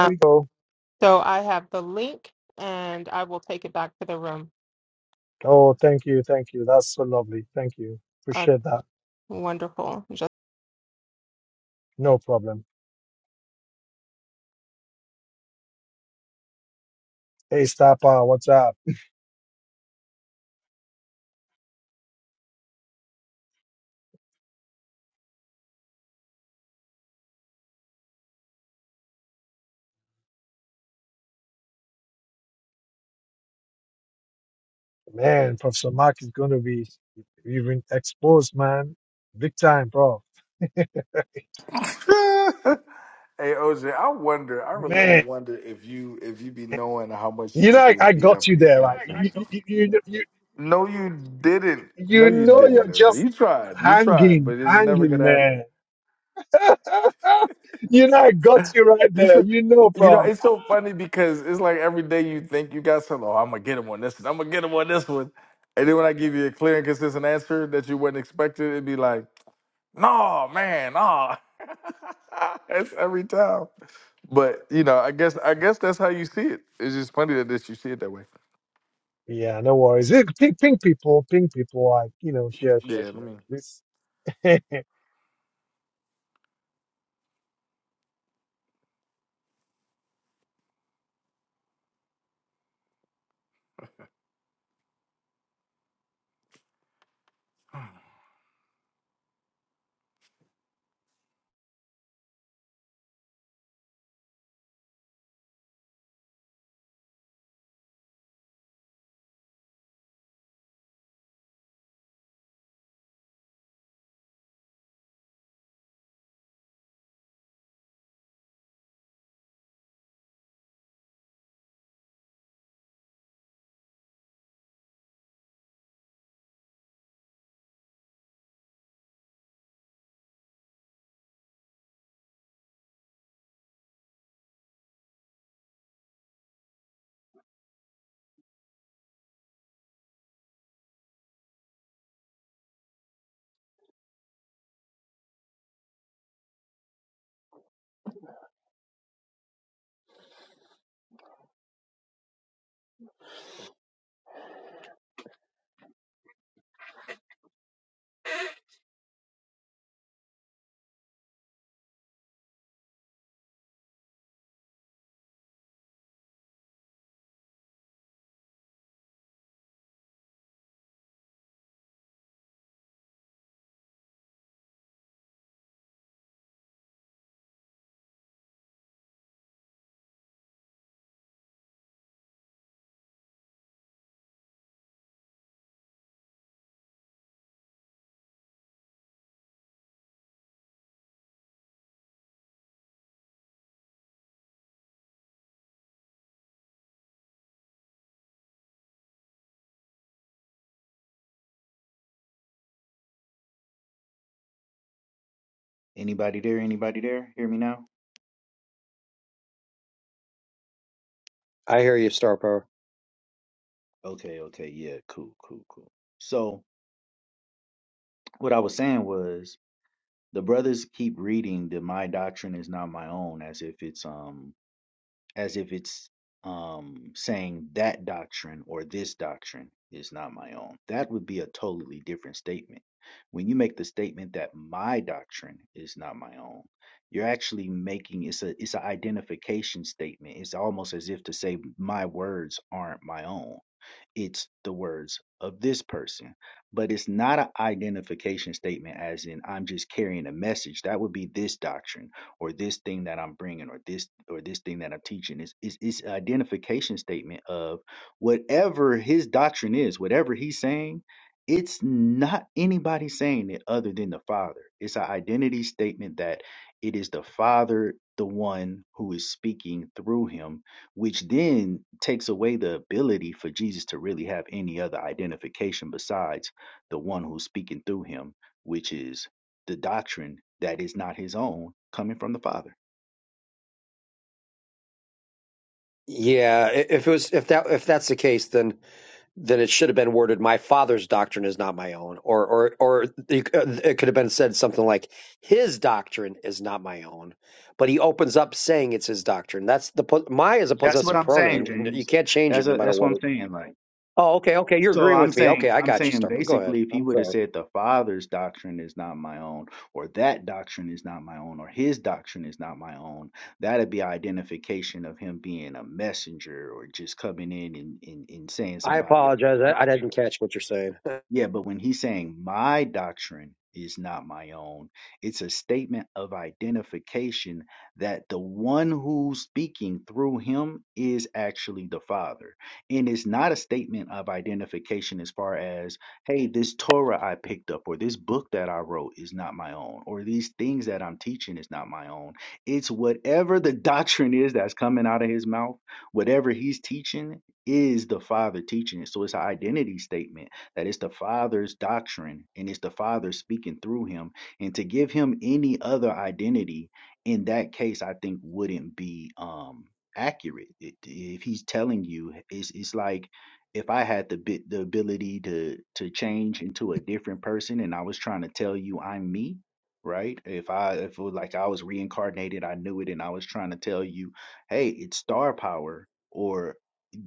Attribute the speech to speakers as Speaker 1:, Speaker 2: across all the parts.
Speaker 1: There we go.
Speaker 2: so I have the link and I will take it back to the room.
Speaker 1: Oh, thank you. Thank you. That's so lovely. Thank you.
Speaker 2: Uh,
Speaker 1: Appreciate that.
Speaker 2: wonderful. Just,
Speaker 1: No problem. Hey, Stapa, what's up? Man, Professor Mark is going to be even exposed, man. Big time, bro.
Speaker 3: hey OJ, I wonder. I really do
Speaker 1: Man,
Speaker 3: wonder if you if you be knowing how much you
Speaker 1: you know,
Speaker 3: be
Speaker 1: I,
Speaker 3: getting
Speaker 1: I
Speaker 3: beat
Speaker 1: got
Speaker 3: up in
Speaker 1: you
Speaker 3: these
Speaker 1: there, right? You,
Speaker 3: conversations.
Speaker 1: you, you, you, you
Speaker 3: No, you didn't. No,
Speaker 1: you
Speaker 3: you
Speaker 1: know,
Speaker 3: didn't.
Speaker 1: you're
Speaker 3: OJ.
Speaker 1: just
Speaker 3: You tried. You tried,
Speaker 1: hanging,
Speaker 3: but it's never
Speaker 1: hanging,
Speaker 3: gonna happen.
Speaker 1: man. you know, I got you right
Speaker 3: You
Speaker 1: there.
Speaker 3: should.
Speaker 1: You know,
Speaker 3: You know,
Speaker 1: bro.
Speaker 3: it's so funny because it's like every day you think you got something. Oh, I'm gonna get him on this. one. I'm gonna get him on this one. And then when I give you a clear and consistent answer that you wasn't expecting, it'd be like, "No, man, no." It's every time. But you know, I guess I guess that's how you see it. It's just funny that this you see it that way.
Speaker 1: Yeah, no worries. Hey, Ping, ping people, ping people, like, you know, share, share,
Speaker 3: Yeah, let
Speaker 1: share.
Speaker 3: me.
Speaker 1: This, that's,
Speaker 4: Anybody there? Anybody there? Hear me now?
Speaker 5: I hear you, Star Power.
Speaker 4: Okay, okay, yeah, cool, cool, cool. So, what I was saying was the brothers keep reading that my doctrine is not my own as if it's um as if it's um saying that doctrine or this doctrine is not my own. That would be a totally different statement. When you make the statement that my doctrine is not my own, you're actually making it's a it's an identification statement. It's almost as if to say my words aren't my own it's the words of this person but it's not an identification statement as in i'm just carrying a message that would be this doctrine or this thing that i'm bringing or this or this thing that i'm teaching it's, it's, it's an identification statement of whatever his doctrine is whatever he's saying it's not anybody saying it other than the father it's an identity statement that it is the father the one who is speaking through him which then takes away the ability for Jesus to really have any other identification besides the one who's speaking through him, which is the doctrine that is not his own coming from the Father.
Speaker 5: Yeah, i- if it was if that if that's the case, then then it should have been worded, "My father's doctrine is not my own," or or or it could it could have been said something like, "His doctrine is not my own," but he opens up saying it's his doctrine. That's the po- my is a
Speaker 4: That's what
Speaker 5: possessive
Speaker 4: I'm saying,
Speaker 5: pronoun. N- You
Speaker 4: James.
Speaker 5: can't change it
Speaker 4: That's
Speaker 5: no
Speaker 4: a,
Speaker 5: matter
Speaker 4: that's what
Speaker 5: what.
Speaker 4: I'm
Speaker 5: It,
Speaker 4: saying. Like
Speaker 5: oh, okay, okay, you're
Speaker 4: So
Speaker 5: agreeing
Speaker 4: I'm
Speaker 5: with me. Okay,
Speaker 4: saying,
Speaker 5: I
Speaker 4: I'm
Speaker 5: got you,
Speaker 4: saying
Speaker 5: Star Power. Go ahead.
Speaker 4: basically, if he
Speaker 5: I'm
Speaker 4: would have
Speaker 5: sorry.
Speaker 4: said the Father's doctrine is not my own, or that doctrine is not my own, or his doctrine is not my own, that'd be identification of him being a messenger or just coming in and, and, and saying
Speaker 5: I
Speaker 4: somebody else's
Speaker 5: apologize. I, I
Speaker 4: doctrine.
Speaker 5: didn't catch what you're saying.
Speaker 4: Yeah, but when he's saying my doctrine is not my own, it's a statement of identification that the one who's speaking through him is actually the Father. And it's not a statement of identification as far as, hey, this Torah I picked up or this book that I wrote is not my own or these things that I'm teaching is not my own. It's whatever the doctrine is that's coming out of his mouth, whatever he's teaching is the Father teaching it. So it's an identity statement that it's the Father's doctrine and it's the Father speaking through him. And to give him any other identity in that case, I think wouldn't be um, accurate. It, if he's telling you, it's, it's like if I had the bit the ability to to change into a different person, and I was trying to tell you I'm me. Right. If I if it was like I was reincarnated, I knew it, and I was trying to tell you, hey, it's star power, or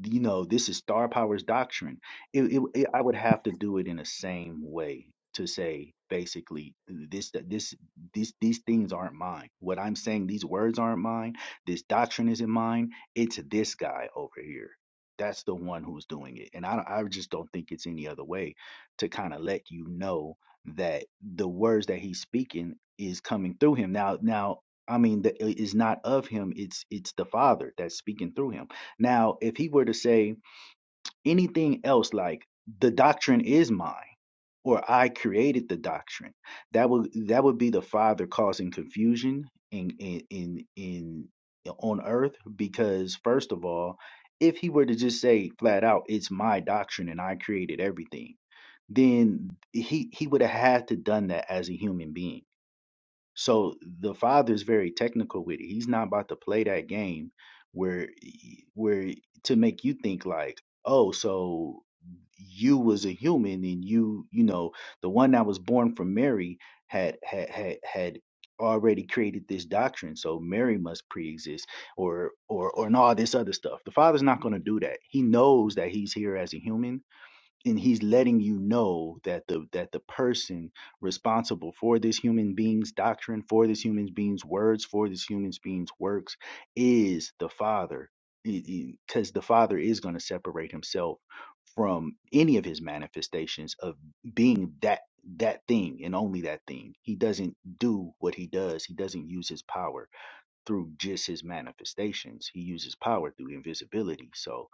Speaker 4: you know, this is star power's doctrine it, it, it- I would have to do it in the same way to say basically this this these these things aren't mine. What I'm saying, these words aren't mine. This doctrine isn't mine. It's this guy over here. That's the one who's doing it, and I don't- I just don't think it's any other way to kind of let you know that the words that he's speaking is coming through him. Now now. I mean, the, it's not of him. It's it's the Father that's speaking through him. Now, if he were to say, anything else like the doctrine is mine or I created the doctrine. That would that would be the father causing confusion in in in, in on earth because first of all, if he were to just say flat out, it's my doctrine and I created everything, then he he would have had to done that as a human being so the father's very technical with it. He's not about to play that game where where to make you think like, oh, so you was a human and you, you know, the one that was born from Mary had had had had already created this doctrine, so Mary must pre-exist or or or and all this other stuff. The father's not going to do that. He knows that he's here as a human and he's letting you know that the that the person responsible for this human being's doctrine for this human being's words for this human being's works is the father because the father is going to separate himself from any of his manifestations of being that that thing and only that thing he doesn't do what he does he doesn't use his power through just his manifestations he uses power through invisibility so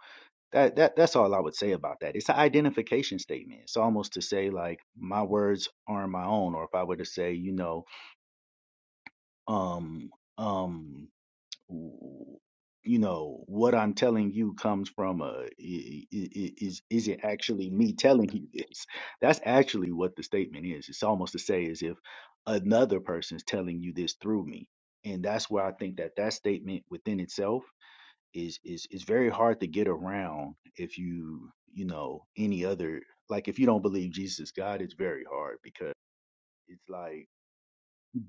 Speaker 4: that that that's all I would say about that. It's an identification statement. It's almost to say like my words aren't my own, or if I were to say, you know, um, um, w- you know, what I'm telling you comes from a i- i- i- is is it actually me telling you this? That's actually what the statement is. It's almost to say as if another person's telling you this through me, and that's where I think that that statement within itself is is is very hard to get around if you you know any other like if you don't believe Jesus is God, it's very hard because it's like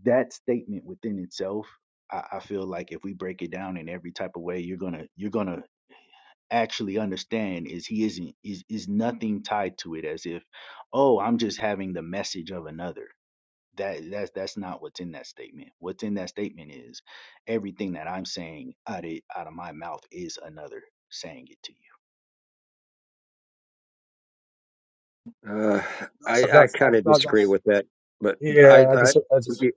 Speaker 4: that statement within itself. I, I feel like if we break it down in every type of way, you're gonna you're gonna actually understand is he isn't is is nothing tied to it as if oh I'm just having the message of another. That that's that's not what's in that statement. What's in that statement is everything that I'm saying out of out of my mouth is another saying it to you
Speaker 5: Uh, I I
Speaker 1: that's,
Speaker 5: kind
Speaker 1: that's,
Speaker 5: of
Speaker 1: that's,
Speaker 5: disagree
Speaker 1: that's
Speaker 5: with that, but I
Speaker 1: yeah, I just, I
Speaker 5: I.
Speaker 1: just,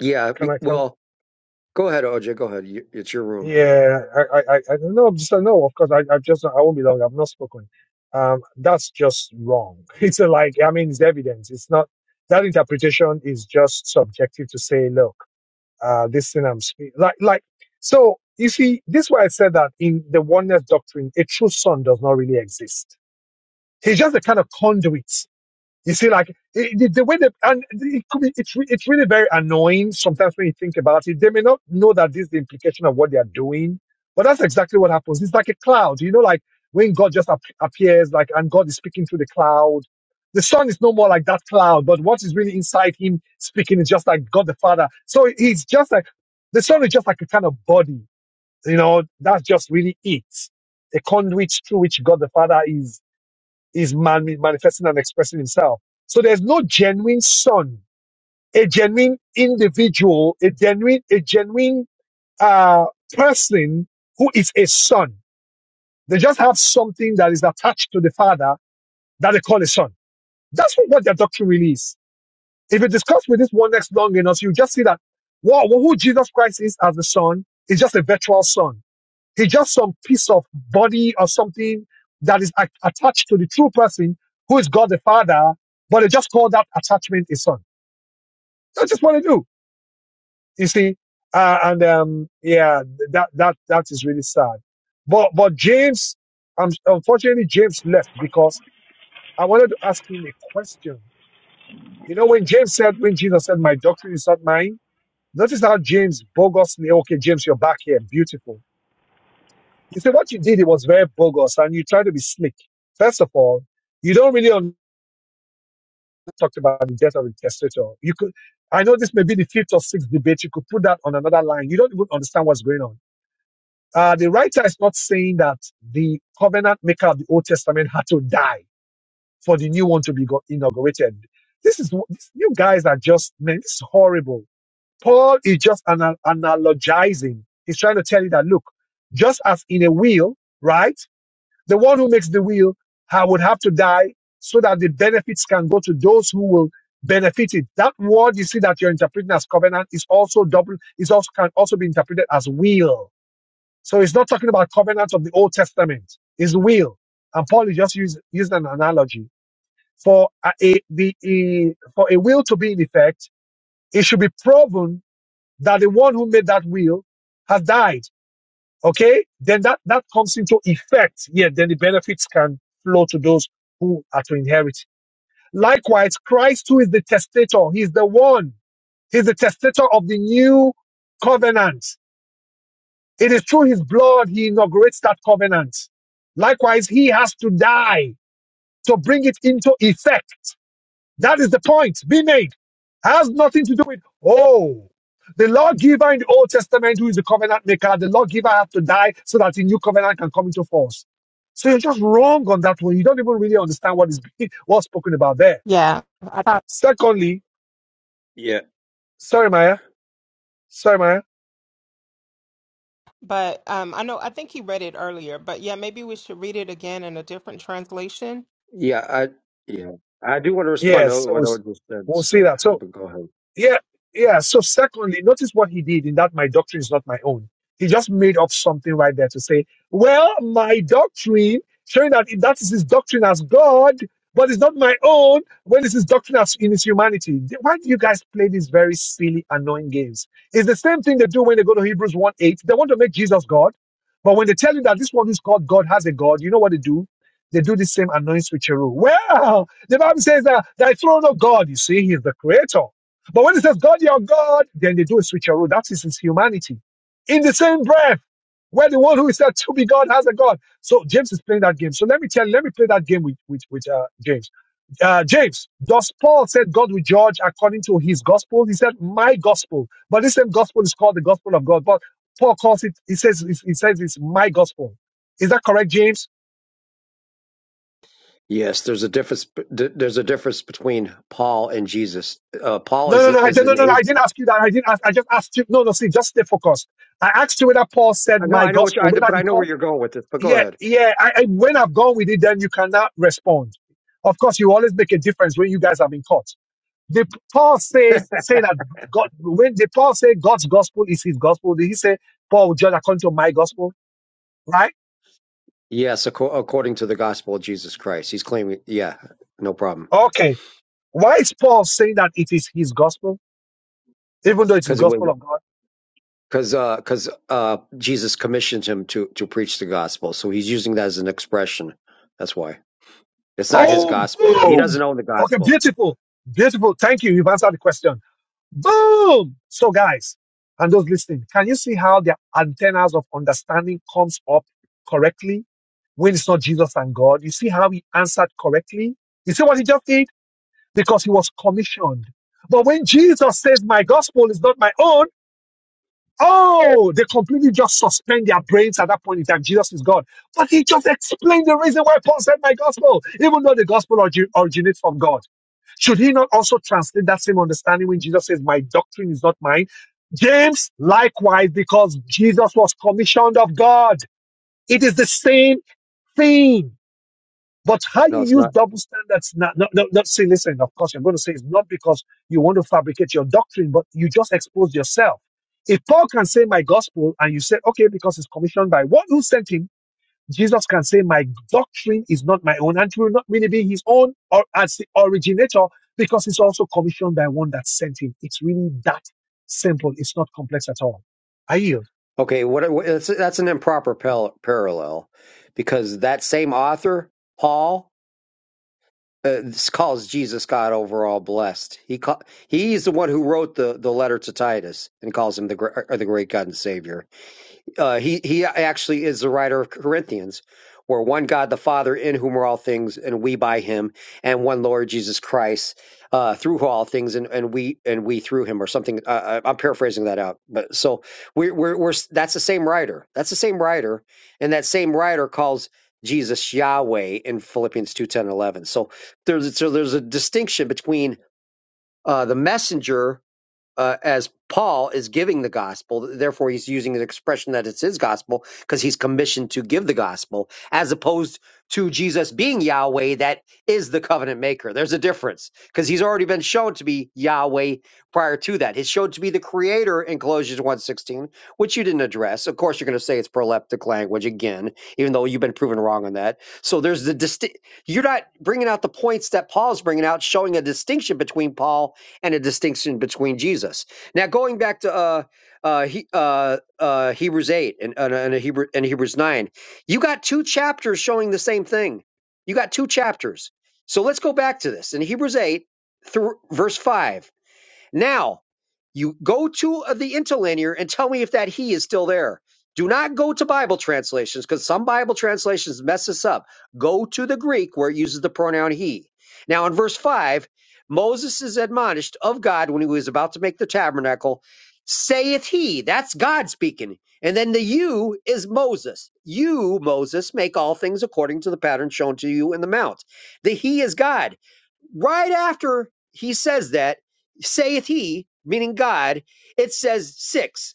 Speaker 5: Yeah.
Speaker 1: can
Speaker 5: be-
Speaker 1: I, can I?
Speaker 5: Well, go ahead, OJ. Go ahead. You- It's your room.
Speaker 1: Yeah, I, I, I, I no, just no. Of course, I, I've just, I won't be long. I've not spoken. Um, that's just wrong. It's a, like, I mean, it's evidence. It's not that interpretation is just subjective to say, look, uh, this thing I'm speaking, like, like. So you see, this is why I said that in the oneness doctrine, a true son does not really exist. He's just a kind of conduit you see, like it, the, the way that, and it could be, it's re- it's really very annoying sometimes when you think about it. They may not know that this is the implication of what they are doing, but that's exactly what happens. It's like a cloud, you know, like when God just ap- appears, like and God is speaking through the cloud. The Son is no more like that cloud, but what is really inside Him speaking is just like God the Father. So He's just like the Son is just like a kind of body, you know. That's just really it, a conduit through which God the Father is is man manifesting and expressing himself. So there's no genuine son, a genuine individual, a genuine, a genuine uh, person who is a son. They just have something that is attached to the father that they call a son. That's what, what their doctrine really is. If you discuss with this one next long enough, you just see that wow, who Jesus Christ is as the son is just a virtual son He's just some piece of body or something that is a- attached to the true person who is God the Father, but they just call that attachment a son. That's just what they do, you see. Uh, and um, yeah, that that that is really sad. But but James, um, unfortunately, James left because I wanted to ask him a question. You know, when James said, when Jesus said, "My doctrine is not mine," notice how James bogusly, okay, James, you're back here, beautiful You say what you did, it was very bogus, and you try to be slick. First of all, you don't really un- talk about the death of the testator. You could, I know this may be the fifth or sixth debate. You could put that on another line. You don't even understand what's going on. Uh, the writer is not saying that the covenant maker of the Old Testament had to die for the new one to be go- inaugurated. This is what- this, you guys are just man. This is horrible. Paul is just ana- analogizing. He's trying to tell you that look, just as in a will, right? The one who makes the will ha- would have to die so that the benefits can go to those who will benefit it. That word you see that you're interpreting as covenant is also double, is also can also be interpreted as will. So it's not talking about covenant of the Old Testament. It's will. And Paul is just use, using an analogy. For a, a- the, a, for a will to be in effect, it should be proven that the one who made that will has died okay, then that, that comes into effect. Yeah, then the benefits can flow to those who are to inherit. Likewise, Christ, who is the testator, he's the one, he's the testator of the new covenant. It is through his blood he inaugurates that covenant. Likewise, he has to die to bring it into effect. That is the point being made. Has nothing to do with, oh, the lawgiver in the Old Testament, who is the covenant maker, the lawgiver have to die so that the new covenant can come into force. So you're just wrong on that one. You don't even really understand what is being, what's spoken about there.
Speaker 2: yeah, I thought,
Speaker 1: Secondly,
Speaker 5: Yeah.
Speaker 1: sorry, Maya. Sorry, Maya.
Speaker 2: but um, I know, I think he read it earlier, but yeah, maybe we should read it again in a different translation.
Speaker 5: Yeah. I. Yeah. I do want to respond
Speaker 1: Yes,
Speaker 5: to
Speaker 1: so
Speaker 5: what
Speaker 1: it's-
Speaker 5: OJ said,
Speaker 1: we'll see
Speaker 5: so,
Speaker 1: that. So
Speaker 5: but go ahead.
Speaker 1: Yeah, yeah. So secondly, notice what he did in that my doctrine is not my own. He just made up something right there to say, well, my doctrine, showing that that is his doctrine as God, but it's not my own when it's his doctrine as in his humanity. Why do you guys play these very silly, annoying games? It's the same thing they do when they go to Hebrews 1 8. They want to make Jesus God, but when they tell you that this one who's called God has a God, you know what they do? They do the same annoying switcheroo. Well, the Bible says that thy throne of God, you see, he's the creator. But when he says God your God, then they do a switcheroo. That is his humanity. In the same breath, where the one who is said to be God has a God. So James is playing that game. So let me tell, let me play that game with with, with uh, James. Uh, James, does Paul said God will judge according to his gospel? He said my gospel, but this same gospel is called the gospel of God. But Paul calls it. He says he says it's my gospel. Is that correct, James?
Speaker 5: Yes, there's a difference. d- There's a difference between Paul and Jesus. Uh, Paul
Speaker 1: No,
Speaker 5: is
Speaker 1: no, no, I
Speaker 5: is
Speaker 1: didn't, no,
Speaker 5: an
Speaker 1: no, no,
Speaker 5: a.
Speaker 1: I didn't ask you that. I didn't ask. I just asked you. No, no, see, just stay focused. I asked you whether Paul said
Speaker 5: I know.
Speaker 1: my
Speaker 5: I know what you.
Speaker 1: gospel,
Speaker 5: I,
Speaker 1: whether
Speaker 5: but
Speaker 1: he
Speaker 5: I know
Speaker 1: called
Speaker 5: where you're going with this. But go
Speaker 1: yeah,
Speaker 5: ahead.
Speaker 1: yeah. I, I, when I've gone with it, then you cannot respond. Of course, you always make a difference when you guys have been caught. The Paul says say that God when the Paul say God's gospel is his gospel, did he say Paul will judge according to my gospel? Right?
Speaker 5: Yes, acco- according to the gospel of Jesus Christ, he's claiming. Yeah, no problem.
Speaker 1: Okay. Why is Paul saying that it is his gospel, even though it's
Speaker 5: Because it
Speaker 1: gospel
Speaker 5: would.
Speaker 1: of God?
Speaker 5: Because uh, 'cause, uh, Jesus commissioned him to to preach the gospel, so he's using that as an expression. That's why. It's not his
Speaker 1: Oh,
Speaker 5: gospel. He
Speaker 1: boom!
Speaker 5: doesn't own the
Speaker 1: Okay,
Speaker 5: gospel.
Speaker 1: beautiful, beautiful. Thank you. You've answered the question. Boom! So guys, and those listening. Can you see how their antennas of understanding comes up correctly when it's not Jesus and God? You see how he answered correctly? You see what he just did? Because he was commissioned. But when Jesus says, my gospel is not my own, Oh, they completely just suspend their brains at that point in time. Jesus is God. But he just explained the reason why Paul said my gospel, even though the gospel orgi- originates from God. Should he not also translate that same understanding when Jesus says, My doctrine is not mine? James, likewise, because Jesus was commissioned of God. It is the same thing. But how
Speaker 5: No,
Speaker 1: you
Speaker 5: it's
Speaker 1: use
Speaker 5: not.
Speaker 1: double standards now, not, not, not say, listen, of course, you're going to say it's not because you want to fabricate your doctrine, but you just expose yourself. If Paul can say my gospel and you say, okay, because it's commissioned by one who sent him, Jesus can say my doctrine is not my own and it will not really be his own or as the originator because it's also commissioned by one that sent him. It's really that simple. It's not complex at all. I yield.
Speaker 5: Okay, what, what it's, that's an improper pal- parallel because that same author, Paul, uh, calls Jesus God overall blessed. He call, he's the one who wrote the, the letter to Titus and calls him the gr- or the great God and Savior. Uh, he he actually is the writer of Corinthians, where one God the Father in whom are all things, and we by Him, and one Lord Jesus Christ uh, through who all things, and, and we and we through Him, or something. Uh, I- I'm paraphrasing that out, but so we're, we're we're that's the same writer. That's the same writer, and that same writer calls Jesus Yahweh in Philippians two ten and eleven. So there's so there's a distinction between uh, the messenger uh, as Paul is giving the gospel, therefore he's using an expression that it's his gospel because he's commissioned to give the gospel, as opposed to Jesus being Yahweh, that is the covenant maker. There's a difference because he's already been shown to be Yahweh prior to that. He's shown to be the creator in Colossians one sixteen, which you didn't address. Of course, you're going to say it's proleptic language again, even though you've been proven wrong on that. So there's the distinct. You're not bringing out the points that Paul's bringing out, showing a distinction between Paul and a distinction between Jesus. Now, going back to uh, uh, he, uh, uh, Hebrews eight and and, and Hebrew, and Hebrews nine, you got two chapters showing the same thing. You got two chapters. So let's go back to this in Hebrews eight through verse five. Now. You go to uh, the interlinear and tell me if that he is still there. Do not go to Bible translations because some Bible translations mess this up. Go to the Greek where it uses the pronoun he. Now, in verse 5, Moses is admonished of God when he was about to make the tabernacle, saith he, that's God speaking. And then the you is Moses. You, Moses, make all things according to the pattern shown to you in the mount. The he is God right after he says that saith he, meaning God, it says six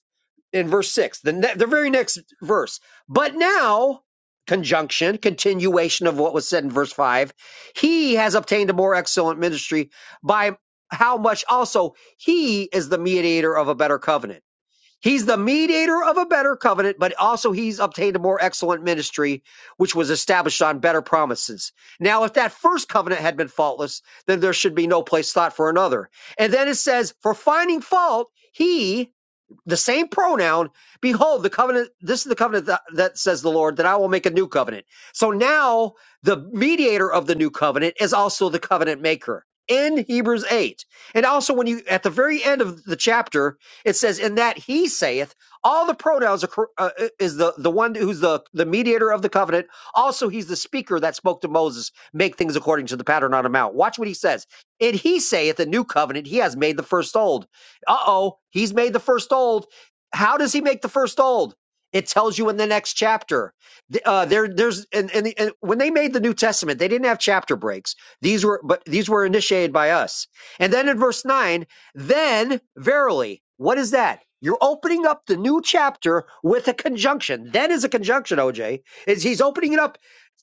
Speaker 5: in verse six, the, ne- the very next verse. But now, conjunction, continuation of what was said in verse five, he has obtained a more excellent ministry by how much also he is the mediator of a better covenant He's the mediator of a better covenant, but also he's obtained a more excellent ministry, which was established on better promises. Now, if that first covenant had been faultless, then there should be no place thought for another. And then it says, for finding fault, he the same pronoun. Behold, the covenant, this is the covenant that, that says the Lord, that I will make a new covenant. So now the mediator of the new covenant is also the covenant maker in Hebrews 8. And also, when you, at the very end of the chapter, it says, In that he saith, all the pronouns are, cor- uh, uh, is the, the one who's the, the mediator of the covenant. Also, he's the speaker that spoke to Moses, make things according to the pattern on the mount. Watch what he says. And he saith, the new covenant, he has made the first old. Uh oh, he's made the first old. How does he make the first old? It tells you in the next chapter. Uh, there, there's and, and, and when they made the New Testament, they didn't have chapter breaks. These were but these were initiated by us. And then in verse nine, then verily, what is that? You're opening up the new chapter with a conjunction. Then is a conjunction, OJ. Is he's opening it up,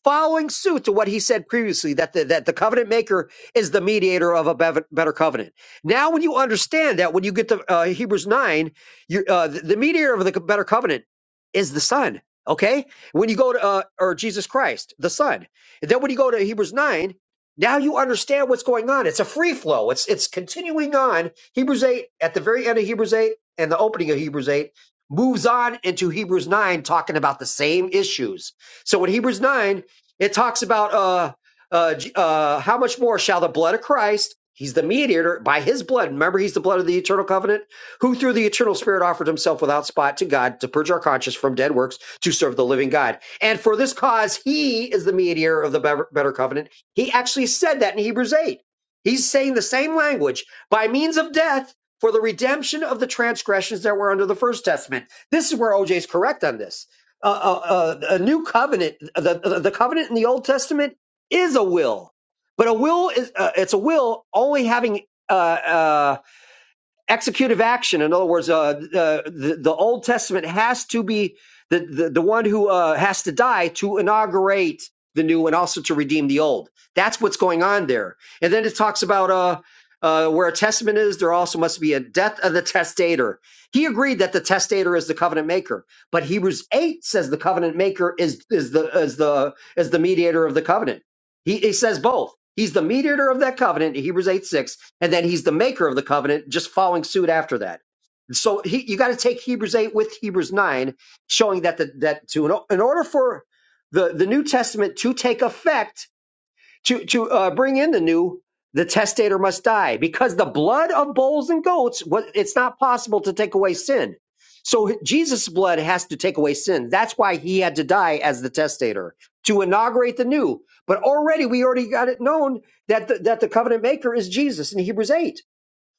Speaker 5: following suit to what he said previously that the, that the covenant maker is the mediator of a bev- better covenant. Now, when you understand that, when you get to uh, Hebrews 9, you, uh, the, the mediator of the better covenant is the Son, okay? When you go to, uh, or Jesus Christ, the Son. And then when you go to Hebrews 9, now you understand what's going on. It's a free flow. It's it's continuing on. Hebrews 8, at the very end of Hebrews 8 and the opening of Hebrews 8, moves on into Hebrews 9, talking about the same issues. So in Hebrews 9, it talks about uh uh, uh, how much more shall the blood of Christ, he's the mediator, by his blood, remember he's the blood of the eternal covenant, who through the eternal spirit offered himself without spot to God to purge our conscience from dead works to serve the living God. And for this cause, he is the mediator of the better better covenant. He actually said that in Hebrews 8. He's saying the same language by means of death for the redemption of the transgressions that were under the first testament. This is where OJ is correct on this. Uh, uh, uh, a new covenant, the the covenant in the Old Testament is a will, but a will is uh, it's a will only having uh, uh, executive action. In other words, uh, the, the Old Testament has to be the the, the one who uh, has to die to inaugurate the new and also to redeem the old. That's what's going on there. And then it talks about uh, uh, where a testament is, there also must be a death of the testator. He agreed that the testator is the covenant maker, but Hebrews eight says the covenant maker is is the is the is the mediator of the covenant. He, he says both. He's the mediator of that covenant, Hebrews eight six and then he's the maker of the covenant, just following suit after that. So he, you got to take Hebrews eight with Hebrews nine, showing that the, that to in order for the the New Testament to take effect, to to uh, bring in the new the testator must die because the blood of bulls and goats was it's not possible to take away sin so jesus blood has to take away sin that's why he had to die as the testator to inaugurate the new but already we already got it known that the, that the covenant maker is jesus in hebrews 8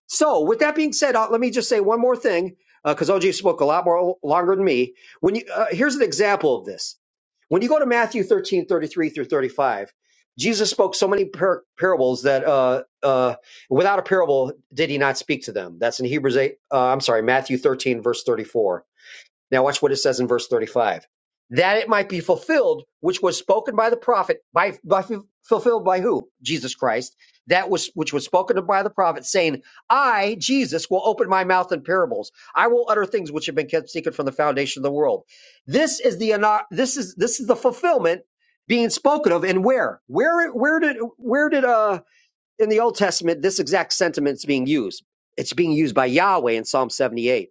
Speaker 5: so, with that being said, uh, let me just say one more thing because OJ spoke a lot more longer than me. When you uh, here's an example of this. When you go to Matthew 13 33 through 35, Jesus spoke so many par- parables that uh, uh, without a parable did he not speak to them. That's in Hebrews 8, uh, I'm sorry, Matthew 13, verse 34. Now, watch what it says in verse 35. That it might be fulfilled, which was spoken by the prophet, by, by fulfilled by who? Jesus Christ. That was which was spoken by the prophet, saying, I, Jesus, will open my mouth in parables. I will utter things which have been kept secret from the foundation of the world. This is the ano- this is this is the fulfillment being spoken of, and where? Where where did where did uh in the Old Testament this exact sentiment is being used? It's being used by Yahweh in Psalm 78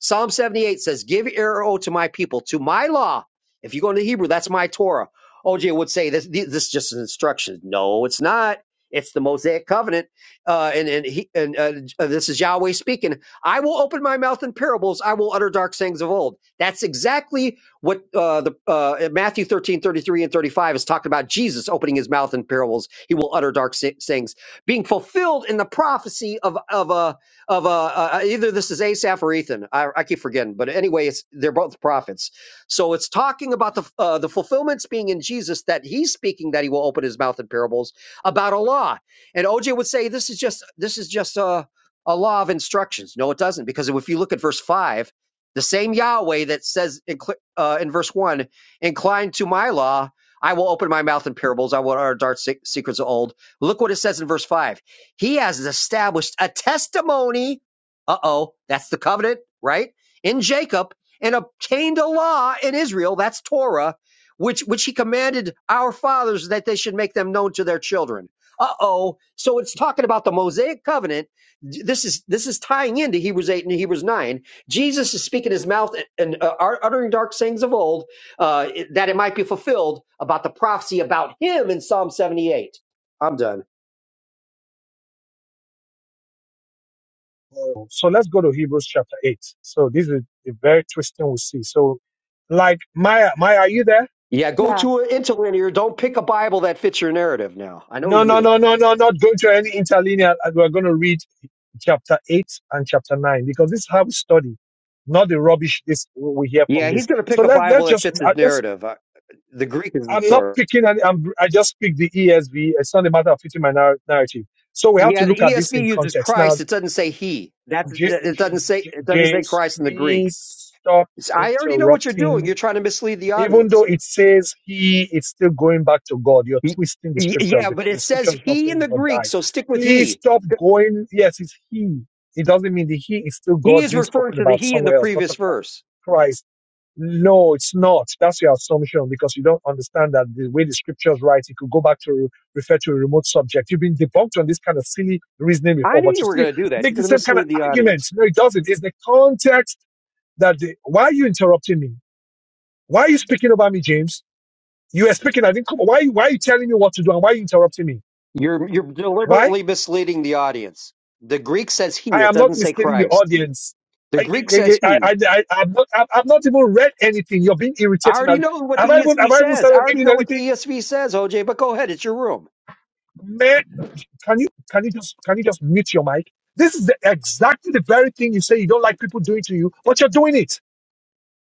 Speaker 5: Psalm 78 says, Give ear, O, to my people, to my law. If you go into Hebrew, that's my Torah. OJ would say this, this is just an instruction. No, it's not. It's the Mosaic covenant. Uh, and and, he, and uh, uh, this is Yahweh speaking. I will open my mouth in parables. I will utter dark sayings of old. That's exactly what uh, the uh, Matthew 13 33 and 35 is talking about Jesus opening his mouth in parables. He will utter dark say- sayings, being fulfilled in the prophecy of, of uh, of uh, uh uh, either this is asaph or ethan I, I keep forgetting but anyway it's they're both prophets so it's talking about the uh, the fulfillments being in jesus that he's speaking that he will open his mouth in parables about a law and oj would say this is just this is just a, a law of instructions no it doesn't because if you look at verse 5 the same yahweh that says in, cl- uh, in verse 1 incline to my law i will open my mouth in parables i will utter dark se- secrets of old look what it says in verse 5 he has established a testimony. Uh oh, that's the covenant, right? In Jacob and obtained a law in Israel. That's Torah, which, which he commanded our fathers that they should make them known to their children. Uh oh. So it's talking about the Mosaic covenant. This is, this is tying into Hebrews 8 and Hebrews 9. Jesus is speaking his mouth and uh, uttering dark sayings of old, uh, that it might be fulfilled about the prophecy about him in Psalm 78. I'm done.
Speaker 1: So let's go to Hebrews chapter 8. So this is the very twisting we see. So, like, Maya, Maya, are you there?
Speaker 5: Yeah, go
Speaker 2: Yeah.
Speaker 5: to an interlinear. Don't pick a Bible that fits your narrative now. I know
Speaker 1: No, no,
Speaker 5: you.
Speaker 1: no, no, no, not going to any interlinear. And we're going to read chapter 8 and chapter 9 because this is how we study, not the rubbish this we hear from
Speaker 5: Yeah, he's
Speaker 1: this.
Speaker 5: going to
Speaker 1: So
Speaker 5: pick a
Speaker 1: let,
Speaker 5: Bible
Speaker 1: let's
Speaker 5: that
Speaker 1: just,
Speaker 5: fits
Speaker 1: I
Speaker 5: his
Speaker 1: just,
Speaker 5: narrative. Uh, The Greek is the
Speaker 1: I'm not
Speaker 5: source.
Speaker 1: picking, any, I'm, I just pick the ESV. It's not a matter of fitting my nar- narrative. So we have to
Speaker 5: Yeah, the
Speaker 1: look at this
Speaker 5: ESV
Speaker 1: in
Speaker 5: uses
Speaker 1: context. Now,
Speaker 5: Christ. It doesn't say he. That's
Speaker 1: J-
Speaker 5: that- it
Speaker 1: J-
Speaker 5: doesn't say
Speaker 1: J-
Speaker 5: it doesn't say
Speaker 1: James,
Speaker 5: Christ in the Greek.
Speaker 1: please stop
Speaker 5: It's- I already know what you're
Speaker 1: interrupting
Speaker 5: doing. You're trying to mislead the
Speaker 1: Even
Speaker 5: audience.
Speaker 1: though it says he it's still going back to God, you're
Speaker 5: Y-
Speaker 1: twisting the
Speaker 5: y-
Speaker 1: scriptures
Speaker 5: Yeah, but
Speaker 1: because the
Speaker 5: it
Speaker 1: scripture
Speaker 5: says
Speaker 1: is not
Speaker 5: he in
Speaker 1: saying
Speaker 5: the
Speaker 1: God
Speaker 5: Greek,
Speaker 1: died.
Speaker 5: so stick with
Speaker 1: Please
Speaker 5: he.
Speaker 1: stop going. Yes, it's he. It doesn't mean the he is still
Speaker 5: He
Speaker 1: God
Speaker 5: is
Speaker 1: being
Speaker 5: referring
Speaker 1: spoken
Speaker 5: to the
Speaker 1: about
Speaker 5: he in the
Speaker 1: somewhere else, not
Speaker 5: previous
Speaker 1: talking about
Speaker 5: verse.
Speaker 1: Christ. No, it's not. That's your assumption because you don't understand that the way the scriptures write, it could go back to refer to a remote subject. You've been debunked on this kind of silly reasoning
Speaker 5: I
Speaker 1: before,
Speaker 5: knew
Speaker 1: but you
Speaker 5: you were
Speaker 1: still
Speaker 5: going to do that.
Speaker 1: make
Speaker 5: You're
Speaker 1: the
Speaker 5: going to
Speaker 1: same kind of
Speaker 5: mislead the audience.
Speaker 1: arguments. No, it doesn't. It's the context that the, why are you interrupting me? Why are you speaking about me, James? You were speaking. I didn't come. Why, why are you telling me what to do and why are you interrupting me?
Speaker 5: You're you're
Speaker 1: Why?
Speaker 5: deliberately misleading the audience. The Greek says he,
Speaker 1: I
Speaker 5: it
Speaker 1: am not
Speaker 5: doesn't say
Speaker 1: misleading the
Speaker 5: Christ.
Speaker 1: audience.
Speaker 5: The
Speaker 1: I,
Speaker 5: Greek
Speaker 1: I,
Speaker 5: says
Speaker 1: I,
Speaker 5: he.
Speaker 1: I, I, I've not, I've I've not even read anything. You're being
Speaker 5: I
Speaker 1: irritating.
Speaker 5: already know what the
Speaker 1: Have I even, have
Speaker 5: ESV
Speaker 1: I even
Speaker 5: says. I
Speaker 1: started
Speaker 5: already
Speaker 1: reading
Speaker 5: know what the
Speaker 1: anything?
Speaker 5: ESV says, OJ, but go ahead, it's your room.
Speaker 1: Man, can you, can you just, can you just mute your mic? This is the, exactly the very thing you say you don't like people doing to you, but you're doing it.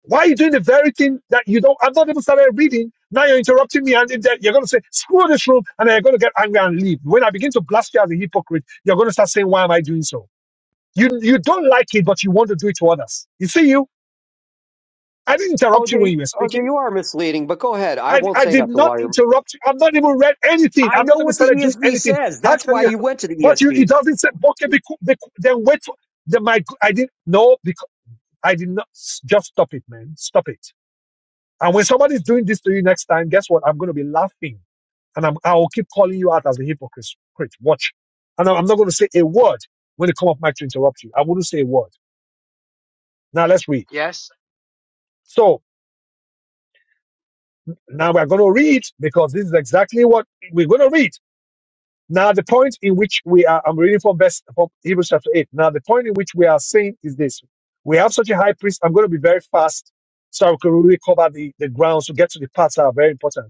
Speaker 1: Why are you doing the very thing that you don't? I've not even started reading. Now you're interrupting me, and you're going to say, screw this room, and then you're going to get angry and leave. When I begin to blast you as a hypocrite, you're going to start saying, why am I doing so? You, you don't like it, but you want to do it to others. You see, you, I didn't interrupt you when
Speaker 5: OJ,
Speaker 1: you were
Speaker 5: OJ,
Speaker 1: speaking.
Speaker 5: you are misleading, but go ahead. I
Speaker 1: I,
Speaker 5: won't
Speaker 1: I
Speaker 5: say
Speaker 1: did
Speaker 5: nothing
Speaker 1: not
Speaker 5: while you're
Speaker 1: interrupt you. I've not even read anything.
Speaker 5: I
Speaker 1: I've not
Speaker 5: know
Speaker 1: even
Speaker 5: what the
Speaker 1: started doing
Speaker 5: ESV
Speaker 1: anything.
Speaker 5: says.
Speaker 1: How
Speaker 5: That's
Speaker 1: can
Speaker 5: why
Speaker 1: you?
Speaker 5: you went to the
Speaker 1: But you, it
Speaker 5: ESV.
Speaker 1: doesn't say, okay, be, cool- be, cool." then wait for, then my, I didn't, no, because I did not, just stop it, man. Stop it. And when somebody's doing this to you next time, guess what? I'm going to be laughing and I'm, I will keep calling you out as a hypocrite. Watch. And I'm I'm not going to say a word when they come off mic to interrupt you. I wouldn't say a word. Now let's read.
Speaker 6: Yes.
Speaker 1: So now we're going to read because this is exactly what we're going to read. Now the point in which we are, I'm reading from verse from Hebrews chapter eight. Now the point in which we are saying is this: we have such a high priest. I'm going to be very fast so I can really cover the the ground. So get to the parts that are very important.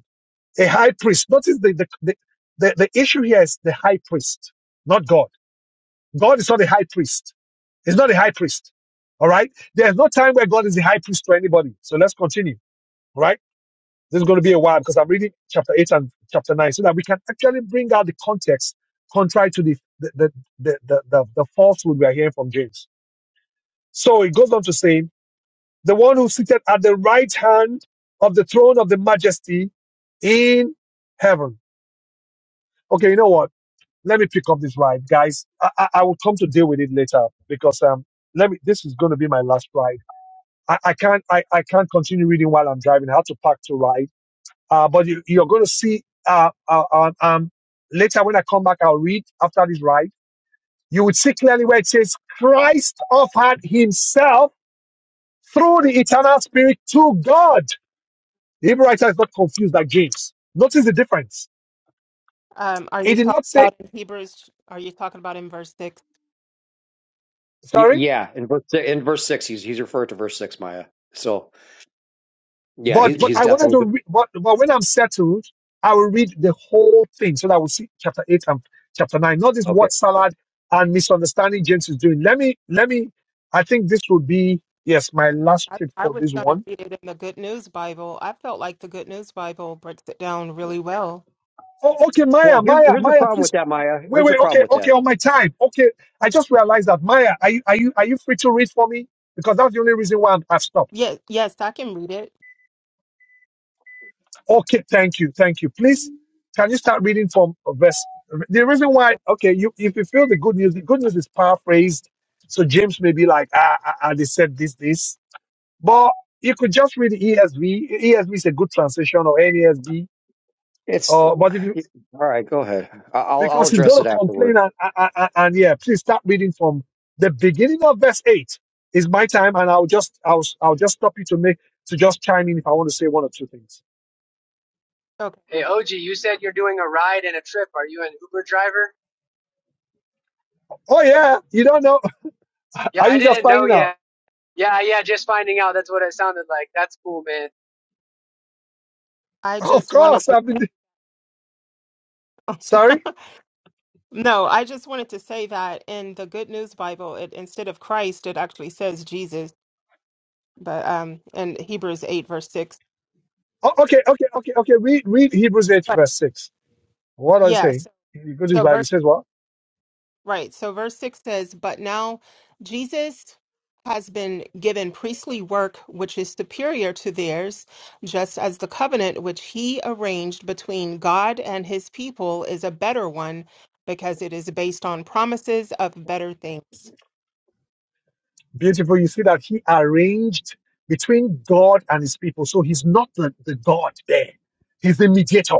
Speaker 1: a high priest. Notice the, the, the, the, the issue here is the high priest, not God. God is not a high priest. He's not a high priest. All right. There's no time where God is the high priest to anybody. So let's continue. All right. This is going to be a while because I'm reading chapter 8 and chapter 9 so that we can actually bring out the context contrary to the, the, the, the, the, the, the falsehood we are hearing from James. So it goes on to say, the one who seated at the right hand of the throne of the majesty in heaven. Okay, you know what? let me pick up this ride, guys. I, I, I will come to deal with it later because um, let me. This is going to be my last ride. I, I can't. I, I can't continue reading while I'm driving. I have to park to ride. Uh, but you, you're going to see. Uh, uh, um, um, later when I come back, I'll read after this ride. You would see clearly where it says Christ offered Himself through the eternal Spirit to God. The Hebrew writer is not confused like James. Notice the difference.
Speaker 2: Um, are
Speaker 1: He
Speaker 2: you
Speaker 1: did
Speaker 2: talking
Speaker 1: not say.
Speaker 2: about in Hebrews? Are you talking about in verse six?
Speaker 5: Yeah,
Speaker 1: Sorry.
Speaker 5: yeah. In verse in verse six, he's he's referred to verse six, Maya. So yeah,
Speaker 1: But
Speaker 5: he's
Speaker 1: but
Speaker 5: he's
Speaker 1: I wanted to
Speaker 5: definitely
Speaker 1: read. But, but when I'm settled, I will read the whole thing so that we see chapter eight and chapter nine. Not this
Speaker 5: okay.
Speaker 1: word salad and misunderstanding James is doing. Let me let me. I think this would be yes my last
Speaker 2: I,
Speaker 1: trip
Speaker 2: I
Speaker 1: for
Speaker 2: was
Speaker 1: this
Speaker 2: going to
Speaker 1: one.
Speaker 2: read it in the Good News Bible. I felt like the Good News Bible breaks it down really well.
Speaker 1: Oh, okay,
Speaker 5: Well,
Speaker 1: Maya,
Speaker 5: here's
Speaker 1: Maya,
Speaker 5: here's the
Speaker 1: Maya,
Speaker 5: problem
Speaker 1: please
Speaker 5: with that, Maya.
Speaker 1: wait,
Speaker 5: Here's
Speaker 1: wait.
Speaker 5: the problem
Speaker 1: Okay,
Speaker 5: with that.
Speaker 1: okay, on my time. Okay, I just realized that Maya, are you are you are you free to read for me? Because that's the only reason why I'm, I've stopped.
Speaker 2: Yes, yes, I can read it.
Speaker 1: Okay, thank you, thank you. Please, can you start reading from verse? The reason why, okay, you if you feel the good news, the good news is paraphrased, so James may be like, ah, ah, ah they said this, this, but you could just read the ESV. ESV is a good translation or NESV.
Speaker 5: It's
Speaker 1: Uh, but if you
Speaker 5: all right. Go ahead. I- I'll I'll
Speaker 1: because he's
Speaker 5: address
Speaker 1: going
Speaker 5: it
Speaker 1: to
Speaker 5: afterward.
Speaker 1: complain and, and and and, yeah, please start reading from the beginning of verse eight. It's my time, and I'll just I'll I'll just stop you to make to just chime in if I want to say one or two things.
Speaker 2: Okay.
Speaker 6: Hey, OG, you said you're doing a ride and a trip. Are you an Uber driver?
Speaker 1: Oh yeah, you don't know?
Speaker 6: Yeah,
Speaker 1: Are
Speaker 6: I
Speaker 1: you just
Speaker 6: didn't know
Speaker 1: finding out?
Speaker 6: yet. Yeah, yeah, just finding out. That's what it sounded like. That's cool, man.
Speaker 2: I
Speaker 1: Of
Speaker 2: just wanted
Speaker 1: course, I've been.
Speaker 2: to.
Speaker 1: Sorry.
Speaker 2: No, I just wanted to say that in the Good News Bible, it instead of Christ, it actually says Jesus, but um in Hebrews 8 verse 6.
Speaker 1: Oh, okay, okay, okay, okay. Read, read Hebrews eight
Speaker 2: But
Speaker 1: verse six. What does it say?
Speaker 2: yes.
Speaker 1: If You go to his
Speaker 2: So
Speaker 1: Bible.
Speaker 2: verse
Speaker 1: It says what?
Speaker 2: right. So verse 6 says, "But now Jesus has been given priestly work which is superior to theirs, just as the covenant which he arranged between God and his people is a better one because it is based on promises of better things."
Speaker 1: Beautiful. You see that he arranged between God and his people. So he's not the, the God there. He's the mediator.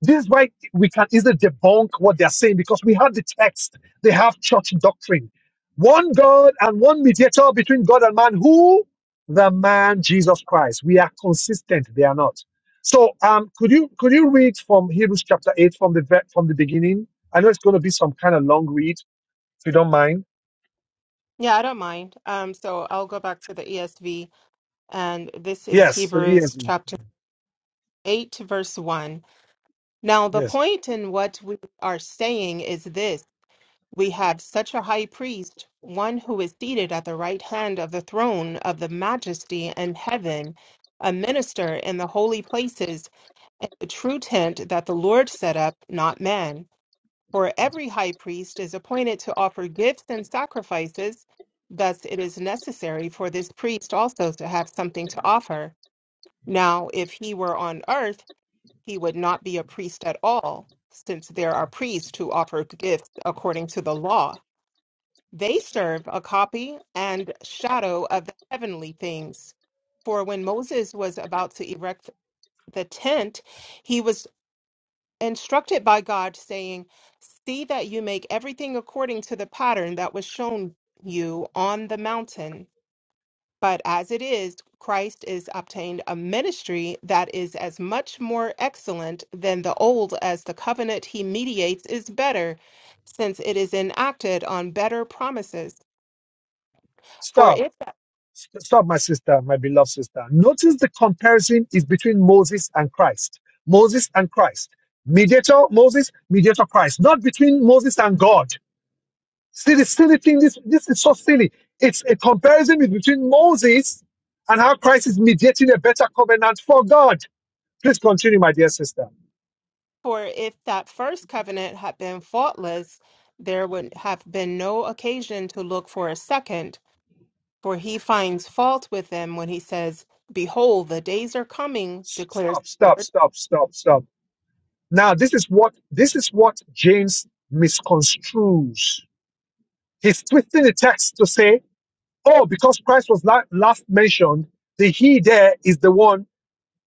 Speaker 1: This is why we can easily debunk what they're saying because we have the text. They have church doctrine. One God and one mediator between God and man. Who? The man Jesus Christ. We are consistent. They are not. So um, could you could you read from Hebrews chapter eight from the ve- from the beginning? I know it's going to be some kind of long read, if you don't mind.
Speaker 2: Yeah, I don't mind. Um, so I'll go back to the ESV. and this is
Speaker 1: Yes, for the
Speaker 2: Hebrews
Speaker 1: ESV.
Speaker 2: chapter 8, verse 1. Now, the
Speaker 1: Yes.
Speaker 2: point in what we are saying is this we have such a high priest, one who is seated at the right hand of the throne of the majesty in heaven, a minister in the holy places, and the true tent that the Lord set up, not man. For every high priest is appointed to offer gifts and sacrifices. Thus, it is necessary for this priest also to have something to offer. Now, if he were on earth, he would not be a priest at all, since there are priests who offer gifts according to the law. They serve a copy and shadow of the heavenly things. For when Moses was about to erect the tent, he was instructed by God, saying, See that you make everything according to the pattern that was shown you on the mountain. But as it is, Christ is obtained a ministry that is as much more excellent than the old as the covenant he mediates is better, since it is enacted on better promises. For
Speaker 1: Stop.
Speaker 2: if
Speaker 1: Stop, my sister, my beloved sister. Notice the comparison is between Moses and Christ. Moses and Christ. Mediator Moses, mediator Christ. Not between Moses and God. See the silly thing, this, this is so silly. It's a comparison is between Moses and how Christ is mediating a better covenant for God. Please continue, my dear sister.
Speaker 2: for if that first covenant had been faultless, there would have been no occasion to look for a second, for he finds fault with them when he says, Behold, the days are coming, declares.
Speaker 1: Stop, stop, stop, stop, stop. Now, this is what this is what James misconstrues. He's twisting the text to say Oh, because Christ was la- last mentioned, the he there is the one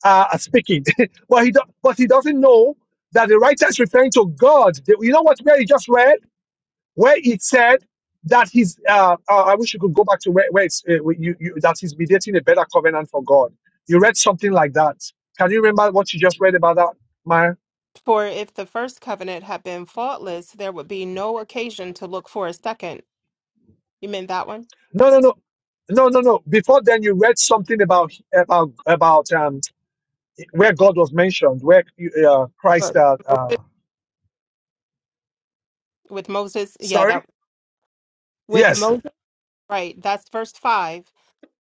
Speaker 1: uh, speaking. but, he do- but he doesn't know that the writer is referring to God. The- you know what, where he just read? Where it said that he's, uh, uh, I wish you could go back to where, where it's, uh, where you, you, that he's mediating a better covenant for God. You read something like that. Can you remember what you just read about that, Maya?
Speaker 2: For if the first covenant had been faultless, there would be no occasion to look for a second. You meant that one?
Speaker 1: No, no, no. No, no, no. Before then, you read something about about about um, where God was mentioned, where uh, Christ
Speaker 2: But
Speaker 1: uh, uh,
Speaker 2: Moses, with Moses, yeah,
Speaker 1: Sorry?
Speaker 2: that with
Speaker 1: Yes.
Speaker 2: Moses, right? That's verse five.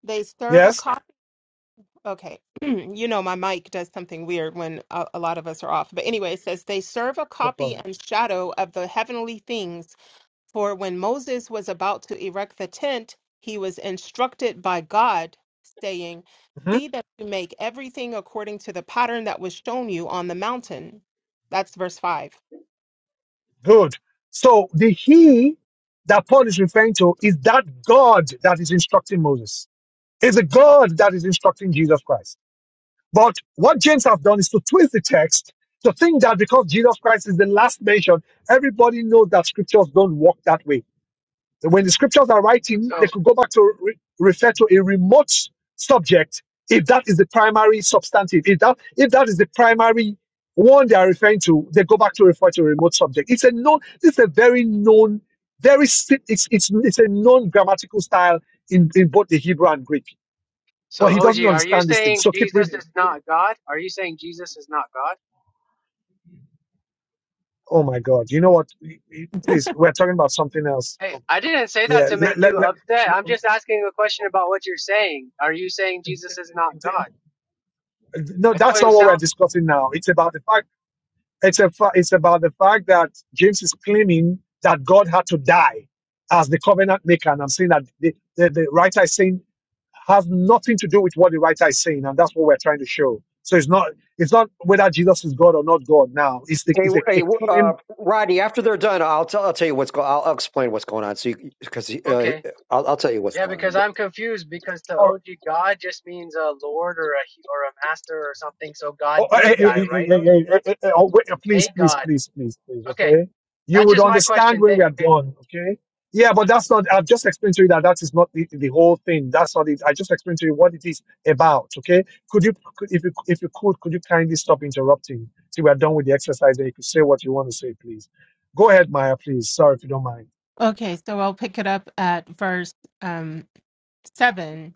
Speaker 2: They serve a
Speaker 1: Yes.
Speaker 2: coffee. Okay, you know my mic does something weird when a, a lot of us are off. But anyway, it says they serve a
Speaker 1: No
Speaker 2: copy
Speaker 1: problem.
Speaker 2: and shadow of the heavenly things For when Moses was about to erect the tent, he was instructed by God, saying,
Speaker 1: Mhm.
Speaker 2: See that you make everything according to the pattern that was shown you on the mountain. That's verse 5.
Speaker 1: Good. So the he that Paul is referring to is that God that is instructing Moses. Is a God that is instructing Jesus Christ. But what James have done is to twist the text to think that because Jesus Christ is the last mention, everybody knows that scriptures don't work that way. When the scriptures are writing,
Speaker 6: So,
Speaker 1: they could go back to re- refer to a remote subject if that is the primary substantive. If that if that is the primary one they are referring to, they go back to refer to a remote subject. It's a known. This is a very known, very si- it's it's it's a known grammatical style in in both the Hebrew and Greek.
Speaker 6: so
Speaker 1: But he
Speaker 6: OG,
Speaker 1: doesn't
Speaker 6: are you
Speaker 1: understand this thing.
Speaker 6: saying
Speaker 1: So keep
Speaker 6: Jesus
Speaker 1: reading.
Speaker 6: is not God? Are you saying Jesus is not God?
Speaker 1: Oh my God! You know what? Y- y- Please, we're talking about something else.
Speaker 6: Hey,
Speaker 1: Come.
Speaker 6: I didn't say that
Speaker 1: Yeah.
Speaker 6: to
Speaker 1: Let,
Speaker 6: make
Speaker 1: let,
Speaker 6: you
Speaker 1: let,
Speaker 6: upset. I'm just asking a question about what you're saying. Are you saying Jesus is not God?
Speaker 1: no,
Speaker 6: That's
Speaker 1: that's
Speaker 6: what it
Speaker 1: not what we're
Speaker 6: sounds.
Speaker 1: discussing now. It's about the fact. It's a. Fa- it's about the fact that James is claiming that God had to die as the covenant maker, and I'm saying that the, the, the writer is saying has nothing to do with what the writer is saying, and that's what we're trying to show. So it's not. It's not whether Jesus is God or not God. Now it's the,
Speaker 5: Hey,
Speaker 1: it's a,
Speaker 5: hey,
Speaker 1: a
Speaker 5: uh,
Speaker 1: claim.
Speaker 5: Rodney. After they're done, I'll tell I'll tell you what's going. I'll, I'll explain what's going on. So, because uh,
Speaker 6: Okay.
Speaker 5: I'll I'll tell you what's
Speaker 6: Yeah,
Speaker 5: going on.
Speaker 6: because I'm confused because to OG, God just means a Lord or a or a Master or something. So God
Speaker 1: Oh, hey,
Speaker 6: did
Speaker 1: hey, hey,
Speaker 6: die,
Speaker 1: hey,
Speaker 6: right,
Speaker 1: hey,
Speaker 6: OG?
Speaker 1: hey, hey, hey, hey, oh, wait, uh, please,
Speaker 6: Thank
Speaker 1: please,
Speaker 6: God.
Speaker 1: please, please, please,
Speaker 6: Okay,
Speaker 1: okay? You
Speaker 6: that's
Speaker 1: would
Speaker 6: just my
Speaker 1: understand
Speaker 6: question.
Speaker 1: when we
Speaker 6: Thank.
Speaker 1: are
Speaker 6: Okay.
Speaker 1: done, okay? Yeah, but that's not, I've just explained to you that that is not the, the whole thing. That's not it. I just explained to you what it is about, okay? Could you, could, if you, if you could, could you kindly stop interrupting till we are done with the exercise and you could say what you want to say, please? Go ahead, Maya, please. Sorry if you don't mind.
Speaker 2: Okay, so I'll pick it up at verse um, 7.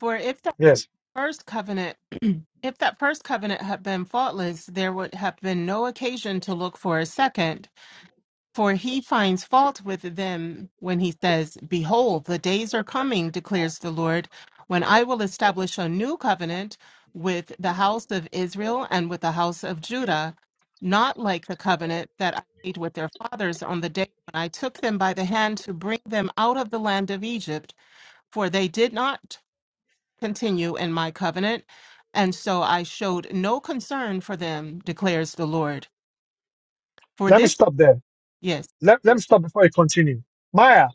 Speaker 2: For if that
Speaker 1: Yes.
Speaker 2: first covenant if that first covenant had been faultless, there would have been no occasion to look for a second. For he finds fault with them when he says, Behold, the days are coming, declares the Lord, when I will establish a new covenant with the house of Israel and with the house of Judah, not like the covenant that I made with their fathers on the day when I took them by the hand to bring them out of the land of Egypt, for they did not continue in my covenant, and so I showed no concern for them, declares the Lord. For
Speaker 1: Let me
Speaker 2: this,
Speaker 1: stop there.
Speaker 2: yes.
Speaker 1: Let, let me stop before you continue. Maya,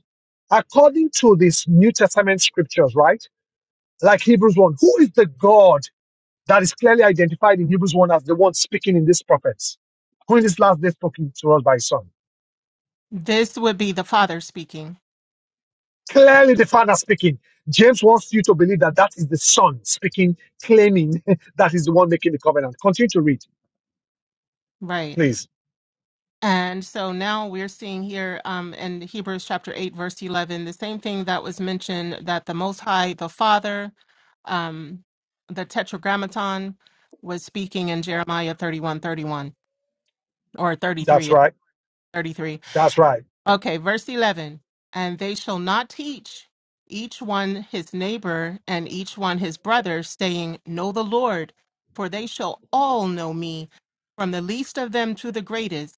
Speaker 1: according to this New Testament scriptures, right? like Hebrews 1. Who is the God that is clearly identified in Hebrews 1 as the one speaking in these prophets? Who in this last day spoken to us by his son?
Speaker 2: This would be the Father speaking,
Speaker 1: Clearly the Father speaking. James wants you to believe that that is the Son speaking, claiming that is the one making the covenant. Continue to read,
Speaker 2: right?
Speaker 1: please.
Speaker 2: And so now we're seeing here um, in Hebrews chapter 8, verse 11, the same thing that was mentioned that the Most High, the Father, um, the Tetragrammaton was speaking in Jeremiah 31, 31 or 33,
Speaker 1: That's
Speaker 2: yeah,
Speaker 1: right.
Speaker 2: 33.
Speaker 1: That's right.
Speaker 2: Okay, verse 11. And they shall not teach each one his neighbor and each one his brother, saying, Know the Lord, for they shall all know me, from the least of them to the greatest.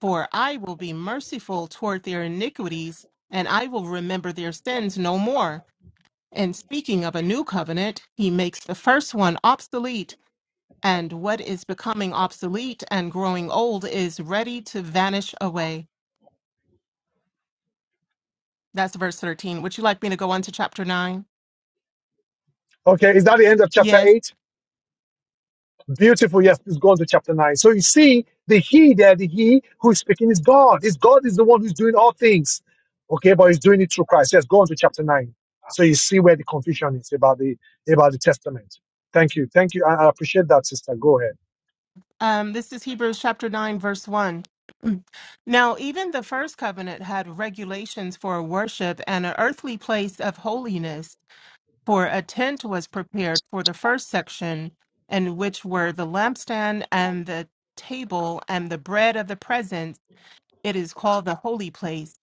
Speaker 2: For I will be merciful toward their iniquities, and I will remember their sins no more. And speaking of a new covenant, he makes the first one obsolete, and what is becoming obsolete and growing old is ready to vanish away. That's verse 13. Would you like me to go on to chapter 9?
Speaker 1: Okay, is that the end of chapter
Speaker 2: Yes.
Speaker 1: 8? Beautiful. Yes, please go on to chapter 9. So you see, the he there, the he who is speaking is God. Is God is the one who's doing all things. Okay, but he's doing it through Christ. Yes, go on to chapter 9. So you see where the confusion is about the about the testament. Thank you. Thank you. I, I appreciate that, sister. Go ahead.
Speaker 2: Um, this is Hebrews chapter 9, verse 1. Now, even the first covenant had regulations for worship and an earthly place of holiness, for a tent was prepared for the first section, in which were the lampstand and the table and the bread of the presence It is called the holy place.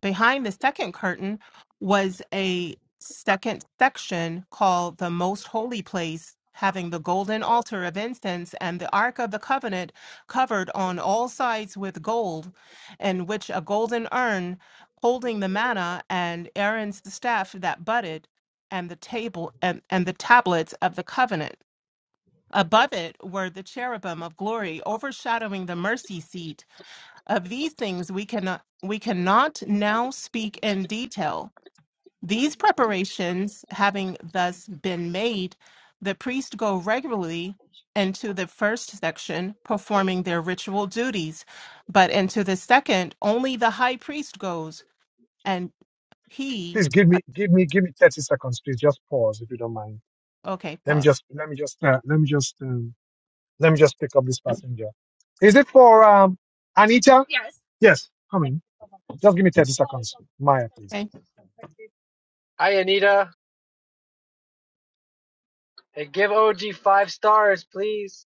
Speaker 2: Behind the second curtain was a second section called the most holy place, having the golden altar of incense and the ark of the covenant covered on all sides with gold, in which a golden urn holding the manna and Aaron's staff that budded and the table and, and the tablets of the covenant. Above it were the cherubim of glory overshadowing the mercy seat of these things we cannot we cannot now speak in detail. These preparations having thus been made, the priests go regularly into the first section performing their ritual duties, but into the second only the high priest goes and he
Speaker 1: Please give me give me give me 30 seconds, please. Just pause if you don't mind.
Speaker 2: okay,
Speaker 1: Let me
Speaker 2: pause.
Speaker 1: just let me just uh, let me just um, let me just pick up this passenger. Is it for um Anita? Yes. Yes, come in. Just give me 30 seconds. Maya, please.
Speaker 2: Okay.
Speaker 6: Hi Anita. Hey, give OG five stars, please.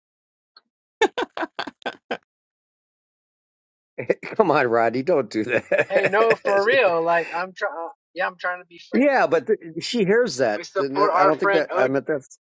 Speaker 5: Come on, Rodney. Don't do
Speaker 6: Hey, no, for
Speaker 5: that.
Speaker 6: real. Like I'm trying. Yeah, I'm trying to be friend.
Speaker 5: yeah, but th- she hears that.
Speaker 6: We
Speaker 5: Then
Speaker 6: support
Speaker 5: that- I
Speaker 6: our
Speaker 5: don't think
Speaker 6: friend
Speaker 5: that. I
Speaker 6: OG.
Speaker 5: meant that's.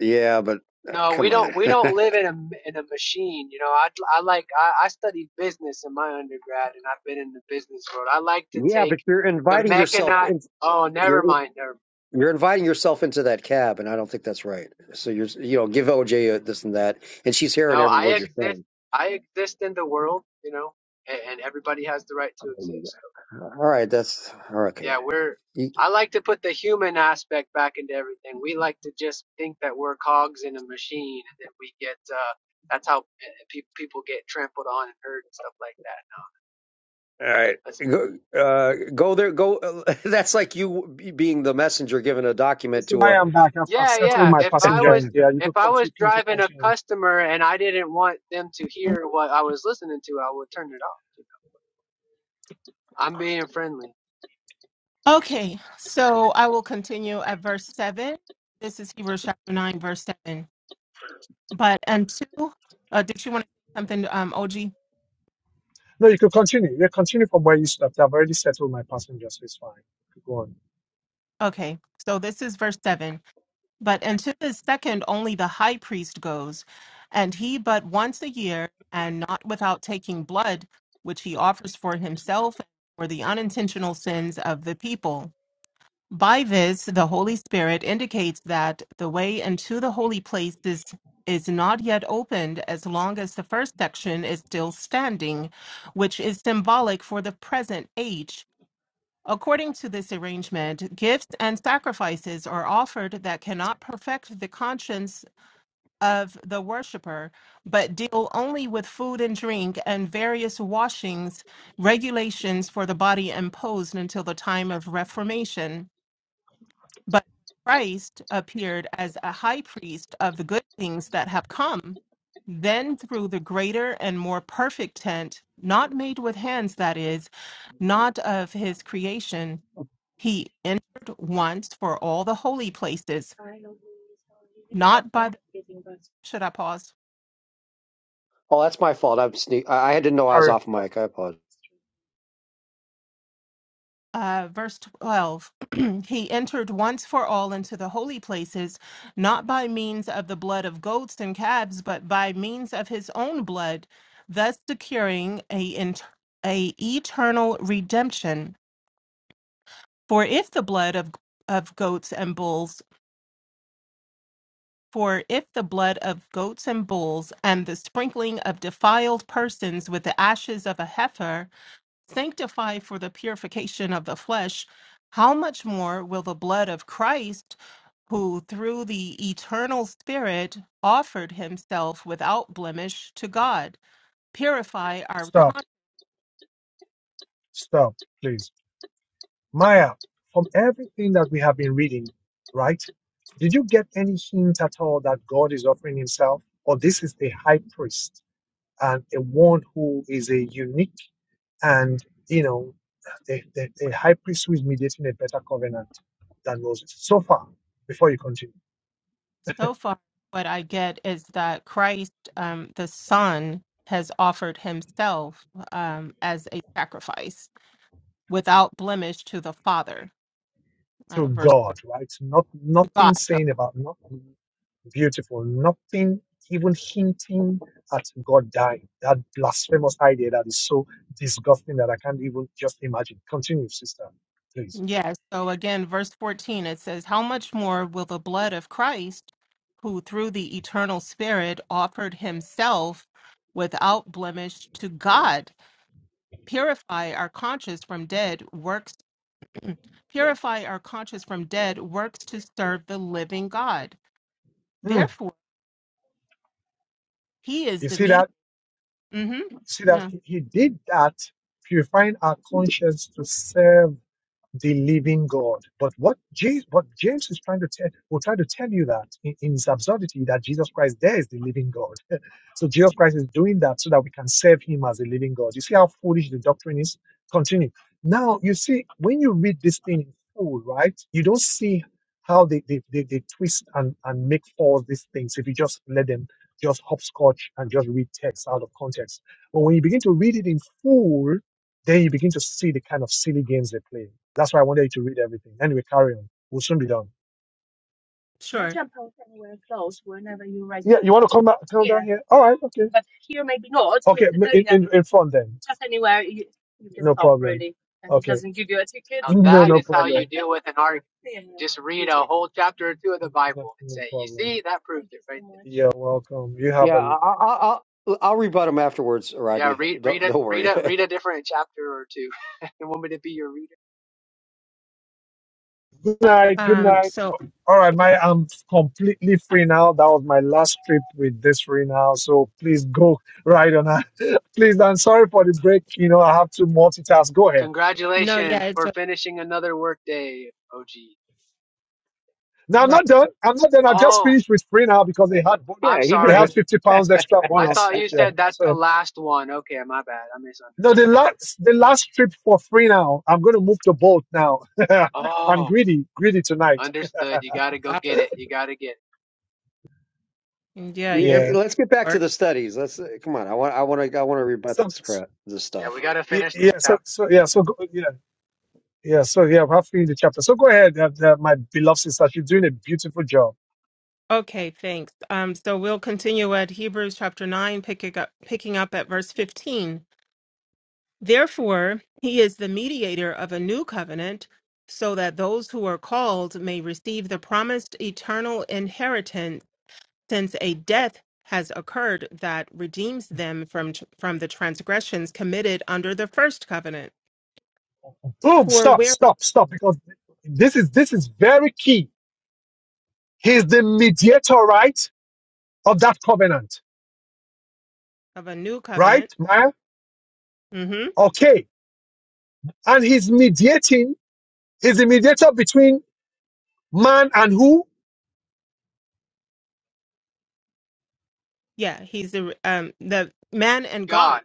Speaker 5: Yeah, but uh,
Speaker 6: No, we
Speaker 5: come
Speaker 6: don't.
Speaker 5: on.
Speaker 6: We don't live in a in a machine. You know, I I like I, I studied business in my undergrad, and I've been in the business world. I like to
Speaker 5: yeah, but
Speaker 6: take
Speaker 5: you're
Speaker 6: the
Speaker 5: inviting yourself.
Speaker 6: mechanized.
Speaker 5: In,
Speaker 6: Oh,
Speaker 5: you're
Speaker 6: never mind. Never,
Speaker 5: you're inviting yourself into that cab, and I don't think that's right. So you're you know give OJ this and that, and she's hearing
Speaker 6: no,
Speaker 5: every
Speaker 6: I
Speaker 5: word you're saying.
Speaker 6: exist. I exist in the world. You know, and, and everybody has the right to exist.
Speaker 5: All right, that's okay.
Speaker 6: yeah, we're.
Speaker 5: You-
Speaker 6: I like to put the human aspect back into everything. We like to just think that we're cogs in a machine, and then we get. Uh, that's how pe- people get trampled on and hurt and stuff like that.
Speaker 5: All right,
Speaker 6: That's-
Speaker 5: go, uh, go there. Go. that's like you being the messenger, giving a document
Speaker 1: So
Speaker 5: to
Speaker 1: I
Speaker 5: a.
Speaker 1: am back. I've, I've
Speaker 6: yeah,
Speaker 1: settled
Speaker 6: yeah.
Speaker 1: my
Speaker 6: If I
Speaker 1: passenger
Speaker 6: was
Speaker 1: in there. You
Speaker 6: if
Speaker 1: could
Speaker 6: I was
Speaker 1: continue. You could
Speaker 6: driving a
Speaker 1: continue.
Speaker 6: customer and I didn't want them to hear what I was listening to, I would turn it off. you know. I'm being friendly.
Speaker 2: Okay, so I will continue at verse seven. This is Hebrews chapter nine, verse seven. But until uh did you want to say something, um, OG?
Speaker 1: No, you could continue. You continue from where you stopped. I've already settled my passenger, so it's fine. You could Go on.
Speaker 2: Okay, so this is verse 7. But unto the second only the high priest goes, and he but once a year, and not without taking blood, which he offers for himself and for the unintentional sins of the people. By this, the Holy Spirit indicates that the way into the holy place is, is not yet opened as long as the first section is still standing, which is symbolic for the present age According to this arrangement, gifts and sacrifices are offered that cannot perfect the conscience of the worshiper, but deal only with food and drink and various washings, regulations for the body imposed until the time of Reformation. But Christ appeared as a high priest of the good things that have come. Then, through the greater and more perfect tent, not made with hands, that is, not of his creation, he entered once for all the holy places, not by the. Should I pause?
Speaker 5: Oh, that's my fault. I'm sneak. I, I didn't know I was
Speaker 1: Carry on.
Speaker 5: off
Speaker 1: Carry on.
Speaker 5: mic. I apologize.
Speaker 2: Uh, verse 12 He entered once for all into the holy places, not by means of the blood of goats and calves, but by means of his own blood, thus securing a, inter- a eternal redemption. For if the blood of, of goats and bulls, for if the blood of goats and bulls and the sprinkling of defiled persons with the ashes of a heifer sanctified for the purification of the flesh, how much more will the blood of Christ, who through the eternal Spirit offered himself without blemish to God, purify our
Speaker 1: Stop.
Speaker 2: conscience?
Speaker 1: Stop, please. Maya, from everything that we have been reading, right? Did you get any hint at all that God is offering himself? Or this is a high priest and a one who is a unique And, you know, the, the, the high priest who is mediating a better covenant than Moses. So far, before you continue,
Speaker 2: So far, what I get is that Christ, um, the Son, has offered himself um, as a sacrifice without blemish to the Father,
Speaker 1: to
Speaker 2: uh, verse 4,
Speaker 1: God, right? Not
Speaker 2: to God.
Speaker 1: nothing
Speaker 2: the
Speaker 1: saying about nothing beautiful, nothing even hinting at God dying. That blasphemous idea that is so disgusting that I can't even just imagine. Continue, sister, please.
Speaker 2: Yes. So again, verse 14, it says, How much more will the blood of Christ, who through the eternal Spirit offered himself without blemish to God, purify our conscience from dead works, purify our conscience from dead works to serve the living God?
Speaker 1: Mm,
Speaker 2: Therefore, he is
Speaker 1: You
Speaker 2: the
Speaker 1: see
Speaker 2: mediator.
Speaker 1: that?
Speaker 2: Mm-hmm.
Speaker 1: You see that
Speaker 2: Yeah,
Speaker 1: he, he did that, purifying our conscience to serve the living God. But what Jesus, what James is trying to tell, will try to tell you that in, in his absurdity that Jesus Christ there is the living God. so Jesus Christ is doing that so that we can serve him as a living God. You see how foolish the doctrine is? Continue. Now you see when you read this thing in full, right? You don't see how they, they, they, they twist and, and make false these things if you just let them just hopscotch and just read text out of context. But when you begin to read it in full, then you begin to see the kind of silly games they play. That's why I wanted you to read everything. Anyway, carry on. We'll soon be done.
Speaker 2: sure.
Speaker 1: write. Yeah, you want to come back, come down here? All right, okay. Okay, in, in, in front then. No problem. Okay.
Speaker 6: Now
Speaker 1: No,
Speaker 6: that
Speaker 1: no
Speaker 6: is how you
Speaker 1: problem.
Speaker 6: deal with an argument. Just read a whole chapter or two of the
Speaker 1: No,
Speaker 6: Bible and
Speaker 1: no
Speaker 6: say, "You
Speaker 1: problem.
Speaker 6: see, that proves it right
Speaker 1: You're welcome. You have
Speaker 5: Yeah, I,
Speaker 1: a
Speaker 5: I, I'll I'll rebut him afterwards,
Speaker 6: Yeah,
Speaker 5: Rodney.
Speaker 6: read read
Speaker 5: Don't,
Speaker 6: a
Speaker 5: don't
Speaker 6: read
Speaker 5: worry.
Speaker 6: a read a different chapter or two. you want me to be your reader?
Speaker 1: good night. Good night.
Speaker 2: Um, so,
Speaker 1: All right, my I'm completely free now. That was my last trip with this free now, so please go right on. Please, I'm sorry for the break. You know, I have to multitask. Go ahead.
Speaker 2: no, yeah,
Speaker 6: Congratulations
Speaker 2: it's
Speaker 6: for
Speaker 2: just
Speaker 6: finishing another workday, OG.
Speaker 1: Now I'm
Speaker 2: right.
Speaker 1: not done. I'm not done. I just
Speaker 6: Oh,
Speaker 1: finished with free now because they had bon-
Speaker 6: I'm
Speaker 5: yeah, he
Speaker 1: they had
Speaker 6: sorry.
Speaker 5: doesn't.
Speaker 1: fifty pounds extra
Speaker 6: I
Speaker 1: bonus,
Speaker 6: thought
Speaker 1: which
Speaker 6: you
Speaker 1: yeah.
Speaker 6: said that's the
Speaker 1: So
Speaker 6: last one. Okay, my bad. I
Speaker 1: no,
Speaker 6: misunderstood.
Speaker 1: the last the last trip for free now. I'm going to move the boat now. I'm
Speaker 6: Oh,
Speaker 1: greedy, greedy tonight.
Speaker 6: understood. You gotta go
Speaker 2: Wow.
Speaker 6: get it. You gotta get it.
Speaker 2: Yeah,
Speaker 5: Yeah,
Speaker 2: you're
Speaker 1: Yeah.
Speaker 5: let's get back
Speaker 2: bored.
Speaker 5: to the studies. Let's uh, come on. I want. I want to. I want to rebut
Speaker 1: So
Speaker 5: this crap. This
Speaker 6: Yeah,
Speaker 5: stuff.
Speaker 6: we gotta
Speaker 1: y-
Speaker 6: finish this
Speaker 1: yeah. So
Speaker 6: chapter.
Speaker 1: so yeah. So go, yeah. Yeah, so yeah, I'm halfway in the chapter. So go ahead, uh, uh, my beloved sister. She's doing a beautiful job.
Speaker 2: Okay, thanks. Um, so we'll continue at Hebrews chapter 9, picking up, picking up at verse 15. Therefore, he is the mediator of a new covenant, so that those who are called may receive the promised eternal inheritance, since a death has occurred that redeems them from, from the transgressions committed under the first covenant.
Speaker 1: Boom!
Speaker 2: For
Speaker 1: Stop!
Speaker 2: where
Speaker 1: Stop! Stop! Because this is this is very key. He's the mediator, right, of that covenant,
Speaker 2: of a new
Speaker 1: right,
Speaker 2: covenant,
Speaker 1: Maya?
Speaker 2: hmm
Speaker 1: Okay, and he's mediating. He's the mediator between man and who
Speaker 2: yeah, he's the, um, the man and God.
Speaker 6: God.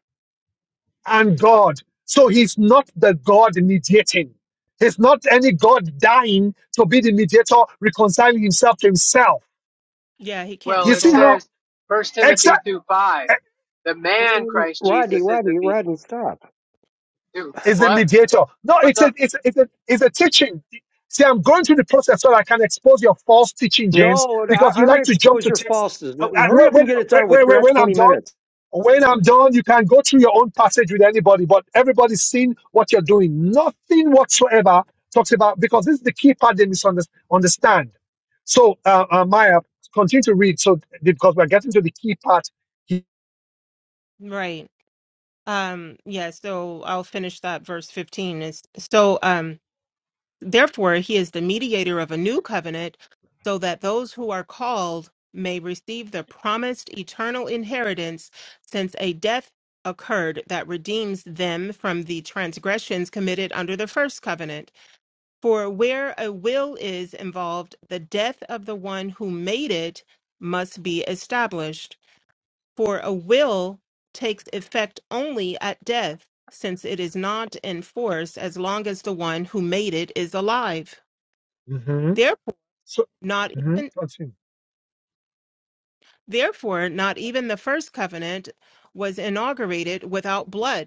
Speaker 1: and God. So he's not the God mediating. He's not any God dying to be the mediator, reconciling himself to himself.
Speaker 2: Yeah, he can't
Speaker 6: Well,
Speaker 2: be
Speaker 1: You
Speaker 6: it
Speaker 1: see
Speaker 2: both.
Speaker 1: how
Speaker 6: says First Timothy
Speaker 1: exact?
Speaker 6: two five. The man Christ
Speaker 5: Rodney,
Speaker 6: Jesus is the
Speaker 5: Rodney,
Speaker 6: meaning.
Speaker 5: Rodney, stop.
Speaker 6: Dude,
Speaker 1: is a
Speaker 6: what?
Speaker 1: mediator. No,
Speaker 6: What's
Speaker 1: it's a
Speaker 6: up?
Speaker 1: it's a, it's a it's a teaching. See, I'm going through the process so I can expose your false teaching, James,
Speaker 5: No, I,
Speaker 1: because you
Speaker 5: I'm going
Speaker 1: like
Speaker 5: to
Speaker 1: to jump
Speaker 5: expose
Speaker 1: to
Speaker 5: your
Speaker 1: text.
Speaker 5: falses.
Speaker 1: Uh, uh,
Speaker 5: Hurry
Speaker 1: When
Speaker 5: up and
Speaker 1: when
Speaker 5: get it done with.
Speaker 1: when,
Speaker 5: You're
Speaker 1: when
Speaker 5: at
Speaker 1: when I'm
Speaker 5: 20
Speaker 1: done,
Speaker 5: minutes.
Speaker 1: when I'm done, you can go through your own passage with anybody, but everybody's seen what you're doing. Nothing whatsoever talks about because this is the key part they misunderstand. So, uh, uh, Maya, continue to read. So, because we're getting to the key part.
Speaker 2: Right. Um, yeah, so I'll finish that verse 15 is so um therefore he is the mediator of a new covenant so that those who are called may receive the promised eternal inheritance since a death occurred that redeems them from the transgressions committed under the first covenant. For where a will is involved, the death of the one who made it must be established. For a will takes effect only at death, since it is not in force as long as the one who made it is alive.
Speaker 1: Mhm.
Speaker 2: Therefore,
Speaker 1: So,
Speaker 2: not
Speaker 1: mhm,
Speaker 2: even
Speaker 1: continue.
Speaker 2: therefore not even the first covenant was inaugurated without blood.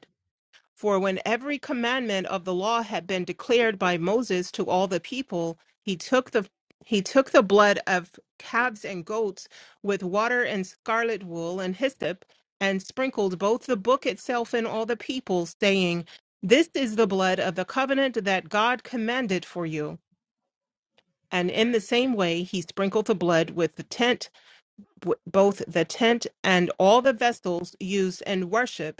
Speaker 2: For when every commandment of the law had been declared by Moses to all the people, he took the he took the blood of calves and goats with water and scarlet wool and hyssop, and sprinkled both the book itself and all the people, saying, This is the blood of the covenant that God commanded for you. And in the same way, he sprinkled the blood with the tent, w- both the tent and all the vessels used in worship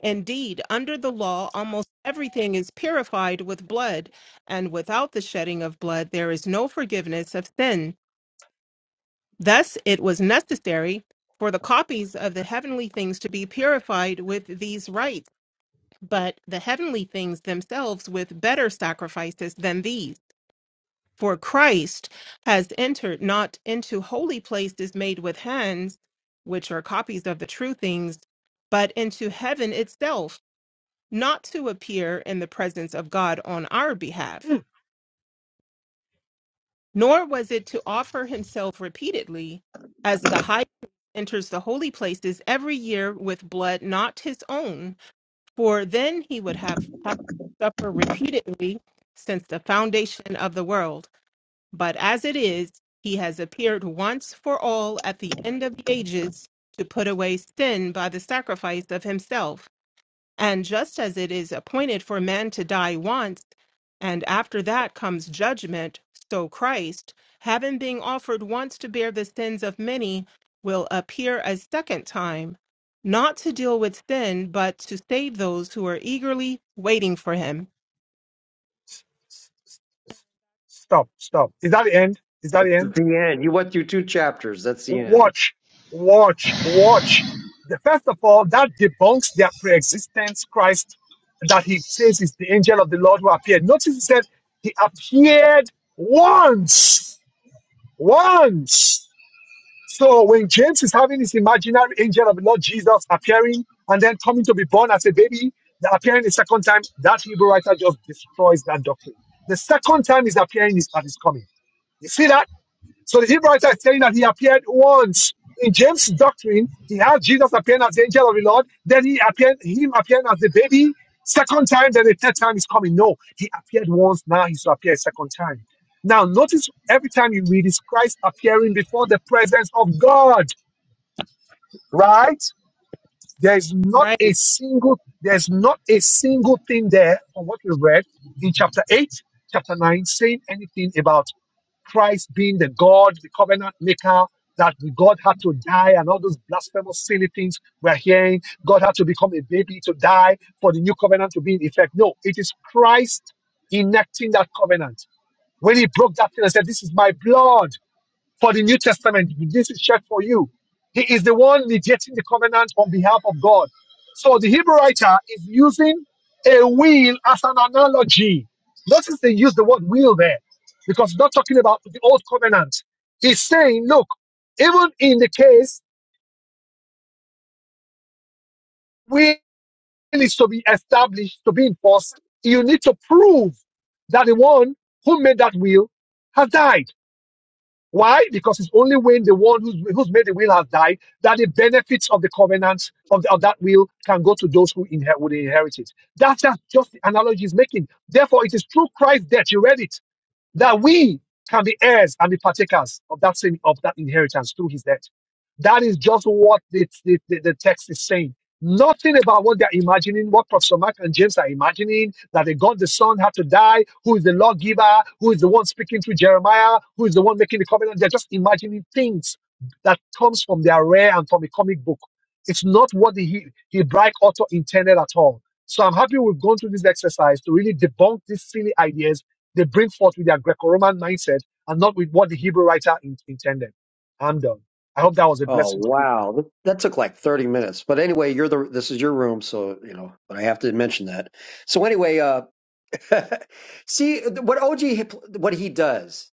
Speaker 2: Indeed, under the law, almost everything is purified with blood, and without the shedding of blood, there is no forgiveness of sin. Thus, it was necessary for the copies of the heavenly things to be purified with these rites, but the heavenly things themselves with better sacrifices than these. For Christ has entered not into holy places made with hands, which are copies of the true things, but into heaven itself not to appear in the presence of God on our behalf, nor was it to offer himself repeatedly, as the high priest enters the holy places every year with blood not his own, for then he would have had to suffer repeatedly since the foundation of the world. But as it is, he has appeared once for all at the end of the ages to put away sin by the sacrifice of himself. And just as it is appointed for man to die once, and after that comes judgment, so Christ, having been offered once to bear the sins of many, will appear a second time, not to deal with sin, but to save those who are eagerly waiting for him.
Speaker 1: Stop, stop. Is that the end? Is that
Speaker 5: That's
Speaker 1: the end?
Speaker 5: the end. You went through two chapters. That's the end.
Speaker 1: Watch, watch, watch. The, first of all, that debunks their pre-existence Christ that he says is the angel of the Lord who appeared. Notice he said he appeared once, once. So when James is having his imaginary angel of the Lord Jesus appearing and then coming to be born as a baby, the appearing the second time, that Hebrew writer just destroys that doctrine. The second time he's appearing is at his coming. You see that? So the Hebrew writer is saying that he appeared once. In James' doctrine, he had Jesus appearing as the angel of the Lord, then he appeared him appearing as the baby, second time, then the third time is coming. No, he appeared once, now he's to appear a second time. Now notice every time you read is Christ appearing before the presence of God, right? There's not
Speaker 2: Right?
Speaker 1: a single there's not a single thing there from what we read in chapter 8, chapter 9 saying anything about Christ being the God, the covenant maker, that God had to die and all those blasphemous, silly things we're hearing. God had to become a baby to die for the new covenant to be in effect. No, it is Christ enacting that covenant. When he broke that thing and said, This is my blood for the New Testament. This is check for you. He is the one mediating the covenant on behalf of God. So the Hebrew writer is using a will as an analogy. Notice they use the word will there because it's not talking about the old covenant. He's saying, look, even in the case will is to be established, to be enforced, you need to prove that the one who made that will has died. Why? Because it's only when the one who's, who's made the will has died that the benefits of the covenant of, the, of that will can go to those who inherit, would inherit it. That's just, just the analogy he's making. Therefore, it is through Christ's death. You read it that we can be heirs and be partakers of that same of that inheritance through his death. That is just what the, the, the, the text is saying. Nothing about what they're imagining, what Professor Mark and James are imagining, that the God the Son had to die, who is the lawgiver, who is the one speaking through Jeremiah, who is the one making the covenant. They're just imagining things that comes from their rare and from a comic book. It's not what the He- Hebraic author intended at all. So I'm happy we've gone through this exercise to really debunk these silly ideas they bring forth with their Greco-Roman mindset and not with what the Hebrew writer in- intended. I'm done. I hope that was a
Speaker 5: Oh
Speaker 1: blessing to people.
Speaker 5: wow, that, that took like 30 minutes. But anyway, you're the. This is your room, so you know. But I have to mention that. So anyway, uh, see what OG what he does.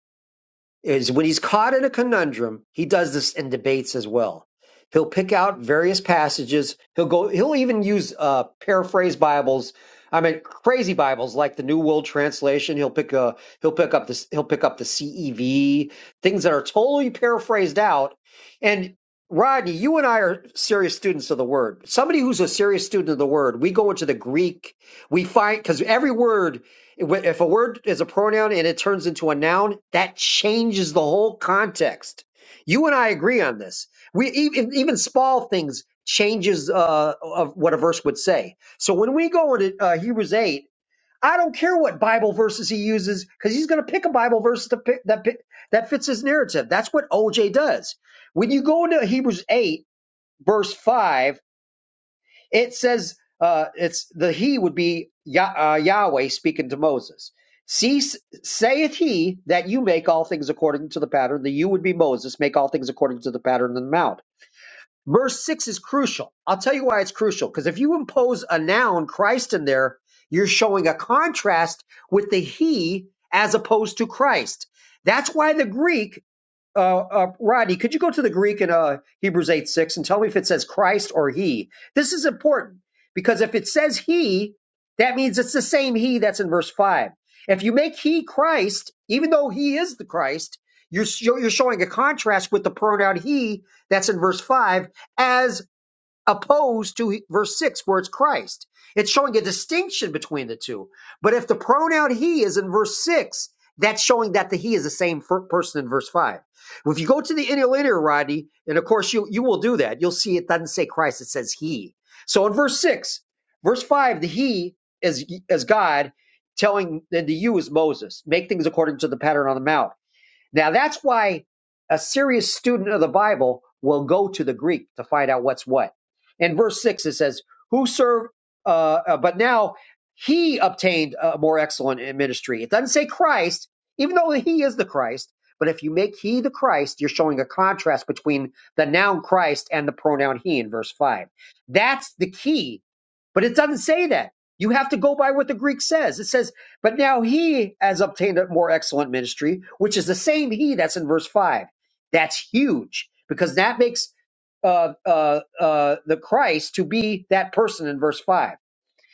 Speaker 5: is when he's caught in a conundrum, he does this in debates as well. He'll pick out various passages. He'll go. He'll even use uh, paraphrase Bibles. I mean, crazy Bibles like the New World Translation. He'll pick a. He'll pick up this. He'll pick up the CEV. Things that are totally paraphrased out. And Rodney, you and I are serious students of the Word. Somebody who's a serious student of the Word, we go into the Greek. We find because every word if a word is a pronoun and it turns into a noun, that changes the whole context. You and I agree on this. We even even small things changes uh, of what a verse would say. So when we go into uh, Hebrews eight, I don't care what Bible verses he uses because he's going to pick a Bible verse to pick, that pi- that fits his narrative. That's what OJ does. When you go into Hebrews eight verse five it says uh, it's the he would be Yah uh, Yahweh speaking to Moses. Cease, saith he that you make all things according to the pattern. The you would be Moses, make all things according to the pattern of the mount. Verse six is crucial. I'll tell you why it's crucial. Because if you impose a noun, Christ, in there, you're showing a contrast with the he as opposed to Christ. That's why the Greek uh, uh, Rodney, could you go to the Greek in uh, Hebrews 8 6 and tell me if it says Christ or he? This is important because if it says he, that means it's the same he that's in verse 5. If you make he Christ, even though he is the Christ, you're, sho- you're showing a contrast with the pronoun he that's in verse 5 as opposed to verse 6 where it's Christ. It's showing a distinction between the two. But if the pronoun he is in verse 6, that's showing that the he is the same fir- person in verse 5. If you go to the interlinear, Rodney, and of course you, you will do that, you'll see it doesn't say Christ, it says he. So in verse 6, verse 5, the he is, is God telling, and the you is Moses, make things according to the pattern on the mount. Now that's why a serious student of the Bible will go to the Greek to find out what's what. In verse six, it says, "Who served?" Uh, uh, but now he obtained a more excellent ministry. It doesn't say Christ, even though he is the Christ. But if you make he the Christ, you're showing a contrast between the noun Christ and the pronoun he in verse five. That's the key but it doesn't say that. You have to go by what the Greek says. It says, but now he has obtained a more excellent ministry, which is the same he that's in verse 5. That's huge because that makes uh, uh, uh, the Christ to be that person in verse 5.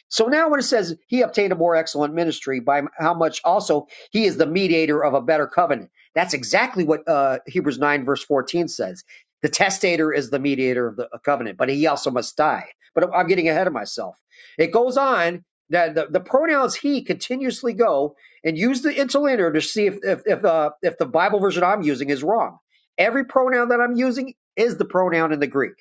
Speaker 5: So now when it says he obtained a more excellent ministry by how much also he is the mediator of a better covenant. That's exactly what uh, Hebrews 9 verse 14 says. The testator is the mediator of the a covenant, but he also must die. But I'm I'm getting ahead of myself. It goes on that the, the pronouns he continuously go and use the interlinear to see if if if, uh, if the Bible version I'm using is wrong. Every pronoun that I'm using is the pronoun in the Greek.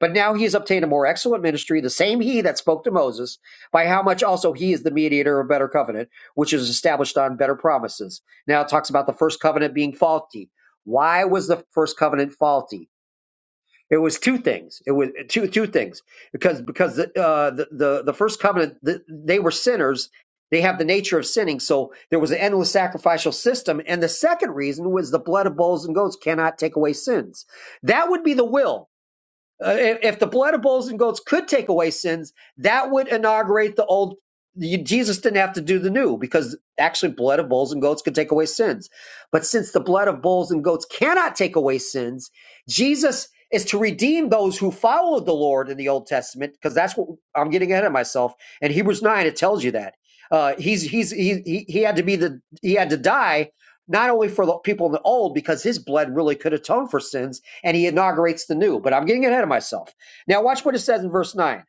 Speaker 5: But now he has obtained a more excellent ministry, the same he that spoke to Moses, by how much also he is the mediator of a better covenant, which is established on better promises. Now it talks about the first covenant being faulty. Why was the first covenant faulty? It was two things. It was two two things because because the uh, the, the the first covenant the, they were sinners. They have the nature of sinning, so there was an endless sacrificial system. And the second reason was the blood of bulls and goats cannot take away sins. That would be the will uh, if, the blood of bulls and goats could take away sins, that would inaugurate the old. you- Jesus didn't have to do the new because actually, blood of bulls and goats could take away sins. But since the blood of bulls and goats cannot take away sins, Jesus is to redeem those who followed the Lord in the Old Testament because that's what I'm getting ahead of myself. In Hebrews nine, it tells you that uh, he's he's he, he he had to be the he had to die. Not only for the people in the old, because his blood really could atone for sins, and he inaugurates the new. But I'm getting ahead of myself. Now, watch what it says in verse 9,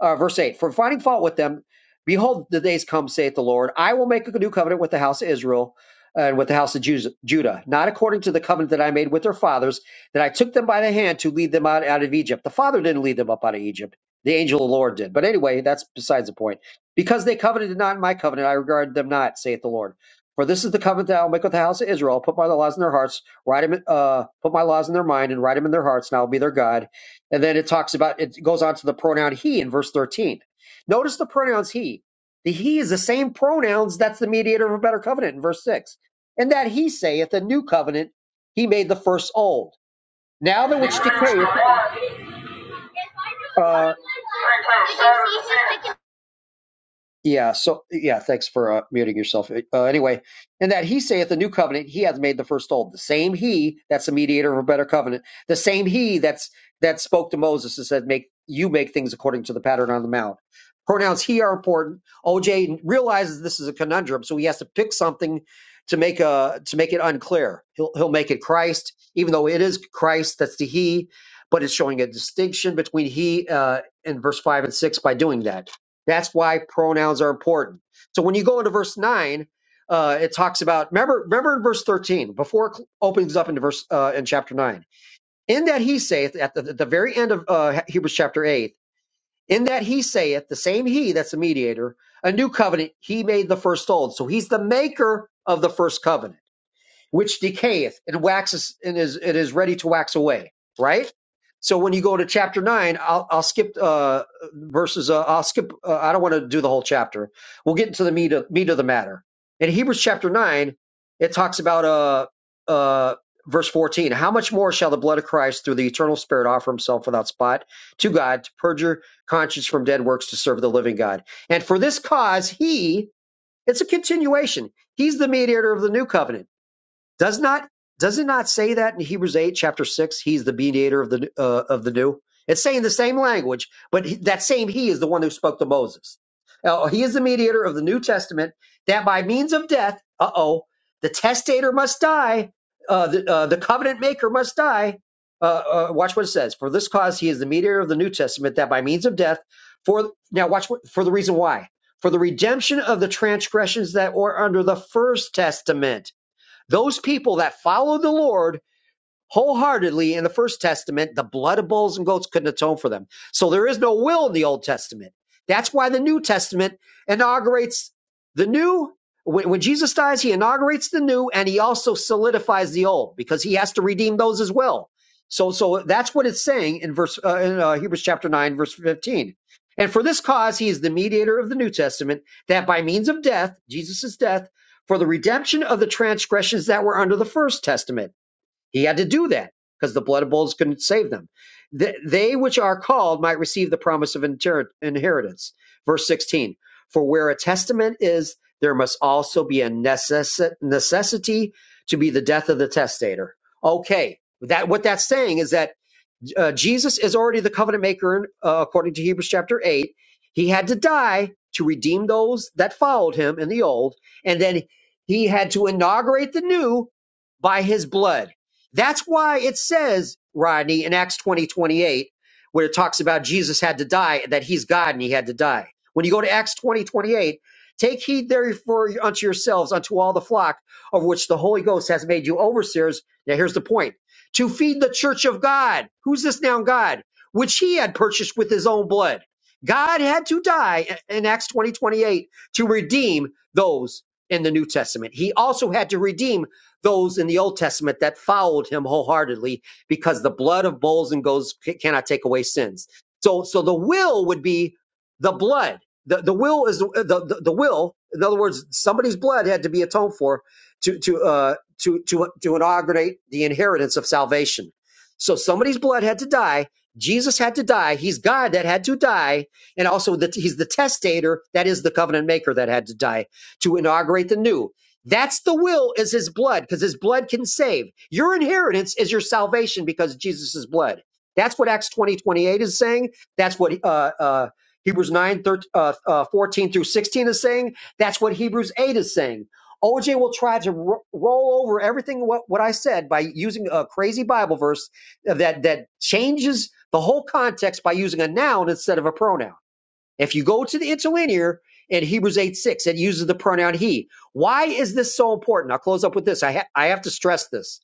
Speaker 5: uh, verse 8. For finding fault with them, behold, the days come, saith the Lord. I will make a new covenant with the house of Israel and with the house of Judah, not according to the covenant that I made with their fathers, that I took them by the hand to lead them out, out of Egypt. The Father didn't lead them up out of Egypt. The angel of the Lord did. But anyway, that's besides the point. Because they covenanted not in my covenant, I regarded them not, saith the Lord. For this is the covenant that I will make with the house of Israel, put my laws in their hearts, write them, uh, put my laws in their mind and write them in their hearts, and I'll be their God. And then it talks about, it goes on to the pronoun he in verse 13. Notice the pronouns he. The he is the same pronouns that's the mediator of a better covenant in verse 6. And that he saith, the new covenant, he made the first old. Now that
Speaker 7: Marriage
Speaker 5: which
Speaker 7: to Benedict
Speaker 5: decayeth,
Speaker 7: Seaton became
Speaker 5: uh, Yeah. So yeah, thanks for uh, muting yourself. Uh, anyway, and that he saith the new covenant, he hath made the first old. The same he that's the mediator of a better covenant. The same he that's that spoke to Moses and said, "Make you make things according to the pattern on the mount." Pronouns he are important. OJ realizes this is a conundrum, so he has to pick something to make a to make it unclear. He'll he'll make it Christ, even though it is Christ that's the he, but it's showing a distinction between he uh, and verse five and six by doing that. That's why pronouns are important. So when you go into verse nine, uh, it talks about remember remember in verse thirteen before it cl- opens up into verse uh, in chapter nine. In that he saith at the, at the very end of uh, Hebrews chapter eight. In that he saith the same he that's the mediator a new covenant he made the first old. So he's the maker of the first covenant which decayeth and waxes and is it is ready to wax away right so when you go to chapter 9 i'll, I'll skip uh verses uh, i'll skip uh, i don't want to do the whole chapter we'll get into the meat of, meat of the matter in hebrews chapter 9 it talks about uh uh verse 14 how much more shall the blood of christ through the eternal spirit offer himself without spot to god to purge your conscience from dead works to serve the living god and for this cause he it's a continuation he's the mediator of the new covenant does not does it not say that in Hebrews eight chapter six? He's the mediator of the uh, of the new. It's saying the same language, but he- that same he is the one who spoke to Moses. Uh, he is the mediator of the New Testament. That by means of death, uh oh, the testator must die. Uh, the uh, the covenant maker must die. Uh, uh, watch what it says. For this cause, he is the mediator of the New Testament. That by means of death, for now, watch what, for the reason why. For the redemption of the transgressions that were under the first testament those people that follow the Lord wholeheartedly in the first testament the blood of bulls and goats couldn't atone for them so there is no will in the old testament that's why the new testament inaugurates the new when, when jesus dies he inaugurates the new and he also solidifies the old because he has to redeem those as well so so that's what it's saying in verse uh, in uh, hebrews chapter 9 verse 15 and for this cause he is the mediator of the new testament that by means of death jesus' death for the redemption of the transgressions that were under the first testament he had to do that because the blood of bulls couldn't save them. Th- they which are called might receive the promise of inter- inheritance. Verse 16 For where a testament is, there must also be a necess- necessity to be the death of the testator. Okay, that what that's saying is that uh, Jesus is already the covenant maker uh, according to Hebrews chapter 8. He had to die to redeem those that followed him in the old, and then he had to inaugurate the new by his blood. That's why it says, Rodney, in Acts 20 28, where it talks about Jesus had to die, that he's God and he had to die. When you go to Acts 20 28, take heed therefore unto yourselves, unto all the flock of which the Holy Ghost has made you overseers. Now, here's the point to feed the church of God. Who's this now God? Which he had purchased with his own blood. God had to die in Acts 20 28 to redeem those in the New Testament. He also had to redeem those in the Old Testament that followed him wholeheartedly because the blood of bulls and goats ca- cannot take away sins. So, so the will would be the blood. The, the will is the, the, the will. In other words, somebody's blood had to be atoned for to to. uh, to to to inaugurate the inheritance of salvation. So somebody's blood had to die. Jesus had to die. He's God that had to die, and also that he's the testator, that is the covenant maker that had to die to inaugurate the new. That's the will is his blood because his blood can save. Your inheritance is your salvation because of Jesus' blood. That's what Acts 20 28 is saying. That's what uh, uh, Hebrews 9, 13, uh, uh, 14 through 16 is saying. That's what Hebrews 8 is saying OJ will try to ro- roll over everything what, what I said by using a crazy Bible verse that that changes the whole context by using a noun instead of a pronoun. If you go to the interlinear in Hebrews 8 6, it uses the pronoun he. Why is this so important? I'll close up with this. I, ha- I have to stress this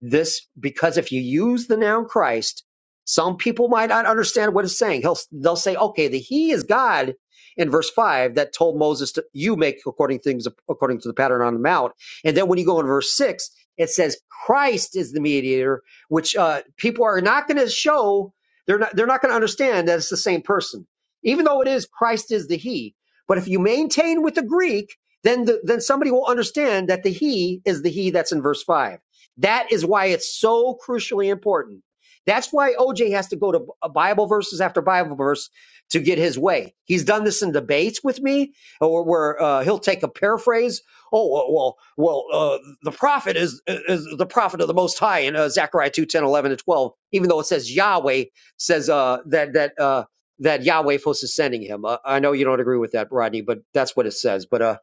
Speaker 5: this because if you use the noun Christ, some people might not understand what it's saying. He'll, they'll say, okay, the He is God in verse five that told Moses to you make according things according to the pattern on the mount. And then when you go in verse six, it says Christ is the mediator, which uh, people are not going to show. They're not. They're not going to understand that it's the same person, even though it is Christ is the He. But if you maintain with the Greek, then the, then somebody will understand that the He is the He that's in verse five that is why it's so crucially important. That's why OJ has to go to Bible verses after Bible verse to get his way. He's done this in debates with me, or where uh, he'll take a paraphrase. Oh well, well, well, uh, the prophet is is the prophet of the Most High in uh, Zechariah 2 10 11 and twelve. Even though it says Yahweh says uh, that that uh, that Yahweh was sending him. Uh, I know you don't agree with that, Rodney, but that's what it says. But uh,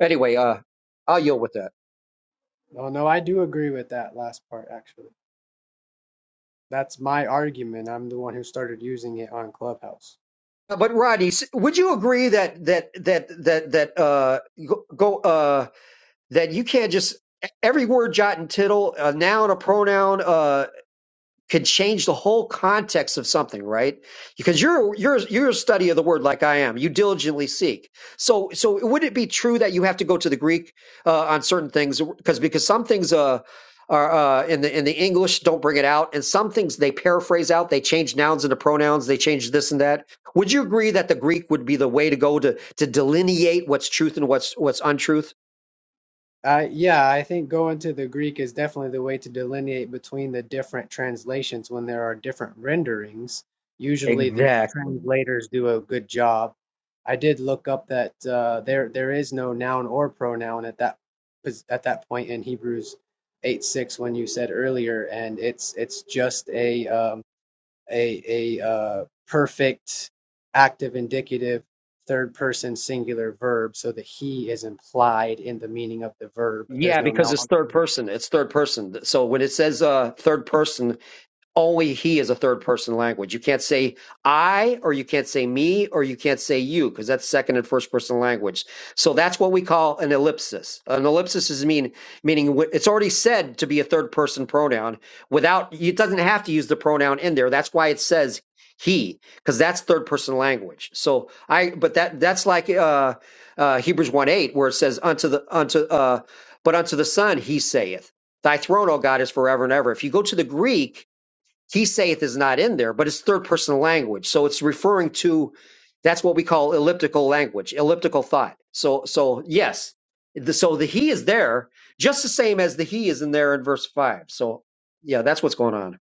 Speaker 5: anyway, uh, I'll yield with that.
Speaker 6: Oh no, I do agree with that last part actually. That's my argument. I'm the one who started using it on Clubhouse.
Speaker 5: But Rodney, s- would you agree that that that that that uh go go, uh that you can't just e, every word jot and tittle, a noun, a pronoun, uh could change the whole context of something, right? Because you're you're you're a study of the word like I am. You diligently seek. So so would it be true that you have to go to the Greek uh, on certain things because because some things uh are uh, in the in the English don't bring it out, and some things they paraphrase out. They change nouns into pronouns. They change this and that. Would you agree that the Greek would be the way to go to to delineate what's truth and what's what's untruth?
Speaker 6: I yeah, I think going to the Greek is definitely the way to delineate between the different translations when there are different renderings. Usually the translators do a good job. I did look up that uh, there there is no noun or pronoun at that pos- at that point in Hebrews 8 6 when you said earlier, and it's it's just a um, a a uh, perfect active indicative third person singular verb so the he is implied in the meaning of the verb but
Speaker 5: Yeah,
Speaker 6: there's no
Speaker 5: because
Speaker 6: noun
Speaker 5: it's
Speaker 6: on
Speaker 5: third
Speaker 6: front.
Speaker 5: person. It's third person. So when it says uh, third person. Only he is a third person language. You can't say I, or you can't say me, or you can't say you, because that's second and first person language. So that's what we call an ellipsis. An ellipsis is mean meaning wh- it's already said to be a third person pronoun without it doesn't have to use the pronoun in there. That's why it says he, because that's third person language. So I, but that that's like uh, uh, Hebrews one eight where it says unto the unto uh, but unto the Son he saith, Thy throne, O God, is forever and ever. If you go to the Greek he saith is not in there, but it's third person language. So it's referring to that's what we call elliptical language, elliptical thought. So so yes, the, so the he is there just the same as the he is in there in verse 5. So yeah, that's what's going on.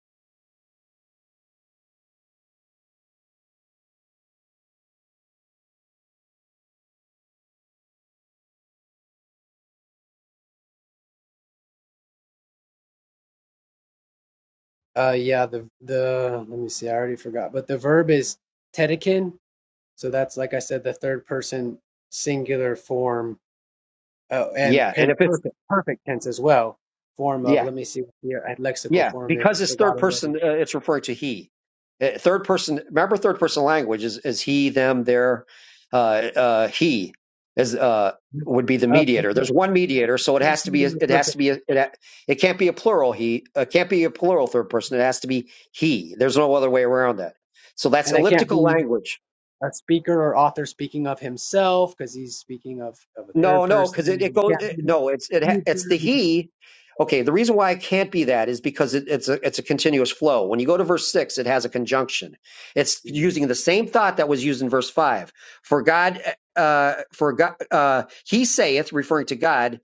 Speaker 6: uh yeah the the let me see i already forgot but the verb is tedekin so that's like i said the third person singular form oh, and
Speaker 5: Yeah, and
Speaker 6: pem-
Speaker 5: if it's
Speaker 6: perfect perfect tense as well form
Speaker 5: yeah.
Speaker 6: of let me see what the uh, lexical
Speaker 5: Yeah,
Speaker 6: form is i
Speaker 5: because it's
Speaker 6: forgot
Speaker 5: third
Speaker 6: already
Speaker 5: person, uh, it's referring to he. Uh, Third person, remember third person language is, is he, them, their, uh, uh, he is, uh, would be the
Speaker 6: Of it's
Speaker 5: mediator. There's one mediator, so it has to be, a,
Speaker 6: singular
Speaker 5: it has
Speaker 6: perfect
Speaker 5: to be, a, it, ha- it can't be a plural he, uh, can't be a plural third person. It has to be he. There's no other way around that. So that's
Speaker 6: and it can't
Speaker 5: elliptical
Speaker 6: be
Speaker 5: language.
Speaker 6: a speaker or author speaking of himself because he's speaking of, of a third
Speaker 5: No, no, because
Speaker 6: person
Speaker 5: it, it
Speaker 6: and it
Speaker 5: goes.
Speaker 6: can't
Speaker 5: It,
Speaker 6: be
Speaker 5: no, it's it ha-
Speaker 6: the
Speaker 5: it's the
Speaker 6: future because-
Speaker 5: he. Okay, the reason why it can't be that is because it, it's a it's a continuous flow. When you go to verse six, it has a conjunction. It's
Speaker 6: Mhm.
Speaker 5: using the same thought that was used in verse five. For God, uh, for God, uh, he saith, referring to God,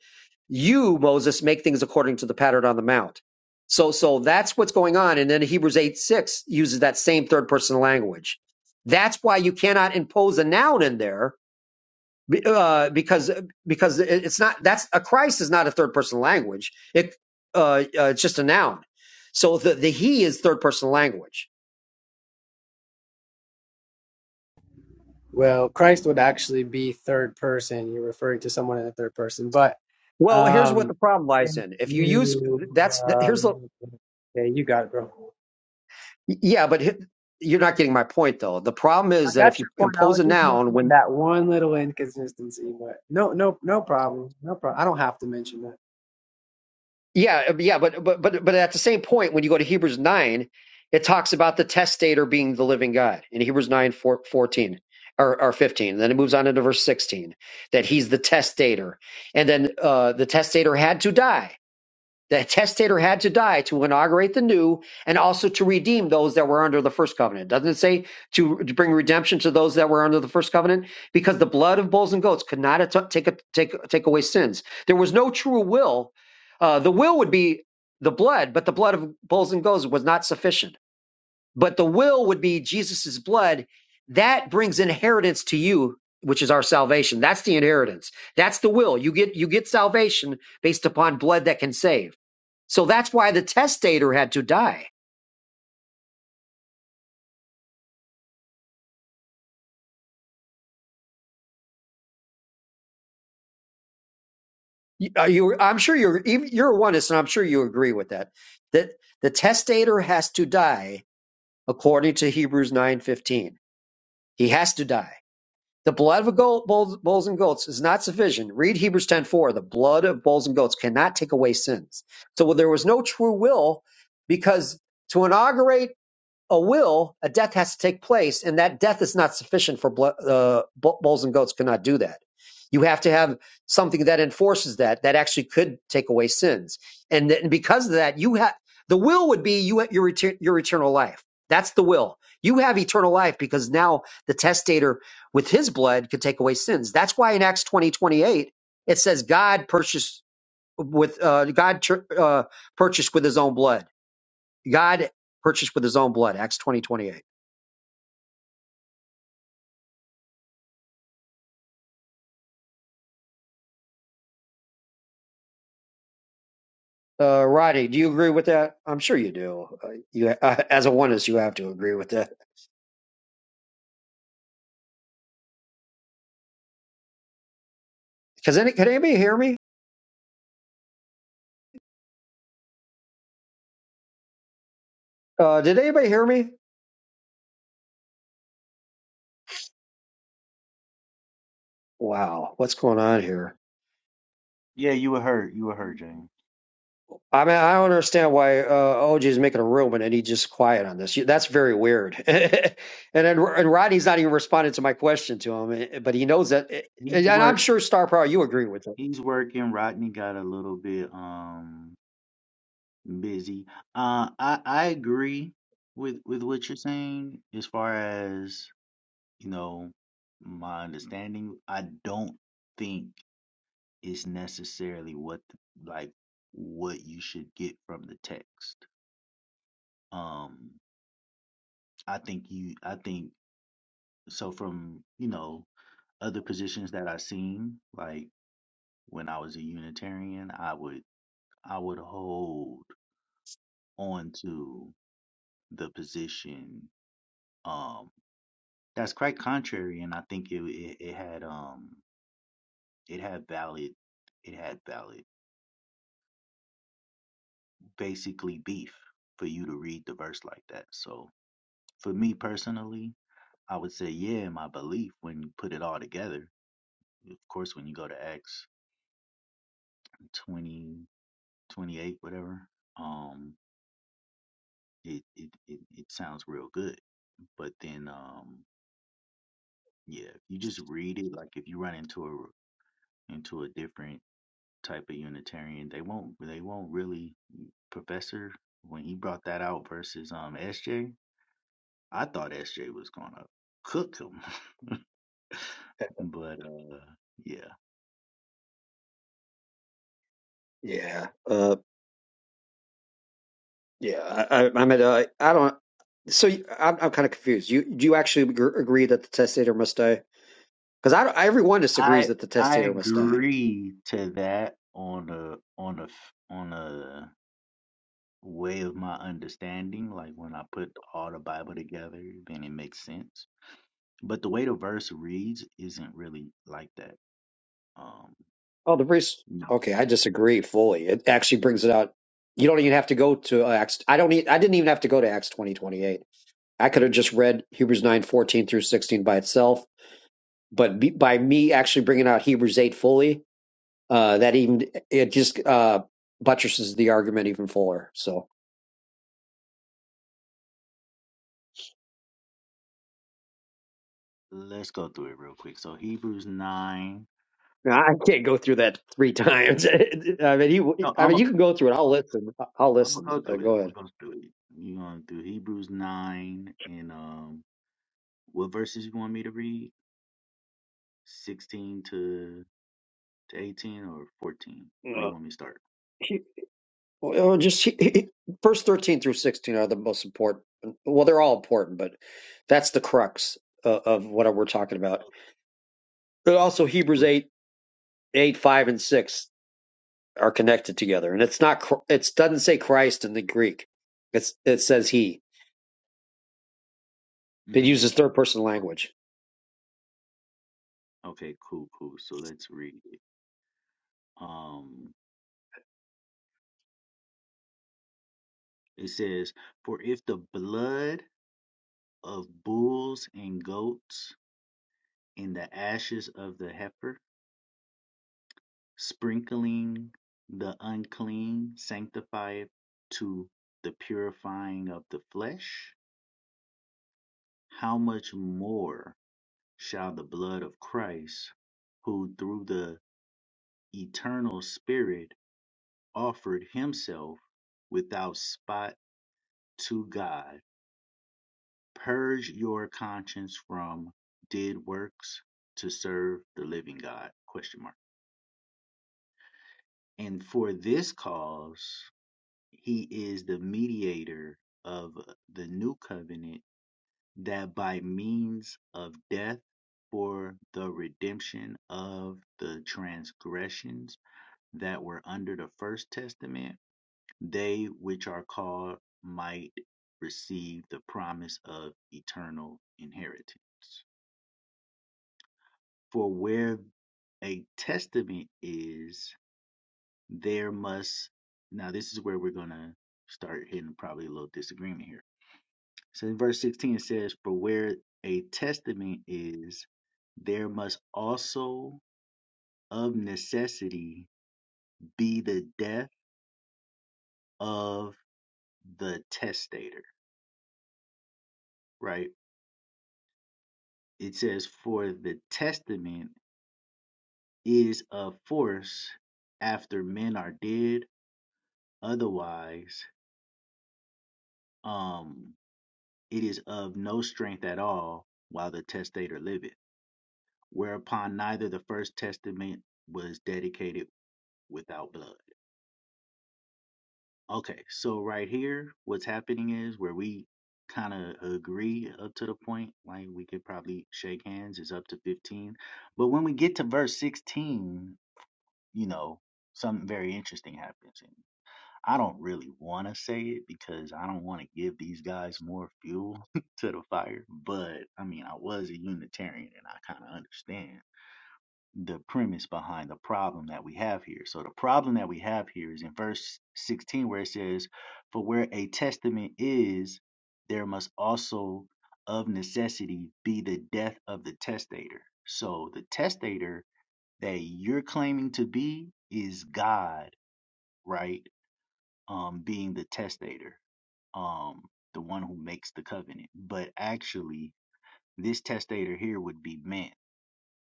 Speaker 5: you Moses make things according to the pattern on the mount. So, so that's what's going on. And then Hebrews eight six uses that same third person language. That's why you cannot impose a noun in there be- uh, because because it's not that's a Christ is not a third person language. It uh, uh, it's just a noun. So the the he is third person language.
Speaker 6: well christ would actually be third person you're referring to someone in the third person but
Speaker 5: Well, here's what the
Speaker 6: um
Speaker 5: problem
Speaker 6: if
Speaker 5: lies in. If you use
Speaker 6: you
Speaker 5: that's here's the
Speaker 6: um yeah you got it bro
Speaker 5: yeah, but he- you're not getting my point though. The problem
Speaker 6: i
Speaker 5: is that
Speaker 6: got
Speaker 5: if
Speaker 6: your
Speaker 5: you
Speaker 6: point i
Speaker 5: impose
Speaker 6: was
Speaker 5: a
Speaker 6: just
Speaker 5: noun when
Speaker 6: mentioning that one little inconsistency but no no no problem no problem i don't have to mention that
Speaker 5: Yeah, uh, yeah, but but but but at the same point, when you go to Hebrews nine, it talks about the testator being the living God in Hebrews nine four, fourteen or, or fifteen. Then it moves on into verse sixteen that he's the testator, and then uh, the testator had to die. The testator had to die to inaugurate the new and also to redeem those that were under the first covenant. Doesn't it say to bring redemption to those that were under the first covenant? Because the blood of bulls and goats could not at- take, a, take, take away sins. There was no true will. Uh, the will would be the blood, but the blood of bulls and goats was not sufficient. But the will would be Jesus's blood. That brings inheritance to you, which is our salvation. That's the inheritance. That's the will. You get you get salvation based upon blood that can save. So that's why the testator had to die. You, uh, you I'm sure you're even- you're a oneness, and I'm sure you agree with that. That the testator has to die according to Hebrews nine fifteen. He has to die. The blood of goat, bulls, bulls and goats is not sufficient. Read Hebrews ten four. The blood of bulls and goats cannot take away sins. So well, there was no true will because to inaugurate a will, a death has to take place, and that death is not sufficient for blo- uh, bulls and goats cannot do that. You have to have something that enforces that that actually could take away sins, and, th- and because of that, you have the will would be you have your retur- your eternal life. That's the will. You have eternal life because now the testator with his blood could take away sins. That's why in Acts twenty twenty eight it says God purchased with uh, God tr- uh, purchased with His own blood God purchased with his own blood, Acts twenty twenty eight. Uh, Rodney, do you agree with that? I'm sure you do. Uh, you, uh, as a oneness, you have to agree with that. Because any, can anybody hear me? Uh, did anybody hear me? Wow, what's going on here?
Speaker 4: Yeah, you were hurt. You were hurt, James.
Speaker 5: I mean, I don't understand why uh, OG is making a room and then he just quiet on this. That's very weird. and then and Rodney's not even responding to my question to him, eh, but he knows that. eh,
Speaker 4: He's
Speaker 5: And I'm
Speaker 4: work.
Speaker 5: sure Star Power, you agree with it.
Speaker 4: He's working. Rodney got a little bit um busy. Uh, I I agree with with what you're saying as far as you know my understanding. I don't think it's necessarily what the- like what you should get from the text. Um, I think you. I think so. From you know other positions that I've seen, like. When I was a Unitarian, I would I would hold on to the position um that's quite contrary, and I think it it, it had um it had valid it had valid basically beef for you to read the verse like that. So for me personally, I would say yeah, my belief when you put it all together. Of course, when you go to Acts 20 28 whatever, um, it it it, it sounds real good. But then um Yeah, if you just read it, like if you run into a into a different type of Unitarian, they won't they won't really Professor when he brought that out versus um S J, I thought SJ was gonna cook him, but uh yeah,
Speaker 5: Yeah, uh, yeah. I, I, I mean, uh, I don't. So you- I'm, I'm kind of confused. You do you actually gr- agree that the testator must die? Because I, don't- everyone disagrees
Speaker 4: I
Speaker 5: that the
Speaker 4: I
Speaker 5: testator must die.
Speaker 4: agree to that on a on a f- on a way of my understanding. Like when I put all the Bible together, then it makes sense. But the way the verse reads isn't really like that. Um.
Speaker 5: Oh, the priest.
Speaker 4: No,
Speaker 5: Okay, I disagree fully. It actually brings it out. You don't even have to go to uh, Acts. I don't. Need, I didn't even have to go to Acts twenty twenty eight. I could have just read Hebrews nine fourteen through sixteen by itself. But be, by me actually bringing out Hebrews eight fully, uh, that even it just uh, buttresses the argument even fuller. So.
Speaker 4: let's go through it real quick. So Hebrews nine.
Speaker 5: Now, I can't go through that three times. I mean, you.
Speaker 4: No,
Speaker 5: I
Speaker 4: I'm
Speaker 5: mean,
Speaker 4: a,
Speaker 5: you can go through it. I'll listen. I'll
Speaker 4: I'm gonna
Speaker 5: listen.
Speaker 4: go
Speaker 5: But
Speaker 4: through it.
Speaker 5: go
Speaker 4: I'm gonna
Speaker 5: ahead.
Speaker 4: go through it. You gonna do Hebrews nine and um, what verses you want me to read? Sixteen to to eighteen or fourteen? Where
Speaker 5: Uh,
Speaker 4: you want me to start?
Speaker 5: he- well, just he, he, first thirteen through sixteen are the most important. Well, they're all important, but that's the crux of, of what we're talking about. But also, Hebrews eight, eight, five, and six are connected together, and it's not. Chr- It doesn't say Christ in the Greek. It's it says He. It
Speaker 4: Mm-hmm.
Speaker 5: uses third person
Speaker 4: Okay.
Speaker 5: language.
Speaker 4: Okay. Cool. Cool. So let's read it. Um, it says, "For if the blood of bulls and goats and the ashes of the heifer." Sprinkling the unclean sanctifieth to the purifying of the flesh: how much more shall the blood of Christ, who through the eternal Spirit offered himself without spot to God, purge your conscience from dead works to serve the living God? Question mark. And for this cause He is the mediator of the new covenant that by means of death for the redemption of the transgressions that were under the first testament, they which are called might receive the promise of eternal inheritance. For where a testament is, there must, now this is where we're going to start hitting probably a little disagreement here So in verse 16 it says, For where a testament is, there must also of necessity be the death of the testator, right? It says, For the testament is of force after men are dead, otherwise, um, it is of no strength at all while the testator liveth, whereupon neither the first testament was dedicated without blood. Okay, so right here, what's happening is where we kind of agree up to the point, like we could probably shake hands, is up to 15. But when we get to verse 16, you know, something very interesting happens. And I don't really want to say it because I don't want to give these guys more fuel to the fire. But I mean, I was a Unitarian and I kind of understand the premise behind the problem that we have here. So the problem that we have here is in verse 16 where it says, "For where a testament is, there must also of necessity be the death of the testator." So the testator that you're claiming to be is God, right? Um being the testator. Um the one who makes the covenant. But actually, this testator here would be men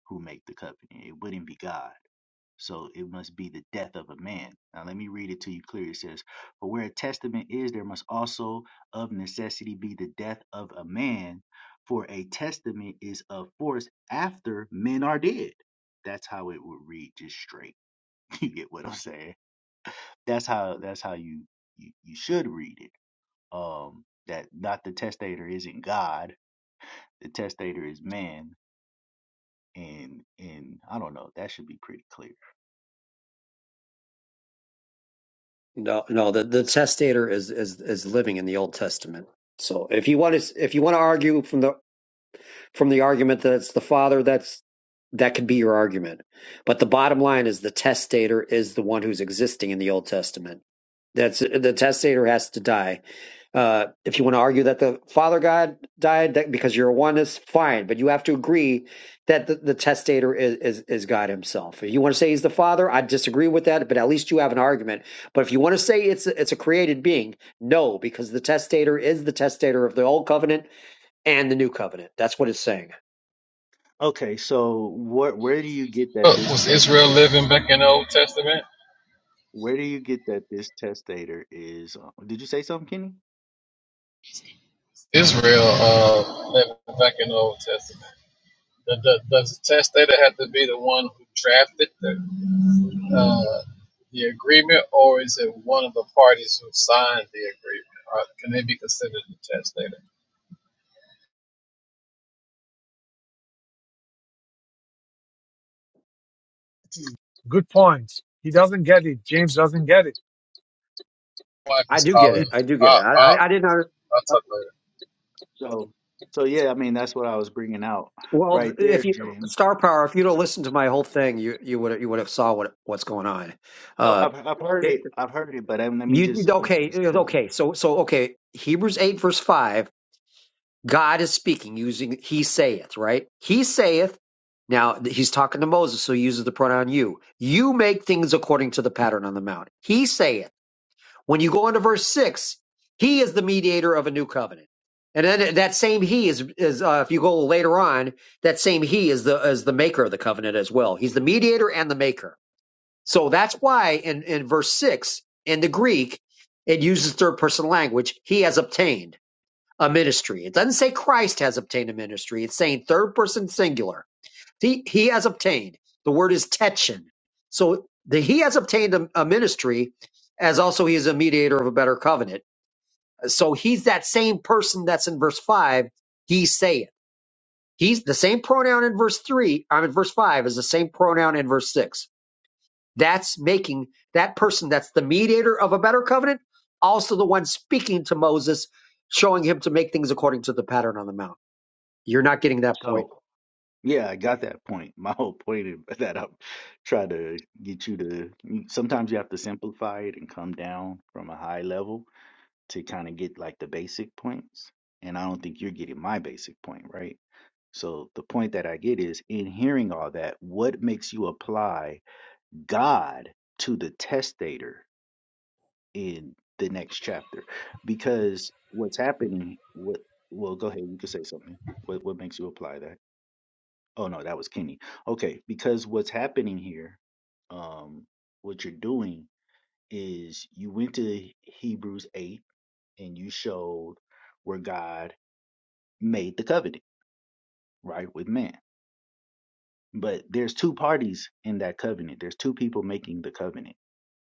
Speaker 4: who make the covenant. It wouldn't be God. So it must be the death of a man. Now let me read it to you clearly. It says, For where a testament is, there must also of necessity be the death of a man, for a testament is of force after men are dead. That's how it would read just straight. You get what I'm saying? That's how that's how you you, you should read it. Um that not the testator isn't God, the testator is man. And and I don't know, that should be pretty clear.
Speaker 5: No, no, the, the testator is, is is living in the Old Testament. So if you want to if you want to argue from the from the argument that it's the father, that's that could be your argument. But the bottom line is the testator is the one who's existing in the Old Testament. That's the testator has to die. Uh, if you want to argue that the Father God died that because you're a oneness, fine, but you have to agree that the, the testator is, is is God Himself. If you want to say He's the Father, I disagree with that, but at least you have an argument. But if you want to say it's a- it's a created being, no, because the testator is the testator of the Old Covenant and the New Covenant. That's what it's saying.
Speaker 4: Okay, so what where do you get that
Speaker 8: Uh,
Speaker 4: this
Speaker 8: was Israel
Speaker 4: testator?
Speaker 8: living back in the Old Testament?
Speaker 4: Where do you get that this testator is? uh, Did you say something, Kenny?
Speaker 8: Israel uh, living back in the Old Testament. The, the, does the testator have to be the one who drafted the, uh, the agreement, or is it one of the parties who signed the agreement? Or can they be considered the testator?
Speaker 1: Good point. He doesn't get it. James doesn't get it.
Speaker 8: My Wife
Speaker 5: I
Speaker 8: is
Speaker 5: do get
Speaker 8: calling.
Speaker 5: it.
Speaker 1: It
Speaker 5: I do get
Speaker 8: I,
Speaker 5: it. I
Speaker 8: I,
Speaker 5: I, I didn't. under-
Speaker 8: I'll talk later.
Speaker 4: So, so yeah, I mean that's what I was bringing out
Speaker 5: Well,
Speaker 4: right
Speaker 5: if
Speaker 4: there,
Speaker 5: you
Speaker 4: James.
Speaker 5: star power, if you'd have listened to my whole thing, you you would you would have saw what what's going on.
Speaker 4: No,
Speaker 5: Uh,
Speaker 4: I've I've heard it. I've heard it, but um, let me
Speaker 5: You
Speaker 4: just let me
Speaker 5: okay?
Speaker 4: just go there.
Speaker 5: Okay. So so okay. Hebrews eight verse five. God is speaking using He saith. Right? He saith. Now th- he's talking to Moses, so he uses the pronoun you. You make things according to the pattern on the mount. He saith. When you go into verse six, he is the mediator of a new covenant. And then that same he is, is uh, if you go later on, that same he is the is the maker of the covenant as well. He's the mediator and the maker. So that's why in, in verse 6 in the Greek, it uses third person language. He has obtained a ministry. It doesn't say Christ has obtained a ministry. It's saying third person singular. He, he has obtained. The word is tetchin. So the he has obtained a, a ministry as also he is a mediator of a better covenant. So he's that same person that's in verse 5. He saith. He's the same pronoun in verse 3. I'm in verse 5 is the same pronoun in verse 6 that's making that person that's the mediator of a better covenant also the one speaking to Moses, showing him to make things according to the pattern on the mount. You're not getting that point.
Speaker 4: So yeah, I got that point. My whole point is that I'm trying to get you to. Sometimes you have to simplify it and come down from a high level to kind of get like the basic points. And I don't think you're getting my basic point, right? So the point that I get is in hearing all that, what makes you apply God to the testator in the next chapter? Because what's happening, what well, go ahead, you can say something. What what makes you apply that? Oh no, that was Kenny. Okay, because what's happening here, um, what you're doing is you went to Hebrews eight and you showed where God made the covenant, right, with man But there's two parties in that covenant. There's two people making the covenant.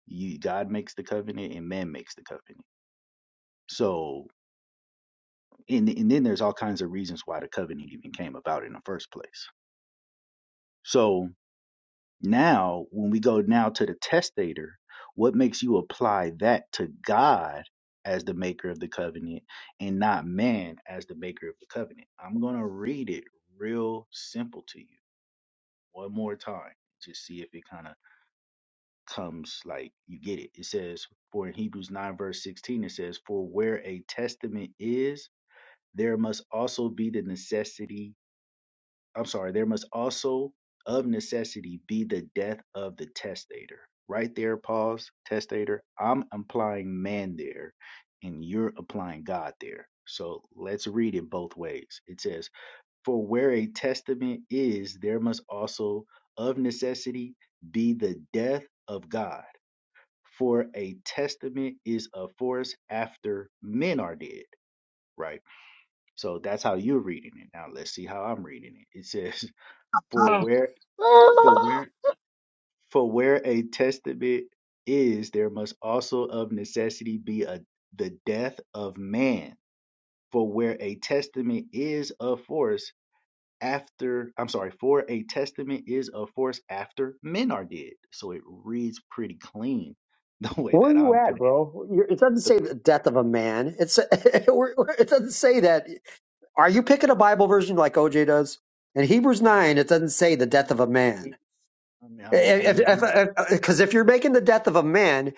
Speaker 4: You, God makes the covenant and man makes the covenant. So, and, and then there's all kinds of reasons why the covenant even came about in the first place. So now, when we go now to the testator, what makes you apply that to God as the maker of the covenant and not man as the maker of the covenant? I'm going to read it real simple to you one more time. Just see if it kind of comes like you get it. It says, for in Hebrews 9, verse 16, it says, For where a testament is, there must also be the necessity, I'm sorry, there must also of necessity be the death of the testator. Right there, pause, testator. I'm implying man there, and you're applying God there. So let's read it both ways. It says, For where a testament is, there must also of necessity be the death of God for a testament is of force after men are dead, right? So that's how you're reading it. Now let's see how I'm reading it. It says, For
Speaker 1: ah,
Speaker 4: where for
Speaker 1: ah.
Speaker 4: where for where a testament is, there must also of necessity be a the death of man. For where a testament is of force after I'm sorry, for a testament is of force after men are dead. So it reads pretty clean the way
Speaker 5: Where are
Speaker 4: that
Speaker 5: you
Speaker 4: I'm
Speaker 5: at,
Speaker 4: putting it.
Speaker 5: bro? You're, it doesn't say the death of a man. It's we're- we're- it doesn't say that. Are you picking a Bible version like OJ does? In Hebrews
Speaker 4: the
Speaker 5: nine, it doesn't say the
Speaker 4: I
Speaker 5: death
Speaker 4: mean,
Speaker 5: of a man.
Speaker 4: he- I mean, I
Speaker 5: Because
Speaker 4: mean,
Speaker 5: if,
Speaker 4: he.
Speaker 5: if, if 'cause if you're making the death of a man,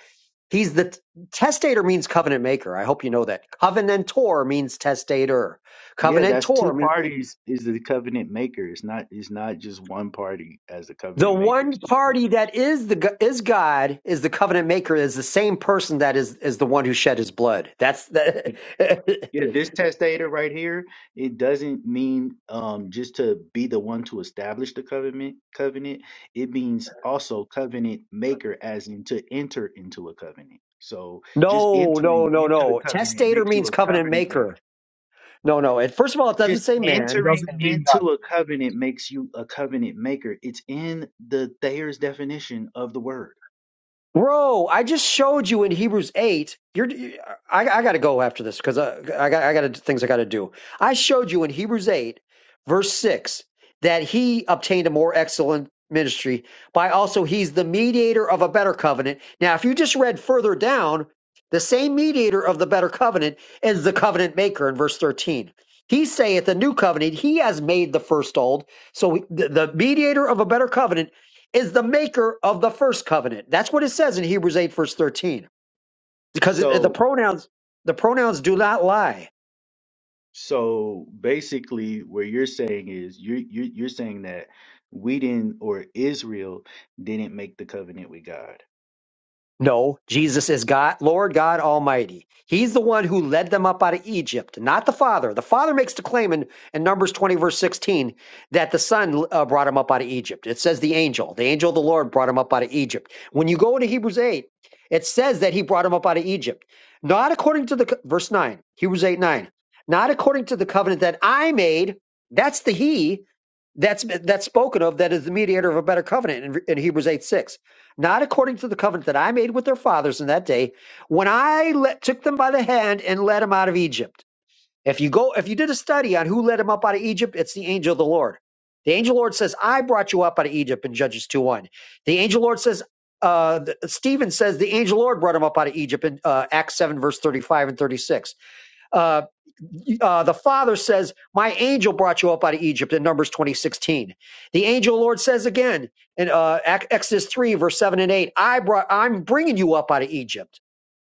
Speaker 5: He's the testator means covenant maker. I hope you know that. Covenantor means testator.
Speaker 4: Yeah, that's two
Speaker 5: Covenantor means
Speaker 4: parties is the covenant maker. It's not. It's not just one party as the
Speaker 5: the
Speaker 4: covenant maker. It's
Speaker 5: one
Speaker 4: two parties.
Speaker 5: party that is the go- is God is the covenant maker is the same person that is is the one who shed his blood. That's the
Speaker 4: But yeah, this testator right here, it doesn't mean um just to be the one to establish the covenant. Covenant. It means also covenant maker, as in to enter into a covenant. So just
Speaker 5: no no
Speaker 4: entering
Speaker 5: no
Speaker 4: into the
Speaker 5: no.
Speaker 4: covenant
Speaker 5: Testator
Speaker 4: makes you
Speaker 5: means
Speaker 4: a
Speaker 5: covenant
Speaker 4: covenant maker.
Speaker 5: maker. No no. And first of all, it doesn't
Speaker 4: just
Speaker 5: say
Speaker 1: No,
Speaker 5: man.
Speaker 1: he
Speaker 4: entering
Speaker 1: doesn't mean that.
Speaker 4: into a covenant makes you a covenant maker it's in the thayer's definition of the word
Speaker 5: Bro, I just showed you in Hebrews 8. You're, I, I got to go after this because I, I got, I got things I got to do. I showed you in Hebrews 8, verse 6, that he obtained a more excellent ministry by also he's the mediator of a better covenant. Now, if you just read further down, the same mediator of the better covenant is the covenant maker in verse 13. He saith the new covenant, he has made the first old. So the, the mediator of a better covenant is the maker of the first covenant. That's what it says in Hebrews 8, verse 13. Because it, the
Speaker 4: so
Speaker 5: pronouns, the pronouns do not lie.
Speaker 4: so basically what you're saying is you're you're, you're saying that we didn't or israel didn't make the covenant with god
Speaker 5: No, Jesus is God, Lord God Almighty. He's the one who led them up out of Egypt, not the Father. The Father makes the claim in, in Numbers 20, verse 16, that the Son uh, brought him up out of Egypt. It says the angel, the angel of the Lord brought him up out of Egypt. When you go to Hebrews 8, it says that he brought him up out of Egypt. Not according to the, co- verse 9, Hebrews 8, 9, not according to the covenant that I made. That's the He that's that's spoken of that is the mediator of a better covenant in, in Hebrews 8 6. Not according to the covenant that I made with their fathers in that day, when I let, took them by the hand and led them out of Egypt. If you go, if you did a study on who led them up out of Egypt, it's the angel of the Lord. The angel of the Lord says, I brought you up out of Egypt in Judges 2 1. The angel of the Lord says, uh, the- Stephen says the angel of the Lord brought him up out of Egypt in uh, Acts 7, verse 35 and 36 uh, uh, the father says, "My angel brought you up out of Egypt." In Numbers twenty sixteen, the angel of the Lord says again in uh, Exodus three verse seven and eight, "I brought, I'm bringing you up out of Egypt."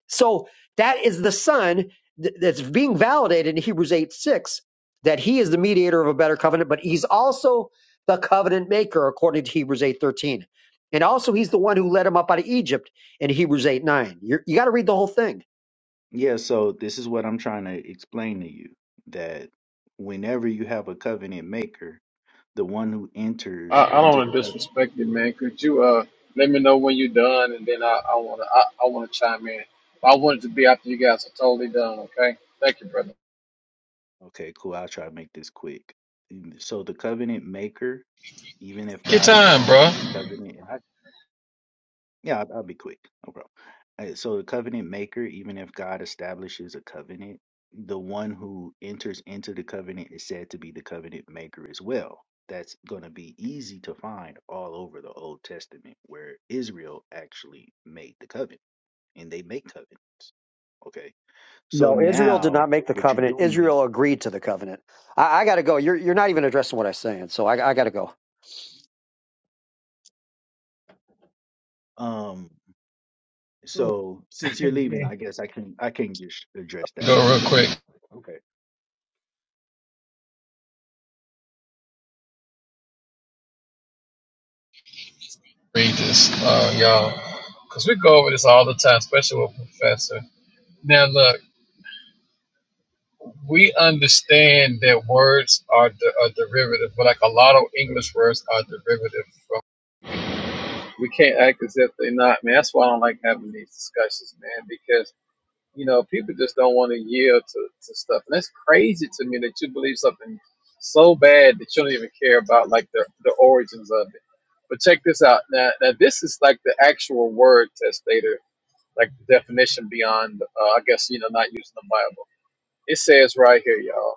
Speaker 5: So that is the son th- that's being validated in Hebrews eight six that he is the mediator of a better covenant, but he's also the covenant maker according to Hebrews eight thirteen, and also he's the one who led him up out of Egypt in Hebrews eight nine. You're, you got to read the whole thing
Speaker 4: yeah so this is what i'm trying to explain to you that whenever you have a covenant maker the one who
Speaker 8: I,
Speaker 4: enters
Speaker 8: I don't
Speaker 4: into
Speaker 8: want
Speaker 4: the
Speaker 8: to
Speaker 4: covenant
Speaker 8: disrespect you, man. Could you uh, let me know when you're done, and then I, I want to I, I wanna chime in. I want it to be after you guys are totally done, okay? Thank you, brother.
Speaker 4: okay cool i'll try to make this quick so the covenant maker even if
Speaker 8: Your
Speaker 4: God
Speaker 8: time, bro.
Speaker 4: establishes a covenant, and I, yeah, I'll, I'll be quick, no problem. Uh, So the covenant maker, even if God establishes a covenant, the one who enters into the covenant is said to be the covenant maker as well. That's going to be easy to find all over the Old Testament, where Israel actually made the covenant, and they make covenants. Okay, so
Speaker 5: No, Israel did
Speaker 4: now
Speaker 5: not make the
Speaker 4: what you're
Speaker 5: covenant.
Speaker 4: doing is,
Speaker 5: Israel agreed to the covenant. I, I got to go. You're you're not even addressing what I'm saying, so I, I got to go.
Speaker 4: um,
Speaker 1: So
Speaker 4: so since you're leaving,
Speaker 1: again,
Speaker 4: I guess I can I can just address that
Speaker 8: Go
Speaker 4: and
Speaker 8: real
Speaker 4: show
Speaker 8: quick.
Speaker 4: you. Okay.
Speaker 8: Read this, uh, y'all, because we go over this all the time, especially with Professor. Now, look, we understand that words are de- a derivative, but like a lot of English words are derivative from. We can't act as if they're not, man. That's why I don't like having these discussions, man, because. You know, people just don't want to yield to, to stuff. And that's crazy to me that you believe something so bad that you don't even care about like the, the origins of it. But check this out. Now, now this is like the actual word testator, like the definition beyond, uh, I guess, you know, not using the Bible. It says right here, y'all,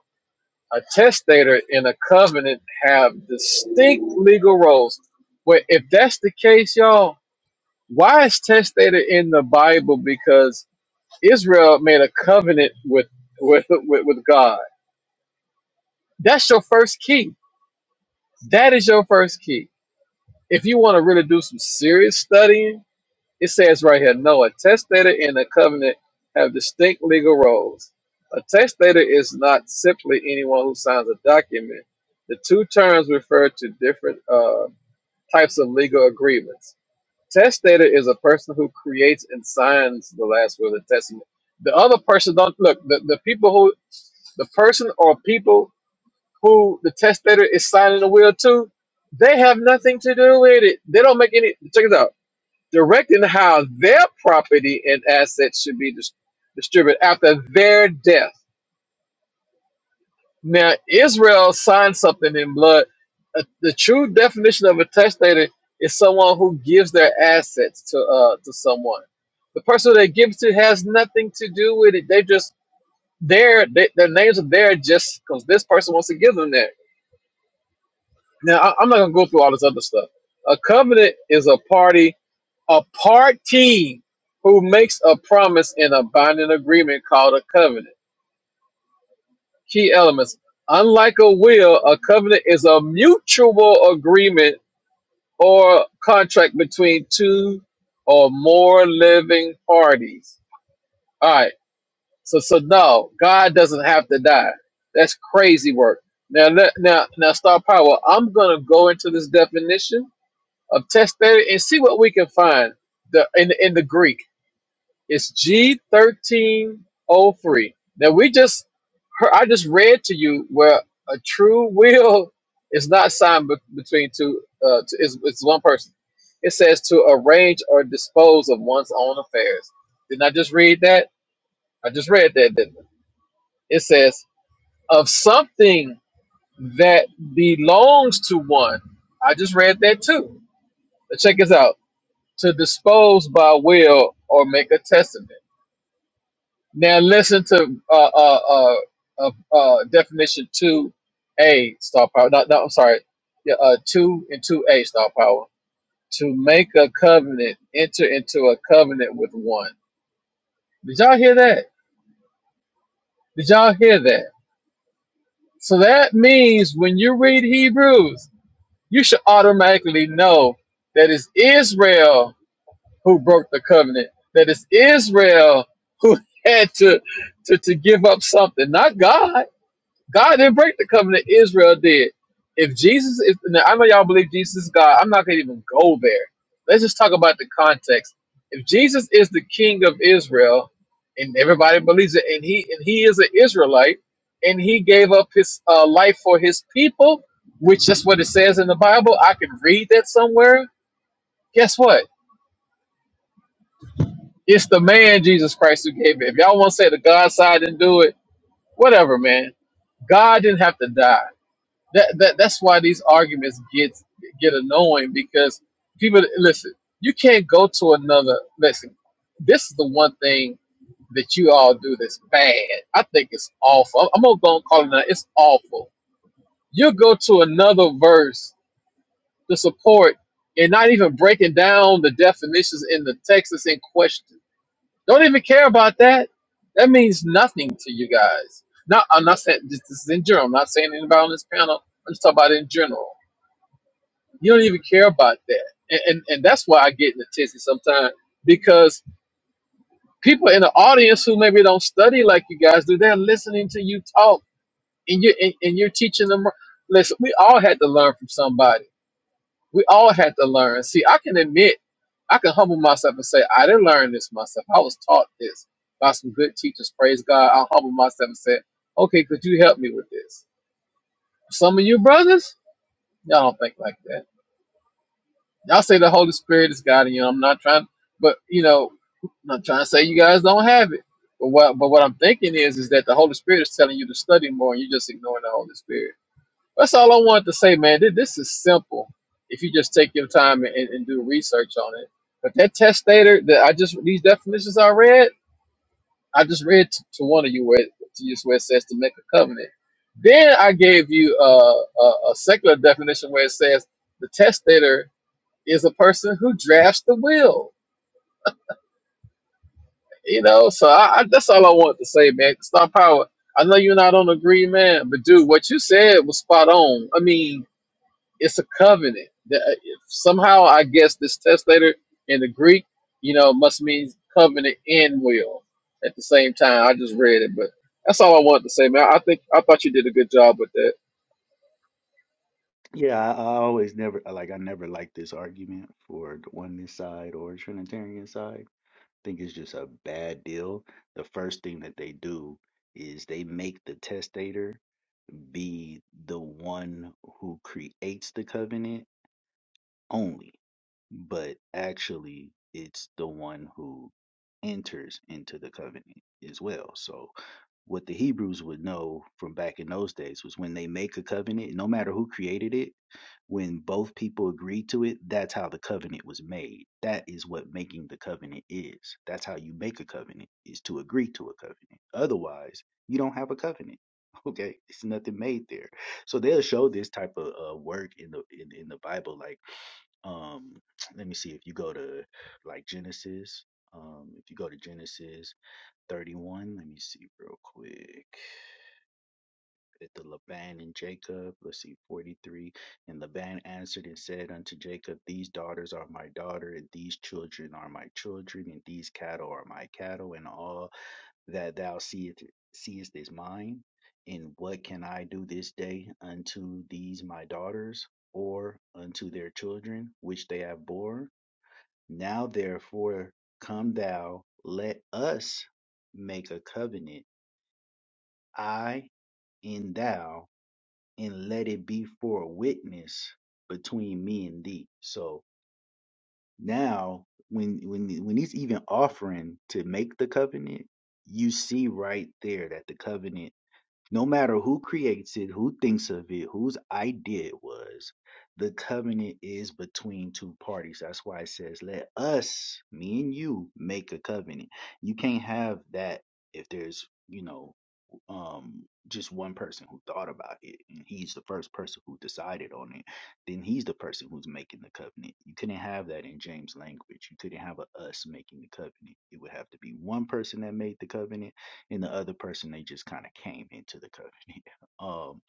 Speaker 8: a testator in a covenant have distinct legal roles. Well, if that's the case, y'all, why is testator in the Bible? Because Israel made a covenant with with with, with God. That's your first key. That is your first key. If you want to really do some serious studying, it says right here, no, a testator and a covenant have distinct legal roles. A testator is not simply anyone who signs a document. The two terms refer to different uh, types of legal agreements. Testator is a person who creates and signs the last will of the testament. The other person don't look. The, the people who the person or people who the testator is signing the will to, they have nothing to do with it. They don't make any. Check it out. Directing how their property and assets should be dis- distributed after their death. Now, Israel signed something in blood. Uh, the true definition of a testator is someone who gives their assets to uh, to someone. The person they give to has nothing to do with it. They just there. They, their names are there just because this person wants to give them that Now, I, I'm not gonna go through all this other stuff. A covenant is a party, a party who makes a promise in a binding agreement called a covenant. Key elements: unlike a will, a covenant is a mutual agreement or contract between two or more living parties. All right. So, so no, God doesn't have to die. That's crazy work. Now, let- now, now, Star Power. I'm gonna go into this definition of test thirty and see what we can find. The in the, in the Greek, it's G thirteen O three. Now we just heard- I just read to you where a true will is not signed be- between two. Uh, to, it's, it's one person. It says to arrange or dispose of one's own affairs. Didn't I just read that? I just read that, didn't I? It says of something that belongs to one. I just read that too. But Check this out to dispose by will or make a testament. Now listen to uh, uh, uh, uh, uh, definition two a star power. No, no, I'm sorry. Yeah, uh, two and two a star power to make a covenant, enter into a covenant with one. Did y'all hear that? Did y'all hear that? So that means when you read Hebrews, you should automatically know that it's Israel who broke the covenant. That it's Israel who had to, to, to give up something, not God. God didn't break the covenant, Israel did. If Jesus is, now, I know y'all believe Jesus is God. I'm not going to even go there. Let's just talk about the context. If Jesus is the king of Israel, and everybody believes it, and he and he is an Israelite, and he gave up his uh, life for his people, which is what it says in the Bible. I can read that somewhere. Guess what? It's the man Jesus Christ who gave it. If y'all want to say the God side didn't do it, whatever, man. God didn't have to die. That, that that's why these arguments get get annoying because people listen. You can't go to another. Listen, this is the one thing that you all do that's bad. I think it's awful. I'm gonna go and call it out. It's awful. You go to another verse to support and not even breaking down the definitions in the text that's in question. Don't even care about that. That means nothing to you guys. Not, I'm not saying this, this is in general. I'm not saying anybody on this panel. I'm just talking about in general. You don't even care about that, and and, and that's why I get in a tizzy sometimes because people in the audience who maybe don't study like you guys do, they're listening to you talk, and you and, and you're teaching them. Listen, we all had to learn from somebody We all had to learn. See, I can admit, I can humble myself and say, I didn't learn this myself. I was taught this by some good teachers. Praise God. I'll humble myself and say, okay, could you help me with this? Some of you brothers, y'all don't think like that. Y'all say the Holy Spirit is guiding you. I'm not trying, but you know, I'm not trying to say you guys don't have it. But what, but what I'm thinking is, is that the Holy Spirit is telling you to study more and you're just ignoring the Holy Spirit. That's all I wanted to say, man. Th- This is simple if you just take your time and, and do research on it. But that testator that I just these definitions I read, I just read to, to one of you where it- to you where it says to make a covenant. Then I gave you uh, a, a secular definition where it says the testator is a person who drafts the will. You know, so I, I, that's all I wanted to say, man. Star Power. I know you're not on agree, man, but dude, what you said was spot on. I mean it's a covenant. That- Somehow, I guess this testator in the Greek, you know, must mean covenant and will at the same time. I just read it, but that's all I wanted to say, man. I think I thought you did a good job with that.
Speaker 4: Yeah, I, I always never I like I never liked this argument for the oneness side or Trinitarian side. I think it's just a bad deal. The first thing that they do is they make the testator be the one who creates the covenant only, but actually it's the one who enters into the covenant as well. So what the Hebrews would know from back in those days was when they make a covenant, no matter who created it, when both people agree to it, that's how the covenant was made. That is what making the covenant is. That's how you make a covenant, is to agree to a covenant. Otherwise, you don't have a covenant. Okay, it's nothing made there. So they'll show this type of uh, work in the in, in the Bible. Like, um, let me see if you go to like Genesis. Um, if you go to Genesis 31, let me see real quick to Laban and Jacob. Let's see, 43. And Laban answered and said unto Jacob, These daughters are my daughter, and these children are my children, and these cattle are my cattle, and all that thou seest, seest is mine. And what can I do this day unto these my daughters, or unto their children, which they have borne? Now therefore come thou, let us make a covenant, I and thou and let it be for a witness between me and thee. So now when when when he's even offering to make the covenant, you see right there that the covenant no matter who creates it, who thinks of it, whose idea it was, the covenant is between two parties. That's why it says, let us, me and you, make a covenant. You can't have that if there's, you know, um just one person who thought about it and he's the first person who decided on it then he's the person who's making the covenant you couldn't have that in james language you couldn't have a us making the covenant it would have to be one person that made the covenant and the other person they just kind of came into the covenant um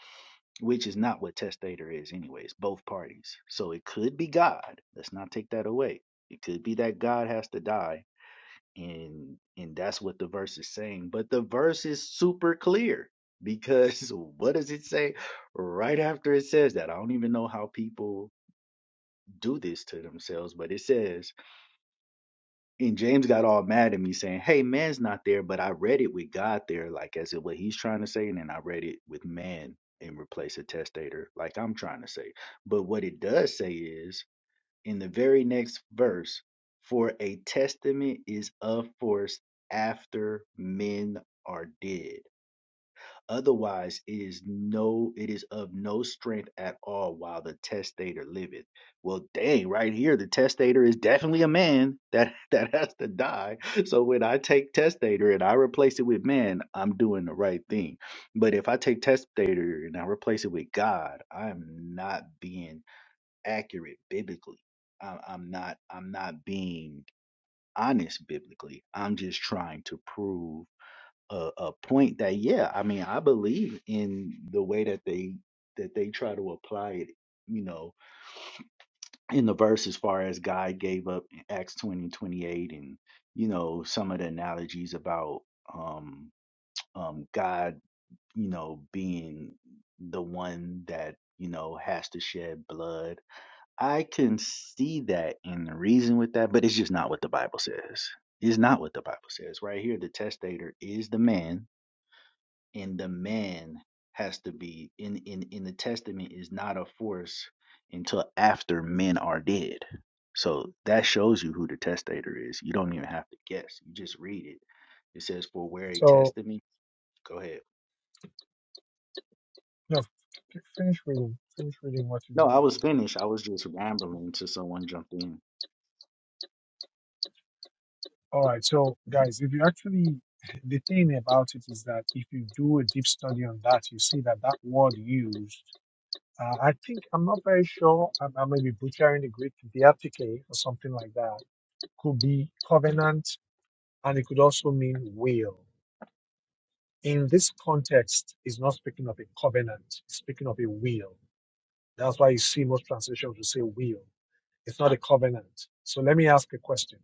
Speaker 4: which is not what testator is anyway it's both parties so it could be god let's not take that away it could be that god has to die and and that's what the verse is saying but the verse is super clear because what does it say right after it says that i don't even know how people do this to themselves but it says And James got all mad at me saying, Hey, man's not there, but I read it with God there, like as if what he's trying to say, and then I read it with man and replace a testator, like I'm trying to say. But what it does say is in the very next verse, for a testament is of force after men are dead. Otherwise it is no it is of no strength at all while the testator liveth. Well dang, right here the testator is definitely a man that that has to die. So when I take testator and I replace it with man, I'm doing the right thing. But if I take testator and I replace it with God, I'm not being accurate biblically. I- I'm not I'm not being honest biblically. I'm just trying to prove a, a point that yeah i mean i believe in the way that they that they try to apply it you know in the verse as far as god gave up in acts 20 28, and and you know some of the analogies about um um god you know being the one that you know has to shed blood i can see that and reason with that but it's just not what the bible says it's not what the bible says right here the testator is the man and the man has to be in in in the testament is not a force until after men are dead so that shows you who the testator is you don't even have to guess you just read it it says for where a
Speaker 1: so
Speaker 4: testament go ahead
Speaker 1: no, f- finish reading. Finish reading what you
Speaker 4: no
Speaker 1: want to
Speaker 4: i was
Speaker 1: read.
Speaker 4: finished i was just rambling until someone jumped in
Speaker 1: All right. So guys, if you actually the thing about it is that if you do a deep study on that, you see that that word used Uh, I think I'm not very sure. I, I may be butchering the Greek. Diatheke or something like that could be covenant, and it could also mean will. In this context, it's not speaking of a covenant; it's speaking of a will. That's why you see most translations will say will. It's not a covenant. So let me ask a question: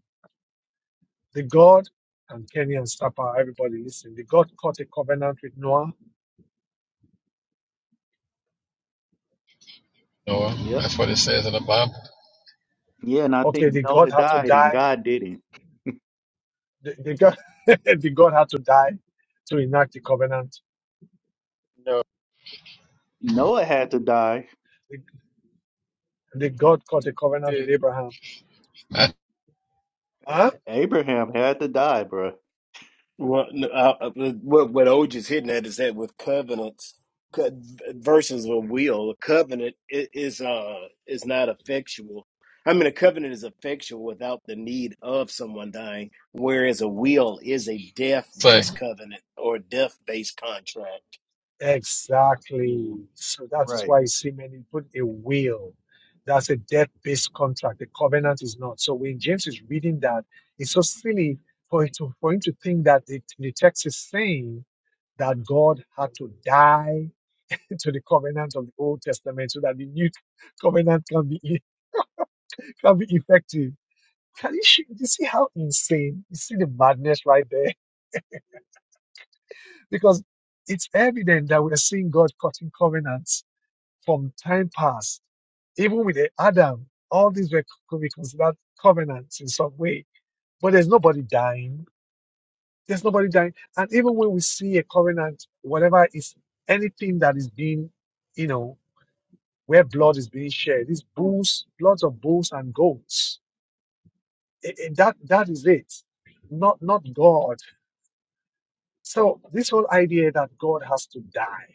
Speaker 1: The God and Kenny and Stapa, everybody listening, the God cut a covenant with Noah.
Speaker 8: Noah.
Speaker 4: yep
Speaker 8: That's what it says in the Bible.
Speaker 4: yeah and i
Speaker 1: Okay,
Speaker 4: think
Speaker 1: the God
Speaker 4: noah
Speaker 1: had to
Speaker 4: died and
Speaker 1: die.
Speaker 4: god didn't
Speaker 1: The, the God, the God had to die to enact the covenant
Speaker 8: No,
Speaker 4: noah had to die
Speaker 1: The God got a
Speaker 8: you
Speaker 1: covenant with
Speaker 8: didn't.
Speaker 1: Abraham.
Speaker 8: I
Speaker 1: Huh?
Speaker 4: abraham had to die bruh.
Speaker 9: Well, no, uh, uh, what what OJ is hitting at is that with covenants co- versus a will, a covenant i- is uh is not effectual. I mean, a covenant is effectual without the need of someone dying, whereas a will is a death
Speaker 8: say,
Speaker 9: based covenant or death based contract.
Speaker 4: Yeah.
Speaker 1: Exactly. So that is
Speaker 4: right
Speaker 1: why you see many put a will. That's a debt-based contract. The covenant is not. So when James is reading that, it's so silly for him to, for him to think that the, the text is saying that God had to die to the covenant of the Old Testament so that the new covenant can be e- can be effective. Can you, see- you see how insane? You see the madness right there. Because it's evident that we're seeing God cutting covenants from time past. Even with Adam, all these were could be considered covenants in some way. But there's nobody dying. There's nobody dying. And even when we see a covenant, whatever is anything that is being, you know, where blood is being shed, these bulls, bloods of bulls and goats. I- I- that that is it. Not not God. So this whole idea that God has to die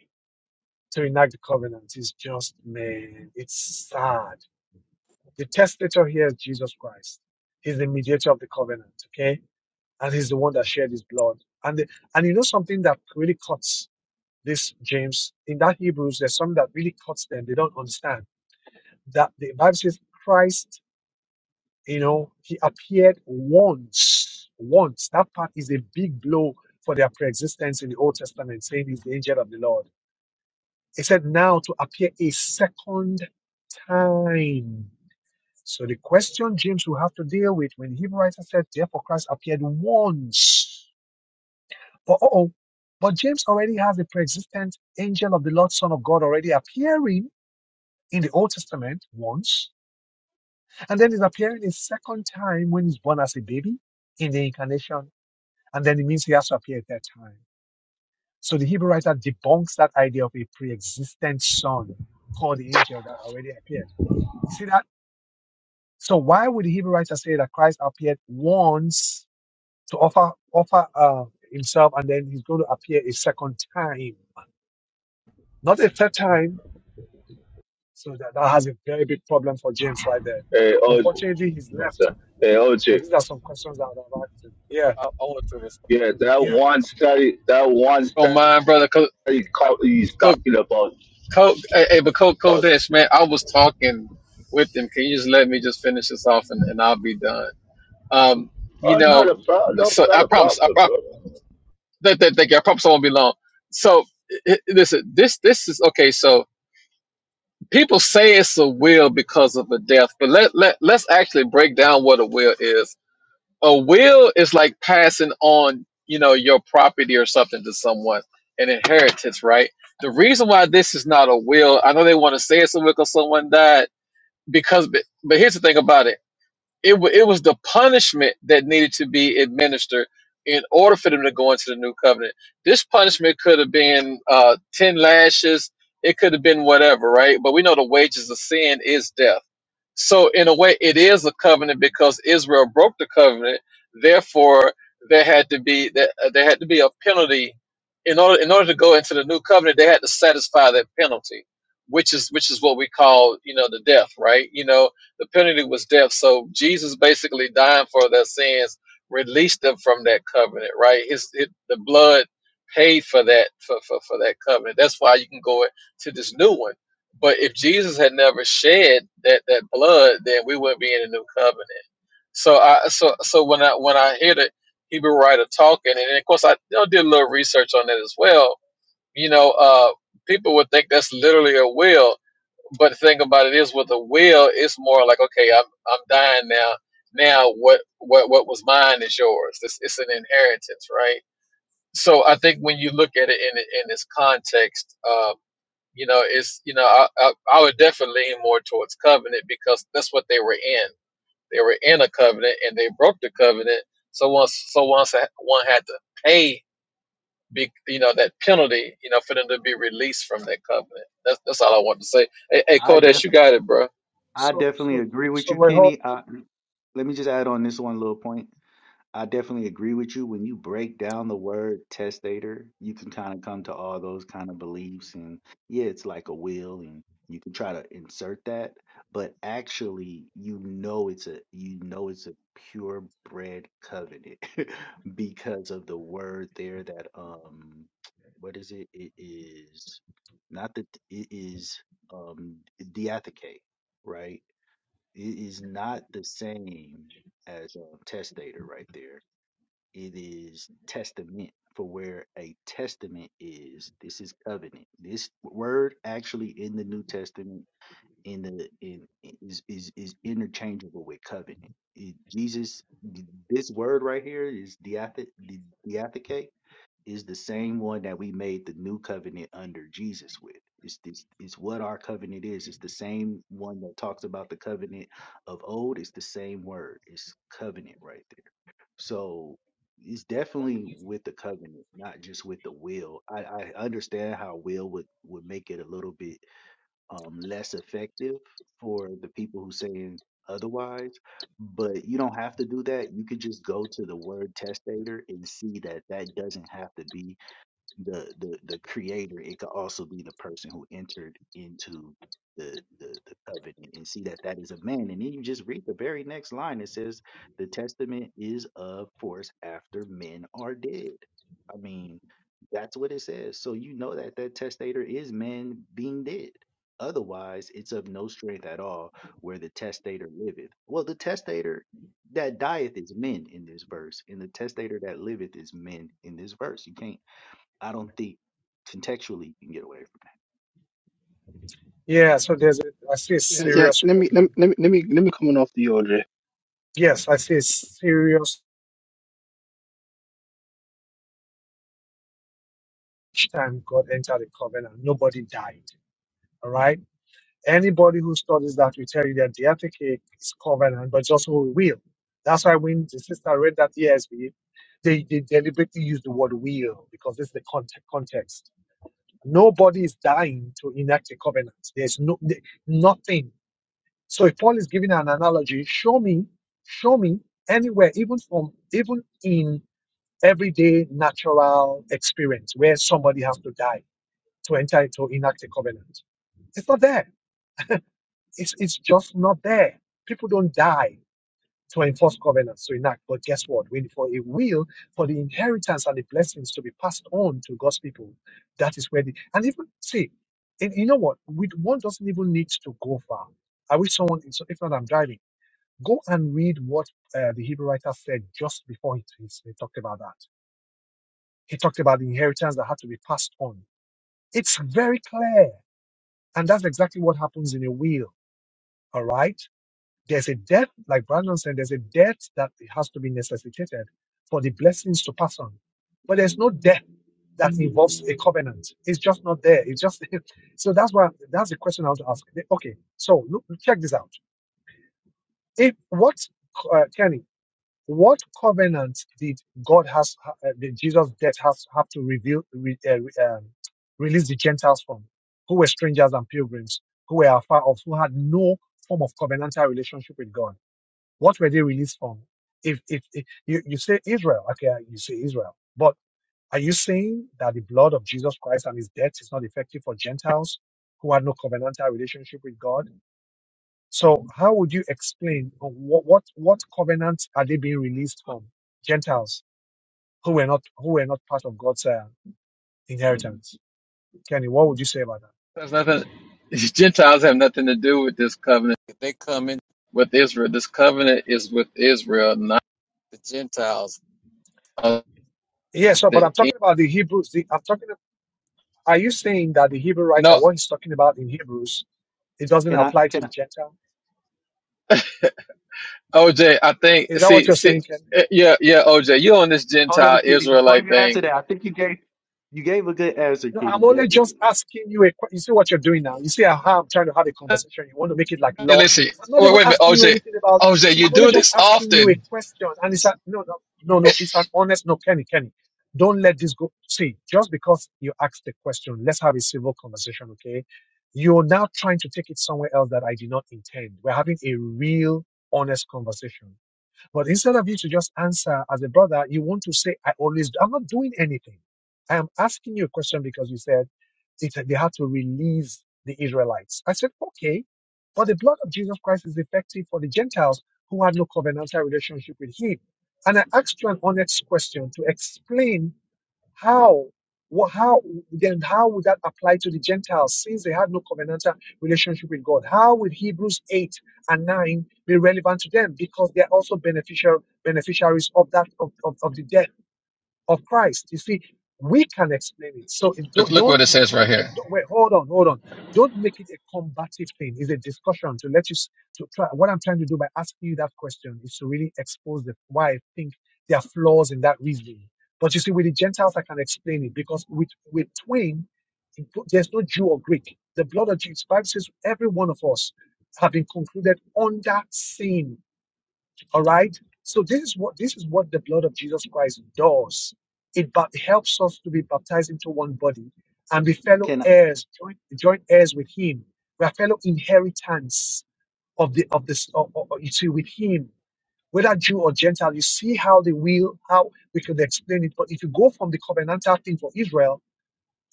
Speaker 1: to enact the covenant is just, man, it's sad. The testator here is Jesus Christ. He's the mediator of the covenant, okay? And he's the one that shed his blood. And the, and you know something that really cuts this, James? In that Hebrews, there's something that really cuts them. They don't understand that the Bible says Christ, you know, he appeared once. Once. That part is a big blow for their pre-existence in the Old Testament, saying he's the angel of the Lord It said now to appear a second time. So the question James will have to deal with when the Hebrew writer said, therefore Christ appeared once. But oh, but James already has a pre-existent angel of the Lord, Son of God, already appearing in the Old Testament once, and then he's appearing a second time when he's born as a baby in the incarnation, and then it means he has to appear at that time. So the Hebrew writer debunks that idea of a pre-existent son called the angel that already appeared. You See that. So why would the Hebrew writer say that Christ appeared once to offer offer uh, himself, and then he's going to appear a second time, not a third time? So that, that has a very big problem for James right there.
Speaker 10: Hey, OJ,
Speaker 1: Unfortunately, he's
Speaker 10: what's
Speaker 1: left.
Speaker 10: up? Hey,
Speaker 1: But
Speaker 10: OJ,
Speaker 1: these are some questions that I've asked. him. Yeah,
Speaker 8: I, I wanted to respond.
Speaker 10: yeah, that
Speaker 1: yeah.
Speaker 10: one study, that one
Speaker 8: Don't
Speaker 10: study
Speaker 8: mind, brother. Co,
Speaker 10: caught you
Speaker 8: co,
Speaker 10: talking about
Speaker 8: co, hey, hey, but Coach
Speaker 10: us.
Speaker 8: Kodesh, man, I was talking with him. Can you just let me just finish this off and, and I'll be done? Um, you
Speaker 10: Oh, not
Speaker 8: know,
Speaker 10: a problem, no,
Speaker 8: so
Speaker 10: not
Speaker 8: I
Speaker 10: a
Speaker 8: promise. I,
Speaker 10: problem,
Speaker 8: I,
Speaker 10: brother.
Speaker 8: thank, thank, thank you. I promise I won't be long. So i- i- listen, this this is okay. So people say it's a will because of a death, but let let let's actually break down what a will is. A will is like passing on, you know, your property or something to someone, an inheritance, right? The reason why this is not a will, I know they want to say it's a will because someone died, because but, but here's the thing about it It, wa it was the punishment that needed to be administered in order for them to go into the new covenant. This punishment could have been uh, 10 lashes, it could have been whatever, right? But we know the wages of sin is death. So in a way, it is a covenant because Israel broke the covenant. Therefore, there had to be there, uh, there had to be a penalty in order in order to go into the new covenant. They had to satisfy that penalty, which is which is what we call you know the death, right? You know the penalty was death. So Jesus basically dying for their sins released them from that covenant, right? His it, the blood paid for that for, for for that covenant. That's why you can go to this new one but if Jesus had never shed that, that blood, then we wouldn't be in the new covenant. So I so so when I when I hear the Hebrew writer talking, and of course I you know, did a little research on that as well. You know, uh, people would think that's literally a will, but the thing about it is, with a will, it's more like okay, I'm I'm dying now. Now what what what was mine is yours. It's, it's an inheritance, right? so I think when you look at it in in this context, um, you know, it's you know, I, I, I would definitely lean more towards covenant because that's what they were in. They were in a covenant and they broke the covenant. So once, so once a- one had to pay, big, you know, that penalty, you know, for them to be released from that covenant. That's that's all I want to say. Hey, hey
Speaker 4: I definitely
Speaker 8: Kodesh, you got it, bro.
Speaker 4: I
Speaker 1: So,
Speaker 4: definitely
Speaker 1: so,
Speaker 4: agree with
Speaker 1: so
Speaker 4: you,
Speaker 1: we hope.
Speaker 4: Kenny. I, let me just add on this one little point. I definitely agree with you. When you break down the word testator, you can kind of come to all those kind of beliefs. And yeah, it's like a will, and you can try to insert that, but actually, you know it's a you know it's a purebred covenant because of the word there that um, what is it? It is not that it is um diatheke, right? It is not the same as a testator right there. It is testament for where a testament is. This is covenant. This word actually in the New Testament in the in is is, is interchangeable with covenant. It- Jesus, this word right here is diath diatheke is the same one that we made the new covenant under Jesus with. It's this it's what our covenant is. It's the same one that talks about the covenant of old. It's the same word. It's covenant right there. So it's definitely with the covenant, not just with the will. I, I understand how will would, would make it a little bit um, less effective for the people who saying otherwise, but you don't have to do that. You could just go to the word testator and see that that doesn't have to be the the the creator it could also be the person who entered into the, the the covenant and see that that is a man and then you just read the very next line it says the testament is of force after men are dead i mean that's what it says so you know that that testator is man being dead otherwise it's of no strength at all where the testator liveth well the testator that dieth is men in this verse and the testator that liveth is men in this verse you can't I don't think contextually you can get away from.
Speaker 1: Yeah. So there's a, I see a
Speaker 11: Yeah, yeah.
Speaker 1: serious
Speaker 11: Let me let me
Speaker 1: problem.
Speaker 11: let me let me, let me comment off the Audrey.
Speaker 1: Yes, I see a serious time God entered the covenant. Nobody died. All right Anybody who studies that will tell you that the FAK is covenant, but it's also a will. That's why when the sister read that ESV, they, they deliberately use the word will because this is the context. context. Nobody is dying to enact a covenant. There's no th- nothing. So if Paul is giving an analogy, show me, show me anywhere, even from even in everyday natural experience where somebody has to die to enter to enact a covenant. It's not there. It's, it's just not there. People don't die to enforce covenants to enact, but guess what? When for a will, for the inheritance and the blessings to be passed on to God's people, that is where the and even see, and you know what? We, one doesn't even need to go far. I wish someone, if not, I'm driving. Go and read what uh, the Hebrew writer said just before he, he, he talked about that. He talked about the inheritance that had to be passed on. It's very clear, and that's exactly what happens in a will. All right There's a death, like Brandon said, there's a death that has to be necessitated for the blessings to pass on. But there's no death that involves a covenant. It's just not there. It's just so that's why that's the question I want to ask. Okay, so look, check this out. If what uh, Kenny, what covenant did God has uh, did Jesus' death has have to reveal re, uh, re- um, release the Gentiles from, who were strangers and pilgrims, who were afar off, who had no form of covenantal relationship with God? What were they released on? If, if, if you, you say Israel, okay, you say Israel, but are you saying that the blood of Jesus Christ and his death is not effective for Gentiles who had no covenantal relationship with God? So how would you explain uh, what, what, what covenant are they being released from? Gentiles who were not, who were not part of God's uh, inheritance. Kenny, what would you say about that?
Speaker 8: There's nothing. Gentiles have nothing to do with this covenant. If they come in with Israel, this covenant is with Israel, not the Gentiles. Uh,
Speaker 1: Yes, so, but
Speaker 8: the-
Speaker 1: I'm talking about the Hebrews. The, I'm talking. Are you saying that the Hebrew writer,
Speaker 8: no,
Speaker 1: what he's talking about in Hebrews, it doesn't
Speaker 4: Can I?
Speaker 1: apply to
Speaker 4: Can
Speaker 1: the
Speaker 4: I?
Speaker 1: Gentile?
Speaker 8: OJ, I think,
Speaker 1: Is that what
Speaker 8: see,
Speaker 1: you're
Speaker 8: see,
Speaker 1: saying, Ken?
Speaker 8: eh, yeah, yeah, OJ, you on this
Speaker 4: Hold on,
Speaker 8: Gentile
Speaker 4: Kitty. Before
Speaker 8: Israelite
Speaker 4: you answer
Speaker 8: thing.
Speaker 4: that, I think you gave you gave a good answer,
Speaker 1: No, I'm
Speaker 4: Kitty. Let-
Speaker 1: only just asking you a que- You see what you're doing now. You see how I'm trying to have a
Speaker 8: Hey,
Speaker 1: conversation. You want to make it like law.
Speaker 8: listen,
Speaker 1: I'm not
Speaker 8: wait,
Speaker 1: even
Speaker 8: wait a minute,
Speaker 1: asking you
Speaker 8: OJ,
Speaker 1: anything about.
Speaker 8: OJ, you
Speaker 1: I'm only
Speaker 8: do
Speaker 1: just
Speaker 8: this
Speaker 1: asking you a
Speaker 8: often.
Speaker 1: question. And it's a no, no, no, no. It's an honest no, Kenny, Kenny. Don't let this go. See, just because you asked the question, let's have a civil conversation, okay? You're now trying to take it somewhere else that I did not intend. We're having a real, honest conversation. But instead of you to just answer as a brother, you want to say, I always, I'm not doing anything. I am asking you a question because you said it, they had to release the Israelites. I said, okay, but the blood of Jesus Christ is effective for the Gentiles who had no covenantal relationship with him. And I asked you an honest question to explain how? Well, how then? How would that apply to the Gentiles since they had no covenantal relationship with God? How would Hebrews eight and nine be relevant to them because they're also beneficial beneficiaries of that of, of, of the death? of Christ. You see, we can explain it. So it,
Speaker 8: Look,
Speaker 1: don't,
Speaker 8: look what
Speaker 1: don't,
Speaker 8: it says right
Speaker 1: don't,
Speaker 8: here.
Speaker 1: don't, don't- wait, hold on, hold on. Don't make it a combative thing. It's a discussion to let you, s- to try. What I'm trying to do by asking you that question is to really expose the, why I think there are flaws in that reasoning. But you see, with the Gentiles, I can explain it because with, with twin, it go- there's no Jew or Greek. The blood of Jesus, Bible says every one of us have been concluded under sin all right. So this is what this is what the blood of Jesus Christ does. It ba- helps us to be baptized into one body and be fellow
Speaker 4: Can I?
Speaker 1: heirs, joint, joint heirs with Him. We are fellow inheritance of the of this. Of, of, you see, with Him, whether Jew or Gentile. You see how the will how we could explain it. But if you go from the covenantal thing for Israel,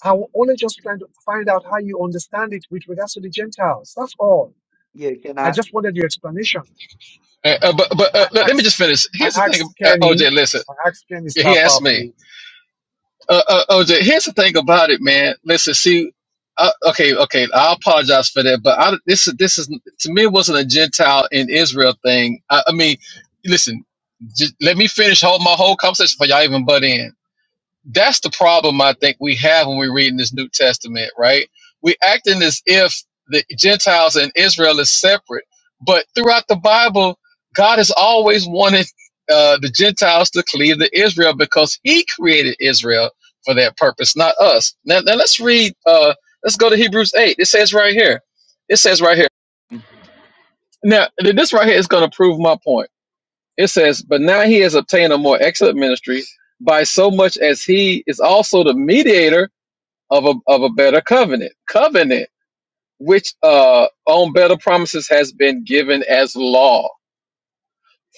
Speaker 1: I will only just trying to find out how you understand it with regards to the Gentiles. That's all.
Speaker 4: Yeah, can
Speaker 1: I
Speaker 4: I?
Speaker 1: just wanted your explanation.
Speaker 8: Uh, uh, but but uh,
Speaker 1: I
Speaker 8: let, let me just
Speaker 1: asked,
Speaker 8: finish.
Speaker 1: I
Speaker 8: Here's the thing,
Speaker 1: asked
Speaker 8: uh,
Speaker 1: Kenny,
Speaker 8: OJ, listen,
Speaker 1: I asked Kenny
Speaker 8: he
Speaker 1: Star
Speaker 8: asked
Speaker 1: Power
Speaker 8: me.
Speaker 1: Play.
Speaker 8: uh, uh, OJ, here's the thing about it, man. Listen, see, uh, okay, okay, I apologize for that, but I, this is this is to me it wasn't a Gentile in Israel thing. I, I mean, listen, just let me finish whole my whole conversation before y'all even butt in that's the problem I think we have when we read in this New Testament, right? We acting as if the Gentiles and Israel is separate, but throughout the Bible, God has always wanted uh, the Gentiles to cleave to Israel because He created Israel for that purpose, not us. Now, now let's read. Uh, let's go to Hebrews eight. It says right here. It says right here. Now this right here is going to prove my point. It says, But now he has obtained a more excellent ministry by so much as he is also the mediator of a, of a better covenant, covenant, which uh, on better promises has been given as law.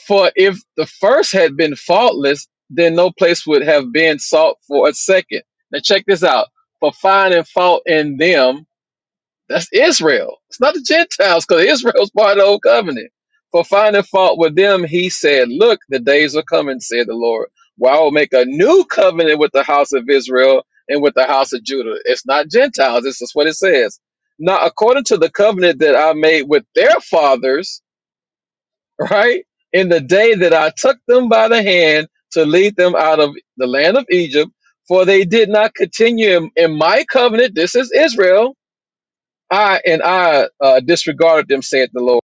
Speaker 8: For if the first had been faultless, then no place would have been sought for a second. Now, check this out for finding fault in them that's Israel. It's not the Gentiles, because Israel's part of the old covenant. For finding fault with them, he said, Look, the days are coming, said the Lord. Where I will make a new covenant with the house of Israel and with the house of Judah. It's not Gentiles, this is what it says. Now, according to the covenant that I made with their fathers, right? In the day that I took them by the hand to lead them out of the land of Egypt, for they did not continue in, in my covenant. This is Israel I and I uh, disregarded them, saith the Lord.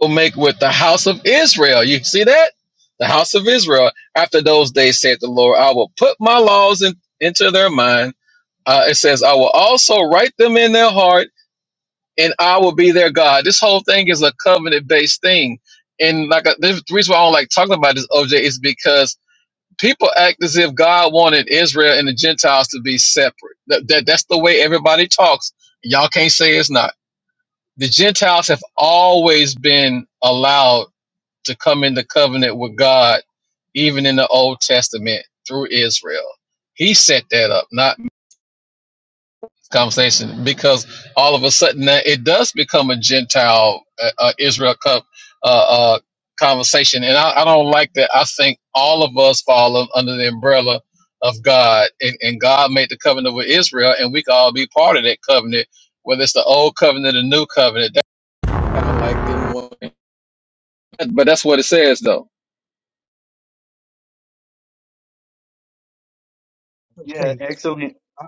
Speaker 8: Will make with the house of Israel. You see that? The house of Israel. After those days, saith the Lord, I will put my laws in, into their mind. Uh, it says, I will also write them in their heart, and I will be their God. This whole thing is a covenant based thing. And like uh, the reason why I don't like talking about this, OJ, is because people act as if God wanted Israel and the Gentiles to be separate. That, that that's the way everybody talks. Y'all can't say it's not. the Gentiles have always been allowed to come into covenant with God, even in the Old Testament through Israel. He set that up, not conversation, because all of a sudden now it does become a Gentile uh, uh, Israel cup uh, uh, conversation, and I, I don't like that. I think all of us fall un- under the umbrella of God, and, and God made the covenant with Israel, and we can all be part of that covenant, whether it's the old covenant or new covenant. That kind of like them. But that's what it says, though.
Speaker 4: Yeah,
Speaker 1: Kenny,
Speaker 4: excellent,
Speaker 1: uh,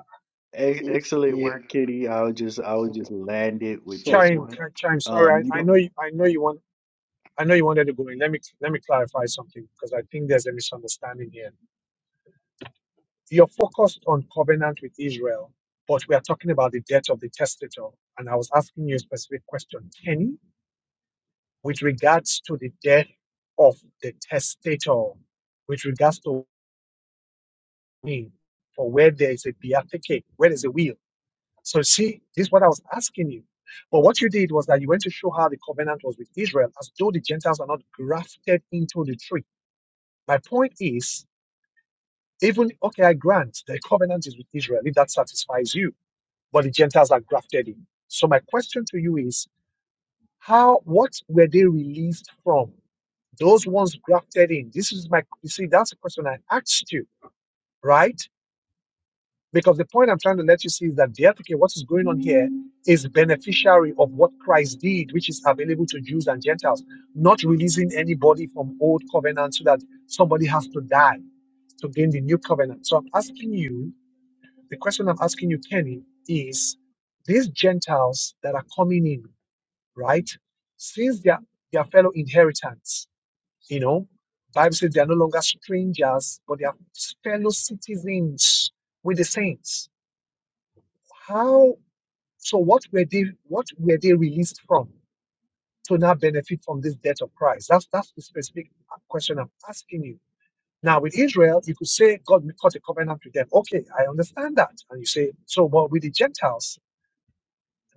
Speaker 4: e-
Speaker 11: Y-
Speaker 4: excellent
Speaker 11: Yeah.
Speaker 4: work, Kitty. I would just I would just
Speaker 11: So
Speaker 4: land it with
Speaker 11: so
Speaker 4: this
Speaker 1: Chime,
Speaker 4: one.
Speaker 1: Chime.
Speaker 4: Um,
Speaker 1: Sorry,
Speaker 4: you
Speaker 1: I, I
Speaker 4: don't,
Speaker 1: know you. I know you want. I know you wanted to go in. Let me let me clarify something because I think there's a misunderstanding here. You're focused on covenant with Israel, but we are talking about the death of the testator. And I was asking you a specific question, Kenny, with regards to the death of the testator, with regards to me, for where there is a beatific, where there's a will So see, this is what I was asking you. But what you did was that you went to show how the covenant was with Israel, as though the Gentiles are not grafted into the tree. My point is, even okay, I grant the covenant is with Israel, if that satisfies you, but the Gentiles are grafted in. So my question to you is, how what were they released from? Those ones grafted in. This is my you see, that's the question I asked you, right? Because the point I'm trying to let you see is that basically what is going on here is beneficiary of what Christ did, which is available to Jews and Gentiles, not releasing anybody from old covenant so that somebody has to die to gain the new covenant. So I'm asking you, the question I'm asking you, Kenny, is these Gentiles that are coming in, right? Since they are their fellow inheritance, you know, Bible says they are no longer strangers, but they are fellow citizens with the saints how so what were they what were they released from to now benefit from this death of Christ? That's that's the specific question I'm asking you. Now with Israel, you could say God cut a covenant with them. Okay, I understand that. And you say, so but with the Gentiles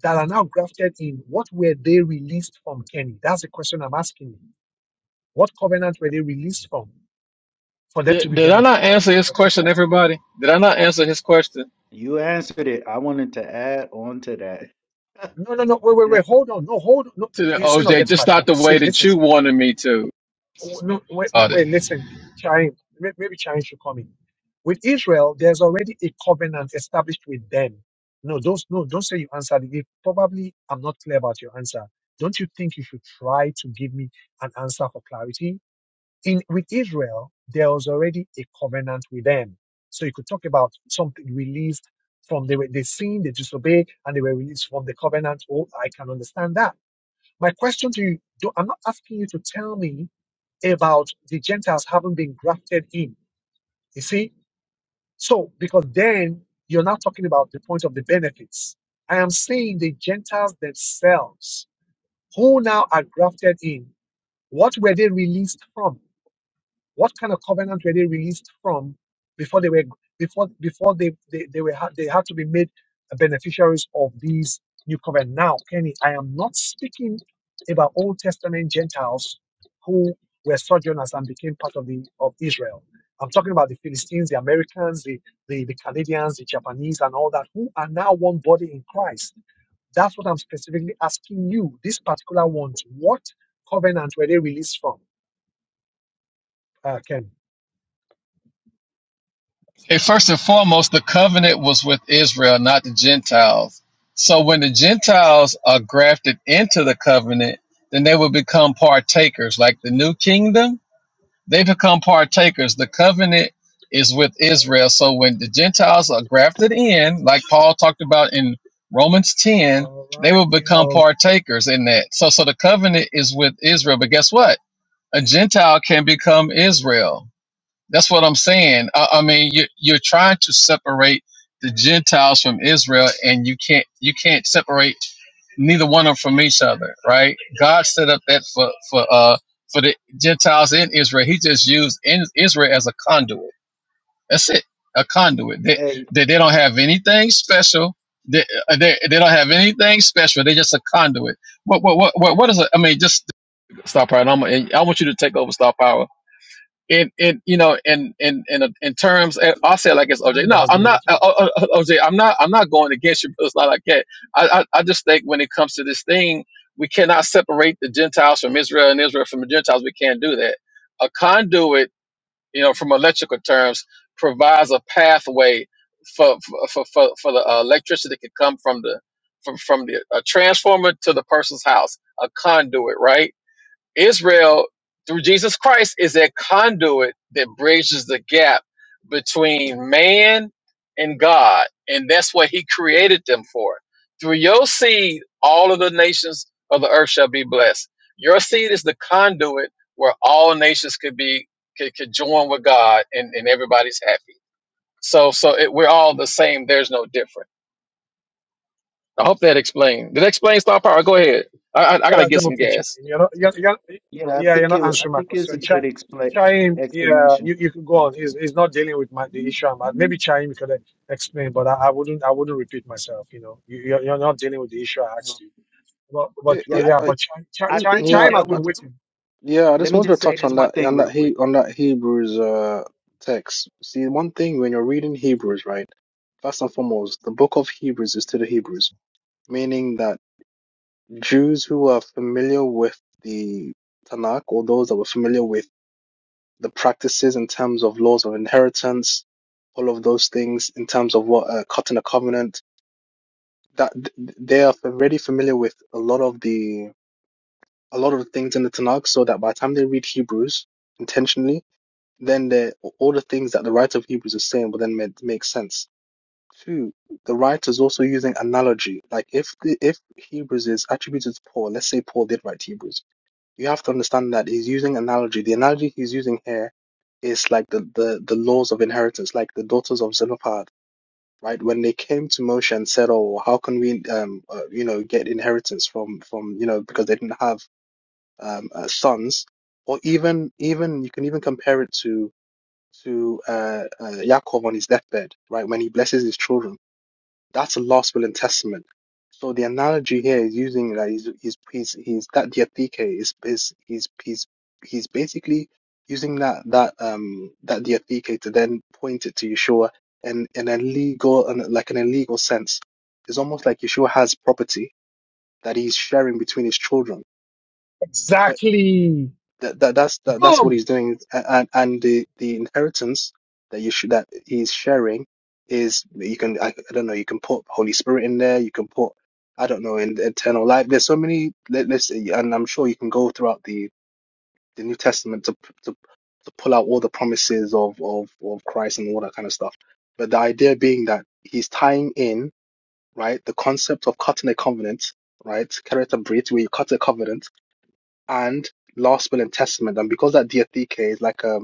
Speaker 1: that are now grafted in, what were they released from, Kenny? That's the question I'm asking you. What covenant were they released from for them to
Speaker 8: Did,
Speaker 1: be
Speaker 8: did I not answer
Speaker 1: beneficiaries
Speaker 8: his
Speaker 1: of what
Speaker 8: question,
Speaker 1: covenant?
Speaker 8: everybody? Did I not answer his question
Speaker 4: you answered it. I wanted to add on to that.
Speaker 1: No, no, no, wait, wait, wait, hold on. No, hold on. No,
Speaker 8: to
Speaker 1: you-
Speaker 8: the
Speaker 1: you're still not
Speaker 8: OJ?
Speaker 1: getting my
Speaker 8: Just not
Speaker 1: point.
Speaker 8: the way
Speaker 1: See, listen.
Speaker 8: that you wanted me to.
Speaker 1: Oh, No, wait, wait,
Speaker 8: Got it.
Speaker 1: wait listen, Chaim, may- maybe Chaim should come in. With Israel, there's already a covenant established with them. No, don't, no, don't say you answered it. Probably I'm not clear about your answer. Don't you think you should try to give me an answer for clarity? In with Israel, there was already a covenant with them. So you could talk about something released from they were they sinned, they disobeyed, and they were released from the covenant. Oh, I can understand that. My question to you, do, I'm not asking you to tell me about the Gentiles having been grafted in. You see? So, because then you're not talking about the point of the benefits. I am saying the Gentiles themselves, who now are grafted in, what were they released from? What kind of covenant were they released from before they were before before they they, they were had- they had to be made beneficiaries of these new covenant? Now, Kenny, I am not speaking about Old Testament Gentiles who were sojourners and became part of the of Israel. I'm talking about the Philistines, the Americans, the, the, the Canadians, the Japanese, and all that, who are now one body in Christ. That's what I'm specifically asking you, this particular ones. What covenant were they released from, uh, Ken?
Speaker 8: Okay, first and foremost, the covenant was with Israel, not the Gentiles. So when the Gentiles are grafted into the covenant, then they will become partakers, like the new kingdom They become partakers. The covenant is with Israel. So when the Gentiles are grafted in, like Paul talked about in Romans 10,
Speaker 1: All
Speaker 8: they
Speaker 1: right.
Speaker 8: will
Speaker 1: You
Speaker 8: become
Speaker 1: know,
Speaker 8: partakers in that. So so the covenant is with Israel. But guess what? A Gentile can become Israel. That's what I'm saying. I, I mean, you, are you're trying to separate the Gentiles from Israel, and you can't you can't separate neither one of them from each other, right? God set up that for for uh for the Gentiles in Israel. He just used in Israel as a conduit. That's it, a conduit. They
Speaker 4: hey,
Speaker 8: they, they don't have anything special. They, uh, they, they don't have anything special. They're just a conduit. What what what what, what is it? I mean, just stop power. and I'm, and I want you to take over stop power in in you know in in in a- in terms and I'll say it like it's OJ.
Speaker 1: Daniel
Speaker 8: No,
Speaker 1: has
Speaker 8: I'm
Speaker 1: been
Speaker 8: not uh,
Speaker 1: waiting.
Speaker 8: uh, uh, OJ. I'm not I'm not going against you, but it's not like that. I, I I just think when it comes to this thing, we cannot separate the Gentiles from Israel and Israel from the Gentiles. We can't do that. A conduit, you know, from electrical terms, provides a pathway for for for, for for the uh, electricity that can come from the from from the a transformer to the person's house. A conduit, right? Israel, through Jesus Christ, is that conduit that bridges the gap between man and God. And that's what he created them for. Through your seed, all of the nations of the earth shall be blessed. Your seed is the conduit where all nations could be could, could join with God and, and everybody's happy. So so it, we're all the same. There's no different. I hope that explained. Did that explain star power? Go ahead. I, I, I
Speaker 1: Well,
Speaker 8: gotta
Speaker 1: I
Speaker 8: get
Speaker 1: don't
Speaker 8: some
Speaker 1: off the chain.
Speaker 8: gas.
Speaker 1: You're not, you you
Speaker 4: yeah, I
Speaker 1: yeah, you're
Speaker 4: think it.
Speaker 1: not
Speaker 4: wa- I
Speaker 1: answering my
Speaker 4: think it's
Speaker 1: question.
Speaker 4: a
Speaker 1: Cha-
Speaker 4: good expla
Speaker 1: Chaim, yeah,
Speaker 4: explanation.
Speaker 1: you, you can go on. He's, he's not dealing with my, the issue. I'm at. Maybe Chaim could uh, explain, but I, I wouldn't I wouldn't repeat myself. You know, you, you're, you're not dealing with the issue I asked you. But, but,
Speaker 11: yeah
Speaker 4: Yeah,
Speaker 11: yeah
Speaker 1: but
Speaker 4: I
Speaker 1: yeah,
Speaker 11: I,
Speaker 1: but
Speaker 4: think
Speaker 1: Chaim,
Speaker 4: I
Speaker 11: mm,
Speaker 1: Chaim,
Speaker 4: think he
Speaker 11: yeah
Speaker 1: Chaim has
Speaker 4: dealt
Speaker 11: I,
Speaker 1: been
Speaker 4: with.
Speaker 1: waiting.
Speaker 11: yeah. I
Speaker 4: Let
Speaker 11: just
Speaker 4: me
Speaker 11: wanted to
Speaker 4: just say
Speaker 11: touch
Speaker 4: this
Speaker 11: on
Speaker 4: one
Speaker 11: that
Speaker 4: thing
Speaker 11: on
Speaker 4: real
Speaker 11: that
Speaker 4: quick.
Speaker 11: he on that Hebrews uh text. See, one thing when you're reading Hebrews, right? First and foremost, the book of Hebrews is to the Hebrews, meaning that Jews who are familiar with the Tanakh or those that were familiar with the practices in terms of laws of inheritance, all of those things in terms of what uh, cutting a covenant that th- they are already familiar with a lot of the a lot of the things in the Tanakh, so that by the time they read Hebrews intentionally, then they all the things that the writer of Hebrews is saying will then make, make sense. Two, the writer is also using analogy. Like if the- if Hebrews is attributed to Paul, let's say Paul did write Hebrews, you have to understand that he's using analogy. The analogy he's using here is like the the, the laws of inheritance, like the daughters of Zelophehad right? When they came to Moshe and said, "Oh, how can we, um, uh, you know, get inheritance from from you know because they didn't have um uh, sons," or even even you can even compare it to to uh, uh Yaakov on his deathbed, right? When he blesses his children that's a last will and testament. So the analogy here is using that he's he's he's, he's that diatheke is is he's he's he's basically using that that um that diatheke to then point it to Yeshua and in a legal and like in a legal sense. It's almost like Yeshua has property that he's sharing between his children. but
Speaker 1: Exactly.
Speaker 11: that, that that's that, that's
Speaker 1: Boom.
Speaker 11: what he's doing A- and and the the inheritance that you should that he's sharing is you can I, I don't know you can put Holy Spirit in there you can put I don't know in eternal life there's so many let, let's and I'm sure you can go throughout the the New Testament to to to pull out all the promises of of of Christ and all that kind of stuff but the idea being that he's tying in right the concept of cutting a covenant right character breach where you cut a covenant and Last Will and Testament. And because that diatheke is like um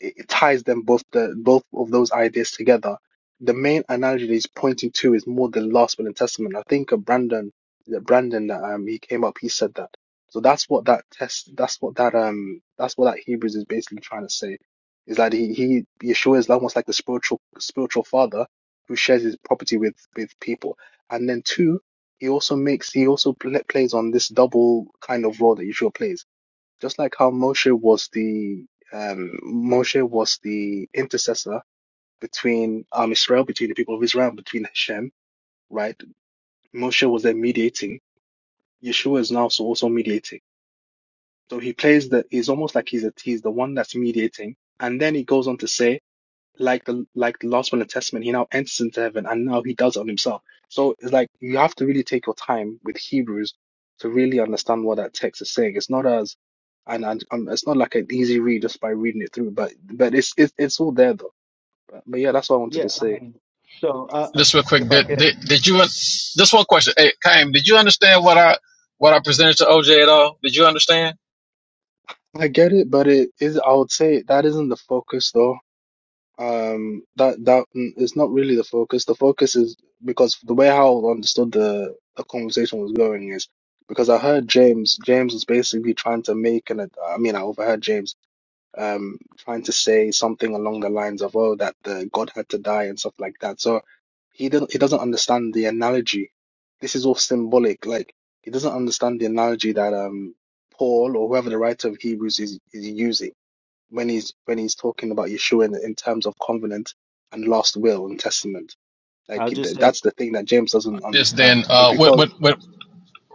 Speaker 11: it it ties them both the both of those ideas together. The main analogy that he's pointing to is more the last will and testament. I think uh, Brandon that Brandon that um he came up he said that. So that's what that test that's what that um that's what that Hebrews is basically trying to say. Is that he he Yeshua is almost like the spiritual spiritual father who shares his property with with people. And then two, he also makes he also pl- plays on this double kind of role that Yeshua plays just like how Moshe was the um, Moshe was the intercessor between um, Israel, between the people of Israel, between Hashem, right? Moshe was there mediating. Yeshua is now so also mediating. So he plays the. He's almost like he's a. He's the one that's mediating, and then he goes on to say like the like the last one in the Testament, he now enters into heaven and now he does it on himself. So it's like you have to really take your time with Hebrews to really understand what that text is saying. It's not as and, and um, it's not like an easy read just by reading it through, but but it's it's it's all there though. But, but yeah, that's what I wanted to
Speaker 4: Yeah, I
Speaker 11: say.
Speaker 4: mean, so uh, uh,
Speaker 8: Just real quick,
Speaker 4: if I
Speaker 8: did
Speaker 4: can,
Speaker 8: did, did you? un- Just one question. Hey, Kaim, did you understand what I what I presented to OJ at all? Did you understand?
Speaker 11: I get it, but it is I would say that isn't the focus though. Um, that that mm, is not really the focus. The focus is because the way how I understood the the conversation was going is because I heard James. James was basically trying to make an. I mean, I overheard James um trying to say something along the lines of, "Oh, that the God had to die and stuff like that." So he didn't. He doesn't understand the analogy. This is all symbolic. Like he doesn't understand the analogy that um Paul or whoever the writer of Hebrews is is using when he's when he's talking about Yeshua in, in terms of covenant and last will and testament. Like
Speaker 4: I'll just
Speaker 11: th-
Speaker 4: say,
Speaker 11: that's the thing that James doesn't
Speaker 8: Yes, then,
Speaker 11: understand. But
Speaker 8: uh, what
Speaker 11: because
Speaker 8: what what?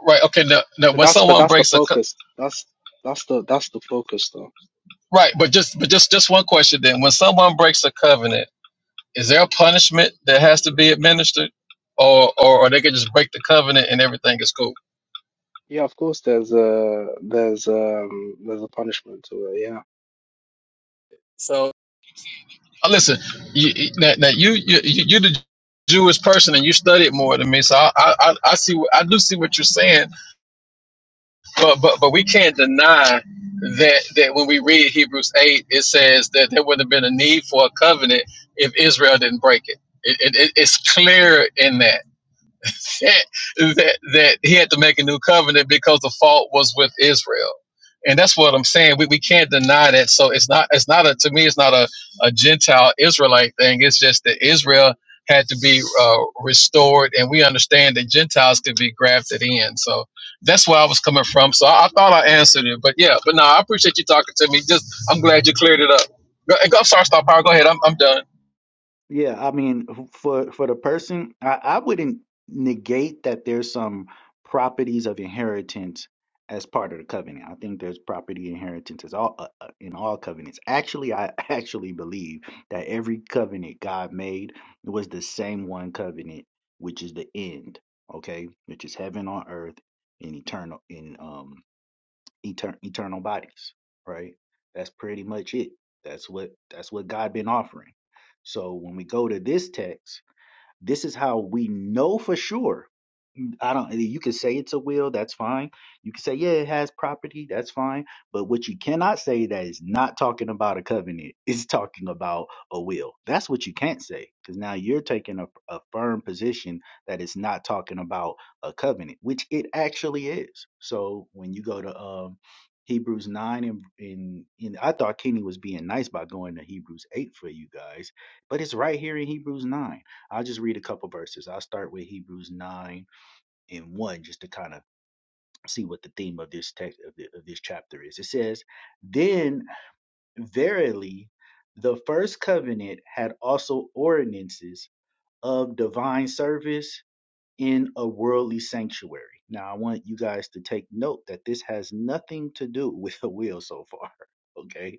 Speaker 8: Right. Okay. Now, now
Speaker 11: but
Speaker 8: when
Speaker 11: that's but
Speaker 8: someone
Speaker 11: that's the
Speaker 8: breaks a co-
Speaker 11: focus. That's that's the that's the focus though.
Speaker 8: right, but just but just just one question then. When someone breaks a covenant, is there a punishment that has to be administered, or or, or they can just break the covenant and everything is cool?
Speaker 11: Yeah, of course there's a there's um there's a punishment to it, yeah.
Speaker 8: So Uh, listen, you, you- now, now you, you you you the Jewish person and you study it more than me, so I I, I I see what I do see what you're saying but but but we can't deny that that when we read Hebrews eight, it says that there would have been a need for a covenant if Israel didn't break it. It, it, it- it's clear in that that, that that he had to make a new covenant because the fault was with Israel. And that's what I'm saying. We, we can't deny that. So it's not it's not a to me it's not a, a Gentile Israelite thing. It's just that Israel had to be uh, restored, and we understand that Gentiles could be grafted in. So that's where I was coming from. So I, I thought I answered it, but yeah, but no, I appreciate you talking to me. Just I'm glad you cleared it up. Go, I'm sorry, Star Power. Go ahead. I'm I'm done.
Speaker 4: yeah, I mean, who- for for the person, I, I wouldn't negate that there's some properties of inheritance as part of the covenant. I think there's property inheritance as all uh, uh, in all covenants. Actually, I actually believe that every covenant God made was the same one covenant, which is the end, okay, which is heaven on earth in eternal in um etern- eternal bodies, right? That's pretty much it. That's what that's what God been offering. So when we go to this text, this is how we know for sure I don't. You can say it's a will. That's fine. You can say yeah, it has property. That's fine. But what you cannot say that is not talking about a covenant. It's talking about a will. That's what you can't say because now you're taking a, a firm position that it's not talking about a covenant, which it actually is. So when you go to um, Hebrews nine and in, in I thought Kenny was being nice by going to Hebrews eight for you guys, but it's right here in Hebrews nine. I'll just read a couple verses. I'll start with Hebrews 9 in one just to kind of see what the theme of this text of, the, of this chapter is. It says, "Then verily, the first covenant had also ordinances of divine service in a worldly sanctuary." Now, I want you guys to take note that this has nothing to do with the will so far. Okay,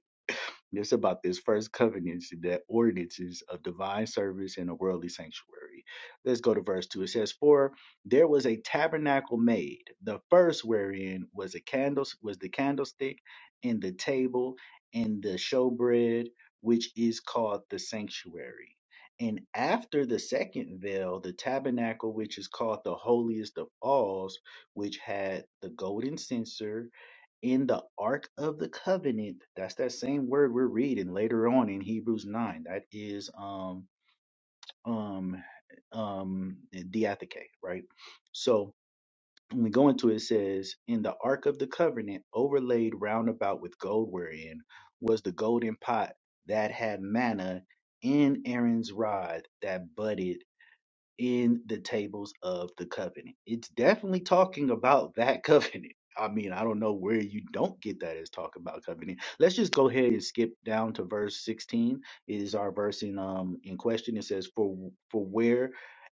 Speaker 4: this about this first covenant that ordinances of divine service in a worldly sanctuary. Let's go to verse two. It says, For there was a tabernacle made, the first wherein was a candle, was the candlestick and the table and the showbread, which is called the sanctuary. And after the second veil, the tabernacle which is called the holiest of alls, which had the golden censer in the Ark of the Covenant. That's that same word we're reading later on in Hebrews 9. That is um um um diatheke, right? So when we go into it, it says, In the Ark of the Covenant, overlaid round about with gold wherein was the golden pot that had manna in Aaron's rod that budded in the tables of the covenant. It's definitely talking about that covenant. I mean, I don't know where you don't get that as talk about covenant. Let's just go ahead and skip down to verse 16. It is our verse in um in question. It says, For for where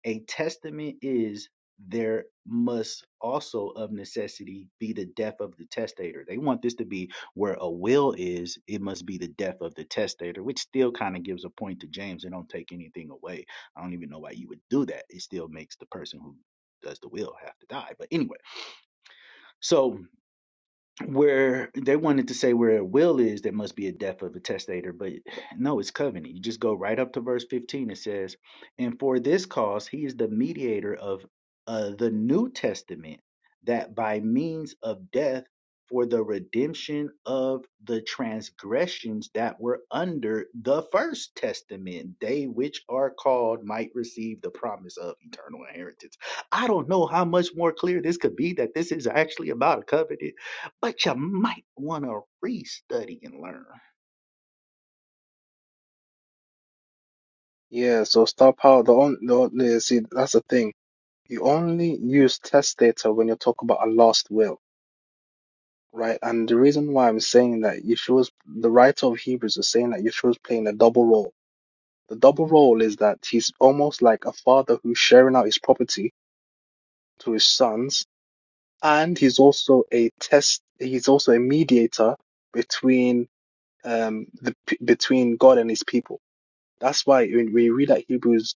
Speaker 4: a testament is, there must also of necessity be the death of the testator. They want this to be where a will is, it must be the death of the testator, which still kind of gives a point to James and don't take anything away I don't even know why you would do that. It still makes the person who does the will have to die. But anyway, so where they wanted to say where a will is, there must be a death of a testator, but no, it's covenant. You just go right up to verse 15. It says, And for this cause, he is the mediator of uh, the New Testament, that by means of death, for the redemption of the transgressions that were under the first testament, they which are called might receive the promise of eternal inheritance. I don't know how much more clear this could be that this is actually about a covenant but you might want to restudy and learn.
Speaker 11: Yeah, so star power the on the only see that's the thing. You only use test data when you're talking about a last will, right? And the reason why I'm saying that Yeshua's the writer of Hebrews is saying that Yeshua's playing a double role The double role is that he's almost like a father who's sharing out his property to his sons, and he's also a test. He's also a mediator between um the between God and His people. That's why when we read that Hebrews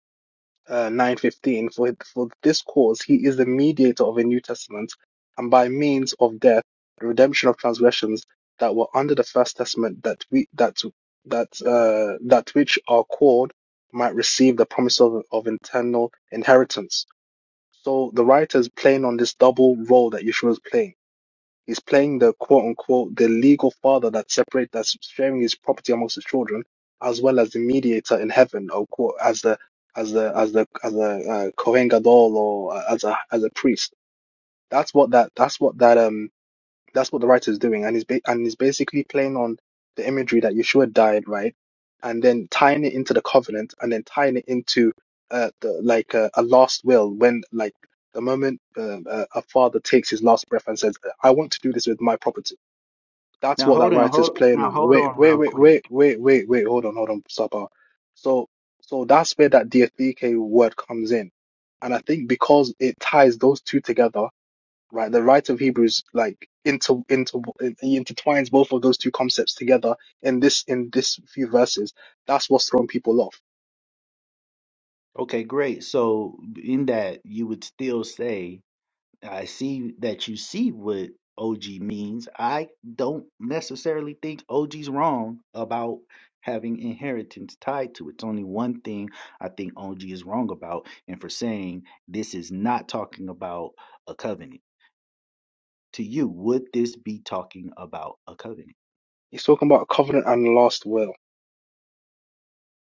Speaker 11: uh, 9:15 for for this cause he is the mediator of a new testament and by means of death the redemption of transgressions that were under the first testament that we that that uh, that which are called might receive the promise of, of eternal inheritance so the writer is playing on this double role that Yeshua is playing He's playing the quote unquote the legal father that separates that's sharing his property amongst his children, as well as the mediator in heaven, or quote as the as the as the as a uh, Kohen Gadol or uh, as a as a priest. That's what that that's what that um that's what the writer is doing, and he's ba- and he's basically playing on the imagery that Yeshua died, right, and then tying it into the covenant, and then tying it into uh, the like uh, a last will when like the moment uh, uh, a father takes his last breath and says, "I want to do this with my property." That's
Speaker 4: Now
Speaker 11: what
Speaker 4: hold
Speaker 11: that
Speaker 4: on,
Speaker 11: writer is
Speaker 4: hold
Speaker 11: playing
Speaker 4: now
Speaker 11: on.
Speaker 4: hold
Speaker 11: Wait,
Speaker 4: on
Speaker 11: wait,
Speaker 4: real
Speaker 11: wait,
Speaker 4: quick.
Speaker 11: wait, wait, wait, wait. Hold on, hold on, Sapa. So, so that's where that diatheke word comes in, and I think because it ties those two together right? The writer of Hebrews like inter inter he intertwines both of those two concepts together in this in this few verses. That's what's throwing people off.
Speaker 4: Okay, great. So in that you would still say, I see that you see what OG means. I don't necessarily think OG's wrong about having inheritance tied to it. It's only one thing I think OG is wrong about, and for saying this is not talking about a covenant. To you, would this be talking about a covenant?
Speaker 11: He's talking about covenant and last will.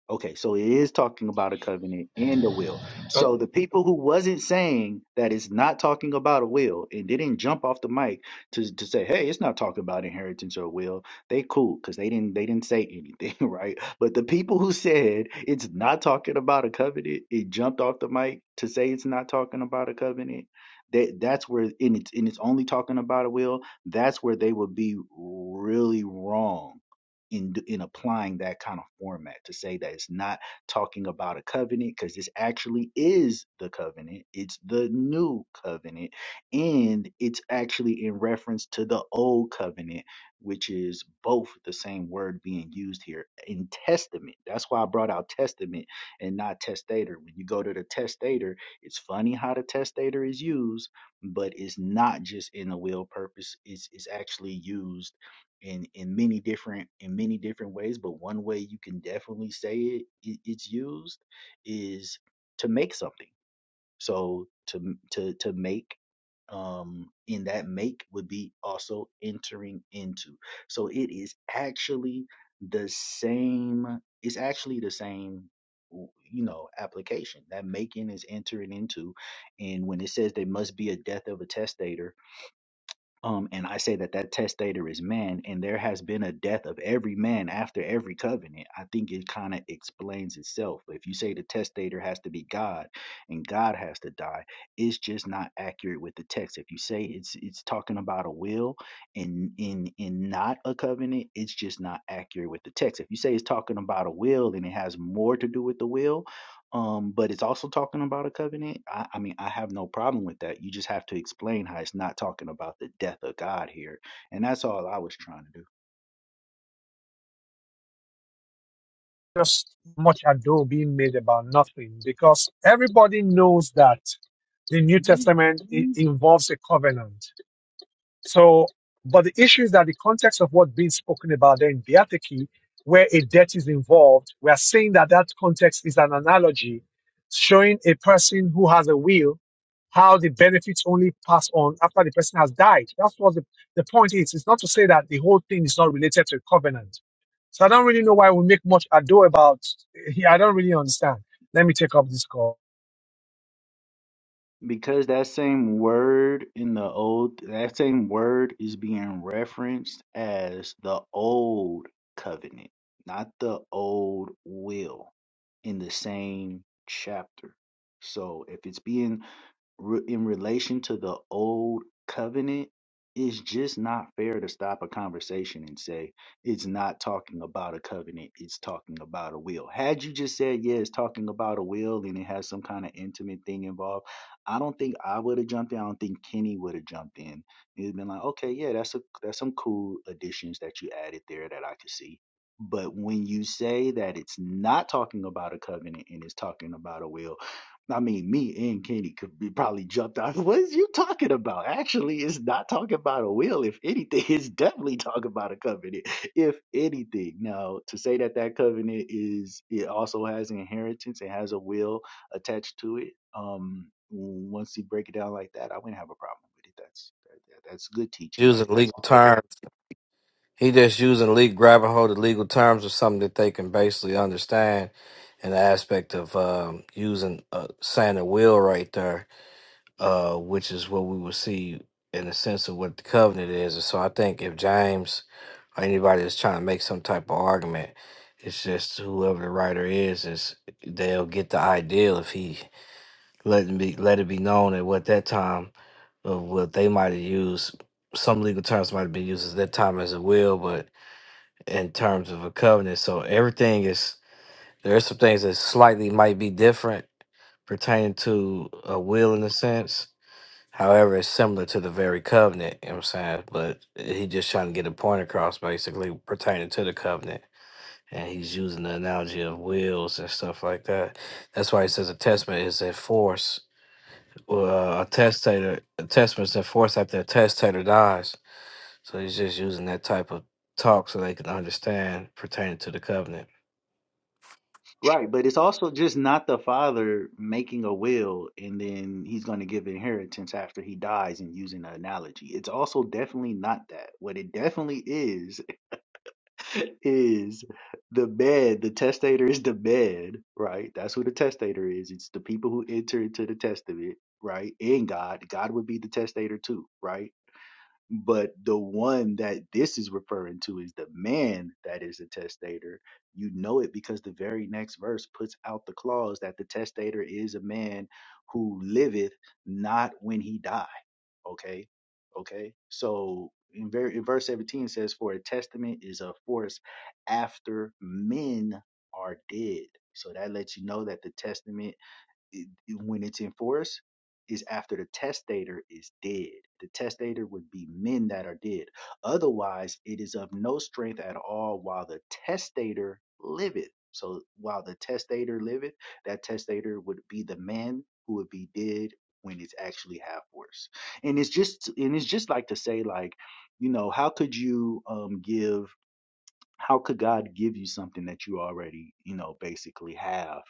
Speaker 4: Okay, so it is talking about a covenant and a will. So the people who wasn't saying that it's not talking about a will and didn't jump off the mic to, to say, hey, it's not talking about inheritance or will, they cool because they didn't they didn't say anything, right? But the people who said it's not talking about a covenant, it jumped off the mic to say it's not talking about a covenant. That that's where and it's and it's only talking about a will, that's where they would be really wrong in d- in applying that kind of format to say that it's not talking about a covenant because this actually is the covenant it's the new covenant and it's actually in reference to the old covenant which is both the same word being used here in testament that's why i brought out testament and not testator when you go to the testator it's funny how the testator is used but it's not just in the will purpose it's, it's actually used in in many different in many different ways but one way you can definitely say it, it it's used is to make something so to to to make um in that make would be also entering into so it is actually the same it's actually the same w- you know application that making is entering into and when it says there must be a death of a testator um, and I say that that testator is man, and there has been a death of every man after every covenant. I think it kind of explains itself. But if you say the testator has to be God and God has to die, it's just not accurate with the text. If you say it's it's talking about a will and in in not a covenant, it's just not accurate with the text. If you say it's talking about a will and it has more to do with the will, um, but it's also talking about a covenant. I, I mean, I have no problem with that. You just have to explain how it's not talking about the death of God here, and that's all I was trying to do.
Speaker 1: just much ado being made about nothing because everybody knows that the New Testament i- involves a covenant. So, but the issue is that the context of what's being spoken about there in Beatiki, where a debt is involved, we are saying that that context is an analogy showing a person who has a will how the benefits only pass on after the person has died. That's what the, the point is. It's not to say that the whole thing is not related to a covenant. So I don't really know why we make much ado about. I don't really understand. Let me take up this call.
Speaker 4: Because that same word in the old, that same word is being referenced as the old covenant, not the old will, in the same chapter. So if it's being re- in relation to the old covenant, it's just not fair to stop a conversation and say it's not talking about a covenant, it's talking about a will. Had you just said, yeah, it's talking about a will and it has some kind of intimate thing involved, I don't think I would have jumped in. I don't think Kenny would have jumped in. It'd been like, okay, yeah, that's a that's some cool additions that you added there that I could see. But when you say that it's not talking about a covenant and it's talking about a will, I mean, me and Kenny could be probably jumped out. What is you talking about? Actually, it's not talking about a will. If anything, it's definitely talking about a covenant. If anything, now to say that that covenant is it also has an inheritance, it has a will attached to it. Um, once you break it down like that, I wouldn't have a problem with it. That's that, that's good teaching. That
Speaker 12: using
Speaker 4: could be
Speaker 12: legal terms. He just using legal grabbing hold of legal terms of something that they can basically understand. And the aspect of um, using uh, saying a will right there, uh, which is what we will see in the sense of what the covenant is. And so I think if James or anybody is trying to make some type of argument, it's just whoever the writer is is they'll get the ideal if he letting be let it be known at what that time of what they might have used some legal terms might have been used as that time as a will, but in terms of a covenant. So everything is there are some things that slightly might be different pertaining to a will in a sense. However, it's similar to the very covenant, you know what I'm saying? But he just trying to get a point across basically pertaining to the covenant. And he's using the analogy of wills and stuff like that. That's why he says a testament is enforced well, a testator, a testament's enforced after a testator dies. So he's just using that type of talk so they can understand pertaining to the covenant.
Speaker 4: Right, but it's also just not the father making a will and then he's going to give inheritance after he dies and using an analogy. It's also definitely not that. What it definitely is, is the bed. The testator is the bed, right? That's who the testator is. It's the people who enter into the testament, right? And God. God would be the testator too, right? But the one that this is referring to is the man that is a testator. You know it because the very next verse puts out the clause that the testator is a man who liveth not when he die. Okay. Okay. So in, ver- in verse 17 says, For a testament is a force after men are dead. So that lets you know that the testament it, when it's enforced is after the testator is dead. The testator would be men that are dead. Otherwise, it is of no strength at all while the testator liveth. So while the testator liveth, that testator would be the man who would be dead when it's actually half worse. And it's just and it's just like to say like, you know, how could you um give how could God give you something that you already, you know, basically have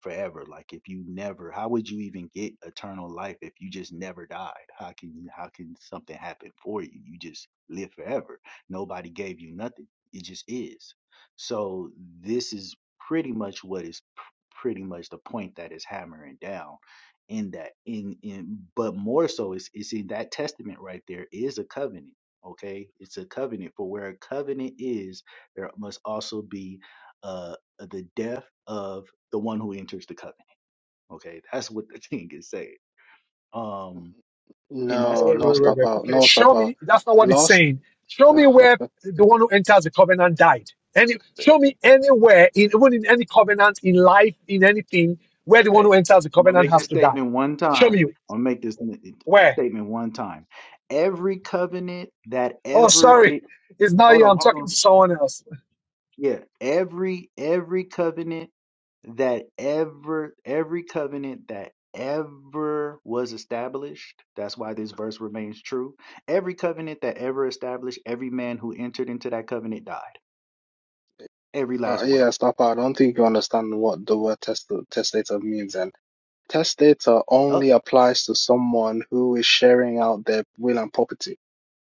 Speaker 4: forever? Like if you never, how would you even get eternal life if you just never died? How can you, how can something happen for you? You just live forever. Nobody gave you nothing. It just is. So this is pretty much what is pr- pretty much the point that is hammering down in that in in but more so it's it's in that testament right there is a covenant okay it's a covenant for where a covenant is there must also be uh, the death of the one who enters the covenant. Okay, that's what the thing is saying. Um, and that's
Speaker 11: No,
Speaker 1: wait,
Speaker 11: no,
Speaker 4: every.
Speaker 1: wait, wait,
Speaker 11: stop
Speaker 1: wait.
Speaker 11: out.
Speaker 1: Okay,
Speaker 11: No, stop
Speaker 1: show
Speaker 11: out.
Speaker 1: me. That's not what it's
Speaker 11: Last,
Speaker 1: saying. Show
Speaker 11: uh,
Speaker 1: me where the one who enters the covenant died. Any, show me anywhere, in, even in any covenant, in life, in anything, where the one
Speaker 4: Okay,
Speaker 1: who enters the
Speaker 4: I'm gonna
Speaker 1: covenant
Speaker 4: make
Speaker 1: has
Speaker 4: this
Speaker 1: to die.
Speaker 4: statement one
Speaker 1: Show
Speaker 4: time.
Speaker 1: me
Speaker 4: I'm gonna make this n-
Speaker 1: where.
Speaker 4: statement one time. Every covenant that
Speaker 1: Oh,
Speaker 4: ever.
Speaker 1: sorry, it's not
Speaker 4: Hold
Speaker 1: you.
Speaker 4: on,
Speaker 1: I'm
Speaker 4: hold
Speaker 1: talking to
Speaker 4: on.
Speaker 1: someone else.
Speaker 4: yeah, every every covenant that ever every covenant that ever was established that's why this verse remains true every covenant that ever established every man who entered into that covenant died every
Speaker 11: uh,
Speaker 4: last one of
Speaker 11: yeah,
Speaker 4: them
Speaker 11: stop out. I don't think you understand what the word test testator means. And testator
Speaker 4: oh
Speaker 11: only applies to someone who is sharing out their will and property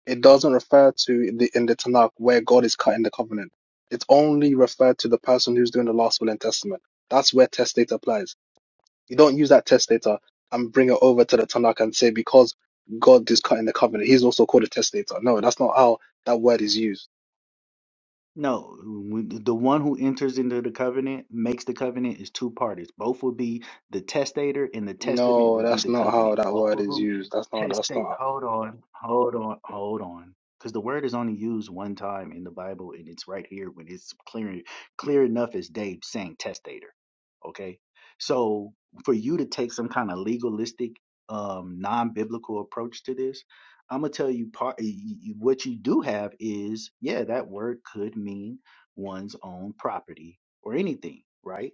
Speaker 11: It doesn't refer to the in the Tanakh where God is cutting the covenant. It's only referred to the person who's doing the last will and testament. That's where testator applies. You don't use that testator and bring it over to the Tanakh and say because God is cutting the covenant, he's also called a testator. No, that's not how that word is used.
Speaker 4: no when- the one who enters into the covenant makes the covenant is two parties both will be the testator and the testament
Speaker 11: No,
Speaker 4: would be
Speaker 11: that's
Speaker 4: the
Speaker 11: not how
Speaker 4: covenant
Speaker 11: that
Speaker 4: both
Speaker 11: word
Speaker 4: of of
Speaker 11: is
Speaker 4: 'em
Speaker 11: used. That's not.
Speaker 4: Just
Speaker 11: That's
Speaker 4: think,
Speaker 11: not.
Speaker 4: hold on, hold on, hold on. Because the word is only used one time in the Bible, and it's right here when it's clear, clear enough as day saying testator. Okay, so for you to take some kind of legalistic, um, non-biblical approach to this, I'm gonna tell you part. y- y- What you do have is, yeah, that word could mean one's own property or anything, right?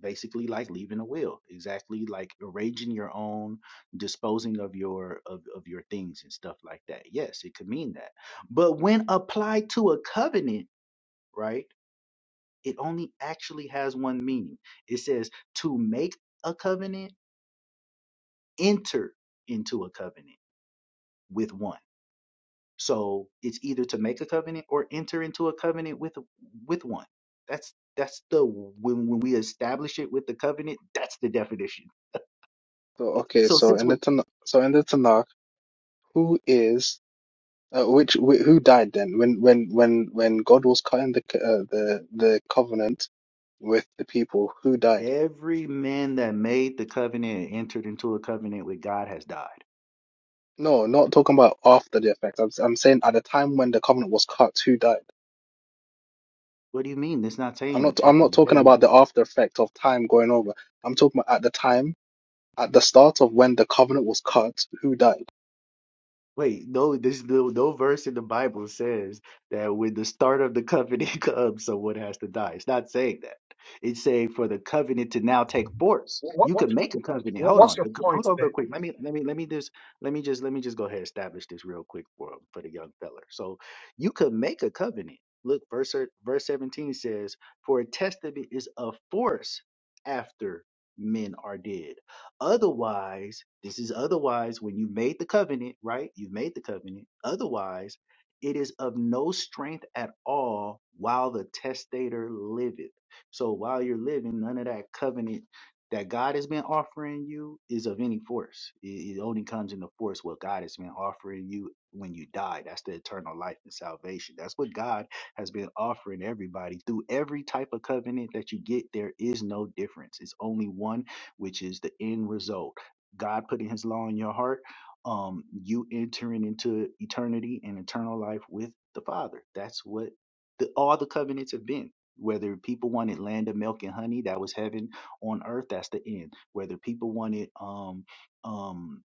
Speaker 4: Basically, like leaving a will, exactly like arranging your own disposing of your of, of your things and stuff like that yes it could mean that but when applied to a covenant right it only actually has one meaning it says to make a covenant enter into a covenant with one so it's either to make a covenant or enter into a covenant with with one that's that's the when when we establish it with the covenant that's the definition
Speaker 11: So okay,
Speaker 4: so
Speaker 11: so
Speaker 4: since
Speaker 11: in
Speaker 4: we're
Speaker 11: the Tanakh, so in the Tanakh, who is uh, which wh- who died then when when when when God was cutting the c- uh, the the covenant? with the people who died.
Speaker 4: Every man that made the covenant and entered into a covenant with God has died.
Speaker 11: No, not talking about after the effect. I'm I'm saying at the time when the covenant was cut, who died?
Speaker 4: What do you mean? It's not
Speaker 11: I'm
Speaker 4: saying
Speaker 11: not
Speaker 4: at
Speaker 11: I'm not
Speaker 4: the
Speaker 11: talking
Speaker 4: very
Speaker 11: about the after effect of time going over. I'm talking about at the time, at the start of when the covenant was cut, who died?
Speaker 4: Wait, no, there's no, no verse in the Bible says that when the start of the covenant comes, someone has to die. It's not saying that. It's saying for the covenant to now take force.
Speaker 1: What,
Speaker 4: You
Speaker 1: what,
Speaker 4: can make a covenant.
Speaker 1: what
Speaker 4: Hold
Speaker 1: what's
Speaker 4: on,
Speaker 1: your
Speaker 4: The co- hold
Speaker 1: point
Speaker 4: on, real
Speaker 1: then?
Speaker 4: quick. Let me, let me, let me just, let me just, let me just go ahead and establish this real quick for for the young fella. So you can make a covenant. Look, verse verse seventeen says, "For a testament is of force after men are dead." Otherwise, this is otherwise when you made the covenant, right? You've made the covenant. Otherwise, it is of no strength at all while the testator liveth. So while you're living, none of that covenant that God has been offering you is of any force. It, it only comes into force what God has been offering you when you die. That's the eternal life and salvation. That's what God has been offering everybody through every type of covenant that you get. There is no difference. It's only one which is the end result. God putting his law in your heart, um, you entering into eternity and eternal life with the Father. That's what the, all the covenants have been. Whether people wanted land of milk and honey, that was heaven on earth, that's the end. Whether people wanted um um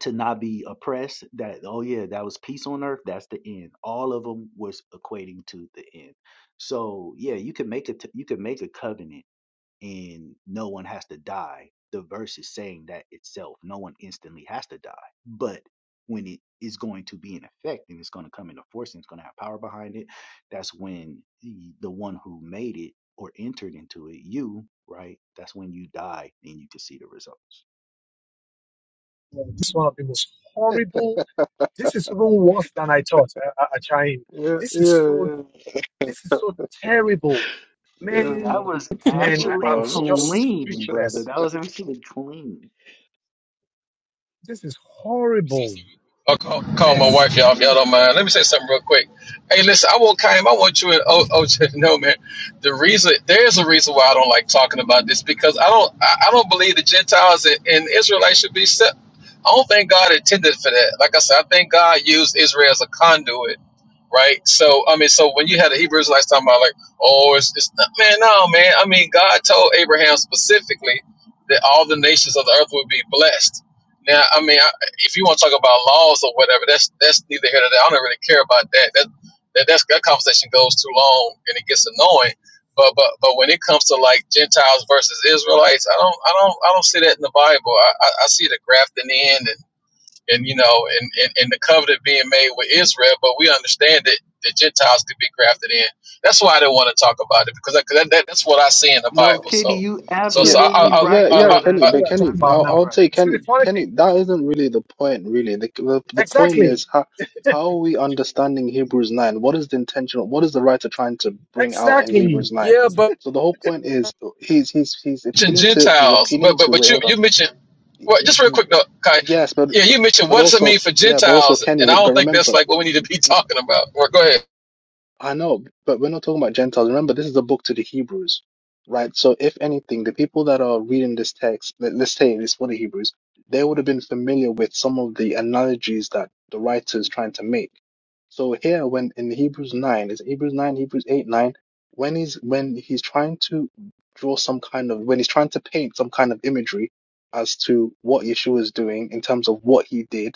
Speaker 4: to not be oppressed, that oh yeah, that was peace on earth, that's the end. All of them was equating to the end. So yeah, you can make a t- you can make a covenant and no one has to die. The verse is saying that itself. No one instantly has to die. But when it is going to be in effect and it's going to come into force and it's going to have power behind it, that's when the the one who made it or entered into it, you, right? That's when you die and you can see the results.
Speaker 1: Well, this is one of the most horrible. This is even worse than I thought. Uh, uh, Achaim.
Speaker 11: Yeah,
Speaker 1: This is
Speaker 11: yeah,
Speaker 1: so
Speaker 11: yeah,
Speaker 1: This is so terrible. Man,
Speaker 11: yeah.
Speaker 4: That was
Speaker 1: man,
Speaker 11: Well,
Speaker 1: I,
Speaker 4: actually
Speaker 1: I'm just
Speaker 4: clean, brother.
Speaker 1: speechless.
Speaker 4: That was actually clean.
Speaker 1: This is horrible.
Speaker 8: I'll call, call my
Speaker 1: Goodness
Speaker 8: wife, y'all, if y'all
Speaker 1: me.
Speaker 8: don't mind. Let me say something real quick. Hey, listen, I want Kaim, I want you and O- OJ to know, man, the reason, there's a reason why I don't like talking about this because I don't, I, I don't believe the Gentiles and, and Israelites should be set. I don't think God intended for that. Like I said, I think God used Israel as a conduit, right? So, I mean, so when you had the Hebrews like talking about like, oh, it's, it's not, man, no, man. I mean, God told Abraham specifically that all the nations of the earth would be blessed. Now, I mean, if you want to talk about laws or whatever, that's that's neither here nor there. I don't really care about that. That that that's, that conversation goes too long and it gets annoying. But but but when it comes to like Gentiles versus Israelites, I don't I don't I don't see that in the Bible. I I, I see the grafting in and and you know and, and and the covenant being made with Israel, but we understand that the Gentiles could be grafted in. That's why I didn't want to talk about it because that, that, that's what I see in the
Speaker 4: No,
Speaker 8: Bible.
Speaker 4: Kitty,
Speaker 8: So
Speaker 4: you
Speaker 8: so
Speaker 11: Yeah,
Speaker 8: so I
Speaker 4: absolutely
Speaker 11: y-
Speaker 8: I
Speaker 11: yeah,
Speaker 4: right,
Speaker 8: I,
Speaker 11: yeah,
Speaker 8: I,
Speaker 11: Kenny.
Speaker 4: brother.
Speaker 8: I
Speaker 1: What
Speaker 11: But
Speaker 1: we're
Speaker 11: Kenny,
Speaker 1: talking about
Speaker 11: I'll,
Speaker 4: Absolutely
Speaker 1: now.
Speaker 11: I'll
Speaker 4: right.
Speaker 11: say
Speaker 1: You see
Speaker 11: Kenny,
Speaker 1: the funny thing?
Speaker 11: Kenny, that isn't really the point, really. The, the the point
Speaker 1: Exactly.
Speaker 11: is how how are we understanding Hebrews 9? What is the intention? What is the writer trying to bring out in
Speaker 1: Exactly.
Speaker 11: Hebrews 9?
Speaker 8: Yeah, but
Speaker 11: So the whole point is he's he's he's
Speaker 8: mentioned
Speaker 11: appealing to he's
Speaker 8: Gentiles,
Speaker 11: appealing
Speaker 8: but but
Speaker 11: to
Speaker 8: but
Speaker 11: wait,
Speaker 8: you
Speaker 11: hold on.
Speaker 8: you mentioned
Speaker 11: Y-
Speaker 8: well,
Speaker 11: y-
Speaker 8: just real
Speaker 11: y-
Speaker 8: quick though, Kai.
Speaker 11: Yes, but
Speaker 8: Yeah,
Speaker 11: but
Speaker 8: you mentioned
Speaker 11: but
Speaker 8: what does it
Speaker 11: also
Speaker 8: mean for
Speaker 11: yeah, but also
Speaker 8: Gentiles,
Speaker 11: Kenny,
Speaker 8: and I
Speaker 11: but
Speaker 8: don't think that's
Speaker 11: remember.
Speaker 8: like what we need to be talking about. Well, go ahead.
Speaker 11: I know, but we're not talking about Gentiles. Remember, this is a book to the Hebrews, right? So, if anything, the people that are reading this text, let, let's say it's for the Hebrews, they would have been familiar with some of the analogies that the writer is trying to make. So here, when in Hebrews nine, is it Hebrews nine, Hebrews eight, nine, when he's when he's trying to draw some kind of when he's trying to paint some kind of imagery as to what Yeshua is doing in terms of what he did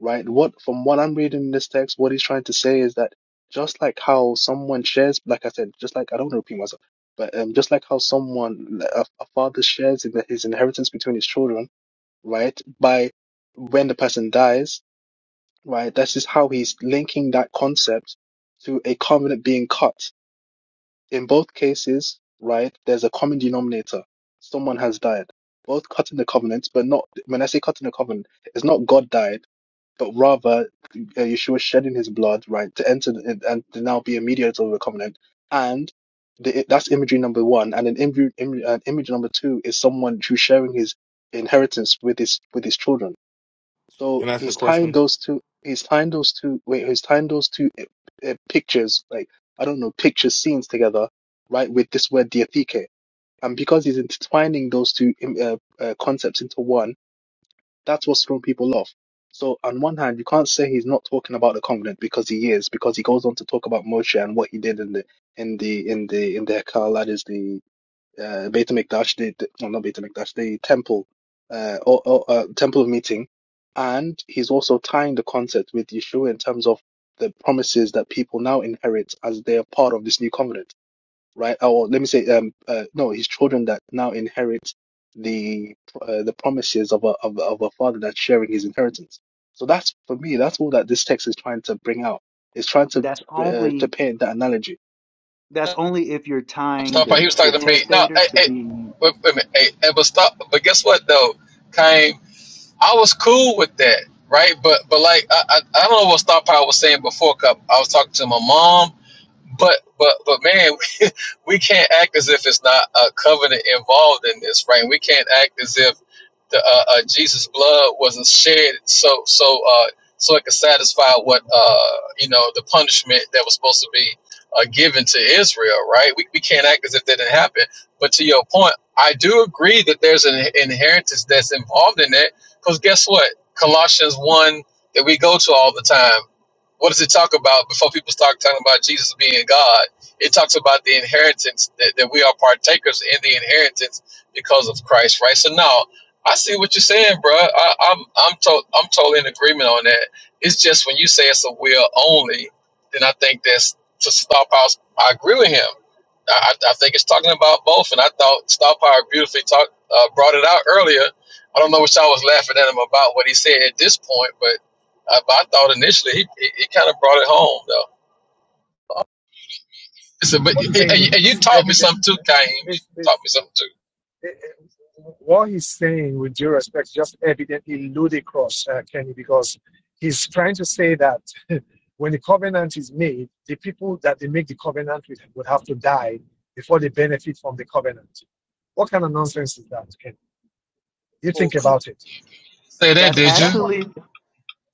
Speaker 11: right? What from what I'm reading in this text, what he's trying to say is that just like how someone shares, like I said, just like I don't wanna repeat myself, but um, just like how someone a, a father shares in the, his inheritance between his children, right? By when the person dies, right? This is how he's linking that concept to a covenant being cut in both cases, right, there's a common denominator. Someone has died. Both cutting the covenant, but not, when I say cutting the covenant, it's not God died, but rather uh, Yeshua shedding his blood, right, to enter the, and and to now be a mediator of the covenant. And the, that's imagery number one. And an imagery, im, uh, image number two is someone who's sharing his inheritance with his with his children. So
Speaker 3: Can I ask you a
Speaker 11: he's tying
Speaker 3: question?
Speaker 11: those two. He's tying those two. Wait, he's tying those two uh, uh, pictures, like I don't know, picture scenes together, right? With this word diatheke, and because he's intertwining those two um, uh, uh, concepts into one, that's what's thrown people off. So on one hand, you can't say he's not talking about the covenant because he is, because he goes on to talk about Moshe and what he did in the in the in the in the Hekal, that is the uh, Beit HaMikdash, the, the well, not Beit HaMikdash, the temple, uh, or, or uh, temple of meeting, and he's also tying the concept with Yeshua in terms of the promises that people now inherit as they are part of this new covenant, right? Oh, Or let me say, um, uh, no, his children that now inherit the uh, the promises of a of, a- of a father that's sharing his inheritance. So that's for me, that's all that this text is trying to bring out. It's trying to
Speaker 4: That's
Speaker 11: uh, to
Speaker 4: only
Speaker 11: paint that analogy.
Speaker 4: That's
Speaker 8: No,
Speaker 4: only if you're tying
Speaker 8: Stop. He
Speaker 4: the,
Speaker 8: was
Speaker 4: the
Speaker 8: talking to me. No,
Speaker 4: testator
Speaker 8: hey,
Speaker 4: to
Speaker 8: hey,
Speaker 4: be.
Speaker 8: wait, wait a minute. Hey, hey, but stop. But guess what though, Kai? I was cool with that, right? But but like I I, I don't know what Star Power was saying before. Cup. I was talking to my mom But but but man, we, we can't act as if it's not a covenant involved in this, right? We can't act as if the uh, uh, Jesus' blood wasn't shed, so so uh, so it could satisfy what uh, you know the punishment that was supposed to be uh, given to Israel, right? We, we can't act as if that didn't happen. But to your point, I do agree that there's an inheritance that's involved in that, because guess what? Colossians one that we go to all the time what does it talk about before people start talking about Jesus being God? It talks about the inheritance that, that we are partakers in the inheritance because of Christ, right? So now I see what you're saying, bro. I, I'm I'm to, I'm totally in agreement on that. It's just when you say it's a will only, then I think that's to stop. I, I agree with him. I, I think it's talking about both, and I thought Star Power beautifully talked uh, brought it out earlier. I don't know what y'all was laughing at him about what he said at this point, but I, but I thought initially he, he, he kind of brought it home though. Listen, but
Speaker 1: What
Speaker 8: and,
Speaker 1: he's saying is
Speaker 8: you and you
Speaker 1: just
Speaker 8: taught me
Speaker 1: evident.
Speaker 8: something too, Kaim. You
Speaker 1: evidence.
Speaker 8: taught me something too.
Speaker 1: eh, eh, what he's saying, with due respect, just evidently ludicrous, uh, Kenny, because he's trying to say that when the covenant is made, the people that they make the covenant with would have to die before they benefit from the covenant. What kind of nonsense is that, Kenny? You
Speaker 8: Oh,
Speaker 1: think
Speaker 8: come on.
Speaker 1: about it.
Speaker 8: Say that,
Speaker 4: That's
Speaker 8: did you?
Speaker 1: That's what
Speaker 4: actually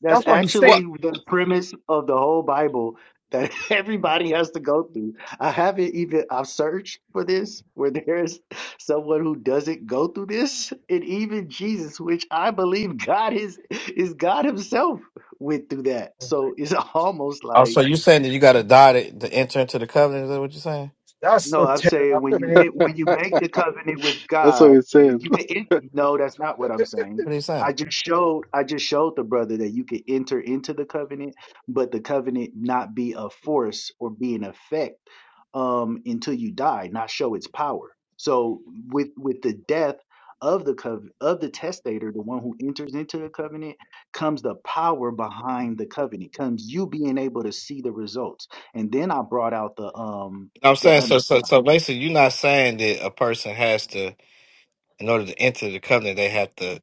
Speaker 4: that's
Speaker 1: that's what he's
Speaker 8: What?
Speaker 4: actually
Speaker 1: saying.
Speaker 4: the premise of the whole Bible that everybody has to go through. I haven't even I've searched for this where there's someone who doesn't go through this, and even Jesus, which I believe God is is God Himself, went through that.
Speaker 1: Oh my
Speaker 4: So it's
Speaker 1: God,
Speaker 4: almost
Speaker 12: Oh,
Speaker 4: like
Speaker 12: so you're saying that you got to die to, to enter into the covenant? Is that what you're saying?
Speaker 1: that's
Speaker 4: No,
Speaker 1: so
Speaker 4: I'm saying
Speaker 1: terrible. I
Speaker 4: when you
Speaker 1: mean,
Speaker 4: it, when you
Speaker 11: that's
Speaker 4: make the covenant with
Speaker 11: what
Speaker 4: God,
Speaker 11: it's
Speaker 4: when
Speaker 11: saying.
Speaker 4: you can. en- no, that's not what I'm saying.
Speaker 12: What are you saying?
Speaker 4: I just showed I just showed the brother that you can enter into the covenant, but the covenant not be a force or be an effect um, until you die, not show its power. So with with the death of the cov- of the testator, the one who enters into the covenant, comes the power behind the covenant, comes you being able to see the results. And then I brought out the um
Speaker 12: No, I'm
Speaker 4: the
Speaker 12: saying so.
Speaker 4: understanding.
Speaker 12: So, so basically, you're not saying that a person has to, in order to enter the covenant, they have to,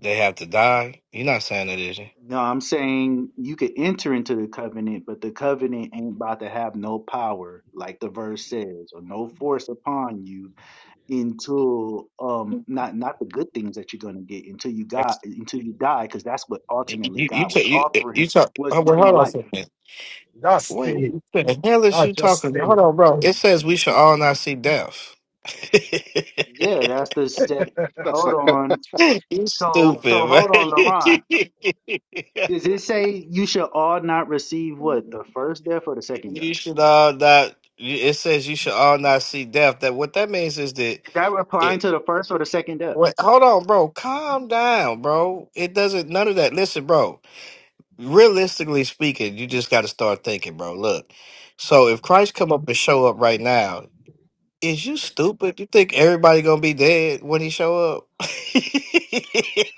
Speaker 12: they have to die. You're not saying that, is you?
Speaker 4: No, I'm saying you could enter into the covenant, but the covenant ain't about to have no power, like the verse says, or no force upon you until um not not the good things that you're gonna get until you
Speaker 12: That's-
Speaker 4: got until you die, because that's what
Speaker 12: You
Speaker 4: ultimately
Speaker 12: you you,
Speaker 4: God
Speaker 12: ta-
Speaker 4: was
Speaker 12: you,
Speaker 4: offering
Speaker 12: you talk.
Speaker 4: was
Speaker 12: Oh, well, hold
Speaker 4: eternal
Speaker 12: on
Speaker 4: life.
Speaker 12: for a minute.
Speaker 1: that's
Speaker 12: Wait,
Speaker 1: silly.
Speaker 12: what the hell is you
Speaker 1: That's just
Speaker 12: talking about? Hold
Speaker 1: silly.
Speaker 12: on, bro. It says we should all not see death.
Speaker 4: Yeah, that's the set.
Speaker 11: That's
Speaker 4: Hold
Speaker 11: like.
Speaker 4: on.
Speaker 12: you
Speaker 4: So so
Speaker 12: stupid, man.
Speaker 4: hold on, LaRon. Does it say you should all not receive what the first death or the second death?
Speaker 12: you should all not. It says you should all not see death. That what that means is that.
Speaker 4: Is that replying
Speaker 12: It,
Speaker 4: to the first or the second death?
Speaker 12: what, hold on, bro. Calm down, bro. It doesn't. None of that. Listen, bro. Realistically speaking, you just got to start thinking, bro. Look. So if Christ come up and show up right now, Is you stupid? You think everybody gonna be dead when he show up?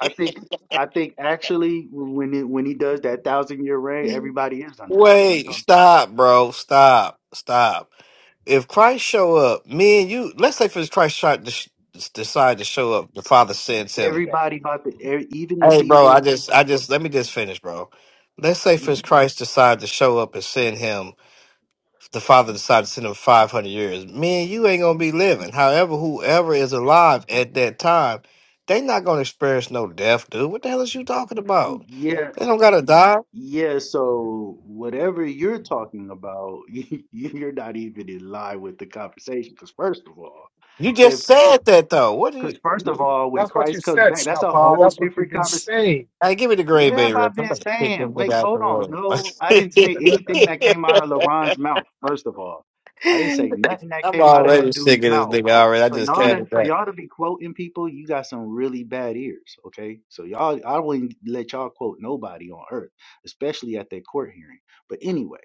Speaker 4: I think I think actually when it, when he does that thousand year reign, everybody is gonna die. What are you
Speaker 12: Wait,
Speaker 4: talking?
Speaker 12: stop, bro. Stop. Stop. If Christ show up, me and you, let's say for Christ tried to sh- decide to show up, the Father sends him.
Speaker 4: Everybody about the e- even the
Speaker 12: Hey, bro,
Speaker 4: people
Speaker 12: I just, I just, let me just finish, bro. Let's say
Speaker 4: who
Speaker 12: for
Speaker 4: Mhm.
Speaker 12: Christ decide to show up and send him. the father decided to send him 500 years. Man, you ain't gonna be living. However, whoever is alive at that time, they not gonna experience no death, dude. What the hell is you talking about?
Speaker 4: yeah
Speaker 12: They don't gotta die.
Speaker 4: yeah. So whatever you're talking about, you- you're not even in line with the conversation. Because first of all,
Speaker 12: You just
Speaker 4: if
Speaker 12: said that though. What do you?
Speaker 4: because first of all, when
Speaker 1: That's what you
Speaker 4: Christ comes
Speaker 1: said,
Speaker 4: back, that's a
Speaker 1: Stapa.
Speaker 4: whole
Speaker 1: That's what you've been
Speaker 4: different
Speaker 1: saying.
Speaker 12: Hey, give me the
Speaker 4: What
Speaker 12: Green Bay
Speaker 4: have I
Speaker 12: Rip. I'm
Speaker 4: been
Speaker 12: gonna kick
Speaker 4: saying?
Speaker 12: him
Speaker 4: Wait,
Speaker 12: out the
Speaker 4: hold on.
Speaker 12: room.
Speaker 4: No, I didn't say anything that came out of LaRon's mouth, first of all. I didn't say nothing that
Speaker 12: I'm
Speaker 4: came out of
Speaker 12: already
Speaker 4: that dude's
Speaker 12: sick of this
Speaker 4: mouth.
Speaker 12: nigga already. I
Speaker 4: For
Speaker 12: just
Speaker 4: y'all to
Speaker 12: came
Speaker 4: for
Speaker 12: back.
Speaker 4: y'all to be quoting people, you got some really bad ears, okay? So y'all I wouldn't let y'all quote nobody on earth, especially at that court hearing. But anyway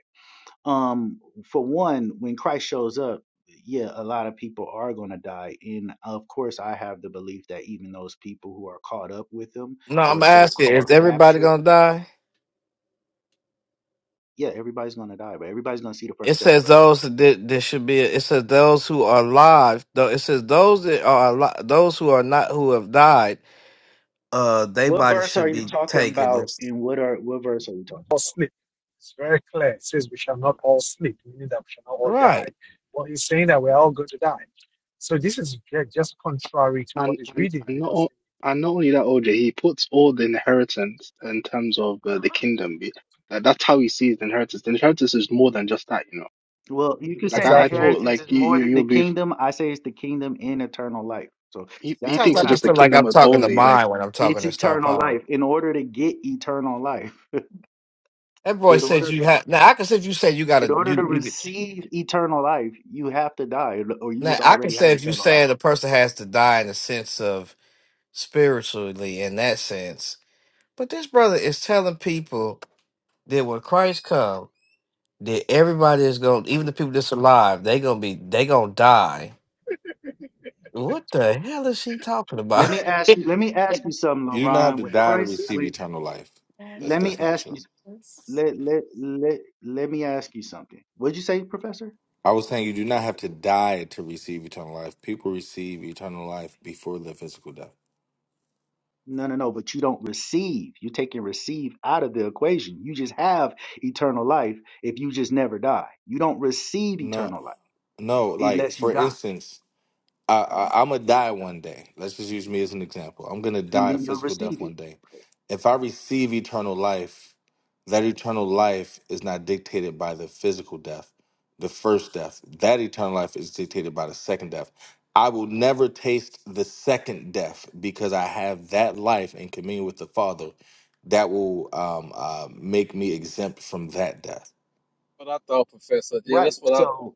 Speaker 4: um for one when christ shows up yeah a lot of people are going to die and of course i have the belief that even those people who are caught up with him
Speaker 12: No,
Speaker 4: or
Speaker 12: I'm asking, is
Speaker 4: so-called
Speaker 12: everybody
Speaker 4: rapture
Speaker 12: gonna die?
Speaker 4: yeah everybody's going to die but everybody's going to see the
Speaker 12: It
Speaker 4: first death
Speaker 12: says
Speaker 4: brother
Speaker 12: those that did- there should be. It says those who are alive. Though it says those that are alive, those who are not who have died uh they
Speaker 4: what
Speaker 12: body
Speaker 4: verse are
Speaker 12: should
Speaker 4: you
Speaker 12: be
Speaker 4: talking
Speaker 12: taken.
Speaker 4: about
Speaker 12: It's-
Speaker 4: and what are what verse are we talking
Speaker 1: all sleep. It's very clear. It says we shall not all sleep, meaning that we shall not all die.
Speaker 12: Right.
Speaker 1: But he's saying that we're all going to die. So this is just contrary to what
Speaker 11: And
Speaker 1: he's
Speaker 11: and
Speaker 1: reading
Speaker 11: and not
Speaker 1: because
Speaker 11: o- and not only that, OJ, he puts all the inheritance in terms of uh, the kingdom. Be- That, that's how he sees the inheritance. The inheritance is more than just that, you know.
Speaker 4: about well you could
Speaker 11: Like
Speaker 4: say the
Speaker 11: I, I
Speaker 1: exactly
Speaker 11: thought,
Speaker 4: inheritance
Speaker 11: like
Speaker 4: is
Speaker 11: you
Speaker 4: more
Speaker 11: you
Speaker 4: than the
Speaker 11: you'll be.
Speaker 4: kingdom i say it's the kingdom and eternal life so
Speaker 11: He, he
Speaker 4: that's
Speaker 12: Sometimes
Speaker 11: thinks
Speaker 12: I
Speaker 4: what
Speaker 11: it's
Speaker 4: i
Speaker 11: just
Speaker 12: just
Speaker 11: the
Speaker 12: feel
Speaker 4: put
Speaker 12: like
Speaker 11: kingdom
Speaker 12: I'm talking to
Speaker 11: only. Like.
Speaker 12: mine when I'm talking
Speaker 4: it's
Speaker 12: to Star
Speaker 4: eternal
Speaker 12: Power.
Speaker 4: life in order to get eternal life
Speaker 12: That boy
Speaker 4: in
Speaker 12: said
Speaker 4: order
Speaker 12: you
Speaker 4: that
Speaker 12: have now I can say if you say you
Speaker 4: In
Speaker 12: gotta
Speaker 4: order to
Speaker 12: you you
Speaker 4: receive eternal life, you have to die, or you
Speaker 12: now
Speaker 4: just
Speaker 12: I can
Speaker 4: already
Speaker 12: say
Speaker 4: have
Speaker 12: if you
Speaker 4: eternal life.
Speaker 12: say the person has to die in the sense of spiritually in that sense. But this brother is telling people that when Christ come, that everybody is going even the people that's alive, they gonna be they gonna die. What the hell is he talking
Speaker 4: Let
Speaker 12: about?
Speaker 4: me ask you. Let me ask you something,
Speaker 3: You do not have
Speaker 4: Lauren.
Speaker 3: to
Speaker 4: When
Speaker 3: die to
Speaker 4: Christ,
Speaker 3: receive
Speaker 4: wait,
Speaker 3: eternal life. That's
Speaker 4: let me
Speaker 3: that's not
Speaker 4: ask
Speaker 3: true.
Speaker 4: you. Let let let let me ask you something. What'd you say, Professor?
Speaker 3: I was saying you do not have to die to receive eternal life. People receive eternal life before their physical death.
Speaker 4: No, no, no. But you don't receive. You take and receive out of the equation. You just have eternal life if you just never die. You don't receive
Speaker 3: No,
Speaker 4: eternal life
Speaker 3: no. Like
Speaker 4: unless you
Speaker 3: for
Speaker 4: die,
Speaker 3: instance, I, I I'm gonna die one day. Let's just use me as an example. I'm gonna
Speaker 4: and
Speaker 3: die a
Speaker 4: then you'll
Speaker 3: physical death
Speaker 4: receive
Speaker 3: one
Speaker 4: it.
Speaker 3: day. If I receive eternal life, that eternal life is not dictated by the physical death, the first death. That eternal life is dictated by the second death. I will never taste the second death because I have that life in communion with the Father that will um, uh, make me exempt from that death.
Speaker 8: What I thought, Professor. Yeah,
Speaker 4: Right.
Speaker 8: that's what I.
Speaker 4: So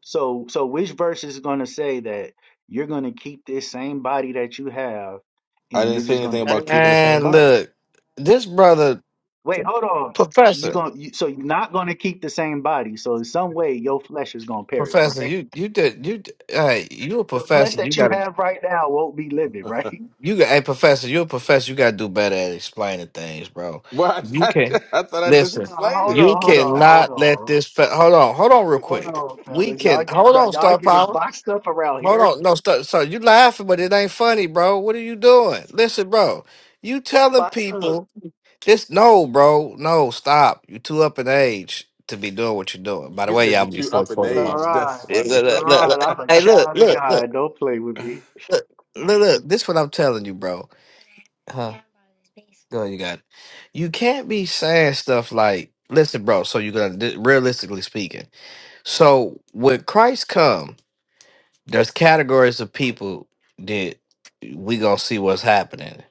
Speaker 4: so so which verse is going to say that you're going to keep this same body that you have
Speaker 3: I
Speaker 4: and
Speaker 3: didn't
Speaker 4: you're
Speaker 3: say
Speaker 4: just going
Speaker 3: anything
Speaker 4: to
Speaker 3: about
Speaker 4: live
Speaker 3: keeping the
Speaker 4: forever?
Speaker 3: same
Speaker 12: And
Speaker 3: body.
Speaker 12: look, this brother
Speaker 4: Wait, hold on. You
Speaker 12: Professor,
Speaker 4: going to you, so you're not going to keep the same body. So in some way your flesh is going to perish,
Speaker 12: professor,
Speaker 4: right?
Speaker 12: you you did you d- hey you a
Speaker 4: The flesh
Speaker 12: professor. You
Speaker 4: that you
Speaker 12: gotta
Speaker 4: have right now won't be living, right?
Speaker 12: you got hey professor, you a professor. You gotta do better at explaining things, bro.
Speaker 3: Well,
Speaker 12: You
Speaker 3: I,
Speaker 12: can
Speaker 3: I thought I just
Speaker 12: listen.
Speaker 4: Uh,
Speaker 3: explained
Speaker 4: hold
Speaker 12: You
Speaker 4: on,
Speaker 3: it.
Speaker 4: hold on, hold
Speaker 12: cannot let
Speaker 4: on.
Speaker 12: this. Fa- hold on, hold on, real
Speaker 4: Hold
Speaker 12: quick.
Speaker 4: on,
Speaker 12: We
Speaker 4: fellas. Y'all
Speaker 12: can
Speaker 4: getting
Speaker 12: hold on,
Speaker 4: y'all
Speaker 12: Star
Speaker 4: getting
Speaker 12: Power.
Speaker 4: boxed up around
Speaker 12: Hold
Speaker 4: here.
Speaker 12: on, no, Star. So you laughing, but it ain't funny, bro. What are you doing? Listen, bro. You telling
Speaker 4: Boxed up.
Speaker 12: people Just no, bro. No, stop. You are too up in age to be doing what you're doing. By the
Speaker 3: He
Speaker 12: way,
Speaker 3: said
Speaker 12: y'all
Speaker 3: you're
Speaker 12: be
Speaker 3: too
Speaker 12: forty
Speaker 3: up in
Speaker 12: forty bucks.
Speaker 3: age.
Speaker 4: LeRon.
Speaker 3: That's
Speaker 12: Yeah,
Speaker 3: funny.
Speaker 12: Look, look, look, look.
Speaker 4: LeRon, I'm a
Speaker 12: Hey, look,
Speaker 4: child of
Speaker 12: look, look,
Speaker 4: God. Don't play with me.
Speaker 12: look, look, look. This what I'm telling you, bro. Huh? Go, you got. It. You can't be saying stuff like, "Listen, bro." So you're gonna di- realistically speaking. So when Christ come, there's categories of people that we gonna see what's happening.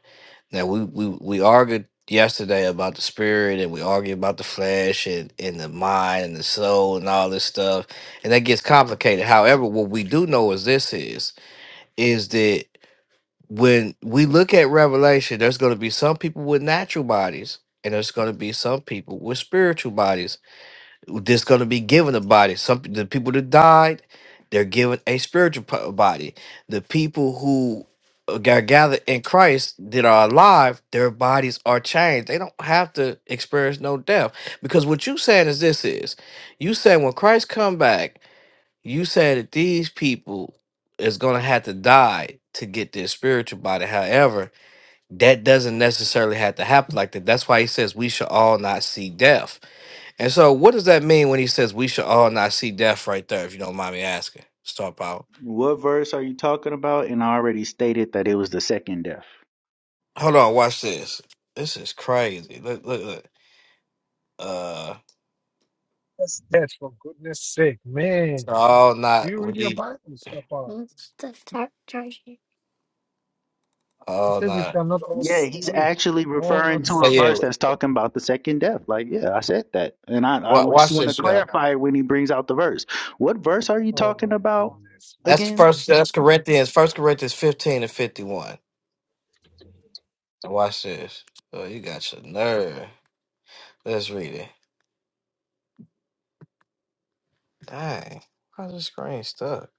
Speaker 12: Now we we we argued yesterday about the spirit, and we argued about the flesh, and and the mind, and the soul, and all this stuff, and that gets complicated. However, what we do know is this is is that when we look at Revelation, there's going to be some people with natural bodies, and there's going to be some people with spiritual bodies this going to be given a body. Some the people that died, they're given a spiritual po- body. The people who are gathered in Christ that are alive, their bodies are changed. They don't have to experience no death because what you saying is this is you saying when Christ come back, you said that these people is going to have to die to get their spiritual body. However, that doesn't necessarily have to happen like that. That's why he says we shall all not see death and so, what does that mean when he says we should all not see death right there, if you don't mind me asking? Star power.
Speaker 4: What verse are you talking about? And I already stated that it was the second death.
Speaker 12: Hold on, watch this. This is crazy. Look, look, look. Uh,
Speaker 1: that's death for goodness sake. Man,
Speaker 12: so all
Speaker 1: do
Speaker 12: not,
Speaker 1: you
Speaker 12: we
Speaker 1: read your
Speaker 12: need
Speaker 1: Bible, Papa? It
Speaker 12: all
Speaker 1: says we
Speaker 12: not.
Speaker 1: shall not all
Speaker 4: Yeah, he's
Speaker 1: sleep,
Speaker 4: actually
Speaker 1: all
Speaker 4: referring
Speaker 1: not
Speaker 4: to
Speaker 12: Oh,
Speaker 4: a
Speaker 1: sleep.
Speaker 12: yeah.
Speaker 4: verse that's talking about the second death. Like, yeah, I said that. And I,
Speaker 12: wa-
Speaker 4: I just
Speaker 12: Watch
Speaker 4: want to
Speaker 12: this, y'all.
Speaker 4: clarify when he brings out the verse. What verse are you
Speaker 1: Oh
Speaker 4: talking
Speaker 1: my
Speaker 4: about
Speaker 1: goodness,
Speaker 12: That's
Speaker 1: man,
Speaker 4: again?
Speaker 12: first,
Speaker 1: this is
Speaker 12: that's Corinthians, first Corinthians 15 and 51. Now watch this. Oh, you got your nerve. Let's read it. Dang. How's the screen stuck?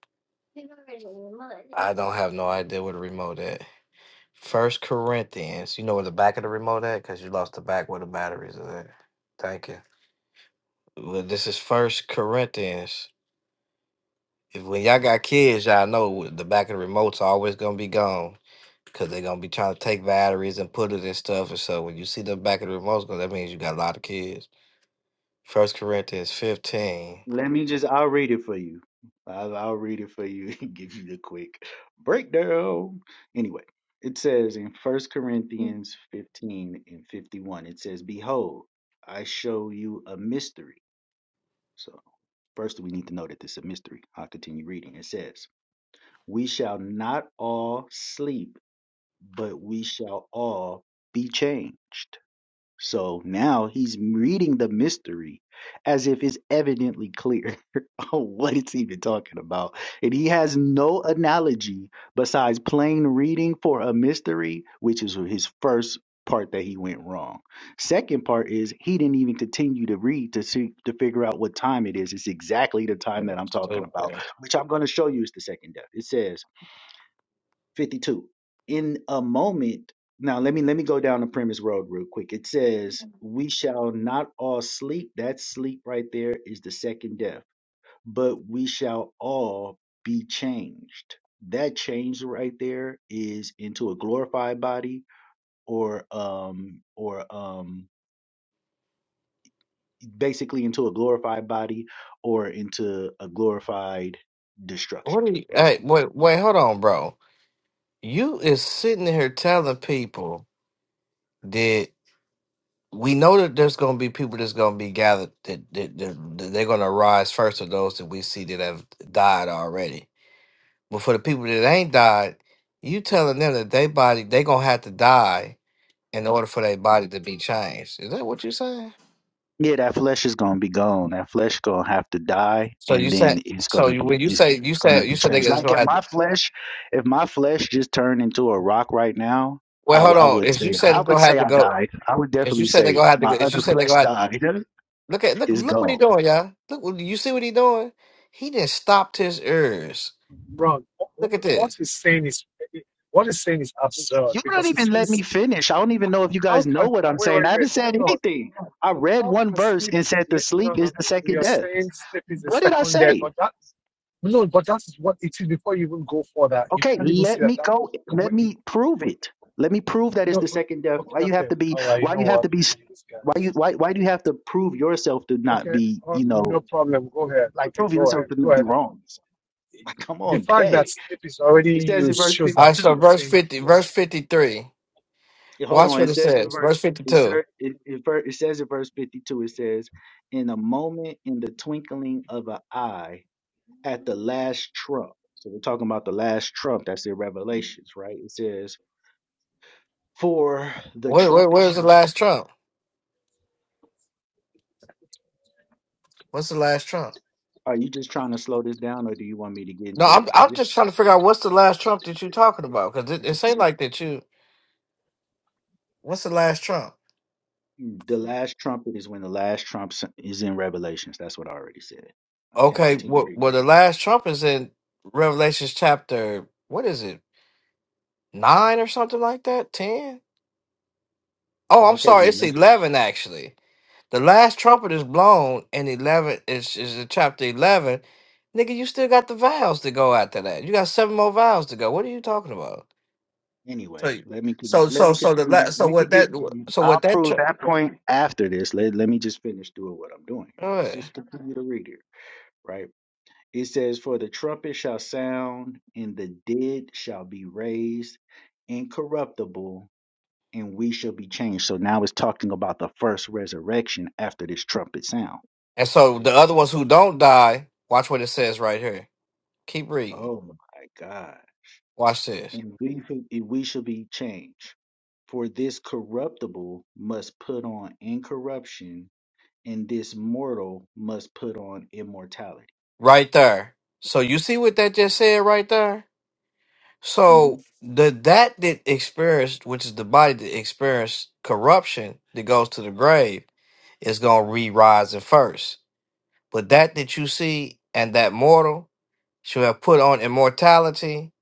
Speaker 12: I don't have no idea where the remote at. First Corinthians. You know where the back of the remote at? Because you lost the back where the batteries are at. Thank you. Well, this is First Corinthians. If when y'all got kids, y'all know the back of the remote's always gonna be gone. Cause they're gonna be trying to take batteries and put it in stuff. And so when you see the back of the remotes, go, that means you got a lot of kids. First Corinthians 15.
Speaker 4: Let me just, I'll read it for you. I'll, I'll read it for you and give you the quick breakdown. Anyway, it says in First Corinthians 15 and 51, it says, Behold, I show you a mystery. So, first we need to know that this is a mystery. I'll continue reading. It says, We shall not all sleep, but we shall all be changed. So now he's reading the mystery as if it's evidently clear on what it's even talking about. And he has no analogy besides plain reading for a mystery, which is his first part that he went wrong. Second part is he didn't even continue to read to see to figure out what time it is. It's exactly the
Speaker 12: Oh,
Speaker 4: time that
Speaker 12: that's
Speaker 4: I'm talking about,
Speaker 12: stupid.
Speaker 4: which I'm going to show you is the second death. It says 52 in a moment now let me let me go down the premise road real quick it says we shall not all sleep that sleep right there is the second death but we shall all be changed that change right there is into a glorified body or um or um basically into a glorified body or into a glorified destruction
Speaker 12: What are you
Speaker 4: let's
Speaker 12: hey,
Speaker 4: keep going.
Speaker 12: wait, wait, hold on, bro. You is sitting here telling people that we know that there's going to be people that's going to be gathered that, that, that, that they're going to rise first of those that we see that have died already but for the people that ain't died you telling them that they body they going to have to die in order for their body to be changed is that what you saying
Speaker 4: Yeah, that flesh is gonna be gone. That flesh gonna have to die,
Speaker 12: so
Speaker 4: and
Speaker 12: you
Speaker 4: then
Speaker 12: said
Speaker 4: it's
Speaker 12: so
Speaker 4: gonna
Speaker 12: you
Speaker 4: be
Speaker 12: when you
Speaker 4: it's
Speaker 12: say you
Speaker 4: gonna
Speaker 12: said you
Speaker 4: be
Speaker 12: said they're
Speaker 4: changed.
Speaker 12: going
Speaker 4: Like
Speaker 12: to
Speaker 4: if
Speaker 12: have to
Speaker 4: my flesh, if my flesh just turned into a rock right now,
Speaker 12: well
Speaker 4: I would
Speaker 12: hold
Speaker 4: I
Speaker 12: on
Speaker 4: would
Speaker 12: if you
Speaker 4: say
Speaker 12: said
Speaker 4: I
Speaker 12: it's
Speaker 4: would
Speaker 12: going to have
Speaker 4: say
Speaker 12: to
Speaker 4: I
Speaker 12: go
Speaker 4: died. I would
Speaker 12: if you
Speaker 4: definitely
Speaker 12: said they're
Speaker 4: say
Speaker 12: going to have to
Speaker 4: my
Speaker 12: go if you
Speaker 4: other
Speaker 12: said they're going
Speaker 4: flesh
Speaker 12: to have to,
Speaker 4: died.
Speaker 12: look at look
Speaker 4: It's
Speaker 12: look what he
Speaker 4: gone.
Speaker 12: doing y'all look what- you see what he doing he just stopped his ears
Speaker 1: terrible. Wrong.
Speaker 12: look at this
Speaker 1: What he's saying is what he's saying is absurd
Speaker 4: You don't
Speaker 1: because he's
Speaker 4: even
Speaker 1: saying
Speaker 4: let me
Speaker 1: sleep.
Speaker 4: finish. I don't even know if you
Speaker 1: How
Speaker 4: guys know
Speaker 1: can
Speaker 4: what I'm
Speaker 1: wait,
Speaker 4: saying.
Speaker 1: wait,
Speaker 4: I
Speaker 1: wait,
Speaker 4: haven't said
Speaker 1: hold on.
Speaker 4: anything. I read
Speaker 1: how
Speaker 4: one
Speaker 1: can
Speaker 4: verse
Speaker 1: sleep?
Speaker 4: and said the
Speaker 1: No,
Speaker 4: sleep
Speaker 1: no,
Speaker 4: is the second
Speaker 1: you're
Speaker 4: death.
Speaker 1: saying sleep is a
Speaker 4: What did I
Speaker 1: second death,
Speaker 4: say?
Speaker 1: but that no, but that is what it is before you even go for that. You
Speaker 4: Okay,
Speaker 1: can't even see
Speaker 4: let
Speaker 1: that.
Speaker 4: me
Speaker 1: That
Speaker 4: go. Let
Speaker 1: wait,
Speaker 4: me prove it. Let me prove that it's
Speaker 1: no,
Speaker 4: the
Speaker 1: but
Speaker 4: second death. Why
Speaker 1: okay,
Speaker 4: you have
Speaker 1: okay,
Speaker 4: to be?
Speaker 1: all right. You
Speaker 4: Why
Speaker 1: know
Speaker 4: you have
Speaker 1: what,
Speaker 4: to be?
Speaker 1: man, these
Speaker 4: Why you?
Speaker 1: guys.
Speaker 4: Why why do you have to prove yourself to not
Speaker 1: Okay,
Speaker 4: be?
Speaker 1: oh,
Speaker 4: You know,
Speaker 1: no problem. Go ahead.
Speaker 4: like
Speaker 1: Okay,
Speaker 4: prove
Speaker 1: go
Speaker 4: yourself
Speaker 1: ahead.
Speaker 4: to
Speaker 1: Go
Speaker 4: be
Speaker 1: ahead.
Speaker 4: wrong. Like, come
Speaker 1: The
Speaker 4: on,
Speaker 1: fact that
Speaker 4: day.
Speaker 1: sleep is already
Speaker 4: It says in
Speaker 1: used
Speaker 4: verse
Speaker 1: shows
Speaker 12: All
Speaker 1: that
Speaker 12: right, so
Speaker 1: what
Speaker 4: fifty-two.
Speaker 1: you're
Speaker 12: verse
Speaker 1: saying is
Speaker 12: 50, verse
Speaker 1: wrong.
Speaker 12: 53.
Speaker 4: Yeah, Hold
Speaker 12: Watch
Speaker 4: on. It
Speaker 12: what it
Speaker 4: says in
Speaker 12: says.
Speaker 4: verse.
Speaker 12: Verse
Speaker 4: It,
Speaker 12: 52.
Speaker 4: ser- it, it, ver- it says in verse fifty-two. It says, "In a moment, in the twinkling of an eye, at the last trump." So we're talking about the last trump. That's in Revelations, right? It says, "For the
Speaker 12: Where, where,
Speaker 4: trumpet
Speaker 12: where's
Speaker 4: shall
Speaker 12: the last trump? What's the last trump?
Speaker 4: Are you just trying to slow this down, or do you want me to get
Speaker 12: No,
Speaker 4: into
Speaker 12: I'm,
Speaker 4: it? I
Speaker 12: I'm
Speaker 4: just,
Speaker 12: just trying to figure out what's the last trump that you're talking about because
Speaker 4: I
Speaker 12: it, it seemed
Speaker 4: just,
Speaker 12: like that you, what's the last trump?
Speaker 4: mm, the last trumpet is when the last trump s- is in Revelations. That's what I already said. Okay, I
Speaker 12: Okay,
Speaker 4: continue
Speaker 12: well,
Speaker 4: reading.
Speaker 12: well, the last trump is in Revelations chapter, what is it, 9 or something like that? 10? Oh, I'm
Speaker 4: Okay,
Speaker 12: sorry.
Speaker 4: now
Speaker 12: It's
Speaker 4: let's.
Speaker 12: eleven actually. The last trumpet is blown, and eleven is is in chapter eleven. Nigga, you still got the vows to go after that. You got seven more vows to go. What are you talking about? So,
Speaker 4: Anyway, let me con-
Speaker 12: so,
Speaker 4: let
Speaker 12: so,
Speaker 4: me
Speaker 12: so the la-
Speaker 4: continue.
Speaker 12: so
Speaker 4: We
Speaker 12: what
Speaker 4: could
Speaker 12: that
Speaker 4: get. mm,
Speaker 12: so
Speaker 4: I'll
Speaker 12: what that
Speaker 4: prove
Speaker 12: tr-
Speaker 4: that point after this. Let let me just finish doing what I'm doing here. Let's
Speaker 12: Alright.
Speaker 4: just continue to read here. Right. It says, "For the trumpet shall sound, and the dead shall be raised incorruptible, and we shall be changed. So now it's talking about the first resurrection after this trumpet sound.
Speaker 12: and so the
Speaker 4: Praise
Speaker 12: other
Speaker 4: the-
Speaker 12: ones who don't die. Watch what it says right here. Keep reading.
Speaker 4: Oh my God.
Speaker 12: Watch this
Speaker 4: And we shall- and we shall be changed. For this corruptible must put on incorruption, and this mortal must put on immortality.
Speaker 12: right there. So you see what that just said right there. So
Speaker 4: Mhm.
Speaker 12: the that that experienced, which is the body that experienced corruption that goes to the grave, is gonna re rise at first. But that that you see and that mortal shall have put on immortality,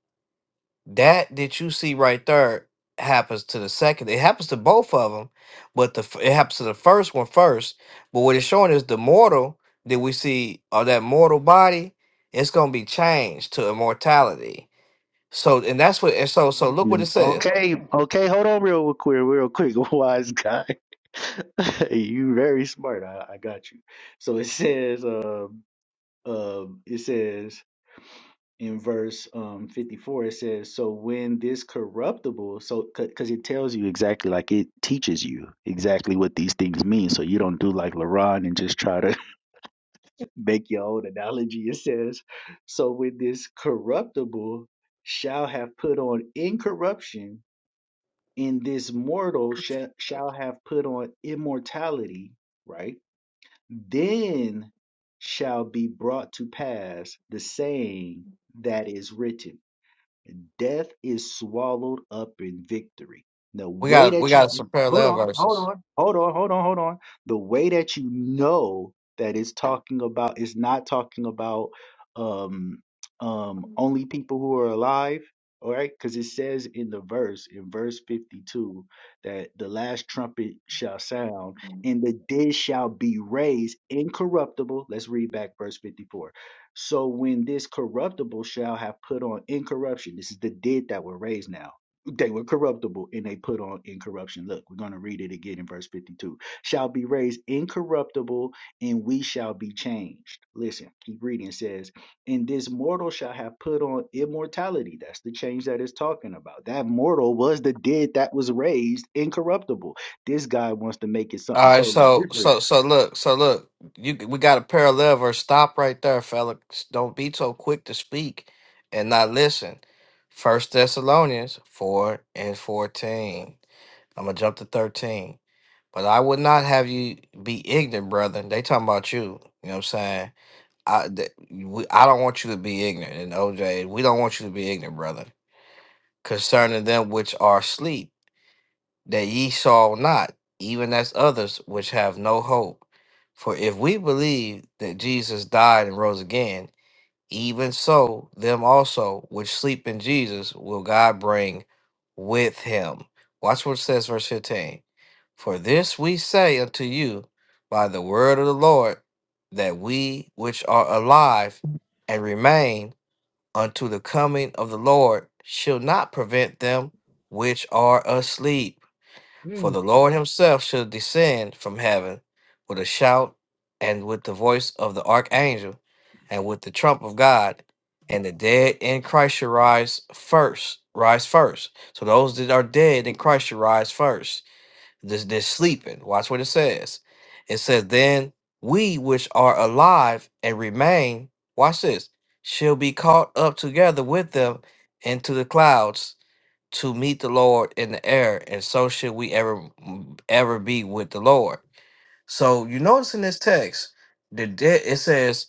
Speaker 12: that that you see right there happens to the second. It happens to both of them, but the f- it happens to the first one first. But what it's showing is the mortal that we see or that mortal body, it's gonna be changed to immortality so and that's what and so so look what it
Speaker 4: Then-
Speaker 12: says.
Speaker 4: Okay, okay, hold on real quick, real quick, wise guy. you very smart. I, I got you. So it says, um, um, it says in verse um 54 it says so when this corruptible so because it tells you exactly like it teaches you exactly what these things mean so you don't do like laron and just try to make your own analogy it says so when this corruptible shall have put on incorruption and this mortal shall, shall have put on immortality right then shall be brought to pass the saying that is written death is swallowed up in victory. The
Speaker 12: We
Speaker 4: way
Speaker 12: got we
Speaker 4: that
Speaker 12: got some
Speaker 4: you hold
Speaker 12: parallel
Speaker 4: on, hold
Speaker 12: verses.
Speaker 4: on, hold on, hold on, hold on. The way that you know that it's talking about it's not talking about um um only people who are alive, all right? Because it says in the verse, in verse 52, that the last trumpet shall sound, and the dead shall be raised incorruptible. Let's read back verse 54 so when this corruptible shall have put on incorruption, this is the dead that were raised now. They were corruptible and they put on incorruption. Look, we're going to read it again in verse 52. Shall be raised incorruptible and we shall be changed. Listen, keep reading. It says, And this mortal shall have put on immortality. That's the change that it's talking about. That mortal was the dead that was raised incorruptible. This guy wants to make it
Speaker 12: All
Speaker 4: something
Speaker 12: right,
Speaker 4: totally
Speaker 12: so
Speaker 4: different
Speaker 12: so so look so look you we got a parallel verse. Stop right there, fella. Don't be so quick to speak and not listen. First Thessalonians four and fourteen. I'm gonna jump to thirteen. But I would not have you be ignorant, brother. They talking about you. You know what I'm saying? I th- we, I don't want you to be ignorant. And OJ, we don't want you to be ignorant, brother concerning them which are asleep that ye saw not, even as others which have no hope. For if we believe that Jesus died and rose again, even so them also which sleep in Jesus will God bring with him. Watch what it says, verse 15. For this we say unto you by the word of the Lord, that we which are alive and remain unto the coming of the Lord shall not prevent them which are asleep. For
Speaker 1: Mm.
Speaker 12: the Lord himself shall descend from heaven with a shout and with the voice of the archangel and with the trump of God, and the dead in Christ shall rise first. Rise first. So those that are dead in Christ shall rise first. This they're sleeping. Watch what it says. It says, Then we which are alive and remain, watch this, shall be caught up together with them into the clouds to meet the Lord in the air, and so should we ever ever be with the Lord. So you notice in this text, the dead it says,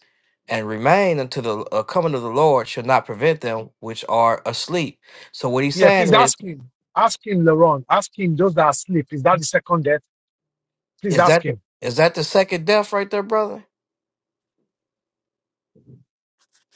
Speaker 12: "And remain until the uh, coming of the Lord shall not prevent them which are asleep." So what he's
Speaker 1: Yeah, please
Speaker 12: saying is,
Speaker 1: ask him. Ask him, Laurent. Ask him. Those that are asleep. Is that the second death? Please
Speaker 12: is
Speaker 1: ask
Speaker 12: that the-
Speaker 1: him.
Speaker 12: is that the second death right there, brother?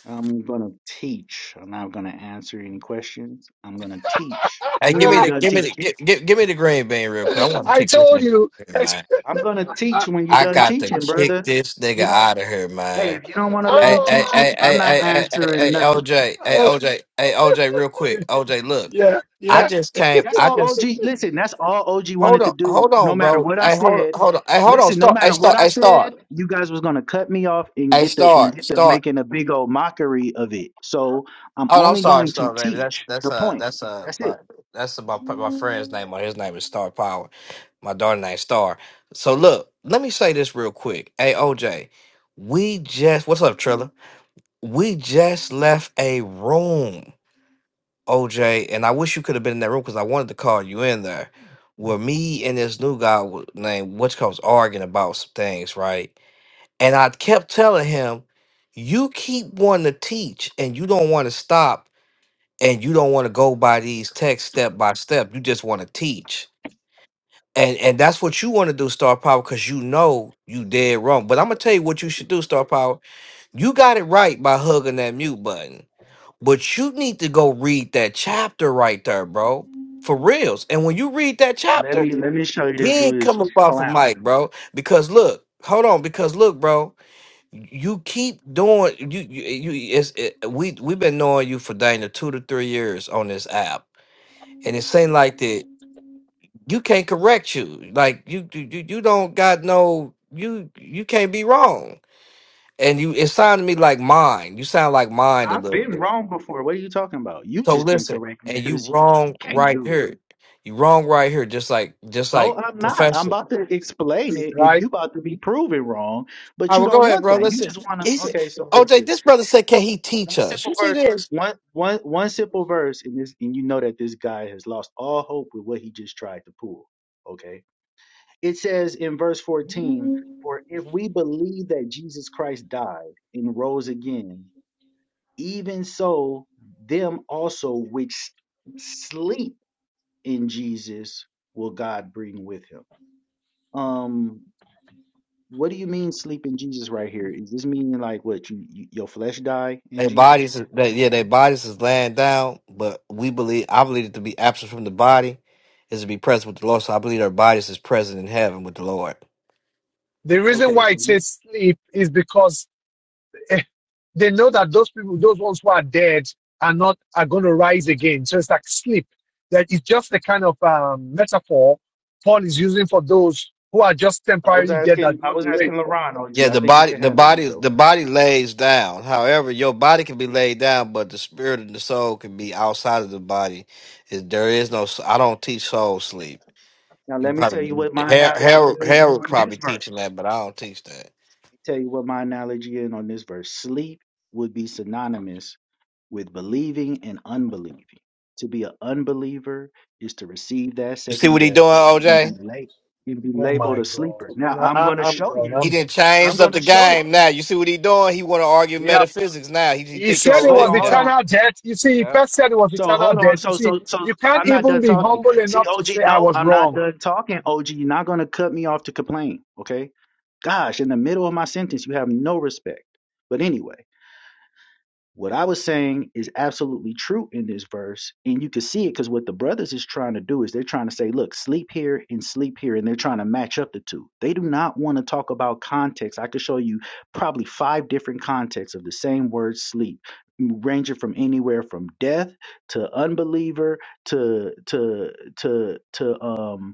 Speaker 4: I'm going to teach. I'm not going to answer any questions. I'm going to teach
Speaker 12: Hey,
Speaker 4: when
Speaker 12: give me
Speaker 4: you're
Speaker 12: the
Speaker 4: done
Speaker 12: give me the
Speaker 4: teaching.
Speaker 12: give, give, give me the green bean real quick. I want to
Speaker 1: I
Speaker 12: kick this
Speaker 1: told
Speaker 12: nigga out
Speaker 1: you.
Speaker 12: of here,
Speaker 1: I
Speaker 12: man.
Speaker 4: I'm going to teach when you're
Speaker 12: I
Speaker 4: done
Speaker 12: got to
Speaker 4: teaching,
Speaker 12: kick
Speaker 4: brother.
Speaker 12: this nigga
Speaker 4: You don't,
Speaker 12: out of here,
Speaker 4: hey,
Speaker 12: man.
Speaker 4: if you don't want to let
Speaker 12: Hey,
Speaker 4: me
Speaker 12: hey,
Speaker 4: teach
Speaker 1: Oh,
Speaker 4: you,
Speaker 12: hey,
Speaker 4: I'm
Speaker 12: hey,
Speaker 4: not
Speaker 12: hey, hey, hey,
Speaker 4: answering
Speaker 12: hey,
Speaker 4: nothing.
Speaker 12: OJ, hey,
Speaker 1: uh,
Speaker 12: OJ, hey, OJ, real quick, OJ, look,
Speaker 1: yeah,
Speaker 12: I
Speaker 1: yeah,
Speaker 12: just came,
Speaker 4: That's
Speaker 12: I
Speaker 4: all
Speaker 12: just
Speaker 4: OG, listen, that's all OG
Speaker 12: hold
Speaker 4: wanted to
Speaker 12: on,
Speaker 4: do,
Speaker 12: hold
Speaker 4: no
Speaker 12: on,
Speaker 4: matter
Speaker 12: bro,
Speaker 4: what I
Speaker 12: hey, hold, on,
Speaker 4: said.
Speaker 12: hold on, hey, hold on,
Speaker 4: Listen, no
Speaker 12: start, hey,
Speaker 4: matter what
Speaker 12: start,
Speaker 4: I
Speaker 12: hey,
Speaker 4: said,
Speaker 12: start,
Speaker 4: you guys was gonna cut me off and
Speaker 12: hey,
Speaker 4: get the and
Speaker 12: start,
Speaker 4: get the
Speaker 12: start.
Speaker 4: making a big old mockery of it. So I'm
Speaker 12: Oh, I'm
Speaker 4: only
Speaker 12: sorry,
Speaker 4: going to
Speaker 12: Star, baby.
Speaker 4: teach
Speaker 12: That's
Speaker 4: the
Speaker 12: that's uh
Speaker 4: point.
Speaker 12: that's uh
Speaker 4: That's
Speaker 12: my
Speaker 4: it.
Speaker 12: that's my my friend's name. Or his name is Star Power. My daughter named Star. So look, let me say this real quick. Hey, OJ, we just what's up, Trilla? We just left a room. OJ, and I wish you could have been in that room because I wanted to call you in there. Where me and this new guy wa- named What's was arguing about some things, right? And I kept telling him, You keep wanting to teach and you don't want to stop and you don't want to go by these texts step by step. You just want to teach. And and that's what you want to do, Star Power, because you know you dead wrong. But I'm gonna tell you what you should do, Star Power. You got it right by hugging that mute button. But you need to go read that chapter right there, bro. For reals. And when you read that
Speaker 4: Let
Speaker 12: chapter,
Speaker 4: me let me show you this
Speaker 12: then
Speaker 4: dude is
Speaker 12: come up off of
Speaker 4: clown.
Speaker 12: mic, bro. Because look, hold on. Because look, bro, you keep doing you you, you it's it, we we've been knowing you for dang two to three years on this app, and it seemed like that you can't correct you. Like you you you you don't got no you you can't be wrong and you it sounded to me like mine. You sound like mine a
Speaker 4: I've
Speaker 12: little
Speaker 4: been
Speaker 12: bit.
Speaker 4: wrong before. What are you talking about? You
Speaker 12: So
Speaker 4: just can
Speaker 12: listen,
Speaker 4: correct me
Speaker 12: and you
Speaker 4: because you
Speaker 12: wrong
Speaker 4: can't
Speaker 12: right
Speaker 4: do it.
Speaker 12: here. You wrong right here, just like just
Speaker 4: No,
Speaker 12: like
Speaker 4: I'm not. I'm
Speaker 12: professor.
Speaker 4: about to explain it and
Speaker 1: right.
Speaker 4: you about to be proven wrong, but
Speaker 12: All right,
Speaker 4: you
Speaker 12: well
Speaker 4: don't
Speaker 12: go ahead,
Speaker 4: want
Speaker 12: bro.
Speaker 4: that. You
Speaker 12: Listen.
Speaker 4: just wanna
Speaker 12: He said
Speaker 4: okay, so
Speaker 12: OJ,
Speaker 4: listen.
Speaker 12: this brother said, Can he
Speaker 4: One
Speaker 12: teach us?
Speaker 4: simple
Speaker 12: You see
Speaker 4: verse,
Speaker 12: this?
Speaker 4: one one one simple verse, and this and you know that this guy has lost all hope with what he just tried to pull. Okay. It says in verse 14, for if we believe that Jesus Christ died and rose again, Even so, them also which sleep in Jesus will God bring with him. Um, what do you mean sleep in Jesus right here? Is this meaning like what you, you your flesh die in
Speaker 12: Their
Speaker 4: Jesus?
Speaker 12: bodies is- they, yeah, their bodies is laying down, but we believe I believe it to be absent from the body is to be present with the Lord. So I believe our bodies is present in heaven with the Lord.
Speaker 1: The reason
Speaker 4: Okay,
Speaker 1: why
Speaker 4: so
Speaker 1: it
Speaker 4: you,
Speaker 1: says sleep is because eh, they know that those people, those ones who are dead, are not are going to rise again. So it's like sleep. That it's just the kind of um, metaphor Paul is using for those who are just
Speaker 4: I was
Speaker 1: temporarily dead that
Speaker 4: asking, I
Speaker 1: God
Speaker 4: was
Speaker 1: will raise.
Speaker 4: asking LaRon,
Speaker 12: Yeah,
Speaker 4: OG. I
Speaker 12: the
Speaker 4: think he
Speaker 12: body,
Speaker 4: can
Speaker 12: the
Speaker 4: handle
Speaker 12: body,
Speaker 4: himself.
Speaker 12: the body lays down. However, your body can be laid down, but the spirit and the soul can be outside of the body. Is there is no? I I don't teach soul sleep.
Speaker 4: Now
Speaker 12: You
Speaker 4: let me tell you
Speaker 12: probably
Speaker 4: what my
Speaker 12: Harold,
Speaker 4: analogy
Speaker 12: Harold,
Speaker 4: is
Speaker 12: Harold
Speaker 4: on
Speaker 12: probably
Speaker 4: this
Speaker 12: teaching
Speaker 4: verse.
Speaker 12: that, but I don't teach that.
Speaker 4: Tell you what my analogy is on this verse. Sleep would be synonymous with believing and unbelieving. To be an unbeliever is to receive that
Speaker 12: You see
Speaker 4: second
Speaker 12: what he
Speaker 4: death
Speaker 12: doing,
Speaker 4: and
Speaker 1: Oh.
Speaker 4: be
Speaker 12: OJ?
Speaker 4: late and be
Speaker 1: Oh
Speaker 4: labeled
Speaker 1: my
Speaker 4: a
Speaker 1: God.
Speaker 4: sleeper.
Speaker 1: You
Speaker 4: Now
Speaker 1: know,
Speaker 4: I'm
Speaker 1: I,
Speaker 4: gonna
Speaker 1: I'm
Speaker 4: show
Speaker 1: gone.
Speaker 4: you.
Speaker 12: He
Speaker 1: I'm done.
Speaker 12: didn't
Speaker 4: I'm
Speaker 12: change up the
Speaker 4: gonna show you.
Speaker 12: game. Now you see what he doing. He want to argue
Speaker 1: Yeah.
Speaker 12: metaphysics. Now he, he
Speaker 1: He
Speaker 12: think he's
Speaker 1: said
Speaker 4: So
Speaker 1: it
Speaker 4: hold
Speaker 1: was
Speaker 12: slick.
Speaker 4: on, hold
Speaker 12: Yeah,
Speaker 4: on.
Speaker 1: eternal debt. You see, he
Speaker 12: yeah.
Speaker 1: first said it was
Speaker 4: So
Speaker 1: eternal
Speaker 4: hold on.
Speaker 1: debt. You
Speaker 4: So
Speaker 1: see,
Speaker 4: so so
Speaker 1: you can't
Speaker 4: I'm not
Speaker 1: even
Speaker 4: done
Speaker 1: be
Speaker 4: talking.
Speaker 1: humble
Speaker 4: See,
Speaker 1: enough to say
Speaker 4: OG,
Speaker 1: I
Speaker 4: no,
Speaker 1: was
Speaker 4: I'm not
Speaker 1: wrong.
Speaker 4: done talking, OG. You're not gonna cut me off to complain, okay? Gosh, in the middle of my sentence, you have no respect. But anyway. What I was saying is absolutely true in this verse, and you can see it because what the brothers is trying to do is they're trying to say, look, sleep here and sleep here, and they're trying to match up the two. They do not want to talk about context. I could show you probably five different contexts of the same word sleep, m- ranging from anywhere from death to unbeliever to to to to um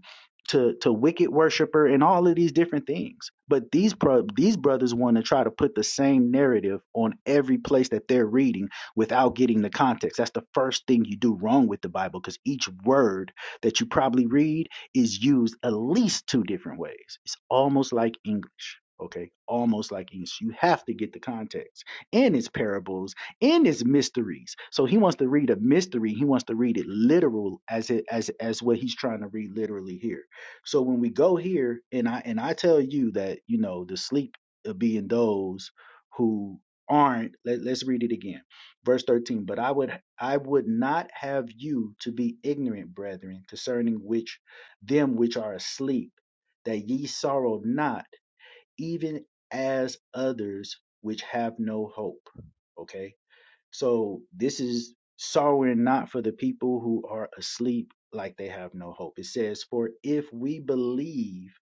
Speaker 4: to to wicked worshiper and all of these different things. But these pro- these brothers want to try to put the same narrative on every place that they're reading without getting the context. That's the first thing you do wrong with the Bible because each word that you probably read is used at least two different ways. It's almost like English. Okay, almost like English. You have to get the context and it's parables and it's mysteries. So he wants to read a mystery. He wants to read it literal as it as as what he's trying to read literally here so when we go here, and I and I tell you that you know the sleep of being those who aren't. Let, let's read it again, verse thirteen. But I would I would not have you to be ignorant, brethren, concerning which them which are asleep, that ye sorrow not, even as others which have no hope. Okay so this is sorrowing not for the people who are asleep like they have no hope. It says, For if we believe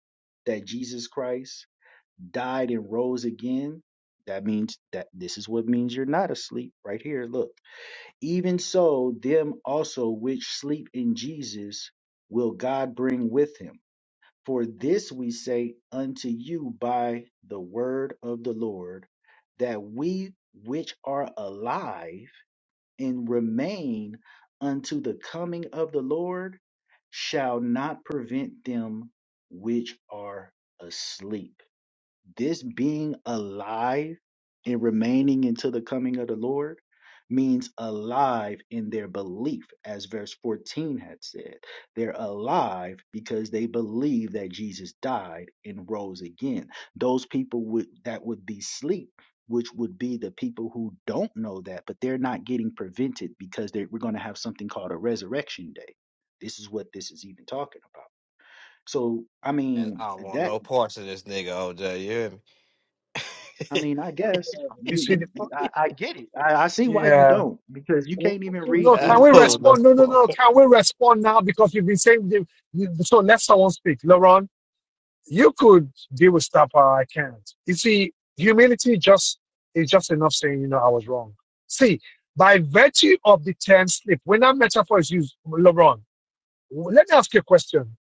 Speaker 4: that Jesus Christ died and rose again, that means that this is what means you're not asleep right here. Look, even so, them also which sleep in Jesus will God bring with him. For this we say unto you by the word of the Lord, that we which are alive and remain unto the coming of the Lord shall not prevent them which are asleep. This being alive and remaining until the coming of the Lord means alive in their belief, as verse 14 had said. They're alive because they believe that Jesus died and rose again. Those people would that would be sleep. Which would be the people who don't know that, but they're not getting prevented because they we're going to have something called a resurrection day. This is what this is even talking about. So, I
Speaker 12: And
Speaker 4: mean,
Speaker 12: I don't want
Speaker 4: that
Speaker 12: no parts of this nigga, OJ. You hear me?
Speaker 4: I mean, I guess
Speaker 1: You
Speaker 4: you
Speaker 1: see, the,
Speaker 4: you
Speaker 1: po-
Speaker 4: I, I get it. I, I see why you
Speaker 1: yeah.
Speaker 4: don't because you
Speaker 1: W-
Speaker 4: can't even read
Speaker 1: No,
Speaker 12: I
Speaker 1: can we
Speaker 12: don't
Speaker 4: anything.
Speaker 12: know.
Speaker 1: respond? No, no, no. Can we respond now? Because you've been saying, the, the- so let someone speak. Laurent. you could deal with stuff, I can't. You see, humility just is just enough saying, you know, I was wrong. See, by virtue of the term sleep, when that metaphor is used, Laurent, let me ask you a question.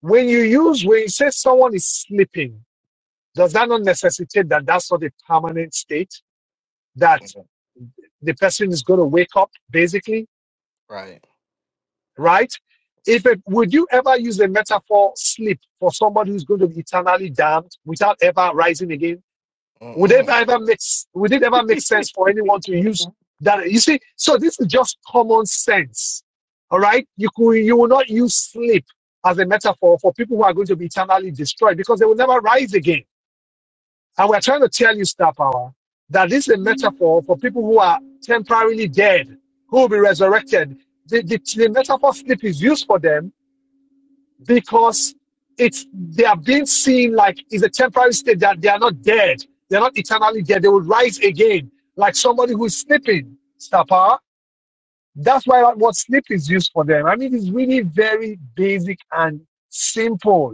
Speaker 1: When you use, when you say someone is sleeping, does that not necessitate that that's not a permanent state? That the person is going to wake up, basically,
Speaker 12: Right.
Speaker 1: right? If it, would you ever use a metaphor sleep for somebody who's going to be eternally damned without ever rising again? Would it
Speaker 12: Mm-mm.
Speaker 1: ever make would it ever make sense for anyone to use that? You see, so this is just common sense. All right. You could you will not use sleep as a metaphor for people who are going to be eternally destroyed because they will never rise again. And we're trying to tell you, Star Power, that this is a metaphor for people who are temporarily dead, who will be resurrected. The, the, the metaphor sleep is used for them because it's they are being seen like it's a temporary state that they are not dead. They're not eternally dead. They will rise again, like somebody who's sleeping. Star power. That's why that what sleep is used for them. I mean, it's really very basic and simple.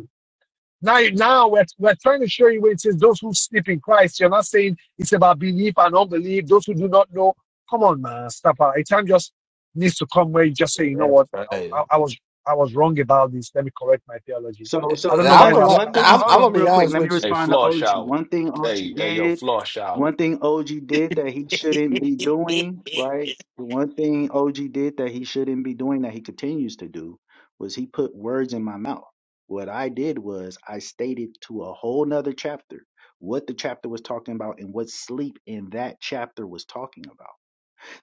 Speaker 1: Now, now we're, we're trying to show you where it says those who sleep in Christ. You're not saying it's about belief and unbelief. Those who do not know. Come on, man. Stop out. A time just needs to come where you just say,
Speaker 12: Yeah,
Speaker 1: you know
Speaker 12: that's
Speaker 1: what? I,
Speaker 12: right.
Speaker 1: I, I was I was wrong about this. Let me correct my theology.
Speaker 4: So
Speaker 1: I
Speaker 4: so
Speaker 1: don't know
Speaker 12: I
Speaker 1: why
Speaker 4: one
Speaker 12: would
Speaker 1: that's
Speaker 12: like.
Speaker 4: one
Speaker 1: that,
Speaker 4: thing.
Speaker 12: I'm.
Speaker 1: that's
Speaker 4: Hold
Speaker 1: why.
Speaker 12: I'm gonna
Speaker 4: on,
Speaker 12: be
Speaker 4: real quick.
Speaker 12: honest
Speaker 4: Let me
Speaker 12: with you.
Speaker 13: Hey,
Speaker 4: respond to
Speaker 13: flush
Speaker 4: OG.
Speaker 13: out.
Speaker 4: One thing OG
Speaker 13: Hey, hey, yo,
Speaker 4: did.
Speaker 13: flush out.
Speaker 4: One thing OG did that he shouldn't be doing. Right. The one thing OG did that he shouldn't be doing that he continues to do was he put words in my mouth. What I did was I stated to a whole nother chapter what the chapter was talking about and what sleep in that chapter was talking about.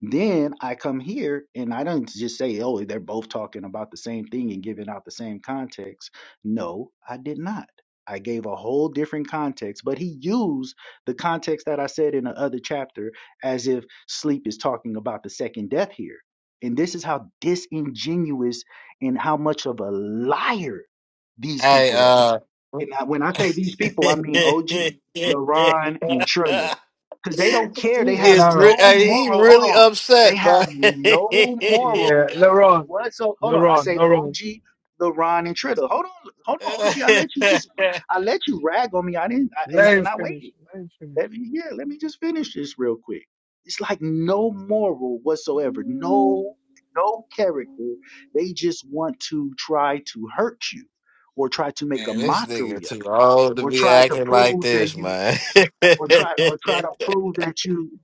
Speaker 4: Then I come here and I don't just say, oh, they're both talking about the same thing and giving out the same context. No, I did not. I gave a whole different context, but he used the context that I said in the other chapter as if sleep is talking about the second death here. And this is how disingenuous and how much of a liar these
Speaker 12: Hey,
Speaker 4: people are.
Speaker 12: uh,
Speaker 4: And I, when I say these people, I mean OG, LaRon, and Trilla. Because they don't care. They
Speaker 12: he
Speaker 1: Hey,
Speaker 4: have
Speaker 12: is. Re-
Speaker 1: Laron.
Speaker 4: no
Speaker 12: hey, he
Speaker 4: moral. Hold
Speaker 12: really
Speaker 4: on. They
Speaker 12: upset, bro.
Speaker 4: have no
Speaker 1: Yeah,
Speaker 4: moral
Speaker 1: Laron.
Speaker 4: whatsoever. Hold on, I
Speaker 1: Laron.
Speaker 4: say
Speaker 1: Laron.
Speaker 4: OG, LeBron, and Tritter. Hold on, hold on, OG. I let you just, I let you rag on me. I didn't, I, and
Speaker 1: Let him
Speaker 4: and I
Speaker 1: finish.
Speaker 4: waited.
Speaker 1: Let him finish.
Speaker 4: Let me, yeah, let me just finish this real quick. It's like no moral whatsoever, no, no character. They just want to try to hurt you, or try to make a
Speaker 12: Man, this nigga
Speaker 4: mockery of,
Speaker 12: too
Speaker 4: it,
Speaker 12: old to
Speaker 4: or
Speaker 12: be
Speaker 4: try to
Speaker 12: acting like
Speaker 4: prove that
Speaker 12: this,
Speaker 4: you
Speaker 12: man.
Speaker 4: or try or try to prove that you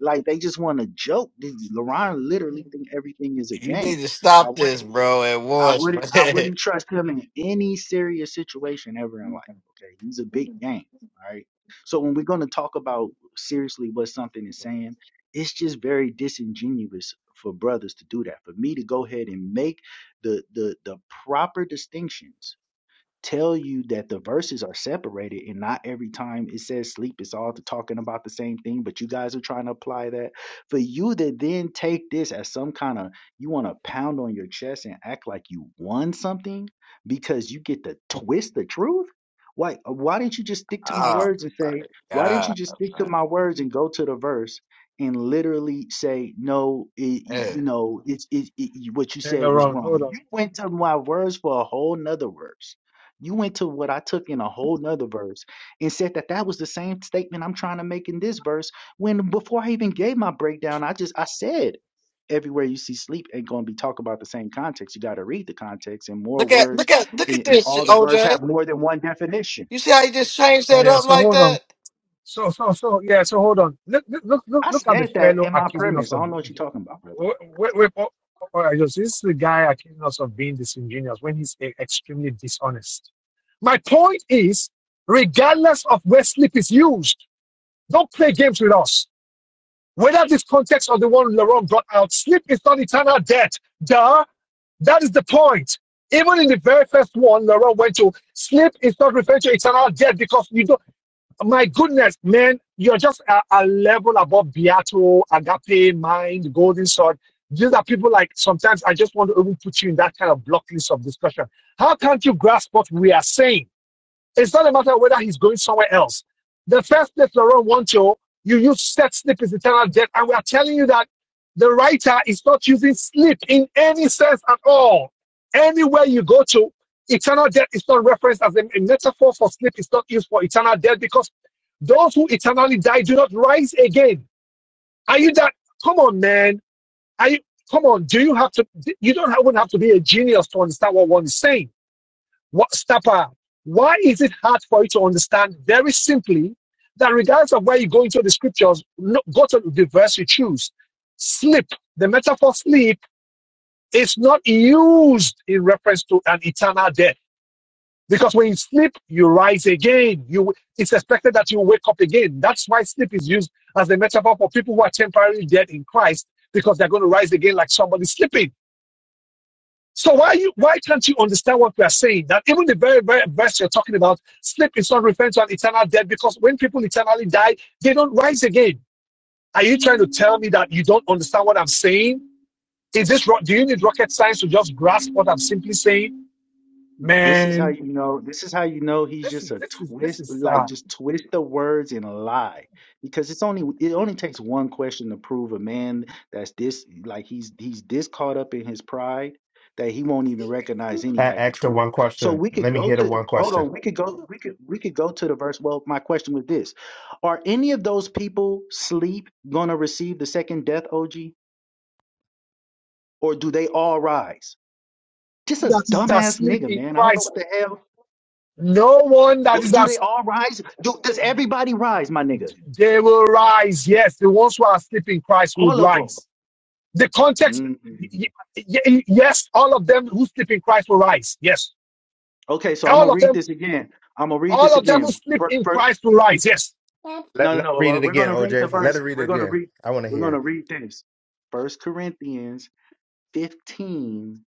Speaker 4: like they just want to joke. LeBron literally think everything is a
Speaker 12: you need
Speaker 4: game.
Speaker 12: to
Speaker 4: I
Speaker 12: stop
Speaker 4: wouldn't
Speaker 12: this, bro, at
Speaker 4: I
Speaker 12: once,
Speaker 4: wouldn't I
Speaker 12: man.
Speaker 4: wouldn't trust him in any serious situation ever in life. Okay. He's a big game. All right. So when we're gonna talk about seriously what something is saying, it's just very disingenuous for brothers to do that. For me to go ahead and make the the the proper distinctions tell you that the verses are separated and not every time it says sleep it's all talking about the same thing but you guys are trying to apply that for you to then take this as some kind of you want to pound on your chest and act like you won something because you get to twist the truth why why didn't you just stick to my
Speaker 12: Oh
Speaker 4: words and
Speaker 12: my
Speaker 4: say why didn't you just stick to
Speaker 12: god.
Speaker 4: my words and go to the verse and literally say no it,
Speaker 12: Yeah.
Speaker 4: you know it's it, it, what you
Speaker 1: Hey,
Speaker 4: said was
Speaker 1: Laron.
Speaker 4: wrong
Speaker 1: Hold
Speaker 4: you
Speaker 1: on.
Speaker 4: went to my words for a whole nother verse you went to what I took in a whole nother verse and said that that was the same statement I'm trying to make in this verse. When before I even gave my breakdown, I just I said everywhere you see sleep ain't going to be talk about the same context. You got to read the context and more
Speaker 12: Look at
Speaker 4: words,
Speaker 12: look at look
Speaker 4: and,
Speaker 12: at
Speaker 4: and
Speaker 12: this
Speaker 4: all
Speaker 12: shit,
Speaker 4: the words
Speaker 12: OJ.
Speaker 4: have more than one definition.
Speaker 12: You see how you just changed that
Speaker 1: Yeah.
Speaker 12: up
Speaker 1: So
Speaker 12: like
Speaker 1: hold on.
Speaker 12: that?
Speaker 1: So, so, so, yeah. So, hold on. Look, look, look, look
Speaker 4: I
Speaker 1: look at the
Speaker 4: said that
Speaker 1: fellow
Speaker 4: in my
Speaker 1: accusing us
Speaker 4: premise. I
Speaker 1: of
Speaker 4: don't know what you're
Speaker 1: being.
Speaker 4: talking about, brother.
Speaker 1: Wait, wait, wait, oh, oh, oh, this is the guy accusing us of being disingenuous when he's e- extremely dishonest. My point is, regardless of where sleep is used, don't play games with us. Whether this context or the one Laurent brought out, sleep is not eternal death. Duh. That is the point. Even in the very first one, Laurent went to sleep is not referring to eternal death because you don't my goodness, man, you're just a, a level above Beato, Agape, Mind, Golden Sword. These are people like sometimes I just want to even put you in that kind of block list of discussion. How can't you grasp what we are saying? It's not a matter of whether he's going somewhere else. The first place Laurent wants you, you use set sleep is eternal death. And we are telling you that the writer is not using sleep in any sense at all. Anywhere you go to, eternal death is not referenced as a, a metaphor for sleep. It's not used for eternal death because those who eternally die do not rise again. Are you that? Come on, man. Are you, come on. Do you have to? You don't even have to be a genius to understand what one is saying what Stapa, why is it hard for you to understand very simply that regardless of where you go into the scriptures, no, go to the verse you choose. Sleep, the metaphor sleep is not used in reference to an eternal death. Because when you sleep, you rise again. You it's expected that you wake up again. That's why sleep is used as the metaphor for people who are temporarily dead in Christ, because they're going to rise again like somebody sleeping. So why you why can't you understand what we are saying? That even the very very verse you're talking about, sleep is not referring to an eternal death because when people eternally die, they don't rise again. Are you trying to tell me that you don't understand what I'm saying? Is this do you need rocket science to just grasp what I'm simply saying?
Speaker 4: This is how
Speaker 1: Man,
Speaker 4: you know. This is how you know he's
Speaker 1: this
Speaker 4: just
Speaker 1: is
Speaker 4: a
Speaker 1: this is this
Speaker 4: twist,
Speaker 1: is
Speaker 4: like
Speaker 1: sad.
Speaker 4: just twist the words and lie, because it's only it only takes one question to prove a man that's this like he's he's this caught up in his pride that he won't even recognize any
Speaker 14: A-
Speaker 4: type of
Speaker 14: ask her
Speaker 4: truth.
Speaker 14: one
Speaker 4: So
Speaker 14: question.
Speaker 4: we could
Speaker 14: Let me
Speaker 4: go
Speaker 14: hear the
Speaker 4: to
Speaker 14: one
Speaker 4: hold
Speaker 14: question.
Speaker 4: on, we could go we could we could go to the verse. Well, my question was this: Are any of those people sleep gonna receive the second death, OG, or do they all rise? Just a
Speaker 1: That is
Speaker 4: dumbass
Speaker 1: asleep
Speaker 4: nigga,
Speaker 1: in
Speaker 4: man. I don't know
Speaker 1: Christ.
Speaker 4: what the hell
Speaker 1: No one that is
Speaker 4: Do they
Speaker 1: as
Speaker 4: all rise? Do, does everybody rise, my nigga?
Speaker 1: they will rise. Yes, the ones who are asleep in Christ would
Speaker 4: All of
Speaker 1: rise The context,
Speaker 4: them.
Speaker 1: yes, all of them who sleep in Christ will rise. Yes,
Speaker 4: Okay, so I'm gonna
Speaker 1: all of
Speaker 4: read
Speaker 1: them,
Speaker 4: this again. I'm gonna read
Speaker 1: all
Speaker 4: this
Speaker 1: of them who
Speaker 4: again.
Speaker 1: sleep
Speaker 4: For,
Speaker 1: in
Speaker 4: for,
Speaker 1: Christ will rise. Yes.
Speaker 14: Let
Speaker 4: no, no,
Speaker 14: let her read
Speaker 4: no.
Speaker 14: it
Speaker 4: We're
Speaker 14: again,
Speaker 4: gonna read the
Speaker 14: OJ. Let
Speaker 4: verse.
Speaker 14: her read it
Speaker 4: We're gonna
Speaker 14: again.
Speaker 4: read.
Speaker 14: I want to
Speaker 4: We're
Speaker 14: hear
Speaker 4: gonna
Speaker 14: it.
Speaker 4: read this. First Corinthians 15.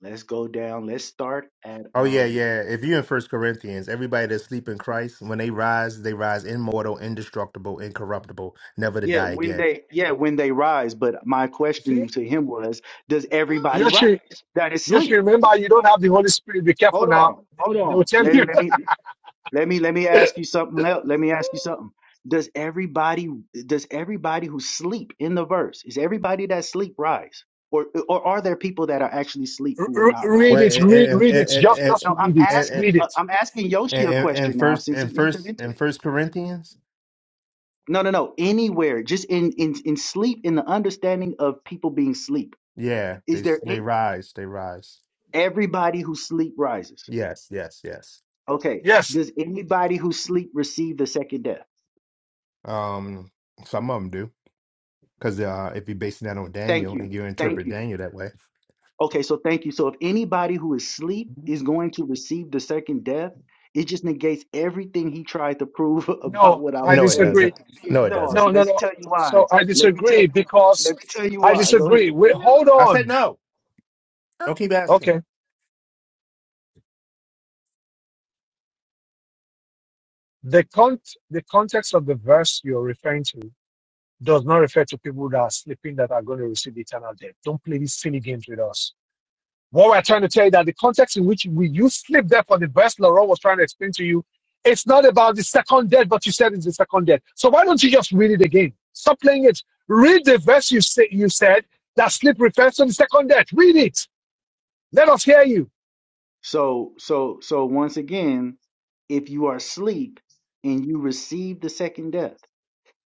Speaker 4: Let's go down. Let's start at
Speaker 14: Oh yeah,
Speaker 4: um.
Speaker 14: yeah. If you in First Corinthians, everybody that sleep in Christ, when they rise, they rise immortal, indestructible, incorruptible, never to
Speaker 4: Yeah,
Speaker 14: die
Speaker 4: when
Speaker 14: again.
Speaker 4: they yeah when they rise. But my
Speaker 1: See,
Speaker 4: question to him was, does everybody
Speaker 1: you should,
Speaker 4: rise that is
Speaker 1: you should
Speaker 4: sleep?
Speaker 1: remember you don't have the Holy Spirit. Be careful
Speaker 4: Hold
Speaker 1: now.
Speaker 4: on, hold
Speaker 1: They will
Speaker 4: on.
Speaker 1: tell
Speaker 4: Let,
Speaker 1: you.
Speaker 4: me- let me Let me let me ask you something else. Let me ask you something. Does everybody does everybody who sleep in the verse is everybody that sleep rise, or or are there people that are actually sleep who will not rise
Speaker 1: read
Speaker 14: Well,
Speaker 1: it.
Speaker 4: incorrectly?
Speaker 1: Read,
Speaker 14: and
Speaker 1: read it. Just,
Speaker 14: and
Speaker 1: just
Speaker 4: No, I'm
Speaker 1: read it.
Speaker 14: and
Speaker 4: asking
Speaker 1: Read
Speaker 4: uh,
Speaker 1: it.
Speaker 4: I'm asking Yoshi a
Speaker 14: and
Speaker 4: question
Speaker 14: and
Speaker 4: now
Speaker 14: first
Speaker 4: since
Speaker 14: and
Speaker 4: he entered
Speaker 14: first
Speaker 4: into
Speaker 14: and
Speaker 4: it.
Speaker 14: First Corinthians,
Speaker 4: No, no, no. Anywhere, just in in in sleep, in the understanding of people being sleep,
Speaker 14: yeah,
Speaker 4: is
Speaker 14: they s-
Speaker 4: there
Speaker 14: they
Speaker 4: any,
Speaker 14: rise, they rise.
Speaker 4: everybody who sleep rises?
Speaker 14: Yes, yes, yes.
Speaker 4: Okay.
Speaker 1: Yes.
Speaker 4: Does anybody who sleep receive the second death?
Speaker 14: Um, some of them do because uh, if you're basing that on
Speaker 4: Thank
Speaker 14: Daniel
Speaker 4: you.
Speaker 14: and you
Speaker 4: Thank
Speaker 14: interpret
Speaker 4: you.
Speaker 14: Daniel that way.
Speaker 4: Okay, so thank you. So if anybody who is asleep is going to receive the second death, it just negates everything he tried to prove about
Speaker 1: No,
Speaker 4: what I
Speaker 1: I
Speaker 4: was
Speaker 14: No, it
Speaker 4: saying
Speaker 1: disagree.
Speaker 14: doesn't. No,
Speaker 4: being
Speaker 14: it
Speaker 1: No,
Speaker 14: doesn't.
Speaker 4: false.
Speaker 1: no, no,
Speaker 4: Let me
Speaker 1: no.
Speaker 4: tell you
Speaker 1: So
Speaker 4: why.
Speaker 1: I
Speaker 4: Let me tell
Speaker 1: disagree
Speaker 4: you. Let
Speaker 1: because
Speaker 4: me tell you
Speaker 1: I
Speaker 4: why. Go
Speaker 1: disagree.
Speaker 4: ahead.
Speaker 1: Wait, hold
Speaker 14: I said
Speaker 1: on.
Speaker 14: no. Keep asking me.
Speaker 1: Okay. The con the context of the verse you're referring to does not refer to people that are sleeping that are going to receive eternal death. Don't play these silly games with us. What we're trying to tell you that the context in which we you sleep there for the verse Laurent was trying to explain to you, it's not about the second death, but you said it's the second death. So why don't you just read it again? Stop playing it. Read the verse you say you said that sleep refers to the second death. Read it. Let us hear you.
Speaker 4: So so so once again, if you are asleep and you receive the second death.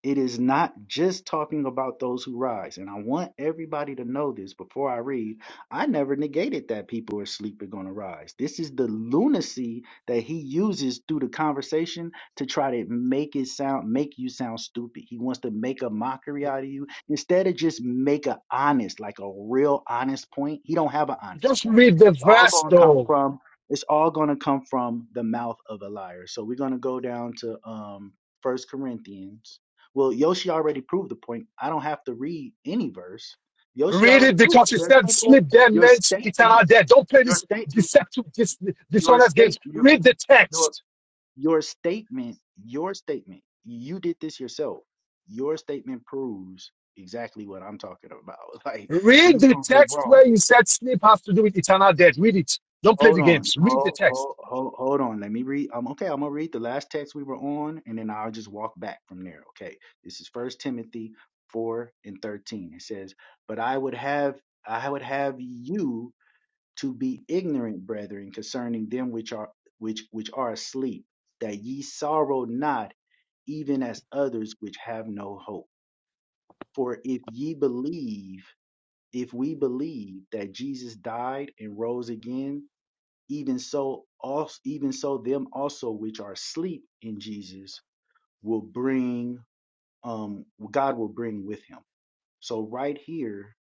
Speaker 4: It is not just talking about those who rise. And I want everybody to know this before I read. I never negated that people are sleeping going to rise. This is the lunacy that he uses through the conversation to try to make it sound, make you sound stupid. He wants to make a mockery out of you instead of just make a honest, like a real honest point. He don't have an honest
Speaker 1: Just
Speaker 4: point.
Speaker 1: read the
Speaker 4: It's all
Speaker 1: verse
Speaker 4: going to come
Speaker 1: though.
Speaker 4: from. It's all going to come from the mouth of a liar. So we're going to go down to um, First Corinthians well, Yoshi already proved the point. I don't have to read any verse. Yoshi
Speaker 1: Read
Speaker 4: already
Speaker 1: it
Speaker 4: proved
Speaker 1: because
Speaker 4: it.
Speaker 1: you
Speaker 4: There's
Speaker 1: said
Speaker 4: people.
Speaker 1: sleep there
Speaker 4: Your
Speaker 1: meant
Speaker 4: statement.
Speaker 1: eternal death. Don't play
Speaker 4: Your
Speaker 1: this
Speaker 4: statement.
Speaker 1: deceptive, this
Speaker 4: Your
Speaker 1: dishonest
Speaker 4: state.
Speaker 1: games.
Speaker 4: Your
Speaker 1: Read the text.
Speaker 4: your your statement. Your statement. You did this yourself. Your statement proves exactly what I'm talking about. Like
Speaker 1: Read
Speaker 4: you
Speaker 1: the
Speaker 4: proved it
Speaker 1: text
Speaker 4: wrong.
Speaker 1: where you said sleep has to do with eternal death. Read it. Don't play
Speaker 4: Hold
Speaker 1: the
Speaker 4: on.
Speaker 1: games. Read the
Speaker 4: Hold,
Speaker 1: text.
Speaker 4: hold, hold, hold on. Let me read. Um, okay, I'm gonna read the last text we were on, and then I'll just walk back from there. Okay. This is First Timothy four and thirteen. It says, But I would have I would have you to be ignorant, brethren, concerning them which are which which are asleep, that ye sorrow not, even as others which have no hope. For if ye believe, if we believe that Jesus died and rose again, even so also even so them also which are asleep in Jesus will bring um God will bring with him. So right here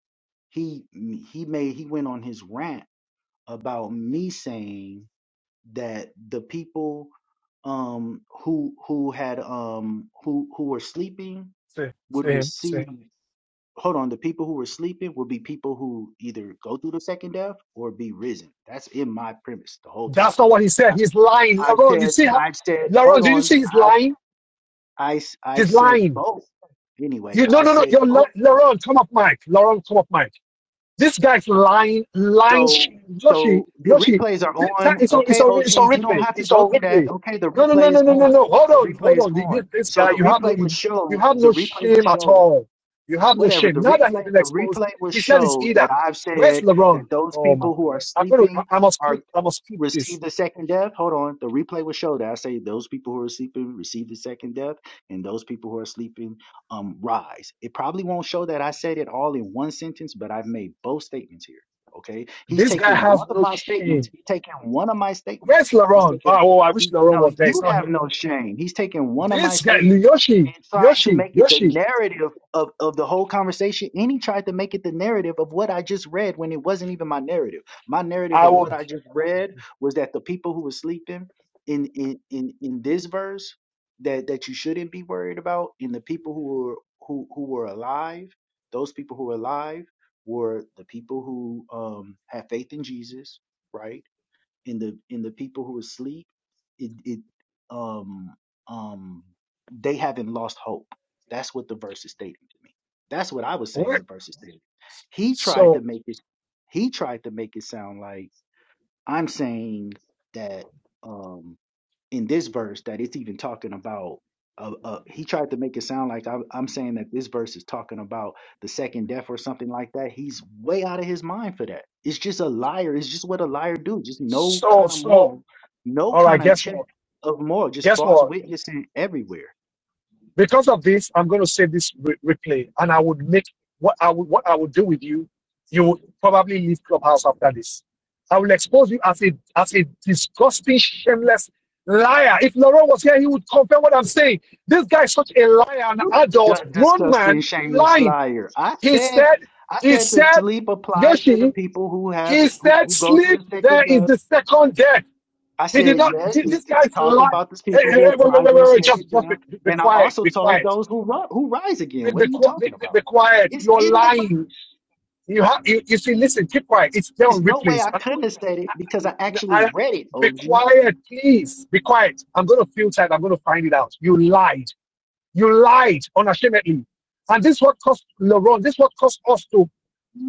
Speaker 4: he he made he went on his rant about me saying that the people um who who had um who who were sleeping
Speaker 1: See, see
Speaker 4: would
Speaker 1: him, see him.
Speaker 4: receive hold on the people who were sleeping would be people who either go through the second death or be risen. That's in my premise the whole
Speaker 1: That's
Speaker 4: time.
Speaker 1: not what he said. He's lying.
Speaker 4: I've
Speaker 1: Laron, you
Speaker 4: said,
Speaker 1: see how
Speaker 4: I've said,
Speaker 1: Laron,
Speaker 4: hold
Speaker 1: do you
Speaker 4: on.
Speaker 1: see he's
Speaker 4: I,
Speaker 1: lying?
Speaker 4: I, I've
Speaker 1: He's
Speaker 4: said
Speaker 1: lying.
Speaker 4: both. Anyway,
Speaker 1: You no
Speaker 4: I've
Speaker 1: no no
Speaker 4: said
Speaker 1: you're
Speaker 4: both.
Speaker 1: Laron, come up Mike. Laron, come up Mike. This guy's lying, lying.
Speaker 4: So,
Speaker 1: Yoshi,
Speaker 4: so the
Speaker 1: Yoshi,
Speaker 4: replays are on.
Speaker 1: it's on, it's
Speaker 4: Okay,
Speaker 1: on,
Speaker 4: OG,
Speaker 1: it's on
Speaker 4: you don't
Speaker 1: replay.
Speaker 4: have to
Speaker 1: It's
Speaker 4: go
Speaker 1: on
Speaker 4: through that.
Speaker 1: replay.
Speaker 4: Okay, the
Speaker 1: No, no, no,
Speaker 4: replay
Speaker 1: no,
Speaker 4: is
Speaker 1: no, no,
Speaker 4: on.
Speaker 1: no. Hold
Speaker 4: The
Speaker 1: on,
Speaker 4: replay
Speaker 1: hold
Speaker 4: is
Speaker 1: on. This,
Speaker 4: on.
Speaker 1: this
Speaker 4: So
Speaker 1: guy,
Speaker 4: the
Speaker 1: you have no,
Speaker 4: replay will
Speaker 1: you, you
Speaker 4: show.
Speaker 1: have no
Speaker 4: The replay will
Speaker 1: shame at
Speaker 4: show.
Speaker 1: all. You have no
Speaker 4: Whatever the
Speaker 1: shame. Now that he's
Speaker 4: replay,
Speaker 1: been
Speaker 4: the
Speaker 1: exposed,
Speaker 4: replay will
Speaker 1: he said it's
Speaker 4: show
Speaker 1: either.
Speaker 4: that I've
Speaker 1: Where's
Speaker 4: said
Speaker 1: LeBron?
Speaker 4: that those
Speaker 1: Oh my
Speaker 4: people who are
Speaker 1: God! I'm gonna,
Speaker 4: sleeping
Speaker 1: I, I must
Speaker 4: are.
Speaker 1: click, I must click this.
Speaker 4: receive the second death. Hold on, the replay will show that. I say those people who are sleeping receive the second death, and those people who are sleeping um rise. It probably won't show that I said it all in one sentence, but I've made both statements here. Okay, he's
Speaker 1: This guy
Speaker 4: taking one
Speaker 1: has
Speaker 4: of
Speaker 1: no
Speaker 4: my statements.
Speaker 1: shame.
Speaker 4: He's taking one of my
Speaker 1: Where's
Speaker 4: statements. He's
Speaker 1: LeBron?
Speaker 4: taking.
Speaker 1: Oh, oh, I wish
Speaker 4: He,
Speaker 1: LeBron
Speaker 4: no,
Speaker 1: was there. It's
Speaker 4: you
Speaker 1: not
Speaker 4: have
Speaker 1: here.
Speaker 4: no shame. He's taking one of my
Speaker 1: This guy,
Speaker 4: statements
Speaker 1: Yoshi,
Speaker 4: and trying to
Speaker 1: Yoshi,
Speaker 4: make it the
Speaker 1: Yoshi.
Speaker 4: narrative of, of the whole conversation. And he tried to make it the narrative of what I just read when it wasn't even my narrative my narrative
Speaker 1: I
Speaker 4: of what
Speaker 1: would.
Speaker 4: I just read was that the people who were sleeping in in in, in this verse that that you shouldn't be worried about, and the people who were who who were alive, those people who were alive were the people who um had faith in Jesus, right? And the and the people who were asleep, it it um um they haven't lost hope. That's what the verse is stating to me. That's what I was saying
Speaker 1: What?
Speaker 4: the verse is stating. He
Speaker 1: So
Speaker 4: tried to make it he tried to make it sound like I'm saying that um, in this verse that it's even talking about. Uh, uh, he tried to make it sound like I'm, I'm saying that this verse is talking about the second death or something like that. He's way out of his mind for that. It's just a liar. It's just what a liar do. Just no
Speaker 1: So,
Speaker 4: kind of
Speaker 1: so,
Speaker 4: moral, no
Speaker 1: all right,
Speaker 4: kind of
Speaker 1: guess
Speaker 4: check
Speaker 1: what?
Speaker 4: of moral. Just
Speaker 1: Guess
Speaker 4: false
Speaker 1: what?
Speaker 4: witnessing everywhere.
Speaker 1: Because of this, I'm going to save this re- replay and I would make what I would, what I would do with you. You would probably leave Clubhouse after this. I will expose you as a, as a disgusting, shameless liar. If Laurent was here, he would confirm what I'm saying. This guy is such a liar, an
Speaker 4: You are
Speaker 1: adult, grown
Speaker 4: disgusting,
Speaker 1: man,
Speaker 4: shameless
Speaker 1: lying.
Speaker 4: liar. I
Speaker 1: He
Speaker 4: said,
Speaker 1: said,
Speaker 4: I
Speaker 1: he
Speaker 4: said the
Speaker 1: said,
Speaker 4: sleep applies to the
Speaker 1: Yoshi,
Speaker 4: people who have
Speaker 1: he
Speaker 4: who,
Speaker 1: said,
Speaker 4: who go through
Speaker 1: sleep.
Speaker 4: the second
Speaker 1: There is
Speaker 4: death
Speaker 1: the second death.
Speaker 4: I
Speaker 1: He did
Speaker 4: said,
Speaker 1: not.
Speaker 4: yes, let's
Speaker 1: This
Speaker 4: let's
Speaker 1: guy's
Speaker 4: talk
Speaker 1: like,
Speaker 4: about these
Speaker 1: hey, hey,
Speaker 4: people who
Speaker 1: hey, wait, wait,
Speaker 4: apply
Speaker 1: wait,
Speaker 4: to the
Speaker 1: wait, wait, just,
Speaker 4: second
Speaker 1: just be,
Speaker 4: death.
Speaker 1: be
Speaker 4: And I
Speaker 1: quiet,
Speaker 4: also
Speaker 1: be
Speaker 4: talk
Speaker 1: quiet,
Speaker 4: those who ri- who rise again.
Speaker 1: be,
Speaker 4: What
Speaker 1: be,
Speaker 4: are you
Speaker 1: be,
Speaker 4: talking
Speaker 1: be-
Speaker 4: about?
Speaker 1: quiet.
Speaker 4: It's
Speaker 1: You're
Speaker 4: in the Bible.
Speaker 1: lying. You have, you, you see, listen, keep quiet. It's there
Speaker 4: There's
Speaker 1: on
Speaker 4: no way
Speaker 1: replays.
Speaker 4: I
Speaker 1: i
Speaker 4: couldn't have said it because I actually read it,
Speaker 1: be
Speaker 4: OG.
Speaker 1: quiet, please. Be quiet. I'm going to filter it. I'm going to find it out. You lied. You lied unashamedly. And this is what cost Laurent. This is what cost us to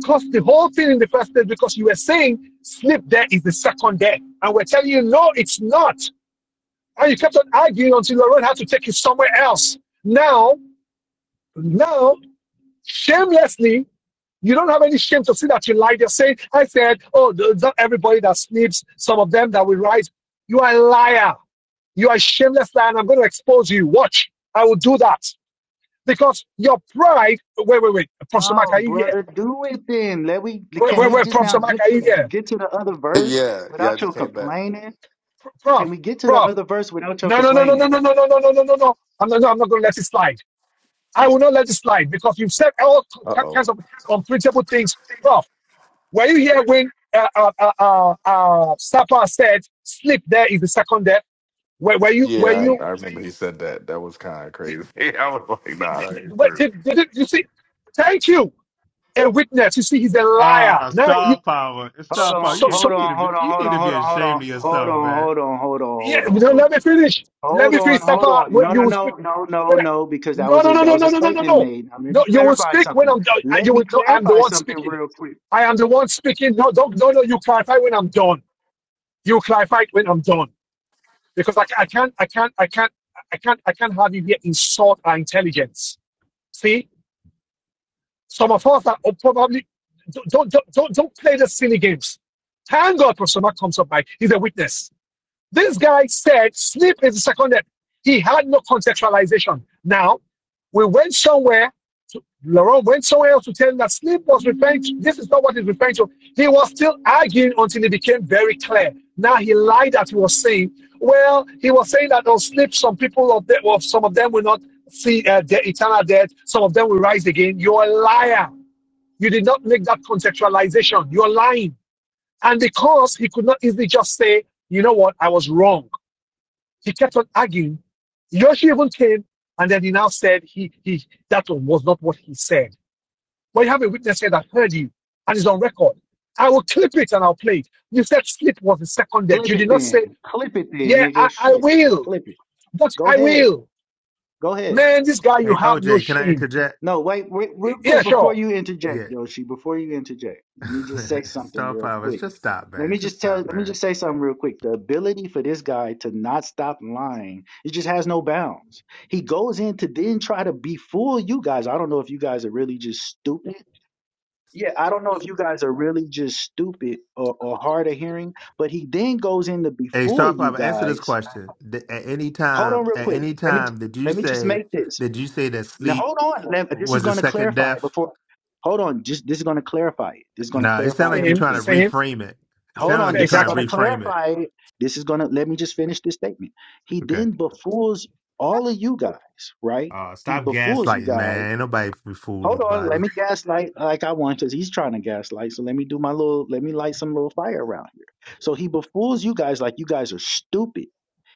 Speaker 1: cost the whole thing in the first place because you were saying sleep there is the second there. And we're telling you, no, it's not. And you kept on arguing until Lauren had to take you somewhere else. Now, now, shamelessly, you don't have any shame to see that you lied. You're saying, I said, oh, not everybody that sleeps, some of them that will rise. You are a liar. You are a shameless liar, and I'm going to expose you. Watch. I will do that. Because your pride, wait, wait, wait. Professor Mark, are
Speaker 4: No,
Speaker 1: you here?
Speaker 4: brother, do it then. Let we
Speaker 1: Wait,
Speaker 4: can
Speaker 1: wait,
Speaker 4: we
Speaker 1: wait.
Speaker 4: just now
Speaker 1: Professor Mark,
Speaker 4: get
Speaker 1: are you
Speaker 4: to
Speaker 1: here?
Speaker 4: get to the other verse
Speaker 3: yeah, yeah, I
Speaker 4: without your
Speaker 3: just came back.
Speaker 4: complaining? Can
Speaker 1: Prof,
Speaker 4: we get to the
Speaker 1: prof.
Speaker 4: other verse without your
Speaker 1: No, no, no, no, no,
Speaker 4: complaining?
Speaker 1: no, no, no, no, no, no, no. I'm not, no, I'm not going to let it slide. I will not let this slide because you've said all
Speaker 3: Uh
Speaker 1: kinds
Speaker 3: oh.
Speaker 1: of unprintable things. Prof, were you here when uh, uh, uh, uh, uh, Sapa said sleep there is the second death? Were, were you, were
Speaker 3: Yeah, I,
Speaker 1: you,
Speaker 3: I remember he said that. That was kind of crazy. I was like,
Speaker 1: did,
Speaker 3: nah, that
Speaker 1: did,
Speaker 3: ain't
Speaker 1: were-
Speaker 3: true.
Speaker 1: did, did, you see, thank you, a witness. You see, he's a liar.
Speaker 14: Ah,
Speaker 1: Now, you,
Speaker 14: star power. It's
Speaker 4: Hold
Speaker 1: so,
Speaker 14: Star power.
Speaker 4: on,
Speaker 1: so,
Speaker 14: You,
Speaker 4: hold
Speaker 14: you
Speaker 1: so,
Speaker 14: need
Speaker 4: on,
Speaker 14: to be
Speaker 4: hold on,
Speaker 14: you
Speaker 4: hold
Speaker 14: need
Speaker 4: on,
Speaker 14: to be
Speaker 4: hold
Speaker 14: ashamed of
Speaker 4: on, hold on, hold
Speaker 14: yourself,
Speaker 4: on,
Speaker 14: man.
Speaker 4: hold on, hold on, hold
Speaker 1: yeah,
Speaker 4: on,
Speaker 1: no,
Speaker 4: hold on.
Speaker 1: let me finish. Let
Speaker 4: Hold
Speaker 1: me
Speaker 4: on,
Speaker 1: finish,
Speaker 4: hold
Speaker 1: Sapa.
Speaker 4: on. No,
Speaker 1: When You
Speaker 4: no,
Speaker 1: will speak.
Speaker 4: no, no, no,
Speaker 1: when I-
Speaker 4: no, because that
Speaker 1: No,
Speaker 4: was
Speaker 1: no,
Speaker 4: a
Speaker 1: no,
Speaker 4: that
Speaker 1: no,
Speaker 4: was
Speaker 1: no,
Speaker 4: a
Speaker 1: no, no, no,
Speaker 4: statement
Speaker 1: no.
Speaker 4: made. I'm going
Speaker 1: No,
Speaker 4: to
Speaker 1: you will
Speaker 4: clarify
Speaker 1: speak when
Speaker 4: something.
Speaker 1: I'm done.
Speaker 4: Let
Speaker 1: You
Speaker 4: me
Speaker 1: will, no, I'm the
Speaker 4: clarify
Speaker 1: one
Speaker 4: something
Speaker 1: speaking.
Speaker 4: real quick.
Speaker 1: I am the one speaking. No, don't, no, no, you clarify when I'm done. you Clive Fight when I'm done because I, I can't I can't I can't I can't I can't have you here insult our intelligence. See, some of us are probably don't don't don't don't, don't play the silly games. Thank God Professor Mark comes up by he's a witness. This guy said sleep is seconded. He had no contextualization. Now, we went somewhere, to, Laurent went somewhere else to tell him that sleep was referring to, this is not what he's referring to. He was still arguing until it became very clear. Now he lied that he was saying, well, he was saying that on sleep, some people of, the, of some of them will not see uh, the eternal death, some of them will rise again. You're a liar. You did not make that contextualization. You're lying. And because he could not easily just say, you know what, I was wrong. He kept on arguing. Yoshi even came and then he now said he, he that was not what he said. But you have a witness here that heard you and is on record. I will clip it and I'll play it. You said sleep was the second death.
Speaker 4: Clip
Speaker 1: You
Speaker 4: it
Speaker 1: did not say,
Speaker 4: then. Clip it then,
Speaker 1: yeah, I,
Speaker 4: nigga.
Speaker 1: I
Speaker 4: Shit.
Speaker 1: will.
Speaker 4: Clip it.
Speaker 1: But
Speaker 4: Go
Speaker 1: I
Speaker 4: ahead.
Speaker 1: will.
Speaker 4: Go ahead.
Speaker 1: Man, this guy, you
Speaker 14: Hey
Speaker 1: have no
Speaker 14: OJ, can I
Speaker 1: shame.
Speaker 14: interject?
Speaker 4: No, wait, wait, real
Speaker 1: Yeah,
Speaker 4: quick before
Speaker 1: sure.
Speaker 4: you
Speaker 14: Yeah.
Speaker 4: interject, Yoshi. Before you interject, let me just say something
Speaker 14: star
Speaker 4: real
Speaker 14: power.
Speaker 4: quick.
Speaker 14: Just stop,
Speaker 4: Let
Speaker 14: man.
Speaker 4: me
Speaker 14: Just
Speaker 4: just tell.
Speaker 14: stop,
Speaker 4: Let me
Speaker 14: man.
Speaker 4: just say something real quick. The ability for this guy to not stop lying, it just has no bounds. He goes in to then try to befool you guys. I don't know if you guys are really just stupid. Yeah, I don't know if you guys are really just stupid or, or hard of hearing. But he then goes in to
Speaker 14: Hey,
Speaker 4: befool
Speaker 14: Star
Speaker 4: you
Speaker 14: Power, answer this
Speaker 4: guys.
Speaker 14: question. Th- At any
Speaker 4: Hold
Speaker 14: time,
Speaker 4: on, real
Speaker 14: at
Speaker 4: quick.
Speaker 14: any
Speaker 4: Let me
Speaker 14: time, did you
Speaker 4: let me just
Speaker 14: say
Speaker 4: make this.
Speaker 14: did you say that
Speaker 4: Now
Speaker 14: sleep
Speaker 4: hold on. Let- This is
Speaker 14: was a
Speaker 4: going to
Speaker 14: second
Speaker 4: clarify it
Speaker 14: death?
Speaker 4: before. Hold on. Just this is going to clarify it. This is going to
Speaker 14: Nah, it sounded
Speaker 4: clarify
Speaker 14: like you're
Speaker 1: Same,
Speaker 14: trying
Speaker 4: everything.
Speaker 14: to
Speaker 1: same.
Speaker 14: reframe it. It
Speaker 4: Hold
Speaker 14: sounded like
Speaker 4: on.
Speaker 14: you're
Speaker 4: This is
Speaker 14: trying to
Speaker 4: going to
Speaker 1: Exactly.
Speaker 14: reframe it.
Speaker 4: clarify it. This is going to let me just finish this statement. He
Speaker 14: Okay.
Speaker 4: then befools all of you guys, right?
Speaker 14: Uh,
Speaker 4: He
Speaker 14: stop
Speaker 4: befools you
Speaker 14: gaslighting,
Speaker 4: guys
Speaker 14: man. nobody be fooling
Speaker 4: Hold on,
Speaker 14: nobody.
Speaker 4: let me gaslight like I want because he's trying to gaslight. So let me do my little, let me light some little fire around here. So he befools you guys like you guys are stupid.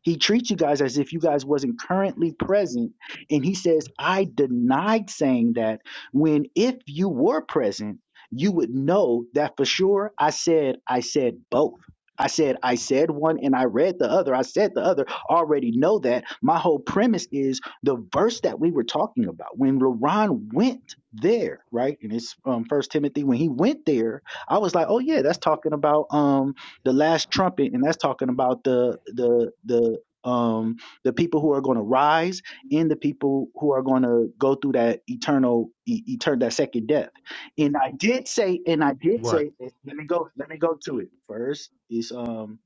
Speaker 4: He treats you guys as if you guys wasn't currently present, and he says, "I denied saying that." When if you were present, you would know that for sure. I said, I said both. I said, I said one and I read the other. I said the other. Already know that. My whole premise is the verse that we were talking about, when LaRon went there, right? And it's um first Timothy, when he went there, I was like, Oh yeah, that's talking about um the last trumpet, and that's talking about the the the um the people who are going to rise and the people who are going to go through that eternal e- eternal that second death and i did say and i did
Speaker 14: What?
Speaker 4: say let me go let me go to it first is um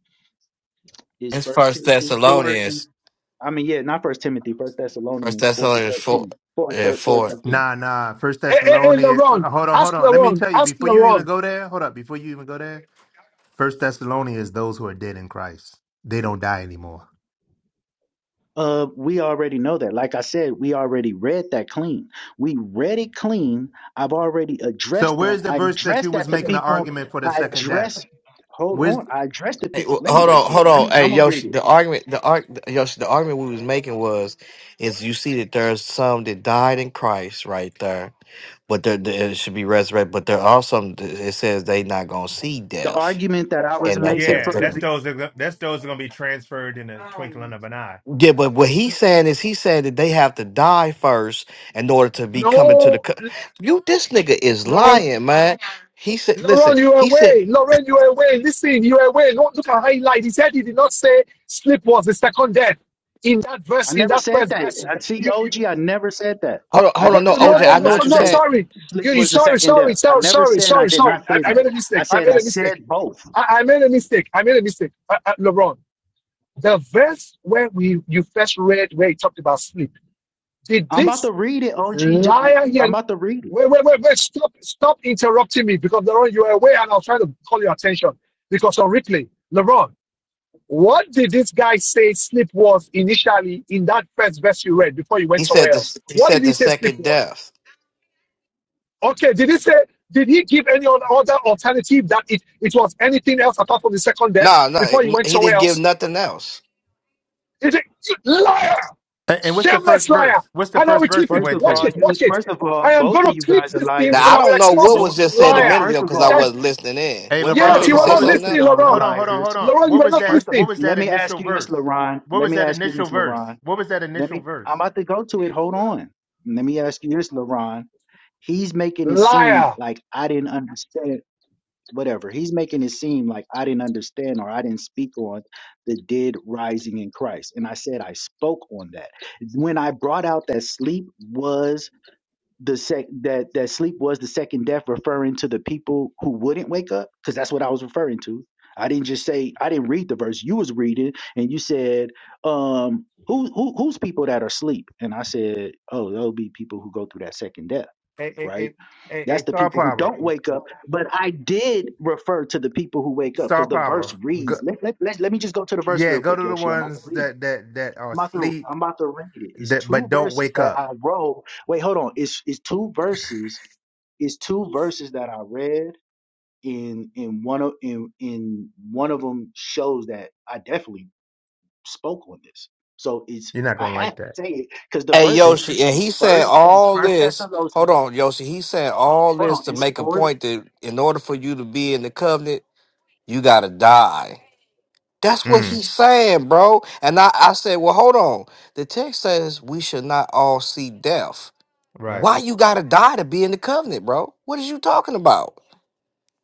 Speaker 4: is
Speaker 12: It's
Speaker 4: First
Speaker 12: First
Speaker 4: Timothy four and
Speaker 12: Thessalonians.
Speaker 4: I mean, yeah, not First Timothy, First
Speaker 12: First
Speaker 4: Thessalonians four and
Speaker 12: Thessalonians four.
Speaker 4: thirteen. Four and
Speaker 12: Yeah,
Speaker 4: thir- four and
Speaker 12: four.
Speaker 4: thirteen.
Speaker 14: Nah, nah. First
Speaker 1: Hey, hey, hey,
Speaker 14: Thessalonians. uh,
Speaker 1: Laron.
Speaker 14: Hold on, hold
Speaker 1: Ask
Speaker 14: on. Let me
Speaker 1: Laron.
Speaker 14: tell you
Speaker 1: Ask
Speaker 14: before you even
Speaker 1: Laron.
Speaker 14: go there. Hold up. Before you even go there, First Thessalonians, those who are dead in Christ, they don't die anymore.
Speaker 4: Uh, we already know that. Like I said, we already read that clean. We read it clean. I've already
Speaker 14: So
Speaker 4: addressed
Speaker 14: where's
Speaker 4: that.
Speaker 14: the
Speaker 4: I
Speaker 14: verse that you
Speaker 4: addressed
Speaker 14: was
Speaker 4: that to
Speaker 14: making an
Speaker 4: people.
Speaker 14: argument for the
Speaker 4: I
Speaker 14: second death?
Speaker 4: addressed. Hold
Speaker 14: Where's?
Speaker 4: on. I addressed the
Speaker 12: Hey,
Speaker 4: people.
Speaker 12: w-
Speaker 4: Let me
Speaker 12: hold
Speaker 4: go
Speaker 12: on,
Speaker 4: to it.
Speaker 12: hold
Speaker 4: Let
Speaker 12: on.
Speaker 4: me.
Speaker 12: Hey,
Speaker 4: I'm gonna read
Speaker 12: Yoshi,
Speaker 4: it.
Speaker 12: the argument, the arg, Yoshi, the argument we was making was, is you see that there's some that died in Christ right there, but there there- it should be resurrected. But there are some. that It says they not gonna see
Speaker 4: The
Speaker 12: death
Speaker 4: argument that I was
Speaker 12: in that
Speaker 4: making
Speaker 14: Yeah,
Speaker 12: text.
Speaker 4: from the.
Speaker 14: that's
Speaker 4: be-
Speaker 14: those. That, go- that's those that are gonna be transferred in a twinkling of an eye.
Speaker 12: Yeah, but what he's saying is he's saying that they have to die first in order to be coming to the.
Speaker 1: No,
Speaker 12: Co- you, this nigga is
Speaker 1: Laron.
Speaker 12: lying, man. He said, "Listen,"
Speaker 1: Laurent, you are
Speaker 12: he said,
Speaker 1: away. Lauren, you are away. Listen, you are away. Don't look at highlight. He said he did not say sleep was the second death. In that
Speaker 4: I
Speaker 1: verse, in
Speaker 4: never
Speaker 1: that
Speaker 4: said
Speaker 1: first
Speaker 4: that.
Speaker 1: verse,
Speaker 4: I see,
Speaker 1: you, you
Speaker 4: OG. I never said that.
Speaker 12: "Hold on,
Speaker 4: I
Speaker 12: hold
Speaker 1: no,
Speaker 12: on,
Speaker 4: never
Speaker 12: no,
Speaker 1: no,
Speaker 4: said
Speaker 1: no,
Speaker 4: I
Speaker 12: OJ,
Speaker 1: no,
Speaker 12: I
Speaker 4: did
Speaker 1: no,
Speaker 12: know
Speaker 1: so-
Speaker 12: what
Speaker 4: not
Speaker 12: you
Speaker 1: no
Speaker 4: say.
Speaker 12: said."
Speaker 1: sorry. You,
Speaker 4: sleep
Speaker 1: you
Speaker 4: was the
Speaker 1: sorry,
Speaker 4: second
Speaker 1: sorry,
Speaker 4: death. I
Speaker 1: sorry,
Speaker 4: never
Speaker 1: sorry,
Speaker 4: said I
Speaker 1: sorry,
Speaker 4: did
Speaker 1: sorry.
Speaker 4: not
Speaker 1: I,
Speaker 4: say
Speaker 1: I made
Speaker 4: that.
Speaker 1: a
Speaker 4: I
Speaker 1: mistake. I
Speaker 4: said
Speaker 1: made
Speaker 4: I
Speaker 1: a mistake.
Speaker 4: said both.
Speaker 1: I, I made a mistake. I made a mistake. Uh, uh, Laurent, the verse where we you first read where he talked about sleep. Did
Speaker 4: I'm
Speaker 1: this
Speaker 4: about to read it, OG. J-
Speaker 1: Liar
Speaker 4: I'm
Speaker 1: again.
Speaker 4: about to read it.
Speaker 1: Wait, wait, wait, wait. Stop, stop interrupting me because Laron, you were away and I was trying to call your attention because on replay, Laron, what did this guy say sleep was initially in that first verse you read before you
Speaker 12: He
Speaker 1: went somewhere
Speaker 12: said
Speaker 1: else?
Speaker 12: the He
Speaker 1: What did
Speaker 12: said
Speaker 1: he
Speaker 12: the
Speaker 1: say sleep
Speaker 12: second
Speaker 1: was?
Speaker 12: death.
Speaker 1: Okay, did he say, did he give any other alternative that it, it was anything else apart from the second death
Speaker 12: No, no,
Speaker 1: before you went
Speaker 12: he
Speaker 1: somewhere
Speaker 12: didn't
Speaker 1: else?
Speaker 12: give nothing else.
Speaker 1: Did it? Liar!
Speaker 14: And and what's the first
Speaker 1: Shameless liar!
Speaker 14: verse? What's the
Speaker 1: And I
Speaker 14: first
Speaker 1: will
Speaker 14: verse
Speaker 1: clip
Speaker 14: he
Speaker 1: it.
Speaker 4: First
Speaker 14: went
Speaker 4: of
Speaker 1: Watch
Speaker 14: to?
Speaker 4: all,
Speaker 1: it.
Speaker 4: you.
Speaker 1: Watch it.
Speaker 4: First of all,
Speaker 1: I am
Speaker 4: both
Speaker 1: going
Speaker 4: of
Speaker 1: to
Speaker 4: you
Speaker 1: clip
Speaker 4: guys are
Speaker 1: this thing
Speaker 12: Now
Speaker 4: liars.
Speaker 1: and
Speaker 12: I
Speaker 1: I will
Speaker 12: don't know
Speaker 4: It's
Speaker 1: expose
Speaker 12: what
Speaker 1: this
Speaker 12: was
Speaker 4: go-
Speaker 12: just
Speaker 4: hold
Speaker 12: said a
Speaker 4: on.
Speaker 1: liar.
Speaker 12: minute
Speaker 4: First
Speaker 12: ago
Speaker 4: of
Speaker 12: because
Speaker 1: This
Speaker 12: I
Speaker 4: all,
Speaker 1: guy's,
Speaker 12: wasn't listening in.
Speaker 14: Hey,
Speaker 12: What, what,
Speaker 4: first
Speaker 12: what
Speaker 1: yes,
Speaker 4: of
Speaker 1: you
Speaker 14: LeBron,
Speaker 12: he
Speaker 1: were
Speaker 4: all,
Speaker 14: what
Speaker 12: said
Speaker 1: not
Speaker 14: was?
Speaker 12: something
Speaker 4: both of
Speaker 1: listening,
Speaker 12: else?
Speaker 4: y'all are
Speaker 14: Hold
Speaker 1: Laurent.
Speaker 14: on, hold on, hold
Speaker 4: liars.
Speaker 14: on.
Speaker 1: Laurent, you
Speaker 14: What
Speaker 1: were
Speaker 14: was
Speaker 1: not
Speaker 14: that?
Speaker 4: First, of,
Speaker 14: What
Speaker 1: listening.
Speaker 14: was that
Speaker 4: let me ask
Speaker 14: initial
Speaker 4: you this,
Speaker 14: verse?
Speaker 4: Laron.
Speaker 14: What
Speaker 4: Let
Speaker 14: was
Speaker 4: me
Speaker 14: that
Speaker 4: ask you this,
Speaker 14: initial verse?
Speaker 4: Laron.
Speaker 14: What was that
Speaker 4: Let
Speaker 14: initial
Speaker 4: me. I'm
Speaker 14: verse?
Speaker 4: about to go to it. Hold on. Let me ask you this, Laron. He's making it seem
Speaker 1: Liar.
Speaker 4: like I didn't understand. whatever. He's making it seem like I didn't understand or I didn't speak on the dead rising in Christ. And I said I spoke on that. When I brought out that sleep was the sec that that sleep was the second death referring to the people who wouldn't wake up because that's what I was referring to. I didn't just say I didn't read the verse you was reading and you said um who, who who's people that are asleep and I said oh there'll be people who go through that second death
Speaker 14: Hey, hey,
Speaker 4: right?
Speaker 14: hey, hey, hey
Speaker 4: That's the
Speaker 14: star
Speaker 4: people who
Speaker 14: power,
Speaker 4: don't wake up. But I did refer to the people who wake up
Speaker 14: star
Speaker 4: because the verse
Speaker 14: power. Go,
Speaker 4: reads. Let, let, let, let me just go to the verse
Speaker 14: yeah,
Speaker 4: real
Speaker 14: go to
Speaker 4: quick,
Speaker 14: the
Speaker 4: Yoshi. I'm about to
Speaker 14: ones
Speaker 4: read it.
Speaker 14: that that that are
Speaker 4: I'm about to
Speaker 14: asleep,
Speaker 4: I'm about to read it. It's
Speaker 14: that but
Speaker 4: two
Speaker 14: don't
Speaker 4: verses
Speaker 14: wake
Speaker 4: that
Speaker 14: up.
Speaker 4: I wrote. Wait, hold on. It's it's two verses. It's two verses that I read in in one of in in one of them shows that I definitely spoke on this. So it's
Speaker 14: You're not
Speaker 4: I
Speaker 14: gonna like
Speaker 4: have to
Speaker 14: that,
Speaker 4: say it because the
Speaker 12: Hey
Speaker 4: verse say
Speaker 14: Tasty.
Speaker 4: it.
Speaker 12: Yoshi, and
Speaker 4: It's
Speaker 12: he said
Speaker 4: first it's
Speaker 12: all
Speaker 4: first
Speaker 12: this.
Speaker 4: Thessalonians
Speaker 12: Hold on, Yoshi. He said all
Speaker 4: hold
Speaker 12: this
Speaker 4: on,
Speaker 12: to
Speaker 4: it's
Speaker 12: make a
Speaker 4: 4
Speaker 12: point that in order for you to be in the covenant You gotta die. That's what
Speaker 14: Mm,
Speaker 12: he's saying, bro. And I, I said, well, hold on. The text says we should not all see death.
Speaker 14: right.
Speaker 12: Why you gotta die to be in the covenant, bro? What is you talking about?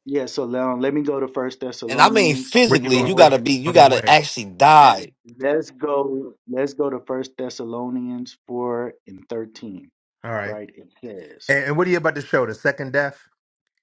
Speaker 4: Yeah, so now let me go to First
Speaker 12: And I mean
Speaker 4: Thessalonians
Speaker 14: Where you
Speaker 12: physically,
Speaker 14: going
Speaker 12: you
Speaker 14: first?
Speaker 12: gotta
Speaker 4: four.
Speaker 12: be, you
Speaker 14: Running
Speaker 12: gotta
Speaker 14: away.
Speaker 12: actually die.
Speaker 4: Let's go. Let's go to First Thessalonians four and thirteen.
Speaker 14: All right.
Speaker 4: Right, it says,
Speaker 14: And, and what are you about to show? The second death.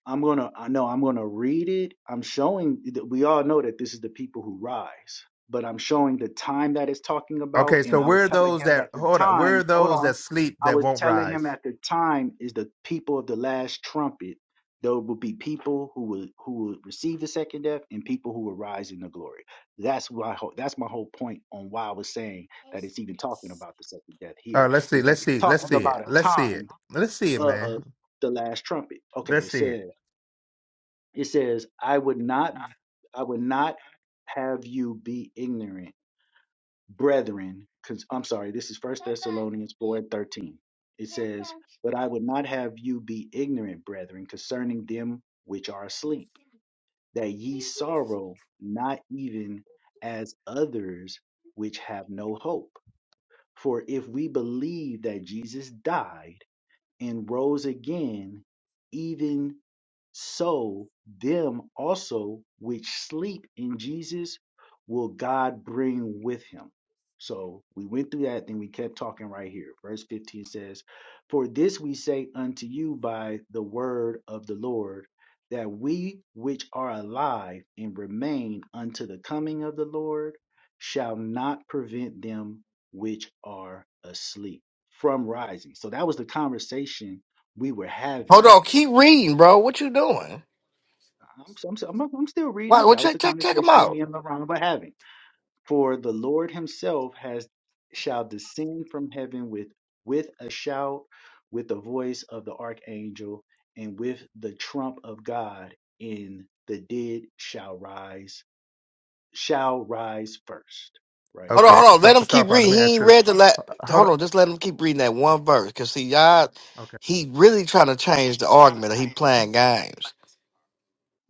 Speaker 4: I'm gonna I know I'm gonna read it. I'm showing that we all know that this is the people who rise, but I'm showing the time that it's talking about,
Speaker 14: Okay,
Speaker 4: and
Speaker 14: so
Speaker 4: I was
Speaker 14: where are
Speaker 4: telling
Speaker 14: those
Speaker 4: him
Speaker 14: that
Speaker 4: that the
Speaker 14: hold up? Where are
Speaker 4: time, hold
Speaker 14: those
Speaker 4: on.
Speaker 14: that sleep
Speaker 4: I
Speaker 14: that
Speaker 4: was
Speaker 14: won't
Speaker 4: telling him
Speaker 14: rise?
Speaker 4: at the time is the people of the last trumpet. There will be people who will who will receive the second death and people who will rise in the glory. That's why that's my whole point on why I was saying that it's even talking about the second death
Speaker 14: All
Speaker 4: here
Speaker 14: right, let's see.
Speaker 4: is that
Speaker 14: Let's
Speaker 4: it's
Speaker 14: see. Let's
Speaker 4: talking
Speaker 14: see it.
Speaker 4: about a
Speaker 14: Let's see
Speaker 4: time
Speaker 14: it. Let's see it, man.
Speaker 4: of the last trumpet. Okay,
Speaker 14: Let's
Speaker 4: it
Speaker 14: see
Speaker 4: says.
Speaker 14: it.
Speaker 4: It says, I would not, I would not have you be ignorant, brethren. Cause I'm sorry, this is First Thessalonians 4 and 13. It says, But I would not have you be ignorant, brethren, concerning them which are asleep, that ye sorrow not even as others which have no hope. For if we believe that Jesus died, and rose again, even so them also which sleep in Jesus will God bring with him. So we went through that, then we kept talking right here. Verse 15 says, For this we say unto you by the word of the Lord, that we which are alive and remain unto the coming of the Lord shall not prevent them which are asleep from rising. So that was the conversation we were
Speaker 12: Hold
Speaker 4: having.
Speaker 12: on, keep reading, bro. What you doing?
Speaker 4: I'm, I'm, I'm, I'm still
Speaker 12: Why?
Speaker 4: reading.
Speaker 12: What?
Speaker 4: That was the
Speaker 12: Check, check, check him
Speaker 4: conversation me
Speaker 12: out.
Speaker 4: and LaRon were having. For the Lord himself has shall descend from heaven with with a shout, with the voice of the archangel, and with the trump of God, and the dead shall rise, shall rise first. Right
Speaker 12: Hold on,
Speaker 14: Okay,
Speaker 12: hold on. Let
Speaker 14: so
Speaker 12: him
Speaker 14: Star
Speaker 12: keep
Speaker 14: Power, let
Speaker 12: reading.
Speaker 14: me
Speaker 12: He
Speaker 14: ask
Speaker 12: ain't
Speaker 14: you.
Speaker 12: read the la
Speaker 14: h- Hold
Speaker 12: Hold
Speaker 14: up.
Speaker 12: on, just let him keep reading that one verse. Cause see, y'all,
Speaker 14: Okay.
Speaker 12: he really trying to change the argument. Or he playing games.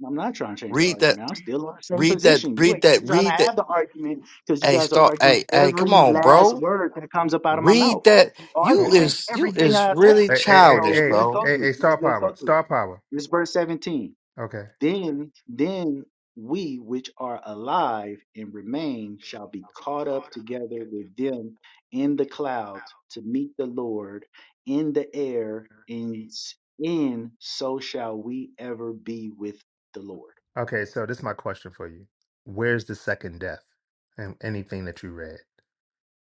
Speaker 4: I'm not trying to change the
Speaker 12: Read that.
Speaker 4: argument. I'm still in the same
Speaker 12: Read that.
Speaker 4: position. You
Speaker 12: Read
Speaker 4: ain't
Speaker 12: that.
Speaker 4: even trying to
Speaker 12: Read that.
Speaker 4: have the argument because you
Speaker 12: Hey,
Speaker 4: guys are
Speaker 12: start.
Speaker 4: arguing
Speaker 12: Hey, hey, come
Speaker 4: every
Speaker 12: on,
Speaker 4: last
Speaker 12: bro.
Speaker 4: word that comes up out of my mouth.
Speaker 12: Read that.
Speaker 4: You
Speaker 14: Hey,
Speaker 12: You
Speaker 4: arguing
Speaker 12: is you
Speaker 4: everything
Speaker 12: is
Speaker 4: I said.
Speaker 12: really
Speaker 14: hey, hey, hey,
Speaker 12: childish,
Speaker 4: So
Speaker 14: hey,
Speaker 4: let's
Speaker 12: bro.
Speaker 4: go
Speaker 14: hey,
Speaker 4: through
Speaker 14: hey,
Speaker 4: it. Let's
Speaker 14: Star
Speaker 4: let's
Speaker 14: Power.
Speaker 4: go through it.
Speaker 14: Star Power.
Speaker 4: This is verse 17.
Speaker 14: Okay.
Speaker 4: Then then we which are alive and remain shall be caught up together with them in the clouds to meet the Lord in the air, and s- in so shall we ever be with the Lord.
Speaker 14: Okay, so this is my question for you. Where's the second death and anything that you read?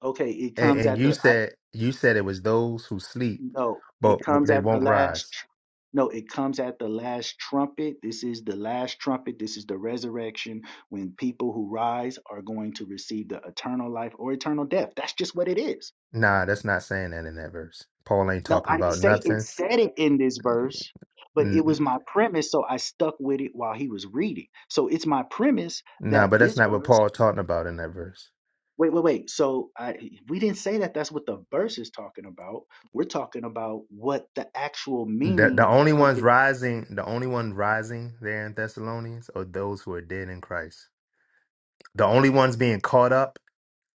Speaker 4: Okay, it
Speaker 14: And,
Speaker 4: comes
Speaker 14: and
Speaker 4: at
Speaker 14: you
Speaker 4: the.
Speaker 14: said you said it was those who sleep,
Speaker 4: No, it
Speaker 14: but w-
Speaker 4: comes
Speaker 14: they
Speaker 4: at the
Speaker 14: won't
Speaker 4: last.
Speaker 14: rise.
Speaker 4: tr- No, it comes at the last trumpet. This is the last trumpet. This is the resurrection when people who rise are going to receive the eternal life or eternal death. That's just what it is.
Speaker 14: Nah, that's not saying that in that verse. Paul ain't
Speaker 4: No,
Speaker 14: talking
Speaker 4: I didn't
Speaker 14: about
Speaker 4: say it
Speaker 14: nothing.
Speaker 4: said it in this verse, but it
Speaker 14: N-
Speaker 4: was
Speaker 14: n-
Speaker 4: my premise. So I stuck with it while he was reading. So it's my premise
Speaker 14: Nah,
Speaker 4: that
Speaker 14: but that's
Speaker 4: this
Speaker 14: not what
Speaker 4: verse.
Speaker 14: Paul's talking about in that verse.
Speaker 4: Wait, wait, wait. So I, we didn't say that that's what the verse is talking about. We're talking about what the actual
Speaker 14: The, the
Speaker 4: meaning
Speaker 14: only
Speaker 4: of
Speaker 14: ones
Speaker 4: the.
Speaker 14: rising, the only one rising there in Thessalonians are those who are dead in Christ. The only ones being caught up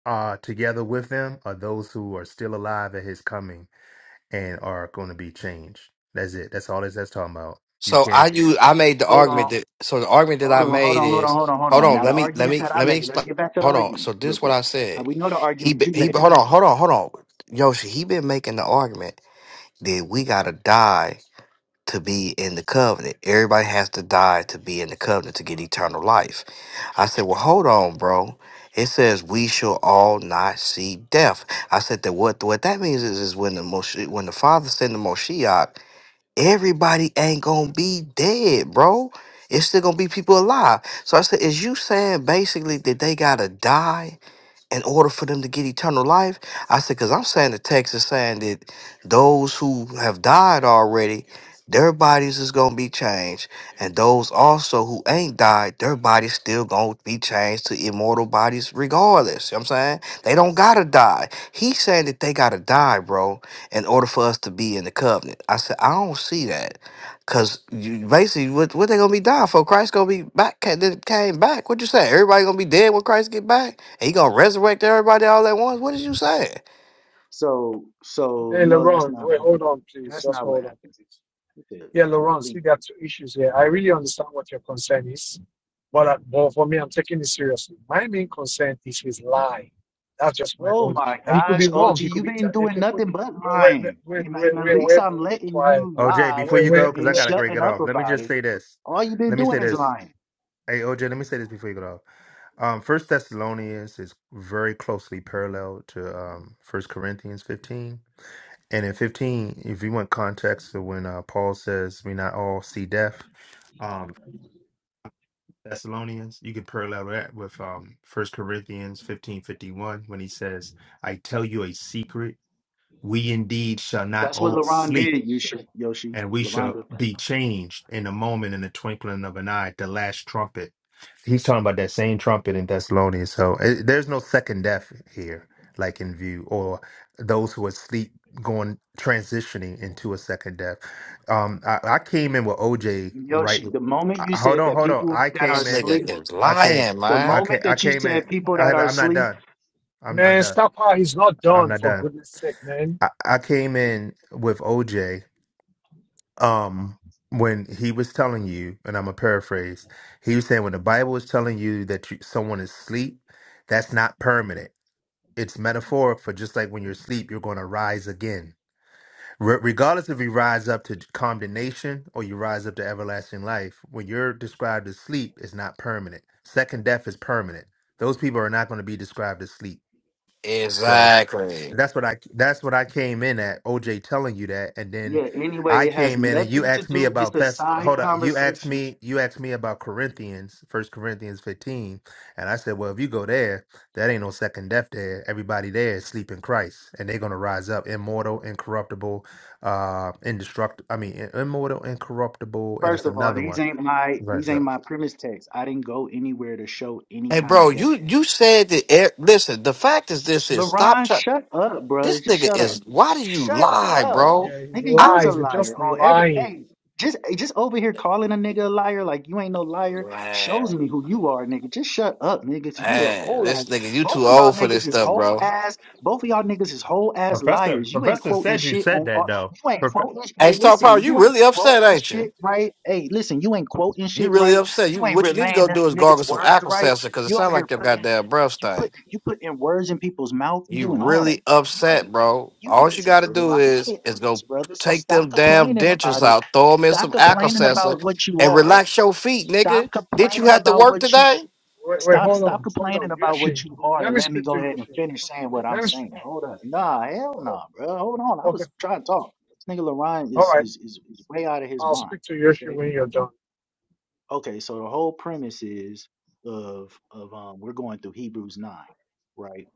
Speaker 14: uh, together with them are those who are still alive at his coming and are going to be changed. That's it. That's all this that's talking about. You
Speaker 12: So I
Speaker 14: can't.
Speaker 12: you I made the
Speaker 4: Hold on.
Speaker 12: argument that so the argument that
Speaker 4: Hold
Speaker 12: I
Speaker 4: on, hold
Speaker 12: made
Speaker 4: on, hold on,
Speaker 12: is
Speaker 4: hold on, hold
Speaker 12: hold
Speaker 4: on.
Speaker 12: on.
Speaker 4: Now the
Speaker 12: Let me let
Speaker 4: argument
Speaker 12: me
Speaker 4: that I
Speaker 12: let me
Speaker 4: made, let's
Speaker 12: explain.
Speaker 4: get back to the
Speaker 12: Hold on.
Speaker 4: argument
Speaker 12: So this
Speaker 4: real
Speaker 12: is what
Speaker 4: quick.
Speaker 12: I
Speaker 4: Uh,
Speaker 12: said.
Speaker 4: we know the
Speaker 12: He
Speaker 4: argument
Speaker 12: be-
Speaker 4: you
Speaker 12: he. be-
Speaker 4: made.
Speaker 12: Hold on. Hold on. Hold on. Yoshi, he been making the argument that we gotta die to be in the covenant. Everybody has to die to be in the covenant to get eternal life I said, Well, hold on, bro. It says we shall all not see death. I said that what what that means is, is when the Moshe, when the father send the Moshiach, everybody ain't gonna be dead, bro. It's still gonna be people alive. So I said, is you saying basically that they gotta die in order for them to get eternal life? I said, because I'm saying the text is saying that those who have died already, their bodies is gonna be changed, and those also who ain't died, their bodies still gonna be changed to immortal bodies regardless. You know what I'm saying they don't gotta die. He's saying that they gotta die, bro, in order for us to be in the covenant. I said, I don't see that, cause basically, what what they gonna be dying for? Christ gonna be back ca- then came back. What you say? Everybody gonna be dead when Christ get back? He gonna resurrect everybody all at once? What is you saying?
Speaker 4: So so
Speaker 1: Hey,
Speaker 4: no, that's
Speaker 1: Laurent.
Speaker 4: not
Speaker 1: Wait,
Speaker 4: what
Speaker 1: hold on, please.
Speaker 4: that's
Speaker 1: Just
Speaker 4: not what
Speaker 1: hold on,
Speaker 4: happened.
Speaker 1: please.
Speaker 4: It's a
Speaker 1: Yeah, Laurence,
Speaker 4: complete
Speaker 1: we got two issues here. I really understand what your concern is, but, uh, but for me, I'm taking it seriously. My main concern is his lie. That's just my
Speaker 4: Oh
Speaker 1: own.
Speaker 4: my
Speaker 1: And he could be
Speaker 4: gosh,
Speaker 1: wrong.
Speaker 4: OG,
Speaker 1: He could
Speaker 4: you've
Speaker 1: be.
Speaker 4: been
Speaker 1: He
Speaker 4: doing
Speaker 1: could put.
Speaker 4: nothing but
Speaker 1: Where,
Speaker 4: lying.
Speaker 1: where,
Speaker 4: And,
Speaker 1: where,
Speaker 4: and at
Speaker 1: where,
Speaker 4: least
Speaker 1: where be,
Speaker 4: I'm
Speaker 1: be
Speaker 4: letting
Speaker 1: quiet.
Speaker 4: you
Speaker 14: Oh, Jay,
Speaker 4: lie
Speaker 14: before
Speaker 1: Where,
Speaker 14: you go,
Speaker 1: where,
Speaker 14: because I
Speaker 4: and
Speaker 1: where,
Speaker 14: got to break
Speaker 4: shutting
Speaker 14: it
Speaker 4: up
Speaker 14: off, let me
Speaker 4: about
Speaker 14: just
Speaker 4: it.
Speaker 14: say this.
Speaker 4: All you've been
Speaker 14: Let me
Speaker 4: doing
Speaker 14: say
Speaker 4: is
Speaker 14: this.
Speaker 4: lying.
Speaker 14: Hey, OJ, let me say this before you go off. Um, First Thessalonians is very closely parallel to um, First Corinthians 15. And in 15, if you want context to when uh, Paul says, we not all see death, um, Thessalonians, you can parallel that with um, 1 Corinthians 15 51 when he says, I tell you a secret. We indeed shall not
Speaker 4: That's what
Speaker 14: all
Speaker 4: LaRon
Speaker 14: sleep
Speaker 4: did, you should Yoshi.
Speaker 14: and we
Speaker 4: LaRon
Speaker 14: shall
Speaker 4: did that.
Speaker 14: be changed in a moment in the twinkling of an eye at the last trumpet he's talking about that same trumpet in thessalonians so eh, there's no second death here like in view or those who are asleep going transitioning into a second death um i, I came in with oj right
Speaker 4: Yoshi, the
Speaker 14: I,
Speaker 4: moment you
Speaker 14: hold
Speaker 4: said
Speaker 14: on
Speaker 4: that
Speaker 14: hold on
Speaker 4: people
Speaker 14: i
Speaker 4: that are
Speaker 12: This
Speaker 14: came in
Speaker 12: nigga
Speaker 4: asleep
Speaker 12: is
Speaker 14: i can't.
Speaker 12: lying,
Speaker 4: the
Speaker 14: i
Speaker 12: man.
Speaker 4: moment
Speaker 14: can't. I
Speaker 4: that you
Speaker 14: came in
Speaker 4: said people
Speaker 14: I
Speaker 4: that
Speaker 14: had,
Speaker 4: are
Speaker 14: i'm not
Speaker 4: asleep
Speaker 14: done i'm not
Speaker 1: man,
Speaker 14: done
Speaker 1: stop how he's not
Speaker 14: i'm
Speaker 1: done.
Speaker 14: not
Speaker 1: For
Speaker 14: done
Speaker 1: goodness sake, man.
Speaker 14: I, I came in with oj um when he was telling you and i'm gonna paraphrase he was saying when the bible is telling you that you, someone is asleep that's not permanent it's metaphoric for just like when you're asleep you're going to rise again Re- regardless if you rise up to condemnation or you rise up to everlasting life when you're described as sleep it's not permanent second death is permanent those people are not going to be described as sleep so
Speaker 12: Exactly.
Speaker 14: that's what I that's what I came in at. OJ telling you that, and then
Speaker 4: Yeah, anyway,
Speaker 14: I
Speaker 4: it has
Speaker 14: came in and you
Speaker 4: nothing to
Speaker 14: asked me
Speaker 4: do. It's
Speaker 14: about
Speaker 4: a
Speaker 14: Thess.
Speaker 4: side
Speaker 14: Hold up, you asked
Speaker 4: conversation.
Speaker 14: me you asked me about Corinthians, First Corinthians fifteen, and I said, well, if you go there, that ain't no second death there. Everybody there is sleep in Christ, and they're gonna rise up, immortal, incorruptible, uh, indestructible. I mean, i- immortal, incorruptible, and
Speaker 4: First
Speaker 14: it's
Speaker 4: of all,
Speaker 14: another
Speaker 4: these
Speaker 14: one.
Speaker 4: ain't my
Speaker 14: Right.
Speaker 4: these
Speaker 14: So,
Speaker 4: ain't my premise text. I didn't go anywhere to show any
Speaker 12: Hey,
Speaker 4: kind of
Speaker 12: bro,
Speaker 4: debt.
Speaker 12: you you said that. e- listen, the fact is, this is stop.
Speaker 4: LaRon,
Speaker 12: Try,
Speaker 4: shut up, bro.
Speaker 12: this
Speaker 4: Just
Speaker 12: nigga
Speaker 4: shut
Speaker 12: is.
Speaker 4: up.
Speaker 12: Why do
Speaker 4: Just
Speaker 12: you
Speaker 4: shut
Speaker 12: lie,
Speaker 4: up.
Speaker 12: bro?
Speaker 1: Yeah, he
Speaker 4: Nigga,
Speaker 12: I
Speaker 4: you's a
Speaker 1: lies. He's
Speaker 4: liar
Speaker 1: just
Speaker 4: on every
Speaker 1: lying.
Speaker 4: hey. Just hey, just over here calling a nigga a liar like you ain't no liar
Speaker 12: man,
Speaker 4: shows me who you are, nigga. Just shut up, nigga, 'cause you a
Speaker 12: man,
Speaker 4: whole
Speaker 12: this
Speaker 4: ass.
Speaker 12: nigga, you
Speaker 4: Both
Speaker 12: too
Speaker 4: of y'all
Speaker 12: old for
Speaker 4: niggas
Speaker 12: this
Speaker 4: is
Speaker 12: stuff,
Speaker 4: whole
Speaker 12: bro.
Speaker 4: ass. Both of y'all niggas is whole ass
Speaker 14: Professor,
Speaker 4: liars. You ain't
Speaker 14: Professor
Speaker 4: quoting
Speaker 14: said you
Speaker 4: shit
Speaker 14: said
Speaker 4: on. Uh,
Speaker 14: that though.
Speaker 4: you ain't quoting.
Speaker 12: Hey,
Speaker 4: Hey,
Speaker 12: Star Power,
Speaker 4: listen,
Speaker 12: you
Speaker 4: you ain't
Speaker 12: really upset,
Speaker 4: quoting
Speaker 12: ain't you?
Speaker 4: shit right. Hey, listen, you ain't quoting
Speaker 12: You
Speaker 4: shit
Speaker 12: really
Speaker 4: right.
Speaker 12: upset. You
Speaker 4: You ain't
Speaker 12: what you need to
Speaker 4: relaying
Speaker 12: go do
Speaker 4: this
Speaker 12: is gargle
Speaker 4: niggas
Speaker 12: some
Speaker 4: words
Speaker 12: aqua
Speaker 4: right.
Speaker 12: because it
Speaker 4: You over
Speaker 12: sounds
Speaker 4: here
Speaker 12: like your
Speaker 4: putting
Speaker 12: goddamn breath
Speaker 4: you
Speaker 12: stank.
Speaker 4: put you put in words in people's mouth. You
Speaker 12: You
Speaker 4: doing all that.
Speaker 12: really
Speaker 4: You
Speaker 12: upset,
Speaker 4: ain't
Speaker 12: bro.
Speaker 4: you
Speaker 12: All you
Speaker 4: niggas
Speaker 12: got
Speaker 4: is
Speaker 12: to do is is go
Speaker 4: liars, brother. So
Speaker 12: take
Speaker 4: stop
Speaker 12: them damn
Speaker 4: complaining
Speaker 12: dentures
Speaker 4: about it.
Speaker 12: out, throw them in
Speaker 4: Stop
Speaker 12: some
Speaker 4: complaining
Speaker 12: Alka-Seltzer,
Speaker 4: about what you
Speaker 12: and
Speaker 4: are.
Speaker 12: relax your feet, nigga.
Speaker 4: Stop
Speaker 12: Did you
Speaker 4: complaining
Speaker 12: have to
Speaker 4: about
Speaker 12: work
Speaker 4: what you
Speaker 12: today?
Speaker 1: Wait, wait,
Speaker 4: stop
Speaker 1: hold
Speaker 4: stop
Speaker 1: on, hold
Speaker 4: complaining
Speaker 1: on,
Speaker 4: about what
Speaker 1: Yoshi.
Speaker 4: you are
Speaker 1: Let
Speaker 4: and
Speaker 1: me
Speaker 4: let me
Speaker 1: speak to
Speaker 4: go ahead and
Speaker 1: Yoshi.
Speaker 4: finish saying what
Speaker 1: Let
Speaker 4: I'm
Speaker 1: me speak.
Speaker 4: saying. Hold up. Nah, hell
Speaker 1: oh,
Speaker 4: nah, bro. Hold on. I
Speaker 1: Okay,
Speaker 4: was trying to talk. This nigga Lorine
Speaker 1: all
Speaker 4: is
Speaker 1: right.
Speaker 4: is is, is way out of his
Speaker 1: I'll
Speaker 4: mind.
Speaker 1: speak to Yoshi
Speaker 4: Okay?
Speaker 1: when you're done.
Speaker 4: Okay, so the whole premise is of of um we're going through Hebrews nine, right?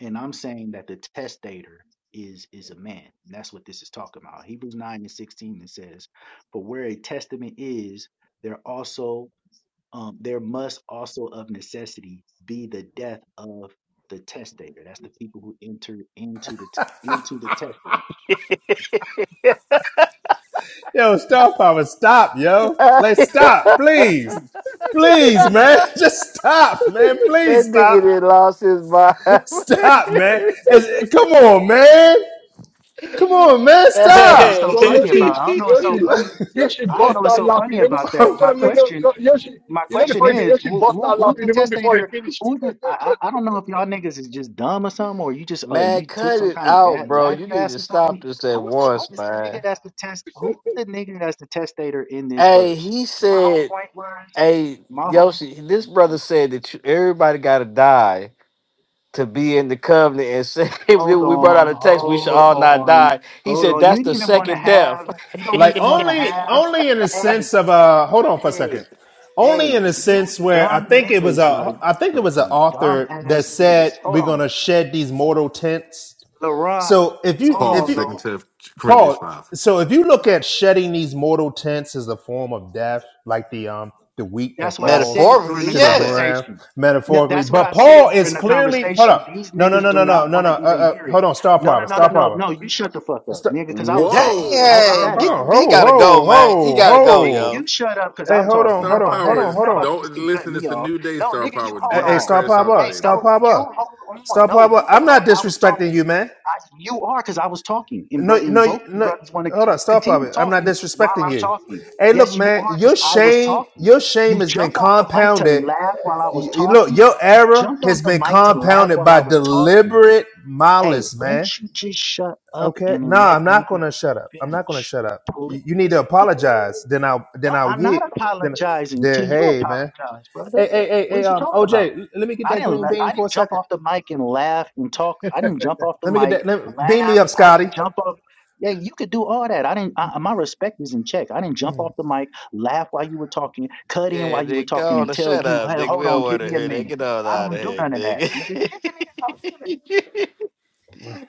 Speaker 4: and I'm saying that the testator is is a man. That's what this is talking about. Hebrews nine and sixteen it says, "For where a testament is, there also um, there must also of necessity be the death of the testator. That's the people who enter into the t- into the testament.
Speaker 14: Yo, Star Power, stop, yo.
Speaker 12: that
Speaker 14: Like, stop, please. Please, man. Just stop, man. Please
Speaker 12: nigga
Speaker 14: stop.
Speaker 12: did lost his mind.
Speaker 14: Stop, man. It's- come on, man. Come on, man.
Speaker 4: I don't know what's
Speaker 14: Stop.
Speaker 4: so
Speaker 1: So
Speaker 4: funny
Speaker 1: Yoshi,
Speaker 4: about. I don't know what's so
Speaker 1: Yoshi,
Speaker 4: funny.
Speaker 1: Yoshi
Speaker 4: I don't
Speaker 1: bust
Speaker 4: know what's
Speaker 1: out
Speaker 4: so
Speaker 1: laughing.
Speaker 4: funny
Speaker 1: Even,
Speaker 4: about
Speaker 1: no,
Speaker 4: that. My
Speaker 1: no, no,
Speaker 4: question
Speaker 1: because Yoshi,
Speaker 4: my
Speaker 1: you know the
Speaker 4: question
Speaker 1: funny thing,
Speaker 4: is
Speaker 1: Yoshi
Speaker 4: who,
Speaker 1: bust
Speaker 4: who
Speaker 1: out
Speaker 4: who's
Speaker 1: laughing
Speaker 4: the
Speaker 1: even before he
Speaker 4: testator
Speaker 1: finished.
Speaker 4: who's the, I, I I don't know if y'all niggas is just dumb or something or you just uh
Speaker 12: man,
Speaker 4: you took
Speaker 12: cut
Speaker 4: some
Speaker 12: it
Speaker 4: kind of
Speaker 12: out,
Speaker 4: gas
Speaker 12: bro.
Speaker 4: laugh
Speaker 12: You need
Speaker 4: gas
Speaker 12: to
Speaker 4: or
Speaker 12: stop
Speaker 4: something
Speaker 12: this at
Speaker 4: who's the
Speaker 12: once,
Speaker 4: who's the nigga
Speaker 12: man.
Speaker 4: that's the test who's the nigga that's the testator in this
Speaker 12: Hey,
Speaker 4: verse
Speaker 12: he
Speaker 4: my whole
Speaker 12: said,
Speaker 4: point was
Speaker 12: hey,
Speaker 4: my whole
Speaker 12: Yoshi, this brother said that you, everybody got to die to be in the covenant and say
Speaker 4: hold
Speaker 12: when we brought out
Speaker 4: on
Speaker 12: a text we should
Speaker 4: hold
Speaker 12: all not
Speaker 4: on
Speaker 12: die he
Speaker 4: hold
Speaker 12: said
Speaker 4: on you
Speaker 12: that's
Speaker 4: didn't
Speaker 12: the
Speaker 4: even want to
Speaker 12: second death
Speaker 4: have you don't
Speaker 14: like,
Speaker 4: even want to
Speaker 14: only,
Speaker 4: have
Speaker 14: only in the
Speaker 4: hey
Speaker 14: sense of, uh, hold on for a
Speaker 4: hey
Speaker 14: second. Only
Speaker 4: Hey,
Speaker 14: in the
Speaker 4: you
Speaker 14: sense where I
Speaker 4: dumb
Speaker 14: think it was
Speaker 4: niggas, bro.
Speaker 14: a,
Speaker 4: You
Speaker 14: I think it
Speaker 4: some,
Speaker 14: was an
Speaker 4: some dumb
Speaker 14: author that
Speaker 4: ass niggas.
Speaker 14: said,
Speaker 4: Hold
Speaker 14: we're going
Speaker 4: on.
Speaker 14: to shed these mortal tents.
Speaker 4: LaRon,
Speaker 14: So if you,
Speaker 4: hold
Speaker 3: Paul,
Speaker 14: if
Speaker 4: on,
Speaker 14: you,
Speaker 3: second
Speaker 4: Lord.
Speaker 3: to Corinthians
Speaker 14: Paul,
Speaker 3: five.
Speaker 14: so if you look at shedding these mortal tents as a form of death, like the um the wheat that
Speaker 4: That's what I
Speaker 14: falls
Speaker 4: said during
Speaker 12: Metaphorically,
Speaker 4: the
Speaker 14: to the
Speaker 12: yeah.
Speaker 14: ground,
Speaker 4: conversation. No,
Speaker 14: metaphorically,
Speaker 4: that's what
Speaker 14: but
Speaker 4: I
Speaker 14: Paul
Speaker 4: said
Speaker 14: is
Speaker 4: during the
Speaker 14: clearly hold
Speaker 4: conversation.
Speaker 14: up.
Speaker 4: These
Speaker 14: No, no,
Speaker 4: niggas
Speaker 14: no, no,
Speaker 4: do
Speaker 14: no,
Speaker 4: not
Speaker 14: no,
Speaker 4: want
Speaker 14: no.
Speaker 4: to even
Speaker 14: Uh, uh,
Speaker 4: hear
Speaker 14: hold
Speaker 4: it.
Speaker 14: on, star
Speaker 4: No, no,
Speaker 14: power,
Speaker 4: no, no,
Speaker 14: star
Speaker 4: no,
Speaker 14: power.
Speaker 4: no. You shut the fuck up,
Speaker 14: Star,
Speaker 4: nigga, because I
Speaker 14: ho,
Speaker 4: was
Speaker 14: ho,
Speaker 4: talking.
Speaker 3: Whoa,
Speaker 4: How
Speaker 14: ho-
Speaker 4: about
Speaker 3: star
Speaker 12: Dang,
Speaker 4: that?
Speaker 14: hold
Speaker 12: get
Speaker 14: on,
Speaker 12: he
Speaker 3: power.
Speaker 14: ho,
Speaker 12: gotta go,
Speaker 14: ho,
Speaker 12: man. He
Speaker 14: ho,
Speaker 12: gotta
Speaker 4: Hey,
Speaker 12: go,
Speaker 4: nigga,
Speaker 14: ho.
Speaker 4: you
Speaker 12: yo.
Speaker 4: shut up because
Speaker 14: Hey,
Speaker 4: I'm
Speaker 14: hold
Speaker 4: talking.
Speaker 14: on,
Speaker 4: How
Speaker 3: Star
Speaker 14: hold on,
Speaker 4: about
Speaker 14: hold
Speaker 3: power
Speaker 4: that?
Speaker 14: on,
Speaker 3: is
Speaker 4: You're
Speaker 14: hold
Speaker 4: not about
Speaker 14: on.
Speaker 4: to
Speaker 3: don't
Speaker 4: just keep cutting
Speaker 3: listen.
Speaker 4: me
Speaker 3: It's a
Speaker 4: off.
Speaker 3: new day.
Speaker 4: No,
Speaker 3: Star
Speaker 4: nigga, you
Speaker 3: power.
Speaker 14: Hey,
Speaker 4: hold
Speaker 3: Do
Speaker 14: hey
Speaker 3: not
Speaker 4: on.
Speaker 14: star
Speaker 3: crash out
Speaker 14: power,
Speaker 4: Hey,
Speaker 3: today,
Speaker 14: star
Speaker 4: no,
Speaker 3: bro.
Speaker 14: power,
Speaker 4: you hold on.
Speaker 14: star
Speaker 4: No,
Speaker 14: power.
Speaker 4: you
Speaker 14: I'm
Speaker 4: hold
Speaker 14: not
Speaker 4: on. I was
Speaker 14: disrespecting
Speaker 4: talking.
Speaker 14: you, man.
Speaker 4: I, you are because I was talking. And,
Speaker 14: No,
Speaker 4: bro- and
Speaker 14: no,
Speaker 4: both you
Speaker 14: no.
Speaker 4: brothers want to
Speaker 14: Hold
Speaker 4: c-
Speaker 14: on, stop of
Speaker 4: continue
Speaker 14: it. I'm not
Speaker 4: talking while
Speaker 14: disrespecting
Speaker 4: I'm
Speaker 14: you.
Speaker 4: talking.
Speaker 14: Hey, look,
Speaker 4: Yes, you
Speaker 14: man,
Speaker 4: are
Speaker 14: your
Speaker 4: because I was
Speaker 14: shame,
Speaker 4: talking.
Speaker 14: your shame
Speaker 4: You
Speaker 14: has been
Speaker 4: jumped off the mic to
Speaker 14: compounded.
Speaker 4: laugh while I was
Speaker 14: Y- y- Look,
Speaker 4: talking.
Speaker 14: your
Speaker 4: You
Speaker 14: error
Speaker 4: jumped
Speaker 14: has
Speaker 4: off the
Speaker 14: been
Speaker 4: mic to laugh
Speaker 14: compounded
Speaker 4: while I
Speaker 14: by
Speaker 4: was talking.
Speaker 14: deliberate
Speaker 4: Hey,
Speaker 14: malice,
Speaker 4: won't
Speaker 14: man.
Speaker 4: you just shut up
Speaker 14: Okay,
Speaker 4: and
Speaker 14: no,
Speaker 4: let
Speaker 14: I'm not
Speaker 4: me
Speaker 14: gonna shut up. I'm not gonna
Speaker 4: finish?
Speaker 14: shut up. Y-
Speaker 4: Please.
Speaker 14: You need to apologize. Then I'll,
Speaker 4: No,
Speaker 14: then I'll
Speaker 4: I'm
Speaker 14: get.
Speaker 4: not
Speaker 14: Then,
Speaker 4: apologizing to
Speaker 14: then,
Speaker 4: you.
Speaker 14: hey, man.
Speaker 4: Apologize, brother.
Speaker 14: Hey, hey, hey,
Speaker 4: What
Speaker 14: hey.
Speaker 4: did you
Speaker 14: Um,
Speaker 4: talk about?
Speaker 14: OJ, let me get
Speaker 4: I
Speaker 14: that
Speaker 4: didn't.
Speaker 14: green
Speaker 4: la-
Speaker 14: bean
Speaker 4: I
Speaker 14: for a
Speaker 4: didn't jump
Speaker 14: second.
Speaker 4: off the mic and laugh and talk. I didn't jump off the
Speaker 14: Let me get
Speaker 4: mic,
Speaker 14: that. Let beam me
Speaker 4: laugh.
Speaker 14: up,
Speaker 4: I
Speaker 14: Scotty.
Speaker 4: didn't jump off. Yeah, you could do all that. I didn't. I, my respect is in check. I didn't jump off the mic, laugh while you were talking, cut in
Speaker 12: Yeah,
Speaker 4: while you were
Speaker 12: nigga,
Speaker 4: talking,
Speaker 12: go on
Speaker 4: and
Speaker 12: to
Speaker 4: tell
Speaker 12: shut
Speaker 4: you,
Speaker 12: up,
Speaker 4: "Hey,
Speaker 12: nigga. We
Speaker 4: hold on,
Speaker 12: don't
Speaker 4: give
Speaker 12: want to
Speaker 4: me a
Speaker 12: hear that.
Speaker 4: minute."
Speaker 12: Get on
Speaker 4: I
Speaker 12: out of
Speaker 4: don't do
Speaker 12: here,
Speaker 4: none of that,
Speaker 12: nigga.
Speaker 4: nigga. Get your nigga out.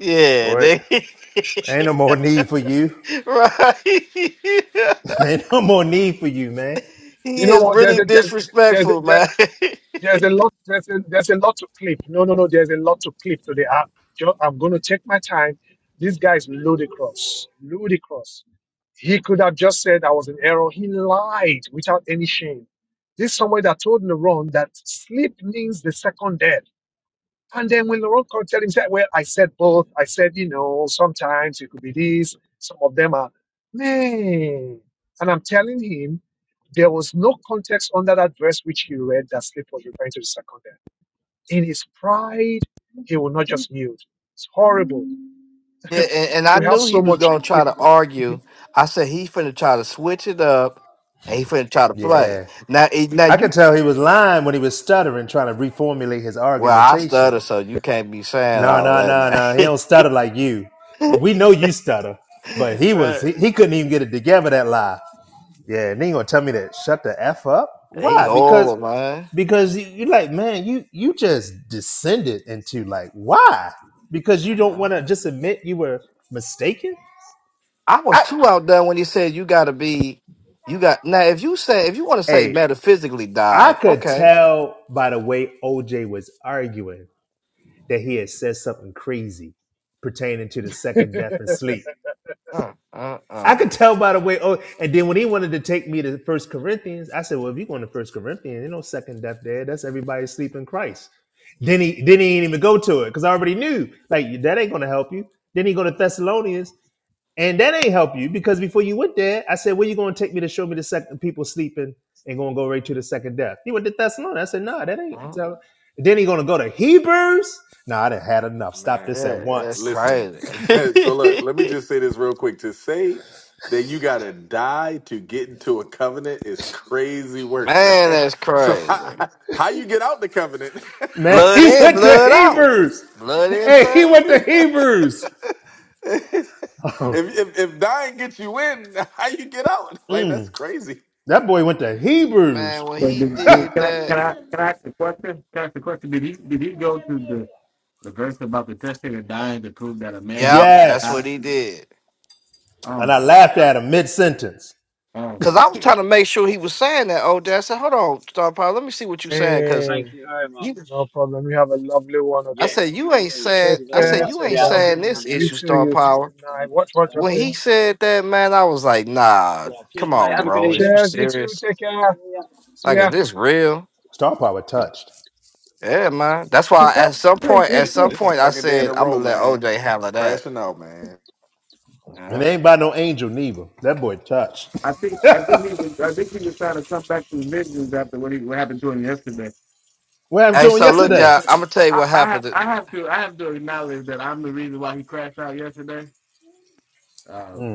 Speaker 12: yeah,
Speaker 14: Boy,
Speaker 12: nigga.
Speaker 14: ain't no more need for you.
Speaker 12: right.
Speaker 14: Ain't no more need for you, man.
Speaker 12: he
Speaker 1: You know
Speaker 12: is
Speaker 1: what? There's
Speaker 12: really
Speaker 1: a there's there's a,
Speaker 12: disrespectful,
Speaker 1: there,
Speaker 12: man.
Speaker 1: there's a lot there's a, there's a lot to clip. No, no, no. There's a lot to clip today. I'm just, I'm going to take my time. This guy is ludicrous, ludicrous. He could have just said I was in error. He lied without any shame. This is somebody that told Laron that sleep means the second death. And then when Laurent Cotel himself, well, I said both. I said, you know, sometimes it could be this, some of them are, man. And I'm telling him, there was no context under that verse which he read that Slip was referring to the second death. In his pride, he will not just mute. It's horrible.
Speaker 12: Yeah, and, and I
Speaker 1: we have
Speaker 12: knew
Speaker 1: so
Speaker 12: he was
Speaker 1: much
Speaker 12: gonna
Speaker 1: to keep
Speaker 12: try to
Speaker 1: reading.
Speaker 12: argue. I said he finna try to switch it up, and he finna try to play.
Speaker 14: Yeah.
Speaker 12: Now, it- now
Speaker 14: I could
Speaker 12: you,
Speaker 14: tell he was lying when he was stuttering, trying to reformulate his
Speaker 12: well, I
Speaker 14: argumentation.
Speaker 12: stutter, so you can't be saying
Speaker 14: Nah,
Speaker 12: all
Speaker 14: nah,
Speaker 12: of
Speaker 14: nah,
Speaker 12: that.
Speaker 14: nah. He
Speaker 12: Now.
Speaker 14: don't stutter like you. We know you stutter, but he was
Speaker 12: right?
Speaker 14: he, he couldn't even get it together that lie. Yeah, and then you gonna tell me that shut the F up?
Speaker 12: He
Speaker 14: Why? Because
Speaker 12: horrible, man.
Speaker 14: because you you like, man, you you just descended into like why? Because you don't
Speaker 12: Uh-huh.
Speaker 14: wanna just admit you were mistaken?
Speaker 12: I was
Speaker 14: I
Speaker 12: too outdone when he said you gotta be, you got now. If you say if you want to say
Speaker 14: hey
Speaker 12: metaphysically
Speaker 14: I
Speaker 12: die,
Speaker 14: could
Speaker 12: okay.
Speaker 14: tell by the way OJ was arguing that he had said something crazy pertaining to the second death and sleep.
Speaker 12: Uh, uh,
Speaker 14: I could
Speaker 12: uh,
Speaker 14: tell by the way. Oh, and then when he wanted to take me to First Corinthians, I said, "Well, if you're going to First Corinthians, there's no second death there. That's everybody sleeping Christ." Then he then he didn't even go to it because I already knew like that ain't going to help you. Then he go to Thessalonians. And that ain't help you because before you went there, I said, Where you gonna take me to show me the second people sleeping and gonna go right to the second death? He went to Thessalonians. I said, no, nah, that ain't
Speaker 12: uh.
Speaker 14: so then he gonna go to Hebrews. No, nah, I done had enough. Stop this at
Speaker 12: Yeah, that's
Speaker 14: once.
Speaker 3: Listen,
Speaker 12: crazy.
Speaker 3: so look, let me just say this real quick. To say that you gotta die to get into a covenant is crazy work, man.
Speaker 12: man, that's
Speaker 3: So
Speaker 12: crazy.
Speaker 3: how, how you get out the covenant?
Speaker 14: Man,
Speaker 12: Blood
Speaker 14: he
Speaker 12: in,
Speaker 14: went to
Speaker 12: blood out.
Speaker 14: Hebrews.
Speaker 12: Blood in,
Speaker 14: Hey, he
Speaker 12: blood out.
Speaker 14: went to
Speaker 3: if,
Speaker 14: Hebrews.
Speaker 3: if if dying gets you in, how you get out? Like that's
Speaker 14: Mm,
Speaker 3: crazy.
Speaker 14: that boy went to Hebrews.
Speaker 12: Man, when
Speaker 15: But
Speaker 12: he
Speaker 15: did,
Speaker 12: did
Speaker 15: did, can I
Speaker 12: that,
Speaker 15: can I can I ask a question? Can I ask a question? Did he did he go to the, the verse about the testator dying to prove that a man has
Speaker 12: yep,
Speaker 15: to
Speaker 12: that's
Speaker 14: Yes.
Speaker 12: what
Speaker 15: die?
Speaker 12: he did.
Speaker 15: Oh
Speaker 14: And I
Speaker 15: my
Speaker 14: laughed at him mid sentence.
Speaker 15: oh
Speaker 12: Cause
Speaker 15: my
Speaker 12: I was trying to make sure he was saying that. Oh, Dad I said, hold on, Star Power, let me see what you saying. Cause
Speaker 1: Thank hey,
Speaker 12: you,
Speaker 1: no problem. You have a lovely one,
Speaker 12: I
Speaker 1: okay?
Speaker 12: said you ain't saying.
Speaker 1: Take
Speaker 12: I
Speaker 1: care,
Speaker 12: said you
Speaker 1: take
Speaker 12: ain't
Speaker 1: care.
Speaker 12: saying this
Speaker 1: You mate.
Speaker 12: issue,
Speaker 1: too,
Speaker 12: Star
Speaker 1: you too.
Speaker 12: Power.
Speaker 1: Good night. Watch, watch,
Speaker 12: When
Speaker 1: okay?
Speaker 12: he said that, man, I was like, nah, come on, bro, is you
Speaker 1: Cheers, you too.
Speaker 12: serious?
Speaker 1: Take care. See
Speaker 12: Like, is
Speaker 1: ya.
Speaker 12: this real?
Speaker 14: Star Power touched.
Speaker 12: Yeah, man. That's why at
Speaker 15: God.
Speaker 12: some point, at some
Speaker 3: This is
Speaker 12: point, I
Speaker 3: second day in
Speaker 12: said
Speaker 3: a
Speaker 12: I'm
Speaker 3: row,
Speaker 12: gonna let
Speaker 3: man.
Speaker 12: OJ handle that.
Speaker 3: Crashing out, man.
Speaker 12: Yeah.
Speaker 14: And they ain't by no angel neither. That boy touched.
Speaker 15: I think I think he was I think he was trying to come back to the vengeance after what he what happened to him yesterday.
Speaker 14: Where I'm
Speaker 12: Hey,
Speaker 14: doing
Speaker 12: so look,
Speaker 14: yesterday.
Speaker 12: y'all. I'm gonna tell you
Speaker 15: I,
Speaker 12: what
Speaker 15: I
Speaker 12: happened.
Speaker 15: have
Speaker 12: To,
Speaker 15: I have to I have to acknowledge that I'm the reason why he crashed out yesterday.
Speaker 14: Mm.
Speaker 15: Um,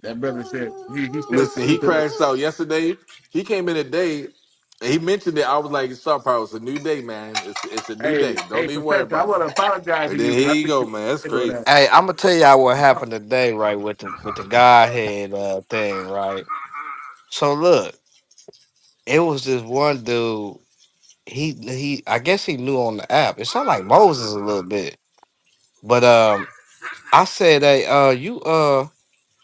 Speaker 15: that brother said he he's still
Speaker 3: Listen, he
Speaker 15: sticking to the
Speaker 3: crashed out yesterday. He came in today. And he mentioned it. I was like, "Stop, power. It's a new day, man. It's it's a new
Speaker 15: hey
Speaker 3: day.
Speaker 15: hey
Speaker 3: Don't even worry
Speaker 15: professor. I
Speaker 3: about it."
Speaker 15: want to apologize
Speaker 3: And
Speaker 15: to you
Speaker 3: then
Speaker 15: because
Speaker 3: here
Speaker 15: I
Speaker 3: you
Speaker 15: think
Speaker 3: go,
Speaker 15: you
Speaker 3: man. That's
Speaker 15: did all
Speaker 3: crazy.
Speaker 15: that.
Speaker 12: hey, I'm gonna tell y'all what
Speaker 15: I,
Speaker 12: happened today, right? With the with the Godhead uh, thing, right? So look, it was this one dude. He he. I guess he knew on the app. It sounded like Moses a little bit, but um, I said, hey, uh, you uh,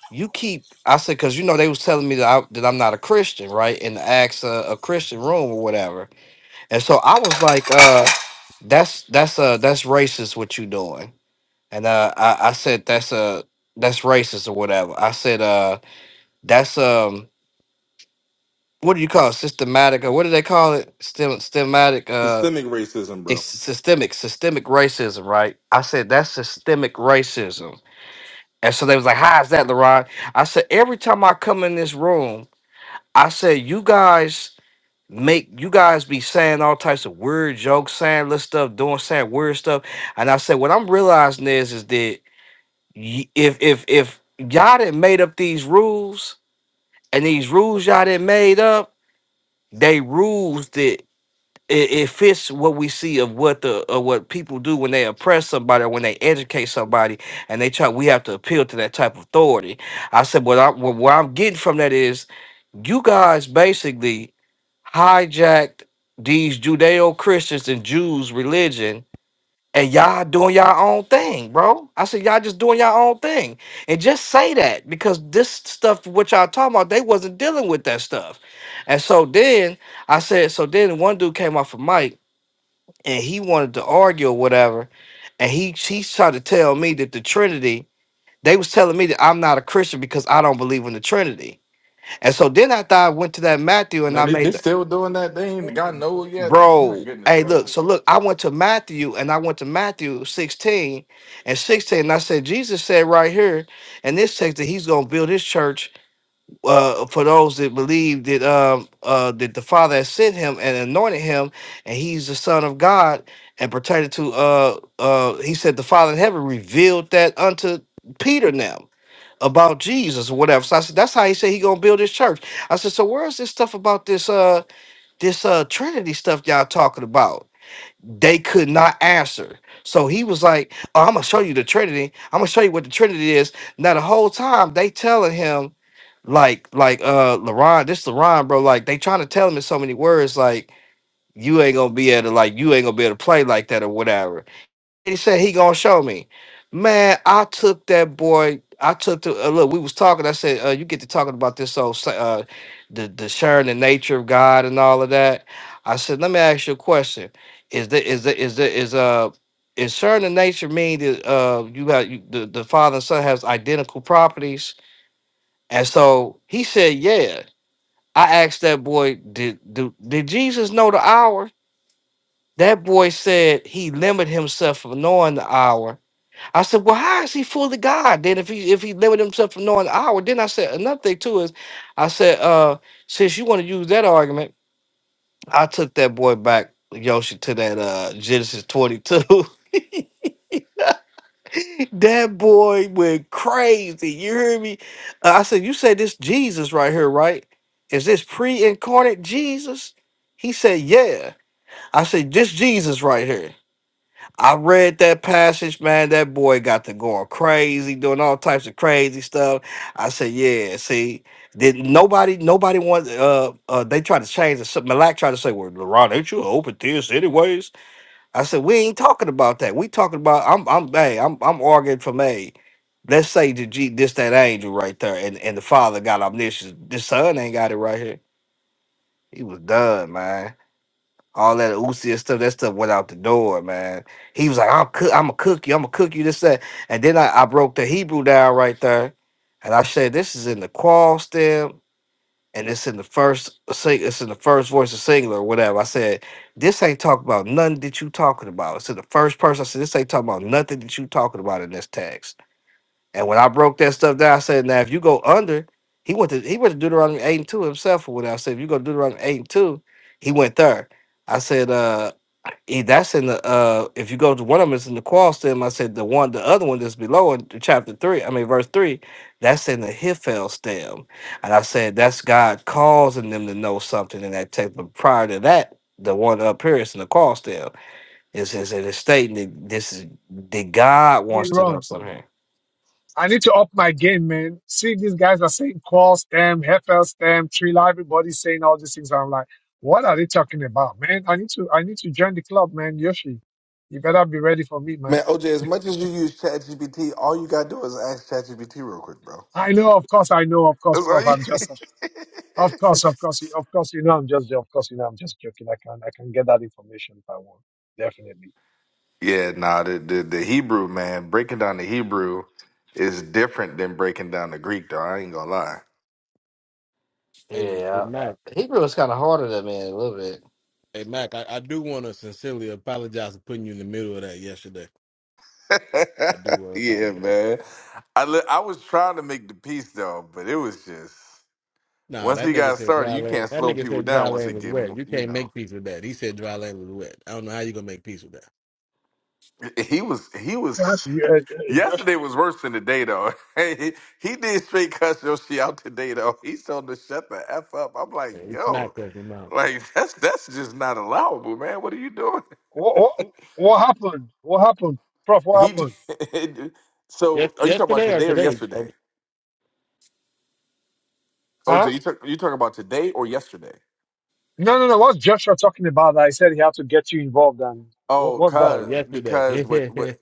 Speaker 12: you keep. I said, cause you know they was telling me that I, that I'm not a Christian, right? In the Acts uh, a Christian room or whatever, and so I was like, uh, that's that's uh that's racist what you doing. and uh, I, I said that's uh that's racist or whatever. I said uh that's um what do you call it? systematic or what do they call it? Stem, systematic uh
Speaker 3: Systemic racism,
Speaker 12: it's
Speaker 3: bro.
Speaker 12: systemic systemic racism, right? I said that's systemic racism, and so they was like, "How is that, LeRon?" I said every time I come in this room, I said you guys make you guys be saying all types of weird jokes, saying little stuff, doing saying weird stuff, and I said what I'm realizing is is that y- if if if y'all did made up these rules and these rules y'all did made up, they rules that it, it fits what we see of what the of what people do when they oppress somebody or when they educate somebody and they try we have to appeal to that type of authority. I said what I what, what I'm getting from that is you guys basically hijacked these Judeo Christians and Jews religion and y'all doing y'all own thing, bro. I said y'all just doing y'all own thing, and just say that because this stuff what y'all talking about, they wasn't dealing with that stuff, and so then I said, so then one dude came off a mic and he wanted to argue or whatever, and he he tried to tell me that the Trinity. They was telling me that I'm not a Christian because I don't believe in the Trinity, and so then after I went to that Matthew and
Speaker 3: Man,
Speaker 12: I
Speaker 3: they, they
Speaker 12: made
Speaker 3: still doing that. They ain't got no yet. My
Speaker 12: Bro,
Speaker 3: goodness,
Speaker 12: hey, look.
Speaker 3: bro.
Speaker 12: So look, I went to Matthew and I went to Matthew 16 and 16. And I said, Jesus said right here in this text that he's gonna build his church uh for those that believe that um uh that the Father has sent him and anointed him, and he's the Son of God, and pertaining to uh uh he said the Father in heaven revealed that unto Peter now about Jesus or whatever. So I said, That's how he said he gonna build his church. I said, So where's this stuff about this? Uh this uh Trinity stuff y'all talking about, they could not answer. So he was like, oh, I'm gonna show you the Trinity. I'm gonna show you what the Trinity is. Now the whole time they telling him like like uh LaRon, this LaRon, bro, like they trying to tell him in so many words, like you ain't gonna be able to like you ain't gonna be able to play like that or whatever he said he gonna show me. Man, I took that boy. I took the uh, look. We was talking. I said, uh, "You get to talking about this old, sa- uh, the the sharing the nature of God and all of that." I said, "Let me ask you a question. Is the is the is the is uh is sharing the nature mean that uh you have you, the the father and son has identical properties?" And so he said, "Yeah." I asked that boy, "Did do, did Jesus know the hour?" That boy said he limited himself from knowing the hour I said, well, how is he fully God? Then if he if he limited himself from knowing the hour, then I said another thing too is I said, uh, since you want to use that argument, I took that boy back, Yoshi, to that uh Genesis 22. that boy went crazy. You hear me? Uh, I said, you said this Jesus right here, right? Is this pre-incarnate Jesus? He said, yeah. I said, this Jesus right here. I read that passage, man. That boy got to going crazy, doing all types of crazy stuff. I said, "Yeah, see, did nobody, nobody wants. Uh, uh, they tried to change the sub- Malak tried to say, "Well, Ron, ain't you an open theist, anyways?" I said, "We ain't talking about that. We talking about I'm, I'm, hey, I'm, I'm arguing from a. Let's say the G, this that angel right there, and and the father got omniscience. The son ain't got it right here. He was done, man all that Uzi and stuff, that stuff went out the door, man. He was like, I'm cook, I'm a cook you, I'm a cook you, this, that. And then I, I broke the Hebrew down right there. And I said, this is in the qual stem, and it's in the first uh, sing, it's in the first voice of singular or whatever. I said, this ain't talking about nothing that you talking about. It's in the first person. I said, this ain't talking about nothing that you talking about in this text. And when I broke that stuff down, I said, now if you go under, he went to he went to Deuteronomy 8 and 2 himself or whatever. I said, if you go to Deuteronomy 8 and 2, he went there. I said, uh, Eh, that's in the uh if you go to one of them it's in the qual stem i said the one the other one that's below in chapter three i mean verse three that's in the hiphel stem and i said that's god causing them to know something in that text but prior to that the one up here is in the qual stem is is it is stating that this is that god
Speaker 1: Hey,
Speaker 12: wants to know
Speaker 1: Ron.
Speaker 12: something
Speaker 1: I need to up my game, man. See, these guys are saying call stem, FL stem, tree live. Everybody's saying all these things. I'm like, what are they talking about, man? I need to, I need to join the club, man. Yoshi, you better be ready for me, man.
Speaker 3: Man, OJ, as much as you use ChatGPT, all you gotta do is ask ChatGPT real quick, bro.
Speaker 1: I know, of course, I know, of course,
Speaker 3: That's
Speaker 1: Prof.
Speaker 3: all you.
Speaker 1: I'm just, of course, of course, you- of course, you know, I'm just, of course, you know, I'm just joking. I can, I can get that information if I want, definitely.
Speaker 3: yeah, nah, the, the the Hebrew man breaking down the Hebrew is different than breaking down the Greek, though. I ain't gonna lie.
Speaker 15: hey, good
Speaker 12: yeah
Speaker 15: night.
Speaker 12: hebrew is kind of harder than me a little bit
Speaker 15: Hey Mac, I, I do want to sincerely apologize for putting you in the middle of that yesterday. I do want to
Speaker 3: yeah,
Speaker 15: apologize.
Speaker 3: man. I li- I was trying to make the piece though, but it was just
Speaker 15: Nah,
Speaker 3: once
Speaker 15: that
Speaker 3: he
Speaker 15: nigga
Speaker 3: got
Speaker 15: said
Speaker 3: started,
Speaker 15: dry
Speaker 3: you
Speaker 15: land.
Speaker 3: can't
Speaker 15: That
Speaker 3: slow
Speaker 15: nigga
Speaker 3: people
Speaker 15: said dry
Speaker 3: down once they
Speaker 15: land was
Speaker 3: get
Speaker 15: wet.
Speaker 3: mo-
Speaker 15: You
Speaker 3: you
Speaker 15: can't
Speaker 3: know.
Speaker 15: make peace with that. He said dry land was wet. I don't know how you gonna make peace with that.
Speaker 3: He was he was
Speaker 1: Class, you, uh, uh, Josh.
Speaker 3: yesterday was worse than today though. he, he did straight cuss your shit out today though. He told him to shut the f up. I'm like,
Speaker 15: Man, he
Speaker 3: yo,
Speaker 15: smacked us in the mouth.
Speaker 3: like that's that's just not allowable, man. What are you doing?
Speaker 1: What, what, what happened? What happened? Prof, what
Speaker 3: He
Speaker 1: happened?
Speaker 15: Yes,
Speaker 3: so are you talking about
Speaker 15: yesterday or
Speaker 3: today or
Speaker 15: today? Oh,
Speaker 3: yesterday?
Speaker 1: Huh?
Speaker 3: OJ, you talk, you talking about today or yesterday?
Speaker 1: No, no, no. What's Joshua talking about that he said he had to get you involved and what,
Speaker 3: Oh,
Speaker 1: what's that?
Speaker 15: oh,
Speaker 3: cause
Speaker 1: What's...
Speaker 15: yesterday.
Speaker 3: because what what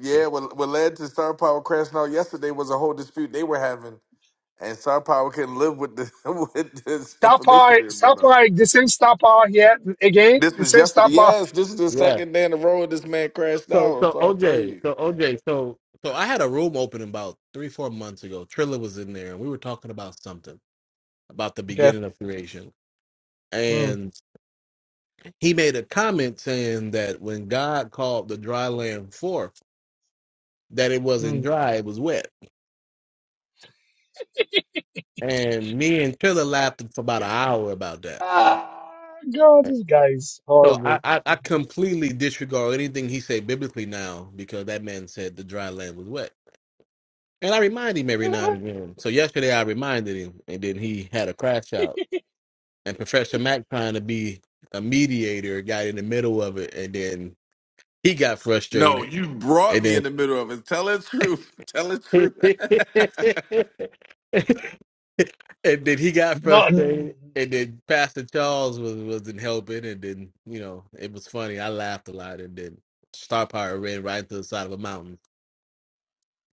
Speaker 3: yeah what what led to Star Power crashing out yesterday was a whole dispute they were having, and Star Power couldn't live with the with this
Speaker 1: Star power,
Speaker 3: information being
Speaker 1: star
Speaker 3: brought out.
Speaker 1: power, the same star power here again,
Speaker 3: This
Speaker 1: the
Speaker 3: was
Speaker 1: same star
Speaker 3: yesterday.
Speaker 1: power.
Speaker 3: Yes, this is the
Speaker 15: yeah.
Speaker 3: second day in a row this man crashed
Speaker 15: So,
Speaker 3: out. I'm
Speaker 15: so
Speaker 3: trying to tell
Speaker 15: OJ,
Speaker 3: you.
Speaker 15: so OJ, so so I had a room open about three, four months ago. Triller was in there, and we were talking about something about the
Speaker 1: Okay.
Speaker 15: beginning of creation
Speaker 1: Mm,
Speaker 15: he made a comment saying that when God called the dry land forth, that it wasn't
Speaker 1: mm.
Speaker 15: dry, it was wet. And me and Triller laughed for about an hour about that.
Speaker 1: Ah, God, this guy is
Speaker 15: So I,
Speaker 1: horrible.
Speaker 15: I, I completely disregard anything he said biblically now because that man said the dry land was wet. And I remind him every now and again. So yesterday I reminded him, and then he had a crash out. And Professor Mack trying to be a mediator got in the middle of it, and then he got
Speaker 3: No,
Speaker 15: frustrated.
Speaker 3: you brought me
Speaker 15: And
Speaker 3: in the middle of it. Tell the truth. Tell the
Speaker 15: then
Speaker 3: truth.
Speaker 15: and then he got
Speaker 1: No, mm.
Speaker 15: frustrated, and then Pastor Charles was wasn't helping, and then you know it was funny. I laughed a lot, and then Star Power ran right into the side of a mountain.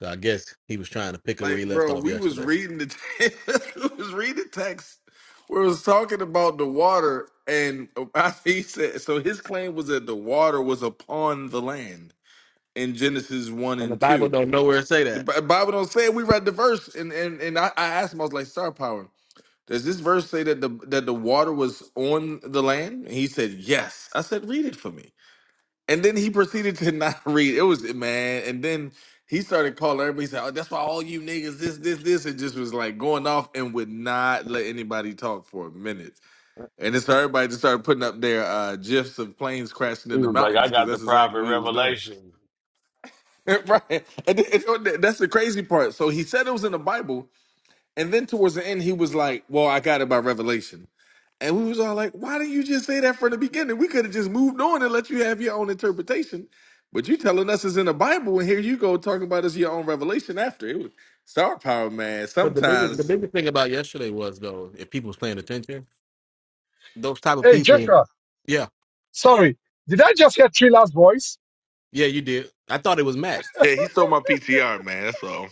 Speaker 15: So I guess he was trying to pick up where
Speaker 3: Like,
Speaker 15: he left
Speaker 3: bro,
Speaker 15: off
Speaker 3: we was
Speaker 15: yesterday.
Speaker 3: reading the text, we was reading the text. We was talking about the water, and I, he said so. His claim was that the water was upon the land in Genesis one
Speaker 15: And the
Speaker 3: and
Speaker 15: Bible
Speaker 3: two.
Speaker 15: don't nowhere say
Speaker 3: The
Speaker 15: that.
Speaker 3: Bi- Bible don't say it. We read the verse, and and and I, I asked him. I was like, Star Power, does this verse say that the that the water was on the land? And he said, Yes. I said, Read it for me. And then he proceeded to not read. It was man. And then he started calling everybody. He said, "Oh, that's why all you niggas this, this, this." It just was like going off and would not let anybody talk for a minute. And then so everybody just started putting up their uh, gifs of planes crashing
Speaker 13: He
Speaker 3: in the
Speaker 13: was like,
Speaker 3: mountains
Speaker 13: I
Speaker 3: because
Speaker 13: got the
Speaker 3: that's exactly
Speaker 13: private
Speaker 3: what he was doing.
Speaker 13: revelation.
Speaker 3: right. And then- and th- that's the crazy part. So he said it was in the Bible, and then towards the end he was like, "Well, I got it by revelation." And we was all like, why didn't you just say that from the beginning? We could have just moved on and let you have your own interpretation. But you telling us it's in the Bible, and here you go talking about it's your own revelation after. It was star power, man.
Speaker 15: But the biggest the
Speaker 3: Sometimes.
Speaker 15: biggest thing about yesterday was though, if people was paying attention, those type of
Speaker 1: hey,
Speaker 15: people.
Speaker 1: Joshua,
Speaker 15: Yeah,
Speaker 1: sorry. Did I just hear Trilla's voice?
Speaker 15: yeah, you did. I thought it was Mac.
Speaker 3: Yeah, he stole my PTR, man. That's all.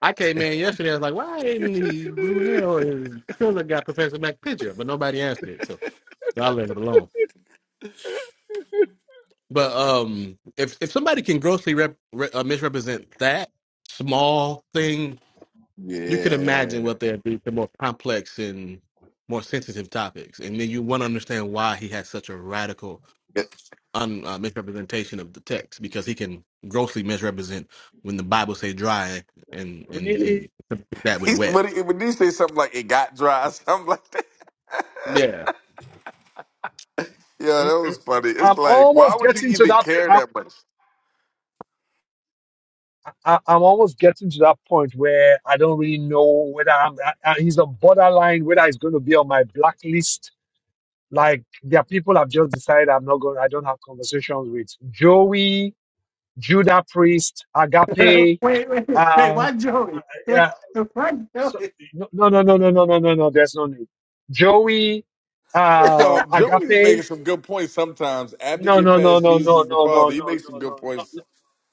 Speaker 15: I came in yesterday. I was like, why didn't the blue hair and his Triller got Professor Mac picture? But nobody answered it, so, so I left it alone. But um, if if somebody can grossly rep, re, uh, misrepresent that small thing, you could imagine
Speaker 3: Yeah.
Speaker 15: what there'd be for more complex and more sensitive topics, and then you want to understand why he has such a radical un, uh, misrepresentation of the text because he can grossly misrepresent when the Bible say dry and and
Speaker 1: Really?
Speaker 15: and that with
Speaker 3: He's
Speaker 15: wet.
Speaker 3: what he, when you say something like it got dry, something like that.
Speaker 15: Yeah.
Speaker 3: Yeah,
Speaker 1: Mm,
Speaker 3: that
Speaker 1: mm.
Speaker 3: was funny.
Speaker 1: I'm
Speaker 3: It's like, why
Speaker 1: almost
Speaker 3: would you
Speaker 1: getting to
Speaker 3: even care
Speaker 1: that.
Speaker 3: that much?
Speaker 1: I, I'm almost getting to that point where I don't really know whether I'm, I, I, he's on borderline, whether he's going to be on my blacklist. Like there are people I've just decided I'm not going, I don't have conversations with. Joey, Judah Priest, Agape,
Speaker 15: wait, wait, wait. Why
Speaker 1: um, uh, uh,
Speaker 15: Joey?
Speaker 1: yeah,
Speaker 15: Why
Speaker 1: so,
Speaker 15: Joey?
Speaker 1: no, no, no, no, no, no, no, no, no, there's no need. Joey,
Speaker 3: First
Speaker 1: uh,
Speaker 3: off, Joey be making
Speaker 1: Agape,
Speaker 3: some good points sometimes. After you
Speaker 1: no,
Speaker 3: get
Speaker 1: no, no,
Speaker 3: past
Speaker 1: no, no,
Speaker 3: Jesus the
Speaker 1: no, no, no,
Speaker 3: Father, he
Speaker 1: no,
Speaker 3: makes some
Speaker 1: no,
Speaker 3: good
Speaker 1: no. no,
Speaker 3: points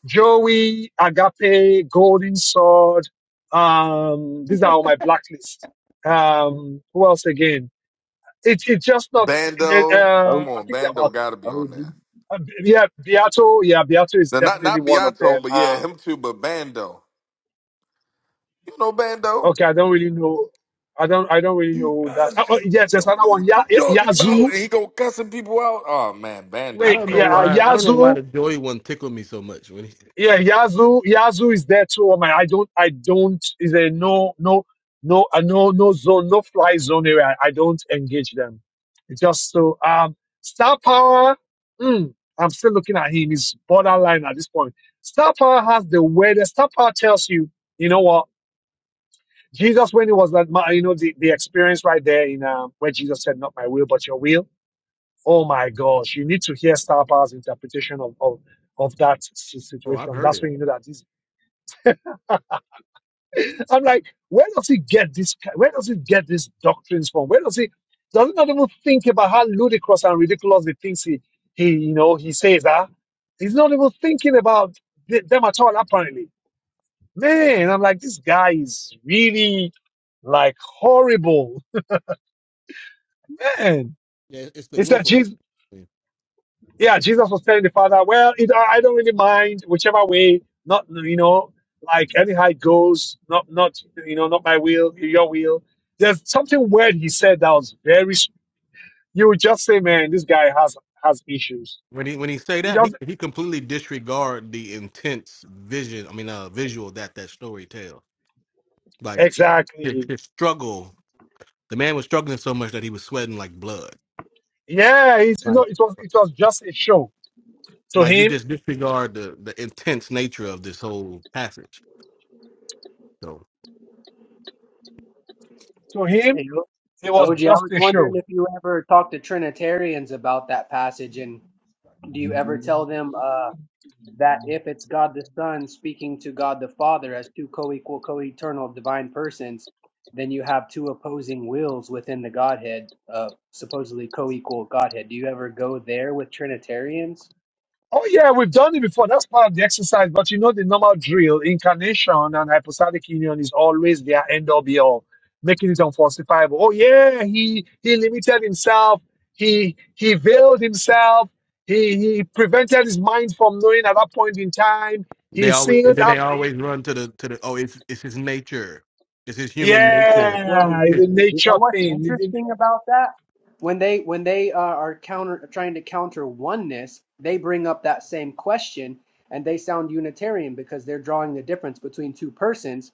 Speaker 1: Joey, Agape, Golden Sword. Um, these are on my blacklist. Um, who else again? It's it's just not. Uh,
Speaker 3: Bando. Come
Speaker 1: I
Speaker 3: on,
Speaker 1: think they're
Speaker 3: Bando
Speaker 1: about
Speaker 3: gotta be on
Speaker 6: OG
Speaker 3: there.
Speaker 1: uh, yeah, Beato. Yeah, Beato is
Speaker 3: No, not
Speaker 1: definitely
Speaker 3: not
Speaker 1: one of
Speaker 3: Beato,
Speaker 1: them.
Speaker 3: but yeah,
Speaker 1: Um,
Speaker 3: him too, but Bando. You know Bando?
Speaker 1: okay, I don't really know. I don't. I don't really
Speaker 3: You
Speaker 1: know that.
Speaker 3: guys
Speaker 1: Oh, oh,
Speaker 3: just
Speaker 1: yes, there's
Speaker 3: don't
Speaker 1: another
Speaker 3: know
Speaker 1: one.
Speaker 3: what
Speaker 1: Ya,
Speaker 3: you
Speaker 1: Ya-
Speaker 3: talking about.
Speaker 1: Yazoo.
Speaker 3: And he go cussing people out. Oh man,
Speaker 15: I
Speaker 3: Bando
Speaker 1: Wait,
Speaker 3: is
Speaker 15: don't know
Speaker 1: yeah,
Speaker 3: crazy,
Speaker 1: uh,
Speaker 15: why.
Speaker 3: bro.
Speaker 15: I don't know why
Speaker 1: Yazoo.
Speaker 15: the Joey one tickled me so much when he.
Speaker 1: yeah, Yazoo, Yazoo is there too. I mean, I don't, I don't. Is there no, no, no, uh, no, no zone, no fly zone area? I don't engage them. It's just so. Um, Star Power. Mm, I'm still looking at him. He's borderline at this point. Star Power has the weirdest. Star Power tells you, you know what? Jesus, when he was that, ma- you know, the, the experience right there in um, where Jesus said, "Not my will, but your will." Oh my gosh, you need to hear Star Power's interpretation of of, of that si-
Speaker 15: Oh, I've
Speaker 1: situation.
Speaker 15: heard
Speaker 1: That's
Speaker 15: it.
Speaker 1: when you know that this I'm like, where does he get this? ki- Where does he get these doctrines from? Where does he? Does he not even think about how ludicrous and ridiculous the things he, he you know, he says are? He's not even thinking about th- them at all. Apparently, man, I'm like, this guy is really like horrible, man.
Speaker 15: Yeah, it's the
Speaker 1: It's that
Speaker 15: willful.
Speaker 1: Jesus.
Speaker 15: ignorance.
Speaker 1: yeah, Jesus was telling the father, well, it, I don't really mind whichever way, not, you know, like anyhow it goes, not, not, you know, not my will, your will. There's something weird he said that was very, s- you would just say, man, this guy has, has issues.
Speaker 15: When he when he say
Speaker 1: He
Speaker 15: that he
Speaker 1: doesn't,
Speaker 15: he completely disregard the intense vision. I mean, uh, visual that that story tells. Like his,
Speaker 1: exactly.
Speaker 15: his struggle. The man was struggling so much that he was sweating like blood.
Speaker 1: Yeah, he's, you know,
Speaker 15: Right.
Speaker 1: it was, it was just a show to
Speaker 15: Like you
Speaker 1: him,
Speaker 15: just disregard the the intense nature of this whole passage. So.
Speaker 1: to him,
Speaker 6: Hey, O-
Speaker 1: it was
Speaker 6: OG, I
Speaker 1: just
Speaker 6: was
Speaker 1: a show
Speaker 6: wondering if you ever talk to Trinitarians about that passage, and do you ever tell them uh, that if it's God the Son speaking to God the Father as two co-equal, co-eternal divine persons, then you have two opposing wills within the Godhead, uh, supposedly co-equal Godhead. Do you ever go there with Trinitarians?
Speaker 1: Oh yeah, we've done it before. That's part of the exercise. But you know the normal drill, incarnation and hypostatic union is always their end all be all, making it unfalsifiable. Oh yeah, he he limited himself, he he veiled himself, he he prevented his mind from knowing at that point in time. He
Speaker 15: They always and
Speaker 1: sealed
Speaker 15: then they
Speaker 1: up
Speaker 15: always run to the to the oh it's it's his nature, it's his human nature.
Speaker 6: Well,
Speaker 1: Yeah, it's
Speaker 15: It's-
Speaker 1: a
Speaker 6: you know
Speaker 1: nature
Speaker 6: what's
Speaker 1: thing. It- it-
Speaker 6: interesting about that? When they when they uh, are counter trying to counter oneness, they bring up that same question and they sound Unitarian because they're drawing the difference between two persons.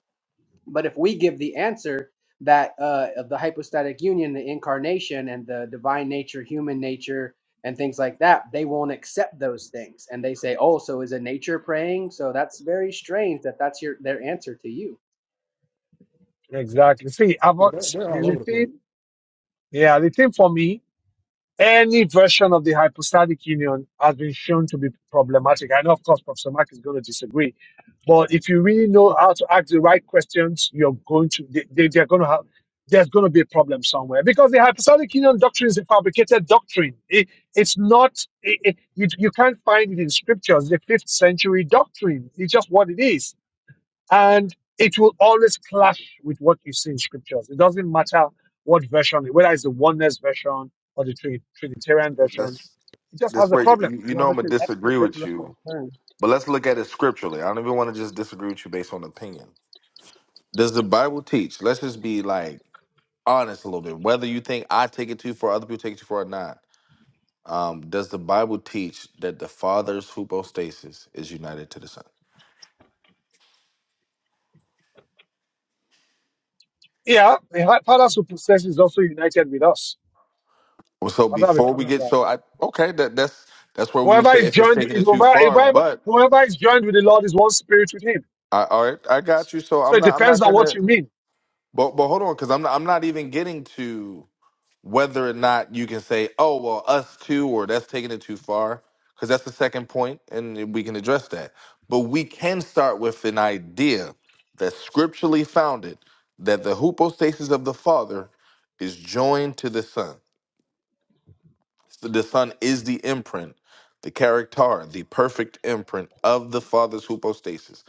Speaker 6: But if we give the answer that uh, of the hypostatic union, the incarnation, and the divine nature, human nature, and things like that, they won't accept those things, and they say, "Oh, so is a nature praying?" So that's very strange that that's your their answer to you.
Speaker 1: Exactly. See, I've
Speaker 15: yeah,
Speaker 1: got
Speaker 15: they're, they're
Speaker 1: the
Speaker 15: all
Speaker 1: the
Speaker 15: over the place.
Speaker 1: thing, yeah, the thing for me. Any version of the hypostatic union has been shown to be problematic. I know, of course, Professor Mark is going to disagree, but if you really know how to ask the right questions, you're going to they, they- they're going to have there's going to be a problem somewhere because the hypostatic union doctrine is a fabricated doctrine. It, it's not it, it, you, you can't find it in scriptures. The fifth century doctrine. It's just what it is and it will always clash with what you see in scriptures. It doesn't matter what version, whether it's the oneness version or the Trini- Trinitarian version,
Speaker 3: That's
Speaker 1: it just has
Speaker 3: this
Speaker 1: a
Speaker 3: way
Speaker 1: problem.
Speaker 3: you, you know
Speaker 6: Well,
Speaker 3: I'm
Speaker 6: it's
Speaker 3: gonna
Speaker 6: an extra
Speaker 3: disagree with
Speaker 6: biblical
Speaker 3: you.
Speaker 6: term.
Speaker 3: But let's look at it scripturally. I don't even want to just disagree with you based on opinion. Does the Bible teach? Let's just be like honest a little bit. Whether you think I take it too far, other people take it too far or not. Um, does the Bible teach that the Father's hypostasis is united to the Son?
Speaker 1: Yeah, the hi- Father Supersession is also united with us.
Speaker 3: Well, so
Speaker 1: I don't have a
Speaker 3: before we
Speaker 1: problem
Speaker 3: get
Speaker 1: with that.
Speaker 3: so I okay that that's that's where we would
Speaker 1: Whoever
Speaker 3: say
Speaker 1: is
Speaker 3: if it's
Speaker 1: joined with-
Speaker 3: taking
Speaker 1: is
Speaker 3: it too
Speaker 1: whoever,
Speaker 3: far,
Speaker 1: whoever
Speaker 3: but
Speaker 1: whoever is joined with the Lord is one spirit with him.
Speaker 3: I, all right, I got you. So
Speaker 1: So
Speaker 3: I'm
Speaker 1: it
Speaker 3: not I'm
Speaker 1: depends
Speaker 3: not
Speaker 1: on what
Speaker 3: gonna
Speaker 1: you mean.
Speaker 3: but but hold on because I'm not I'm not even getting to whether or not you can say, oh, well, us too, or that's taking it too far, because that's the second point, and we can address that. But we can start with an idea that's scripturally founded that the hypostasis of the Father is joined to the Son. So the Son is the imprint, the character, the perfect imprint of the Father's hypostasis.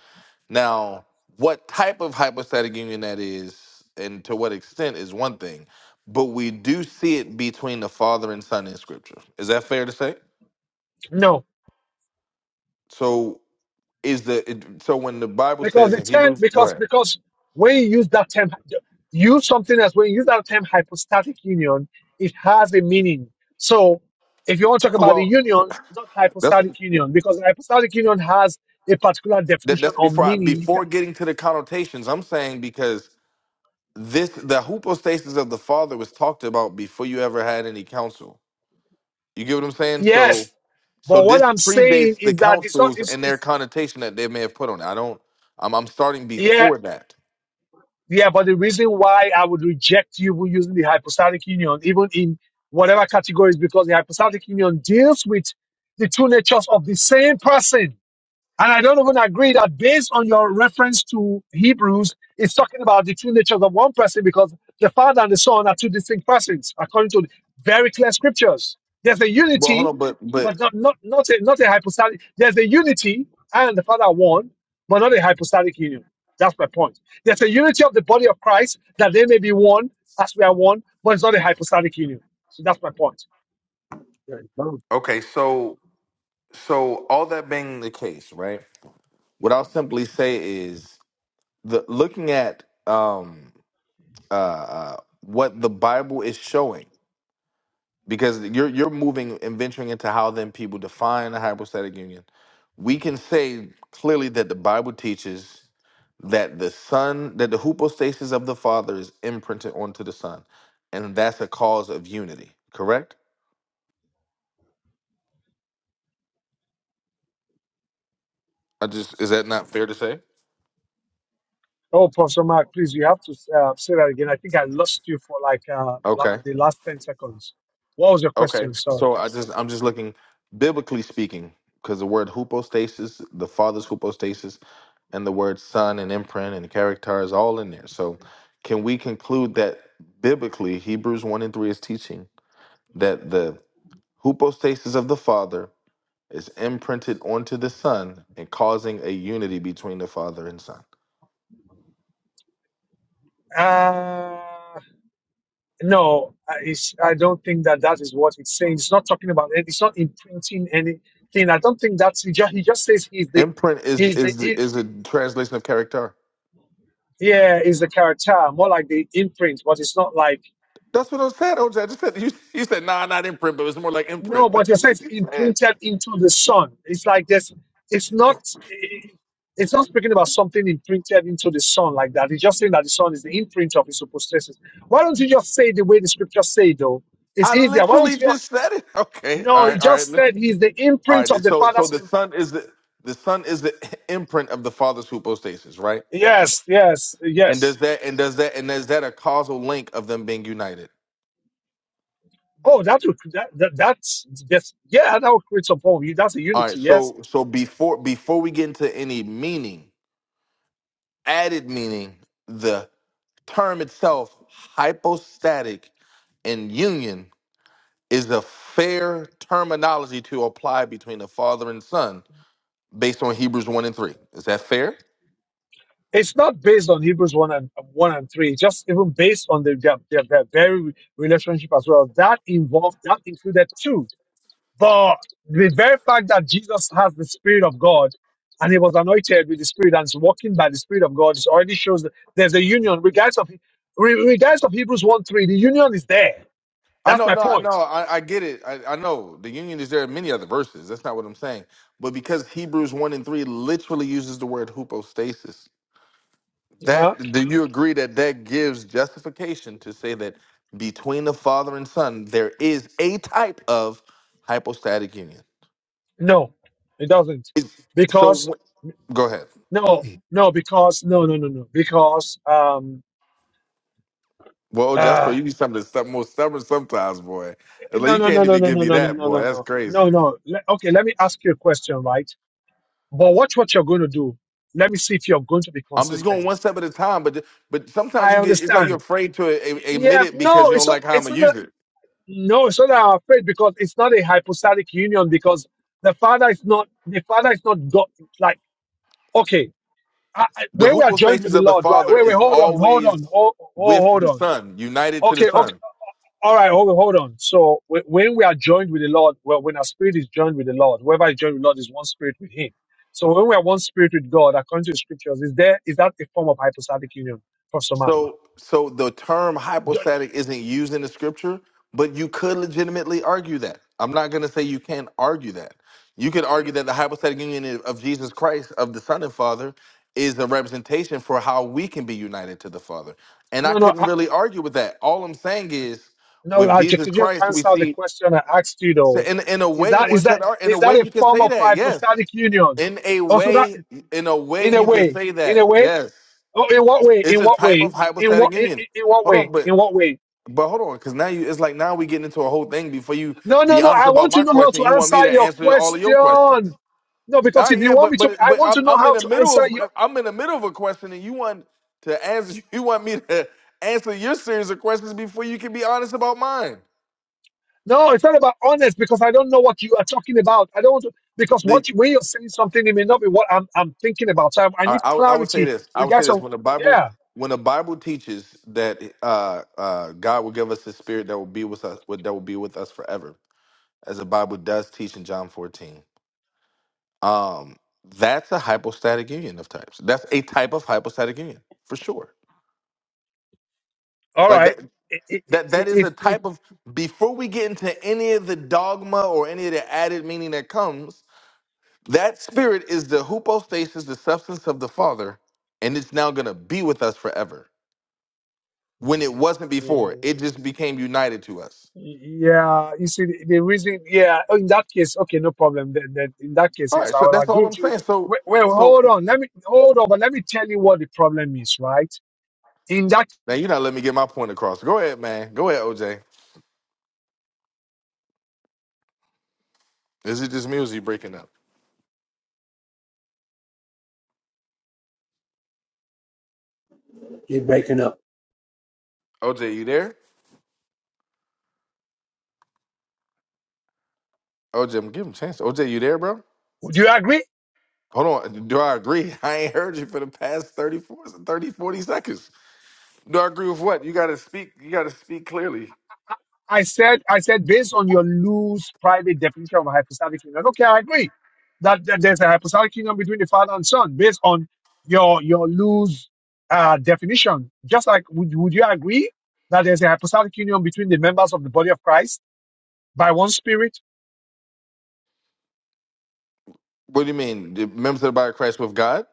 Speaker 3: Now, what type of hypostatic union that is and to what extent is one thing, but we do see it between the Father and Son in Scripture. Is that fair to say?
Speaker 1: No.
Speaker 3: So is the it- so when the Bible
Speaker 1: Because
Speaker 3: says
Speaker 1: the
Speaker 3: in
Speaker 1: term,
Speaker 3: Hebrews, go
Speaker 1: because
Speaker 3: ahead.
Speaker 1: because when you use that term, use something else. When you use that term hypostatic union, it has a meaning. So if you want to talk about the
Speaker 3: Well,
Speaker 1: union, it's not
Speaker 3: that's
Speaker 1: hypostatic union because hypostatic union has a particular
Speaker 3: that,
Speaker 1: definition
Speaker 3: that's
Speaker 1: or
Speaker 3: before I,
Speaker 1: meaning. You can,
Speaker 3: before getting to the connotations. I'm saying because this the hypostasis of the Father was talked about before you ever had any counsel You get what I'm saying? So,
Speaker 1: yes,
Speaker 3: so
Speaker 1: but what
Speaker 3: this
Speaker 1: I'm saying
Speaker 3: predates the
Speaker 1: is that it's not.
Speaker 3: councils
Speaker 1: It's,
Speaker 3: and their
Speaker 1: it's
Speaker 3: connotation that they may have put on it. I don't. I'm, I'm starting
Speaker 1: yeah,
Speaker 3: before that.
Speaker 1: yeah. But the reason why I would reject you for using the hypostatic union, even in whatever categories, because the hypostatic union deals with the two natures of the same person And I don't even agree that based on your reference to Hebrews, it's talking about the two natures of one person because the Father and the Son are two distinct persons, according to very clear scriptures. There's a
Speaker 3: But hold
Speaker 1: unity,
Speaker 3: on. But but
Speaker 1: but not not not a, not a hypostatic. There's a unity, I and the Father are one, but not a hypostatic union. That's my point. There's a unity of the body of Christ that they may be one as we are one, but it's not a hypostatic union. So that's my point.
Speaker 6: Yeah, both.
Speaker 3: okay. So so all that being the case, right? What I'll simply say is the looking at um uh, uh what the Bible is showing. because you're you're moving and venturing into how then people define a hypostatic union. We can say clearly that the Bible teaches that the son that the hypostasis of the father is imprinted onto the son, and that's a cause of unity. Correct? I just is that not fair to say?
Speaker 1: Oh, Professor Mark, please, you have to uh, say that again. I think I lost you for like uh, like
Speaker 3: Okay,
Speaker 1: the last 10 seconds. What was your
Speaker 3: okay.
Speaker 1: question? Sorry.
Speaker 3: So I just I'm just looking biblically speaking because the word hypostasis, the father's hypostasis. and the word son and imprint and character is all in there. So can we conclude that biblically Hebrews 1 and 3 is teaching that the hypostasis of the Father is imprinted onto the Son and causing a unity between the Father and Son?
Speaker 1: Uh, no, I- it's, I don't think that that is what it's saying. It's not talking about it. It's not imprinting anything. I don't think that's, he just, he just says he's the,
Speaker 3: Imprint is
Speaker 1: he's the,
Speaker 3: is
Speaker 1: he,
Speaker 3: is a translation of character.
Speaker 1: yeah, is the character, more like the imprint, but it's not like,
Speaker 3: That's what I said, OJ. I just said you, you said nah, not imprint, but it's more like imprint.
Speaker 1: No, but
Speaker 3: That's
Speaker 1: you
Speaker 3: what
Speaker 1: say
Speaker 3: you
Speaker 1: it's
Speaker 3: just said.
Speaker 1: imprinted into the son. It's like this. It's not. It's not speaking about something imprinted into the son like that. It's just saying that the son is the imprint of his hypostasis. Why don't you just say it the way the scriptures say it, though? It's
Speaker 3: I
Speaker 1: easier. Why don't
Speaker 3: literally
Speaker 1: you? Just,
Speaker 3: just said it. Okay. All
Speaker 1: no, he
Speaker 3: right. All right.
Speaker 1: just said he's the
Speaker 3: All
Speaker 1: imprint
Speaker 3: right.
Speaker 1: of the
Speaker 3: So so
Speaker 1: father's.
Speaker 3: the son is the the son is the imprint of the father's hypostasis, right?
Speaker 1: Yes, yes,
Speaker 3: And
Speaker 1: yes.
Speaker 3: does that and does that and is that a causal link of them being united?
Speaker 1: Oh, that would that, that that's just yeah, that would create some problem. That's a
Speaker 3: All right.
Speaker 1: unity. Yes.
Speaker 3: So so before before we get into any meaning, added meaning, the term itself, hypostatic and union, is a fair terminology to apply between the father and son based on Hebrews one and three. Is that fair?
Speaker 1: it's not based on Hebrews one and one and three. Just even based on the, their, their, their very relationship as well. That involved that included two. But the very fact that Jesus has the Spirit of God and he was anointed with the Spirit and is walking by the Spirit of God it already shows that there's a union. Regardless of re- regardless of Hebrews one three, the union is there.
Speaker 3: I
Speaker 1: That's
Speaker 3: know,
Speaker 1: my
Speaker 3: no, I know,
Speaker 1: point.
Speaker 3: I, I get it. I, I know the union is there in many other verses. That's not what I'm saying. But because Hebrews one and three literally uses the word hypostasis,
Speaker 1: Huh?
Speaker 3: that do you agree that that gives justification to say that between the father and son there is a type of hypostatic union?
Speaker 1: No, it doesn't
Speaker 3: It's, so
Speaker 1: because
Speaker 3: wh- go ahead.
Speaker 1: no no because no no no no because um.
Speaker 3: Well, that's
Speaker 1: uh,
Speaker 3: where you be something that's most stubborn sometimes, boy. It's Like
Speaker 1: No,
Speaker 3: you
Speaker 1: no, no,
Speaker 3: can't
Speaker 1: no,
Speaker 3: even
Speaker 1: no,
Speaker 3: give
Speaker 1: no,
Speaker 3: me
Speaker 1: no, no,
Speaker 3: that,
Speaker 1: no, no,
Speaker 3: boy. That's
Speaker 1: no,
Speaker 3: crazy.
Speaker 1: no, no. Le- Okay, let me ask you a question, right? But watch what you're going to do. Let me see if you're going to be
Speaker 3: I'm just going one
Speaker 1: consistent.
Speaker 3: step at a time, but but sometimes
Speaker 1: I
Speaker 3: you get it's like you're
Speaker 1: understand.
Speaker 3: afraid to a- admit
Speaker 1: Yeah,
Speaker 3: it because
Speaker 1: no,
Speaker 3: you
Speaker 1: it's
Speaker 3: don't
Speaker 1: not.
Speaker 3: like how I'm
Speaker 1: It's
Speaker 3: gonna
Speaker 1: not. A,
Speaker 3: use it.
Speaker 1: no, it's not that I'm afraid because it's not a hypostatic union because the Father is not. The Father is not God. Like okay, I, I-
Speaker 3: The
Speaker 1: when we are joined
Speaker 3: hoopostasis
Speaker 1: with the
Speaker 3: of the
Speaker 1: Lord, right?
Speaker 3: Father
Speaker 1: Wait, wait,
Speaker 3: is
Speaker 1: hold on, hold
Speaker 3: always
Speaker 1: on, hold, hold,
Speaker 3: with
Speaker 1: hold
Speaker 3: the
Speaker 1: on.
Speaker 3: Son, united to the
Speaker 1: Okay, okay.
Speaker 3: Son.
Speaker 1: All right, hold on, hold on. So wh- when we are joined with the Lord, well, when our spirit is joined with the Lord, whoever is joined with the Lord is one spirit with Him. So when we are one spirit with God, according to the scriptures, is there is that a form of hypostatic union, Professor Mark?
Speaker 3: So, so the term
Speaker 1: Jo-
Speaker 3: hypostatic isn't used in the scripture, but you could legitimately argue that. I'm not going to say you can't argue that. You could argue that the hypostatic union i- of Jesus Christ, of the Son and Father, is a representation for how we can be united to the Father. And I
Speaker 1: No, no,
Speaker 3: couldn't
Speaker 1: I,
Speaker 3: really argue with that. All I'm saying is,
Speaker 1: no.
Speaker 3: with
Speaker 1: I ju-
Speaker 3: Jesus
Speaker 1: could just
Speaker 3: Christ, we
Speaker 1: answer the
Speaker 3: see.
Speaker 1: question I asked you
Speaker 3: So
Speaker 1: though.
Speaker 3: in in a
Speaker 1: Is
Speaker 3: way,
Speaker 1: that
Speaker 3: one
Speaker 1: is
Speaker 3: could
Speaker 1: that
Speaker 3: ar- in a
Speaker 1: is
Speaker 3: way
Speaker 1: that a
Speaker 3: you can
Speaker 1: form
Speaker 3: say
Speaker 1: of
Speaker 3: that. Yes,
Speaker 1: hypostatic union?
Speaker 3: in a
Speaker 1: Also, that
Speaker 3: way, in a way
Speaker 1: in a
Speaker 3: you can
Speaker 1: way,
Speaker 3: say
Speaker 1: in a
Speaker 3: that.
Speaker 1: way.
Speaker 3: Yes.
Speaker 1: Oh, in what way?
Speaker 3: It's
Speaker 1: In
Speaker 3: a
Speaker 1: what
Speaker 3: type
Speaker 1: way?
Speaker 3: of
Speaker 1: In what
Speaker 3: hypostatic
Speaker 1: in, in
Speaker 3: union.
Speaker 1: in what
Speaker 3: Hold
Speaker 1: way?
Speaker 3: on, but
Speaker 1: In what way?
Speaker 3: but hold on, because now you it's like now we getting into a whole thing. Before you
Speaker 1: No, no,
Speaker 3: be
Speaker 1: no.
Speaker 3: honest
Speaker 1: I
Speaker 3: about
Speaker 1: want to
Speaker 3: my
Speaker 1: know how
Speaker 3: question,
Speaker 1: to
Speaker 3: you want me
Speaker 1: answer
Speaker 3: to
Speaker 1: your
Speaker 3: answer all of your questions.
Speaker 1: question. No,
Speaker 3: All
Speaker 1: because
Speaker 3: right,
Speaker 1: if you
Speaker 3: yeah,
Speaker 1: want
Speaker 3: but
Speaker 1: me to,
Speaker 3: but
Speaker 1: I
Speaker 3: but
Speaker 1: want
Speaker 3: I'm
Speaker 1: to know
Speaker 3: I'm in
Speaker 1: how
Speaker 3: the
Speaker 1: to
Speaker 3: middle
Speaker 1: answer
Speaker 3: of
Speaker 1: you.
Speaker 3: I'm in the middle of a question, and you want to answer you want me to answer your series of questions before you can be honest about mine.
Speaker 1: No, it's not about honest because I don't know what you are talking about. I don't want to, because
Speaker 3: The
Speaker 1: what you, when you're saying something, it may not be what I'm, I'm thinking about. So I, I
Speaker 3: I,
Speaker 1: need
Speaker 3: I, would- I would say
Speaker 1: clarity
Speaker 3: this. I would say
Speaker 1: regards
Speaker 3: this
Speaker 1: of
Speaker 3: when the Bible
Speaker 1: yeah.
Speaker 3: when the Bible teaches that uh, uh, God will give us His Spirit that will be with us that will be with us forever as the Bible does teach in John 14. Um, that's a hypostatic union of types. That's a type of hypostatic union for sure.
Speaker 1: All
Speaker 3: Like
Speaker 1: right.
Speaker 3: that
Speaker 1: I- I-
Speaker 3: that
Speaker 1: I-
Speaker 3: that is
Speaker 1: If
Speaker 3: a
Speaker 1: if
Speaker 3: type of before we get into any of the dogma or any of the added meaning that comes, that spirit is the hypostasis, the substance of the Father, and it's now gonna be with us forever. When it wasn't before,
Speaker 1: yeah,
Speaker 3: it just became united to us.
Speaker 1: yeah, you see the, the reason. Yeah, Oh, in that case, okay, no problem. Then, then in that case,
Speaker 3: All
Speaker 1: yes,
Speaker 3: right,
Speaker 1: I
Speaker 3: so
Speaker 1: will
Speaker 3: that's all
Speaker 1: agree
Speaker 3: I'm
Speaker 1: with you.
Speaker 3: saying. So
Speaker 1: Wait, wait,
Speaker 3: so
Speaker 1: hold on. Let me hold on, but let me tell you what the problem is, right? in that
Speaker 3: now you're not letting me get my point across. Go ahead, man. Go ahead, OJ. Is it just me or is he breaking up?
Speaker 6: You're breaking up.
Speaker 3: OJ, you there? OJ, I'm giving him a chance. OJ, you there, bro?
Speaker 1: do you agree
Speaker 3: Hold on. Do I agree? I ain't heard you for the past 30, forty, thirty, forty seconds. Do I agree with what? You gotta speak, you gotta speak clearly.
Speaker 1: i I said i said based on your loose private definition of a hypostatic union okay i agree that, that there's a hypostatic union between the father and son based on your your loose uh, definition just like would, would you agree that there's a hypostatic union between the members of the body of christ by one spirit
Speaker 3: What do you mean? The members of the body of Christ with God?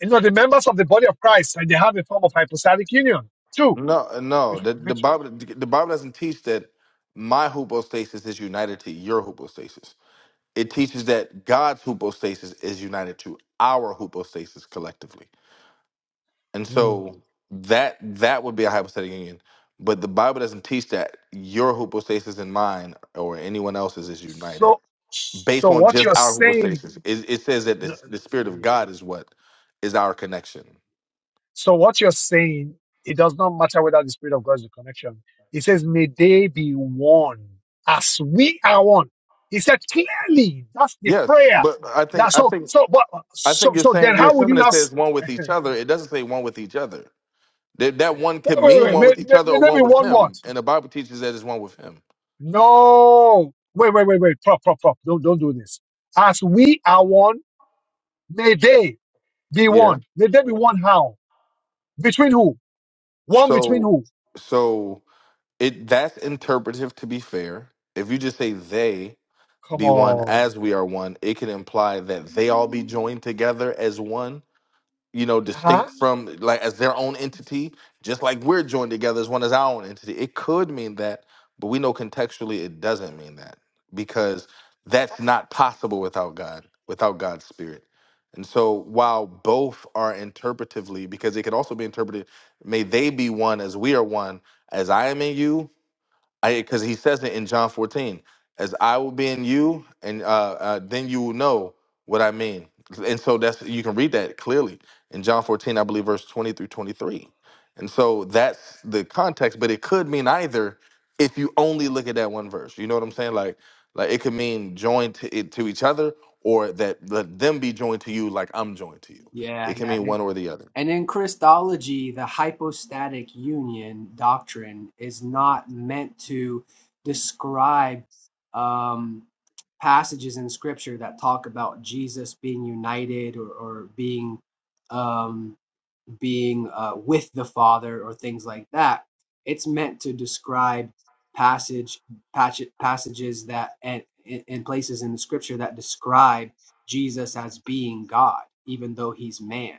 Speaker 1: you know the members of the body of christ and they have a form of hypostatic union too
Speaker 3: No, no.
Speaker 1: which,
Speaker 3: The, the
Speaker 1: which
Speaker 3: Bible the Bible doesn't teach that my hypostasis is united to your hypostasis. It teaches that God's hypostasis is united to our hypostasis collectively. And
Speaker 1: Mm.
Speaker 3: so that that would be a hypostatic union. But the Bible doesn't teach that your hypostasis and mine or anyone else's is united
Speaker 1: so
Speaker 3: based
Speaker 1: so
Speaker 3: on
Speaker 1: what
Speaker 3: just
Speaker 1: you're
Speaker 3: our
Speaker 1: saying
Speaker 3: hypostasis. It, it says that
Speaker 1: no,
Speaker 3: the, the spirit of
Speaker 1: yeah.
Speaker 3: God is what is our connection.
Speaker 1: So what you're saying, it does not matter whether the Spirit of God is the connection. It says, may they be one as we are one. He said clearly, that's the
Speaker 3: Yes,
Speaker 1: prayer.
Speaker 3: but I think
Speaker 1: That's
Speaker 3: I
Speaker 1: so,
Speaker 3: think
Speaker 1: so, but,
Speaker 3: I
Speaker 1: so,
Speaker 3: think you're
Speaker 1: so then
Speaker 3: saying you're
Speaker 1: how would you
Speaker 3: assuming
Speaker 1: not,
Speaker 3: it
Speaker 1: s-
Speaker 3: says one with each other. It doesn't say one with each other. That that one
Speaker 1: wait,
Speaker 3: could mean
Speaker 1: wait, wait,
Speaker 3: one with
Speaker 1: may,
Speaker 3: each
Speaker 1: may,
Speaker 3: other
Speaker 1: may
Speaker 3: or
Speaker 1: there
Speaker 3: one
Speaker 1: be
Speaker 3: with
Speaker 1: one what?
Speaker 3: Him, and the Bible teaches that it's one with Him.
Speaker 1: No. Wait, wait, wait, wait, prop, prop, prop. Don't, don't do this. As we are one, may they be
Speaker 3: Yeah.
Speaker 1: one. May they be one how? Between who? One between
Speaker 3: So
Speaker 1: who?
Speaker 3: so It that's interpretive to be fair. If you just say they
Speaker 1: Come
Speaker 3: be one
Speaker 1: on.
Speaker 3: as we are one, it can imply that they all be joined together as one, you know,
Speaker 1: Huh?
Speaker 3: distinct from like as their own entity, just like we're joined together as one as our own entity. It could mean that, but we know contextually it doesn't mean that because that's not possible without God, without God's spirit. And so while both are interpretively, because it could also be interpreted, may they be one as we are one, as I am in you, I because he says it in John 14, as I will be in you, and uh, uh then you will know what I mean. And so that's you can read that clearly in John 14, I believe verse 20 through 23. And so that's the context, but it could mean either if you only look at that one verse. You know what I'm saying? Like like it could mean joined to it to each other or that let them be joined to you like I'm joined to you.
Speaker 6: Yeah,
Speaker 3: It can
Speaker 6: yeah.
Speaker 3: mean
Speaker 6: And
Speaker 3: one or the other.
Speaker 6: and in Christology, the hypostatic union doctrine is not meant to describe um, passages in Scripture that talk about Jesus being united or, or being um, being uh, with the Father or things like that. It's meant to describe passage passage- passages that and, and places in the Scripture that describe Jesus as being God, even though he's man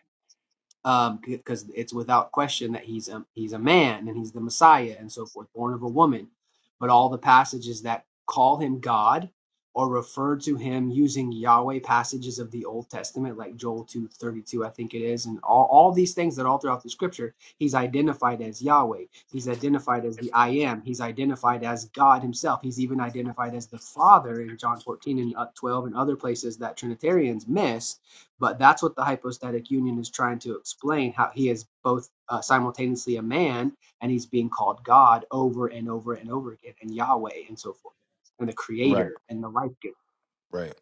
Speaker 6: um, because it's without question that he's a, he's a man and he's the Messiah and so forth, born of a woman. But all the passages that call him God or refer to him using Yahweh passages of the Old Testament, like Joel two thirty two, I think it is, and all, all these things that all throughout the scripture, he's identified as Yahweh. He's identified as the I am. He's identified as God himself. He's even identified as the Father in John 14 and uh, 12 and other places that Trinitarians miss but that's what the hypostatic union is trying to explain how he is both uh, simultaneously a man and he's being called God over and over and over again, and Yahweh and so forth, and the
Speaker 3: Right.
Speaker 6: creator and the life giver.
Speaker 3: Right.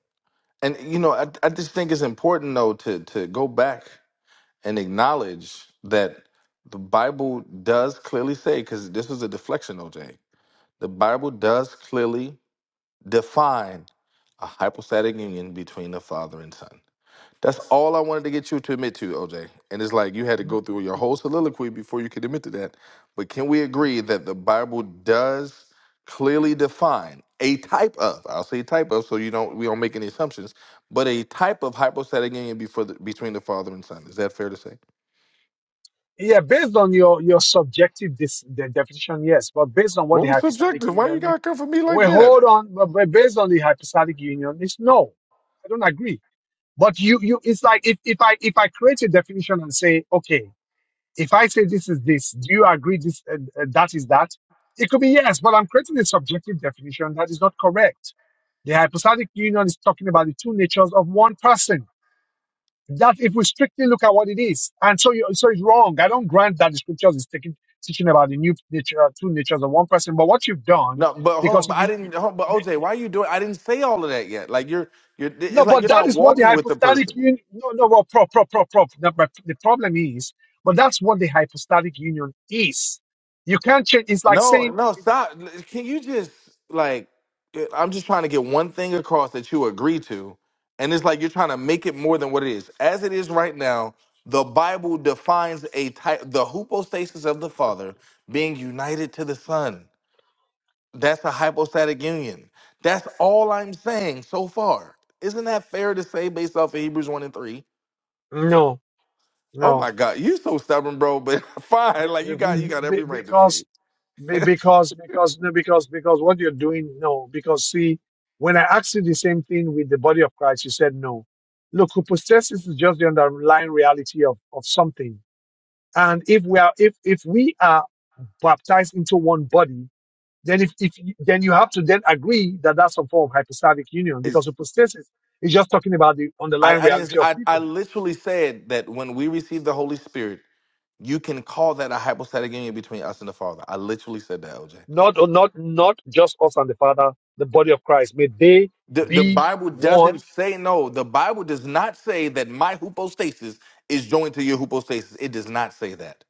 Speaker 3: And you know, I, I just think it's important though to to go back and acknowledge that the Bible does clearly say, because this was a deflection, OJ, the Bible does clearly define a hypostatic union between the father and son. That's all I wanted to get you to admit to, OJ. And it's like you had to
Speaker 1: No.
Speaker 3: go through your whole soliloquy before you could admit to that. But can we agree that the Bible does clearly define a type of, I'll say type of, so you don't we don't make any assumptions, but a type of hypostatic union before the, between the father and son. Is that fair to say?
Speaker 1: Yeah, based on your your subjective dis, the definition, yes, but based on what
Speaker 3: What
Speaker 1: the
Speaker 3: was
Speaker 1: hypostatic
Speaker 3: subjective? Why
Speaker 1: union
Speaker 3: you
Speaker 1: is,
Speaker 3: gotta come for me
Speaker 1: we
Speaker 3: like that?
Speaker 1: hold on. But but based on the hypostatic union, is no. I don't agree. But you you, it's like if if I if I create a definition and say, okay, if I say this is this, do you agree this uh, uh, that is that? It could be yes, but I'm creating a subjective definition that is not correct. The hypostatic union is talking about the two natures of one person. That if we strictly look at what it is, and so you, so it's wrong. I don't grant that the scriptures is taking, teaching about the new nature, uh, two natures of one person. But what you've done,
Speaker 3: No, but hold
Speaker 1: because
Speaker 3: on.
Speaker 1: you've
Speaker 3: But I
Speaker 1: been,
Speaker 3: didn't. hold- But OJ, why are you doing? I didn't say all of that yet. Like you're, you're.
Speaker 1: no,
Speaker 3: It's like
Speaker 1: but
Speaker 3: you're
Speaker 1: that
Speaker 3: not
Speaker 1: is what the
Speaker 3: walking with the
Speaker 1: hypostatic
Speaker 3: person.
Speaker 1: union. No, no, well, prop, prop, prop, prop. The, but the problem is, but that's what the hypostatic union is. You can't change. It's like
Speaker 3: No,
Speaker 1: saying
Speaker 3: no, stop. Can you just like? eh, I'm just trying to get one thing across that you agree to, and it's like you're trying to make it more than what it is. As it is right now, the Bible defines a type, the hypostasis of the Father being united to the Son. That's a hypostatic union. That's all I'm saying so far. Isn't that fair to say based off of Hebrews 1 and 3?
Speaker 1: no,
Speaker 3: Oh
Speaker 1: no,
Speaker 3: my God, you're so stubborn, bro, but fine. Like you got you
Speaker 1: be-
Speaker 3: got every
Speaker 1: be-
Speaker 3: right to
Speaker 1: because
Speaker 3: be.
Speaker 1: Be- because because no because because what you're doing no because see when i asked you the same thing with the body of christ you said no look hypostasis is just the underlying reality of of something and if we are if if we are baptized into one body then if, if you- then you have to then agree that that's some form of hypostatic union because
Speaker 3: It's
Speaker 1: hypostasis is just talking about the
Speaker 3: I,
Speaker 1: underlying
Speaker 3: I didn't
Speaker 1: reality of
Speaker 3: I, I
Speaker 1: people
Speaker 3: literally said that when we receive the Holy Spirit, you can call that a hypostatic union between us and the Father. I literally said that, OJ.
Speaker 1: not or not not just us and the father the body of christ may they
Speaker 3: The, the
Speaker 1: be
Speaker 3: Bible
Speaker 1: one
Speaker 3: doesn't say no. The Bible does not say that my hypostasis is joined to your hypostasis. It does not say that.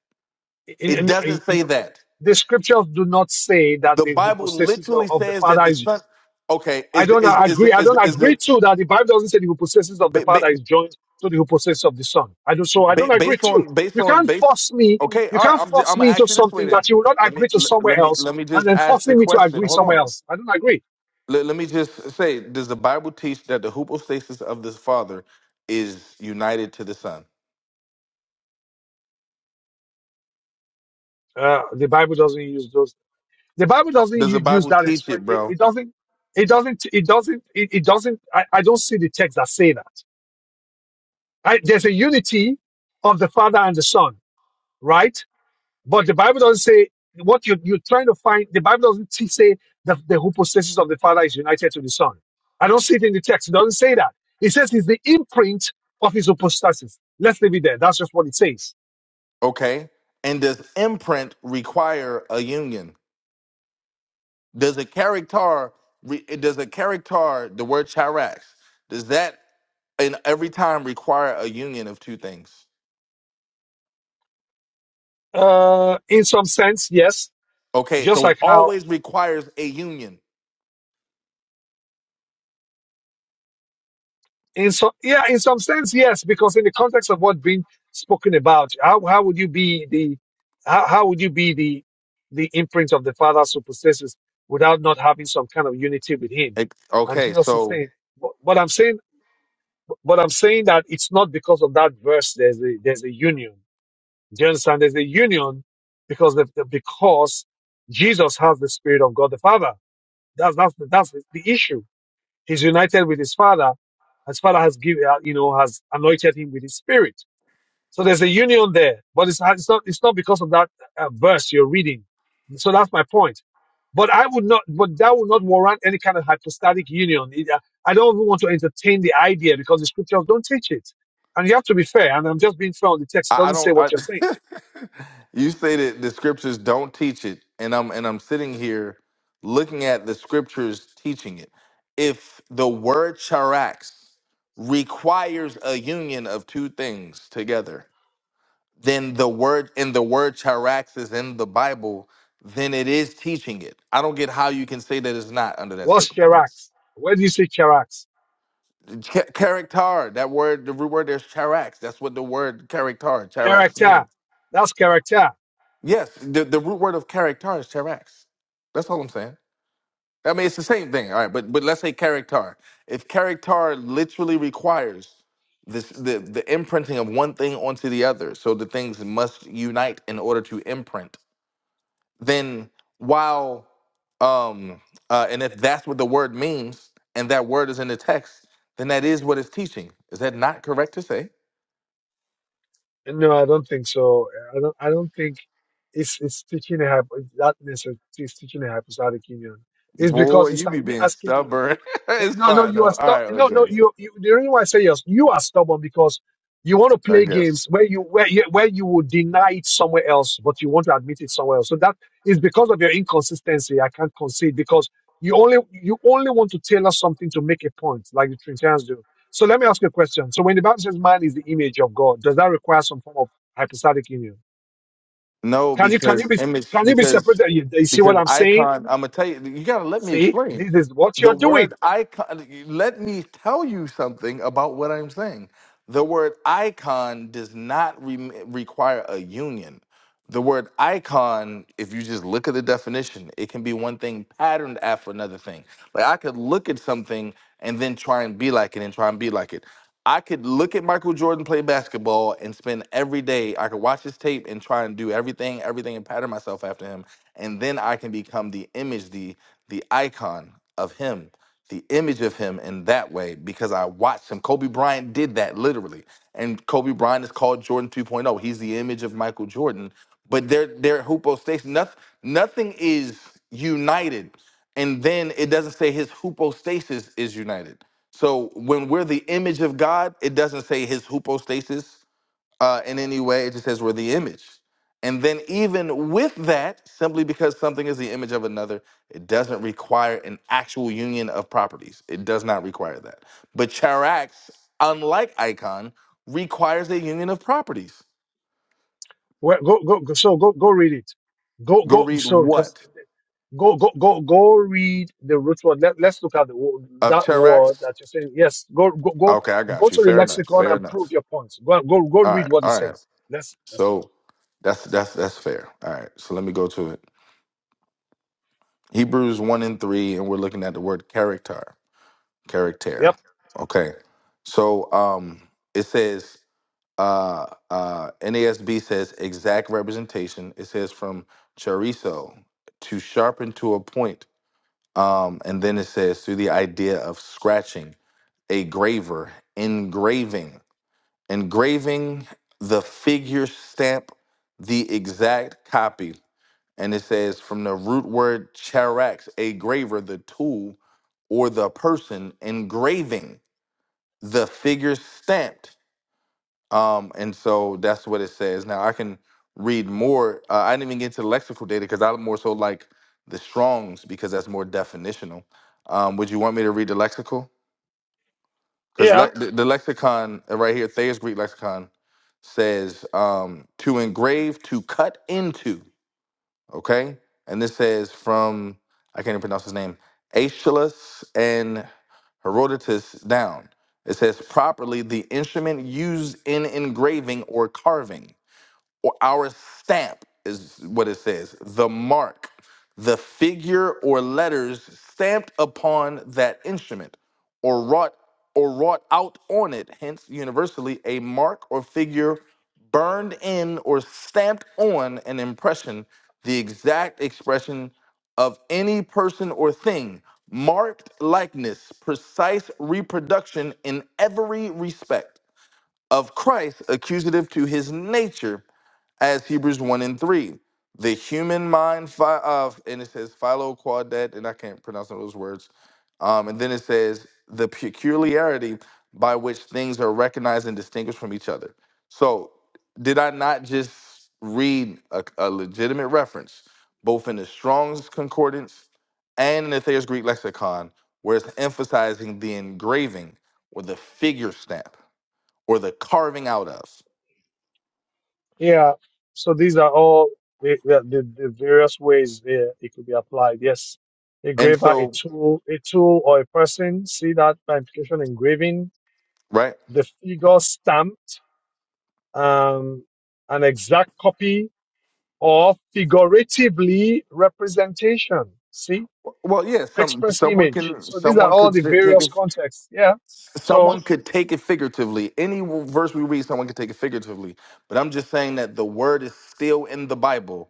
Speaker 1: in,
Speaker 3: It
Speaker 1: in, in-
Speaker 3: doesn't say
Speaker 1: no, no.
Speaker 3: that.
Speaker 1: the scriptures do not say that
Speaker 3: The
Speaker 1: the
Speaker 3: Bible
Speaker 1: hypostasis of,
Speaker 3: literally
Speaker 1: of the
Speaker 3: says that
Speaker 1: father
Speaker 3: the
Speaker 1: is
Speaker 3: son. Okay,
Speaker 1: i
Speaker 3: is
Speaker 1: don't
Speaker 3: is is
Speaker 1: agree i
Speaker 3: is
Speaker 1: don't
Speaker 3: is
Speaker 1: agree
Speaker 3: the
Speaker 1: to that the bible doesn't say the hypostasis of the
Speaker 3: ba- ba-
Speaker 1: father is joined to the hypostasis of the son i don't so i don't
Speaker 3: ba-
Speaker 1: agree
Speaker 3: based
Speaker 1: to
Speaker 3: on based
Speaker 1: you
Speaker 3: on
Speaker 1: can't
Speaker 3: base?
Speaker 1: force me
Speaker 3: Okay,
Speaker 1: you
Speaker 3: all right.
Speaker 1: can't
Speaker 3: I'm just,
Speaker 1: force
Speaker 3: I'm
Speaker 1: me
Speaker 3: gonna
Speaker 1: into
Speaker 3: ask you this way
Speaker 1: something
Speaker 3: then.
Speaker 1: that you will not
Speaker 3: Let me
Speaker 1: agree to
Speaker 3: let,
Speaker 1: somewhere
Speaker 3: let me
Speaker 1: else
Speaker 3: let me
Speaker 1: and
Speaker 3: just
Speaker 1: then
Speaker 3: ask the
Speaker 1: forcing me to
Speaker 3: question.
Speaker 1: agree
Speaker 3: Hold
Speaker 1: somewhere
Speaker 3: on.
Speaker 1: else i don't agree
Speaker 3: Let, let me just say: Does the Bible teach that the hypostasis of the Father is united to the Son?
Speaker 1: uh, the bible doesn't use those the bible doesn't
Speaker 3: Does the
Speaker 1: u- use
Speaker 3: Bible
Speaker 1: that
Speaker 3: teach
Speaker 1: expression
Speaker 3: it,
Speaker 1: it,
Speaker 3: bro?
Speaker 1: it doesn't it doesn't it doesn't it, it doesn't I, I don't see the text that say that Right? There's a unity of the Father and the Son, right? But the Bible doesn't say what you, you're trying to find. The Bible doesn't t- say that the hypostasis of the Father is united to the Son. I don't see it in the text. It doesn't say that. It says it's the imprint of his hypostasis. Let's leave it there. That's just what it says.
Speaker 3: Okay. And does imprint require a union? Does a character re- does a character the word charax does that in every time require a union of two things?
Speaker 1: Uh, in some sense, yes.
Speaker 3: Okay,
Speaker 1: Just
Speaker 3: so it
Speaker 1: like how
Speaker 3: always requires a union.
Speaker 1: In so yeah, in some sense, yes, because in the context of what's been spoken about, how how would you be the how, how would you be the the imprint of the Father who possesses without not having some kind of unity with Him?
Speaker 3: Ex-
Speaker 1: And
Speaker 3: Okay,
Speaker 1: Jesus is
Speaker 3: so
Speaker 1: saying, but, but I'm saying, but I'm saying that it's not because of that verse. There's a there's a union. Do you understand? There's a union because the, the- because Jesus has the Spirit of God the Father. That's that's the, that's the, the issue he's united with his father. His father has given, uh, you know, has anointed him with his spirit. So there's a union there, but it's, it's not, it's not because of that uh, verse you're reading. So that's my point. But I would not, but that would not warrant any kind of hypostatic union. It- uh, I don't even want to entertain the idea because the scriptures don't teach it. And you have to be fair. And I'm just being fair on the text. It
Speaker 3: I, I
Speaker 1: doesn't say
Speaker 3: don't.
Speaker 1: what
Speaker 3: I,
Speaker 1: you're saying.
Speaker 3: you say that the scriptures don't teach it, and I'm and I'm sitting here looking at the scriptures teaching it. If the word charax requires a union of two things together, then the word and the word charax is in the Bible, then it is teaching it. I don't get how you can say that it's not under that
Speaker 1: What's
Speaker 3: circumstance.
Speaker 1: Charax? Where do you see Charax?
Speaker 3: Ch- character, that word, the root word there's charax. That's what the word character, charax
Speaker 1: character.
Speaker 3: means.
Speaker 1: That's character.
Speaker 3: Yes, the, the root word of character is charax. That's all I'm saying. I mean, it's the same thing. All right, but but let's say character. If character literally requires this the, the imprinting of one thing onto the other, so the things must unite in order to imprint then while um uh, and if that's what the word means and that word is in the text then that is what it's teaching is that not correct to say
Speaker 1: No, I don't think so. I don't. I don't think it's it's teaching a hypo, that message is teaching a hypostatic union. It's
Speaker 3: boy
Speaker 1: because it's
Speaker 3: you
Speaker 1: like
Speaker 3: be
Speaker 1: me
Speaker 3: being
Speaker 1: asking you
Speaker 3: stubborn
Speaker 1: Eh,
Speaker 3: it's
Speaker 1: No, no,
Speaker 3: fine
Speaker 1: you are
Speaker 3: though all
Speaker 1: stuck.
Speaker 3: right
Speaker 1: No, no,
Speaker 3: oj
Speaker 1: you, you. The reason why I say yes, you are stubborn because you want to
Speaker 3: i
Speaker 1: play
Speaker 3: guess
Speaker 1: games where you where you, where you would deny it somewhere else, but you want to admit it somewhere else. So that is because of your inconsistency. I can't concede because you only you only want to tailor something to make a point, like the Trinitarians do. So let me ask you a question. So when the Bible says man is the image of God, does that require some form of hypostatic union?
Speaker 3: no
Speaker 1: Can you can you
Speaker 3: because
Speaker 1: be
Speaker 3: image
Speaker 1: can you be
Speaker 3: because
Speaker 1: separated? You, you see
Speaker 3: because
Speaker 1: what I'm saying?
Speaker 3: icon i'm gonna tell you you gotta let me
Speaker 1: See,
Speaker 3: explain
Speaker 1: this is what
Speaker 3: the
Speaker 1: you're doing.
Speaker 3: word icon let me tell you something about what i'm saying the word icon does not re- require a union The word icon, if you just look at the definition, it can be one thing patterned after another thing. Like I could look at something and then try and be like it and try and be like it. I could look at Michael Jordan play basketball and spend every day, I could watch his tape and try and do everything, everything and pattern myself after him. And then I can become the image, the the icon of him the image of him in that way because I watched him. Kobe Bryant did that literally. And Kobe Bryant is called Jordan 2.0. He's the image of Michael Jordan. But they're they're hoopo station. Nothing nothing is united. And then it doesn't say his hoopostasis is united. So when we're the image of God, it doesn't say his hoopostasis uh, in any way. It just says we're the image. And then, even with that, simply because something is the image of another, it doesn't require an actual union of properties. It does not require that. But Charax, unlike Icon, requires a union of properties.
Speaker 1: Where, go, go, go, so go, go read it. Go,
Speaker 3: Go
Speaker 1: go,
Speaker 3: read
Speaker 1: so, cause
Speaker 3: what?
Speaker 1: go, go, go, go read the root word. Let, let's look at the, wo-
Speaker 3: Of
Speaker 1: that word
Speaker 3: Charax?
Speaker 1: that you're saying. Yes, go, go, go,
Speaker 3: Okay, I
Speaker 1: go
Speaker 3: got you.
Speaker 1: to the
Speaker 3: Fair enough.
Speaker 1: lexicon
Speaker 3: Fair
Speaker 1: and prove
Speaker 3: enough.
Speaker 1: your points. Go, go, go
Speaker 3: All
Speaker 1: read
Speaker 3: right.
Speaker 1: what it
Speaker 3: All right.
Speaker 1: says. Let's, let's see.
Speaker 3: So that's that's that's fair. All right. So let me go to it. Hebrews 1 and 3, and we're looking at the word character.
Speaker 1: Yep.
Speaker 3: Character. Okay. So um it says uh uh NASB says exact representation. It says from chorizo to sharpen to a point. Um and then it says through the idea of scratching, a graver, engraving, engraving the figure stamp the exact copy. And it says from the root word charax, a graver, the tool or the person engraving the figure stamped. Um, and so that's what it says. Now I can read more. Uh, I didn't even get to the lexical data because I more so like the Strong's because that's more definitional. Um, would you want me to read the lexical? Because
Speaker 1: Yeah.
Speaker 3: le- the, the lexicon uh, right here, Thayer's Greek lexicon, says um, to engrave, to cut into. Okay. And this says from, I can't even pronounce his name, Aeschylus and Herodotus down. It says properly the instrument used in engraving or carving or our stamp is what it says the mark the figure or letters stamped upon that instrument or wrought or wrought out on it hence universally a mark or figure burned in or stamped on an impression the exact expression of any person or thing marked likeness precise reproduction in every respect of Christ accusative to his nature as Hebrews 1 and 3. The human mind, phi, uh, and it says philo quadet, and I can't pronounce all those words. Um, and then it says the peculiarity by which things are recognized and distinguished from each other. So, did I not just read a, a legitimate reference, both in the Strong's Concordance and in the Thayer's Greek Lexicon, where it's emphasizing the engraving or the figure stamp or the carving out of?
Speaker 1: Yeah. So these are all the, the, the the various ways uh, it could be applied. Yes.
Speaker 3: And
Speaker 1: Engraver, a
Speaker 3: so,
Speaker 1: tool, a tool or a person. See that by implication engraving,
Speaker 3: right?
Speaker 1: the figure stamped. um, an exact copy or figuratively representation. See,
Speaker 3: Well, yeah, some
Speaker 1: express
Speaker 3: someone
Speaker 1: image.
Speaker 3: can
Speaker 1: So these are
Speaker 3: someone
Speaker 1: all
Speaker 3: could
Speaker 1: the
Speaker 3: sit- take
Speaker 1: various
Speaker 3: it
Speaker 1: contexts. Yeah. So
Speaker 3: someone could take it figuratively. Any verse we read, someone could take it figuratively. But I'm just saying that the word is still in the Bible,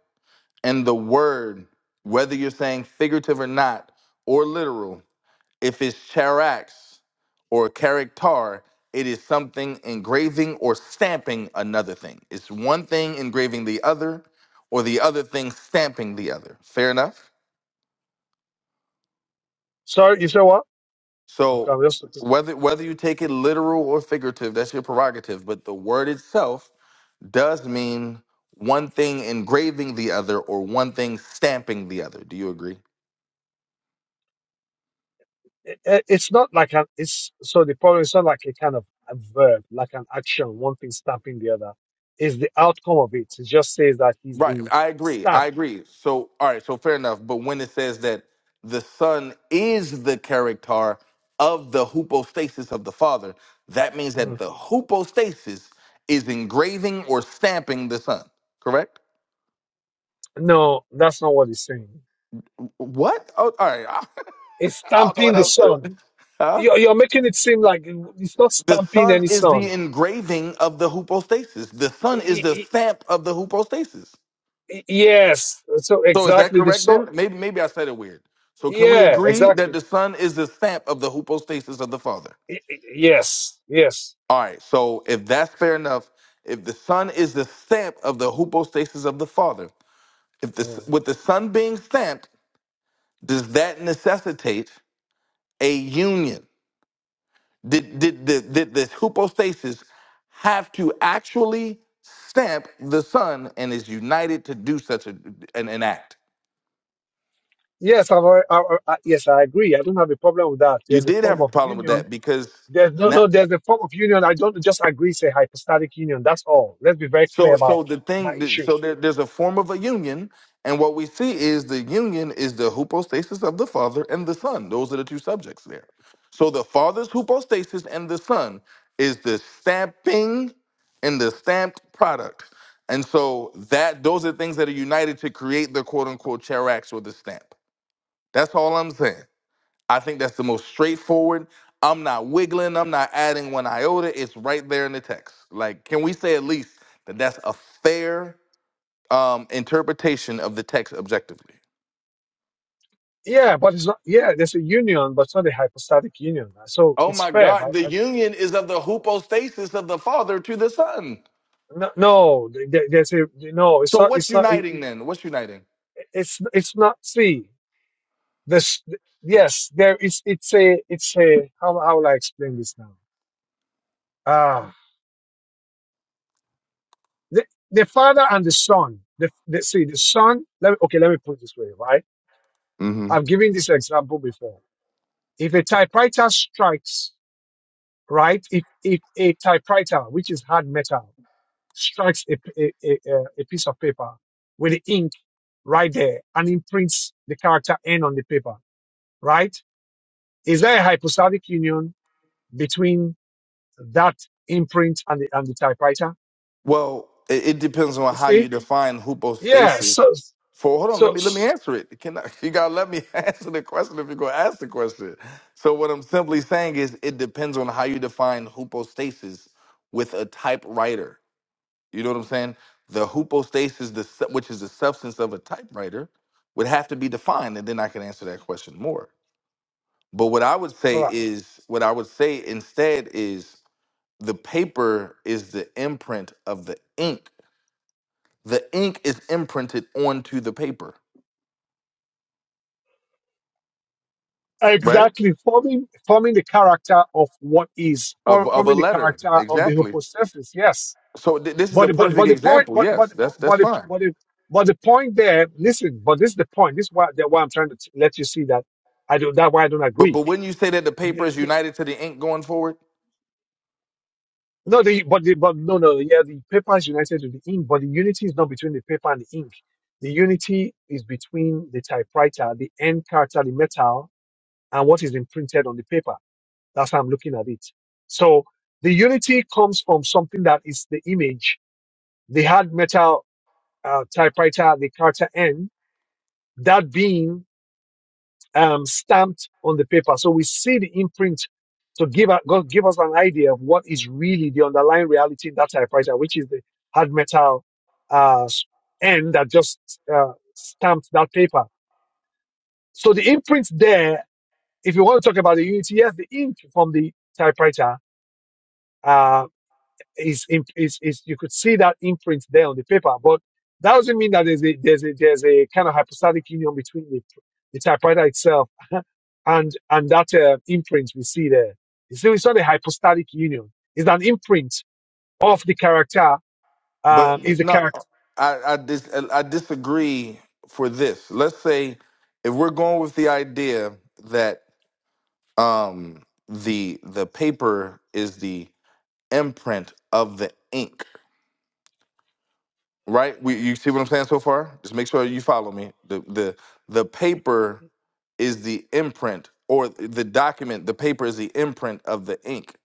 Speaker 3: and the word, whether you're saying figurative or not, or literal, if it's charax or charactar, it is something engraving or stamping another thing. It's one thing engraving the other, or the other thing stamping the other. Fair enough.
Speaker 1: sorry, you say what? Okay,
Speaker 3: So
Speaker 1: I'm just looking.
Speaker 3: whether whether you take it literal or figurative, that's your prerogative. But the word itself does mean one thing engraving the other or one thing stamping the other. Do you agree?
Speaker 1: It- it- It's not like an. It's so the problem is not like a kind of a verb, like an action, one thing stamping the other. It's the outcome of it. It just says that he's
Speaker 3: Right.
Speaker 1: the
Speaker 3: I agree. I
Speaker 1: stamp
Speaker 3: agree. So all right, so fair enough. But when it says that the son is the character of the hypostasis of the father, that means that
Speaker 1: Mhm.
Speaker 3: the hypostasis is engraving or stamping the son. Correct?
Speaker 1: No, that's not what he's saying.
Speaker 3: What? Oh, all right.
Speaker 1: It's
Speaker 3: I don't know
Speaker 1: stamping
Speaker 3: what
Speaker 1: the
Speaker 3: else.
Speaker 1: sun.
Speaker 3: to- Huh?
Speaker 1: You're, you're making it seem like it's not
Speaker 3: The
Speaker 1: stamping
Speaker 3: sun
Speaker 1: any
Speaker 3: is
Speaker 1: sun.
Speaker 3: the engraving of the hypostasis. The sun is
Speaker 1: Y-
Speaker 3: the
Speaker 1: y-
Speaker 3: stamp of the hypostasis.
Speaker 1: y- Yes. So
Speaker 3: So is that
Speaker 1: exactly the
Speaker 3: correct
Speaker 1: sun.
Speaker 3: then? Maybe maybe I said it weird. So can we
Speaker 1: Yeah,
Speaker 3: agree that
Speaker 1: exactly.
Speaker 3: the son is the stamp of the hypostasis of the Father?
Speaker 1: Y- y- Yes. Yes.
Speaker 3: All right. So if that's fair enough, if the son is the stamp of the hypostasis of the Father, if this
Speaker 1: Mm.
Speaker 3: with the son being stamped, does that necessitate a union? Did, did, did, did this hypostasis have to actually stamp the son and is united to do such a, an, an act?
Speaker 1: Yes, I've, alre- I, I, I- yes, I agree. I don't have a problem with that.
Speaker 3: You
Speaker 1: There's a
Speaker 3: did
Speaker 1: form
Speaker 3: have a
Speaker 1: of
Speaker 3: problem with
Speaker 1: union
Speaker 3: that because
Speaker 1: There's no, no, there's a form of union. I don't just agree, say hypostatic union. That's all. Let's be very clear
Speaker 3: So,
Speaker 1: about
Speaker 3: so the
Speaker 1: my
Speaker 3: thing, that-
Speaker 1: issue.
Speaker 3: so there, there's a form of a union, and what we see is the union is the hypostasis of the Father and the Son. Those are the two subjects there. So the Father's hypostasis and the Son is the stamping and the stamped product, and so that those are things that are united to create the quote unquote charax or the stamp. That's all I'm saying. I think that's the most straightforward. I'm not wiggling. I'm not adding one iota. It's right there in the text. Like, can we say at least that that's a fair um, interpretation of the text objectively?
Speaker 1: Yeah, but it's not, yeah, there's a union, but it's not a hypostatic union. So
Speaker 3: Oh
Speaker 1: it's
Speaker 3: my
Speaker 1: fair, but
Speaker 3: God, the
Speaker 1: I,
Speaker 3: union is of the hypostasis of the Father to the Son.
Speaker 1: no, no, there- there's a, no, it's
Speaker 3: So
Speaker 1: not,
Speaker 3: what's
Speaker 1: it's not, it,
Speaker 3: uniting
Speaker 1: it-
Speaker 3: then? What's uniting?
Speaker 1: it's, it's not, see, this, yes, there is, it's a, it's a, how, how will I explain this now? Ah, the, the father and the son, the, the, see, the son, let me, okay, let me put it this way, right? I've given this example before If a typewriter strikes, right? If, if a typewriter, which is hard metal, strikes a, a, a, a a piece of paper with the ink right there and imprints the character N on the paper, right? Is there a hypostatic union between that imprint and the, and the typewriter?
Speaker 3: Well, it, it depends on
Speaker 1: You
Speaker 3: how you
Speaker 1: see?
Speaker 3: define
Speaker 1: Yeah.
Speaker 3: hypostasis.
Speaker 1: So,
Speaker 3: For hold on, let
Speaker 1: so,
Speaker 3: me let me answer it. Can I, you gotta let me answer the question if you're gonna ask the question. So what I'm simply saying is it depends on how you define hypostasis with a typewriter. You know what I'm saying? The hypostasis, the su- which is the substance of a typewriter, would have to be defined, and then I can answer that question more. But what I would
Speaker 1: all
Speaker 3: say
Speaker 1: right.
Speaker 3: is what I would say instead is the paper is the imprint of the ink the ink is imprinted onto the paper, right?
Speaker 1: Exactly, forming forming the character of what is
Speaker 3: Of
Speaker 1: form,
Speaker 3: of a
Speaker 1: forming the
Speaker 3: letter,
Speaker 1: character of the
Speaker 3: exactly.
Speaker 1: hypostasis. Yes,
Speaker 3: So th- this is a
Speaker 1: But but
Speaker 3: perfect
Speaker 1: but the point
Speaker 3: example.
Speaker 1: but but
Speaker 3: Yes, that's
Speaker 1: but
Speaker 3: that's
Speaker 1: the,
Speaker 3: fine.
Speaker 1: but the, but the point there. Listen, but this is the point. This is why that why I'm trying to t- let you see that I don't. That why I don't
Speaker 3: But
Speaker 1: agree.
Speaker 3: but wouldn't you say that the paper
Speaker 1: The,
Speaker 3: is
Speaker 1: the,
Speaker 3: united to the ink going forward?
Speaker 1: no, the but the, but no no yeah the paper is united with the ink, but the unity is not between the paper and the ink. The unity is between the typewriter, the end character, the metal, and what is imprinted on the paper. That's how I'm looking at it. So the unity comes from something that is the image. They had metal uh, typewriter, the character N, that being um, stamped on the paper. So we see the imprint to give, a- go- give us an idea of what is really the underlying reality in that typewriter, which is the hard metal uh, end that just uh, stamped that paper. So the imprint there, if you want to talk about the unity, yes, the ink from the typewriter uh, is, is, is you could see that imprint there on the paper, but that doesn't mean that there's a, there's a, there's a kind of hypostatic union between the, the typewriter itself and, and that uh, imprint we see there. So it's not a hypostatic union. It's an imprint of the character, um,
Speaker 3: But,
Speaker 1: is
Speaker 3: but
Speaker 1: the
Speaker 3: no,
Speaker 1: character.
Speaker 3: I I, dis- I disagree for this. Let's say if we're going with the idea that um the the paper is the imprint of the ink right? We, you see what I'm saying so far? Just make sure you follow me. The the the paper is the imprint or the document, the paper is the imprint of the ink.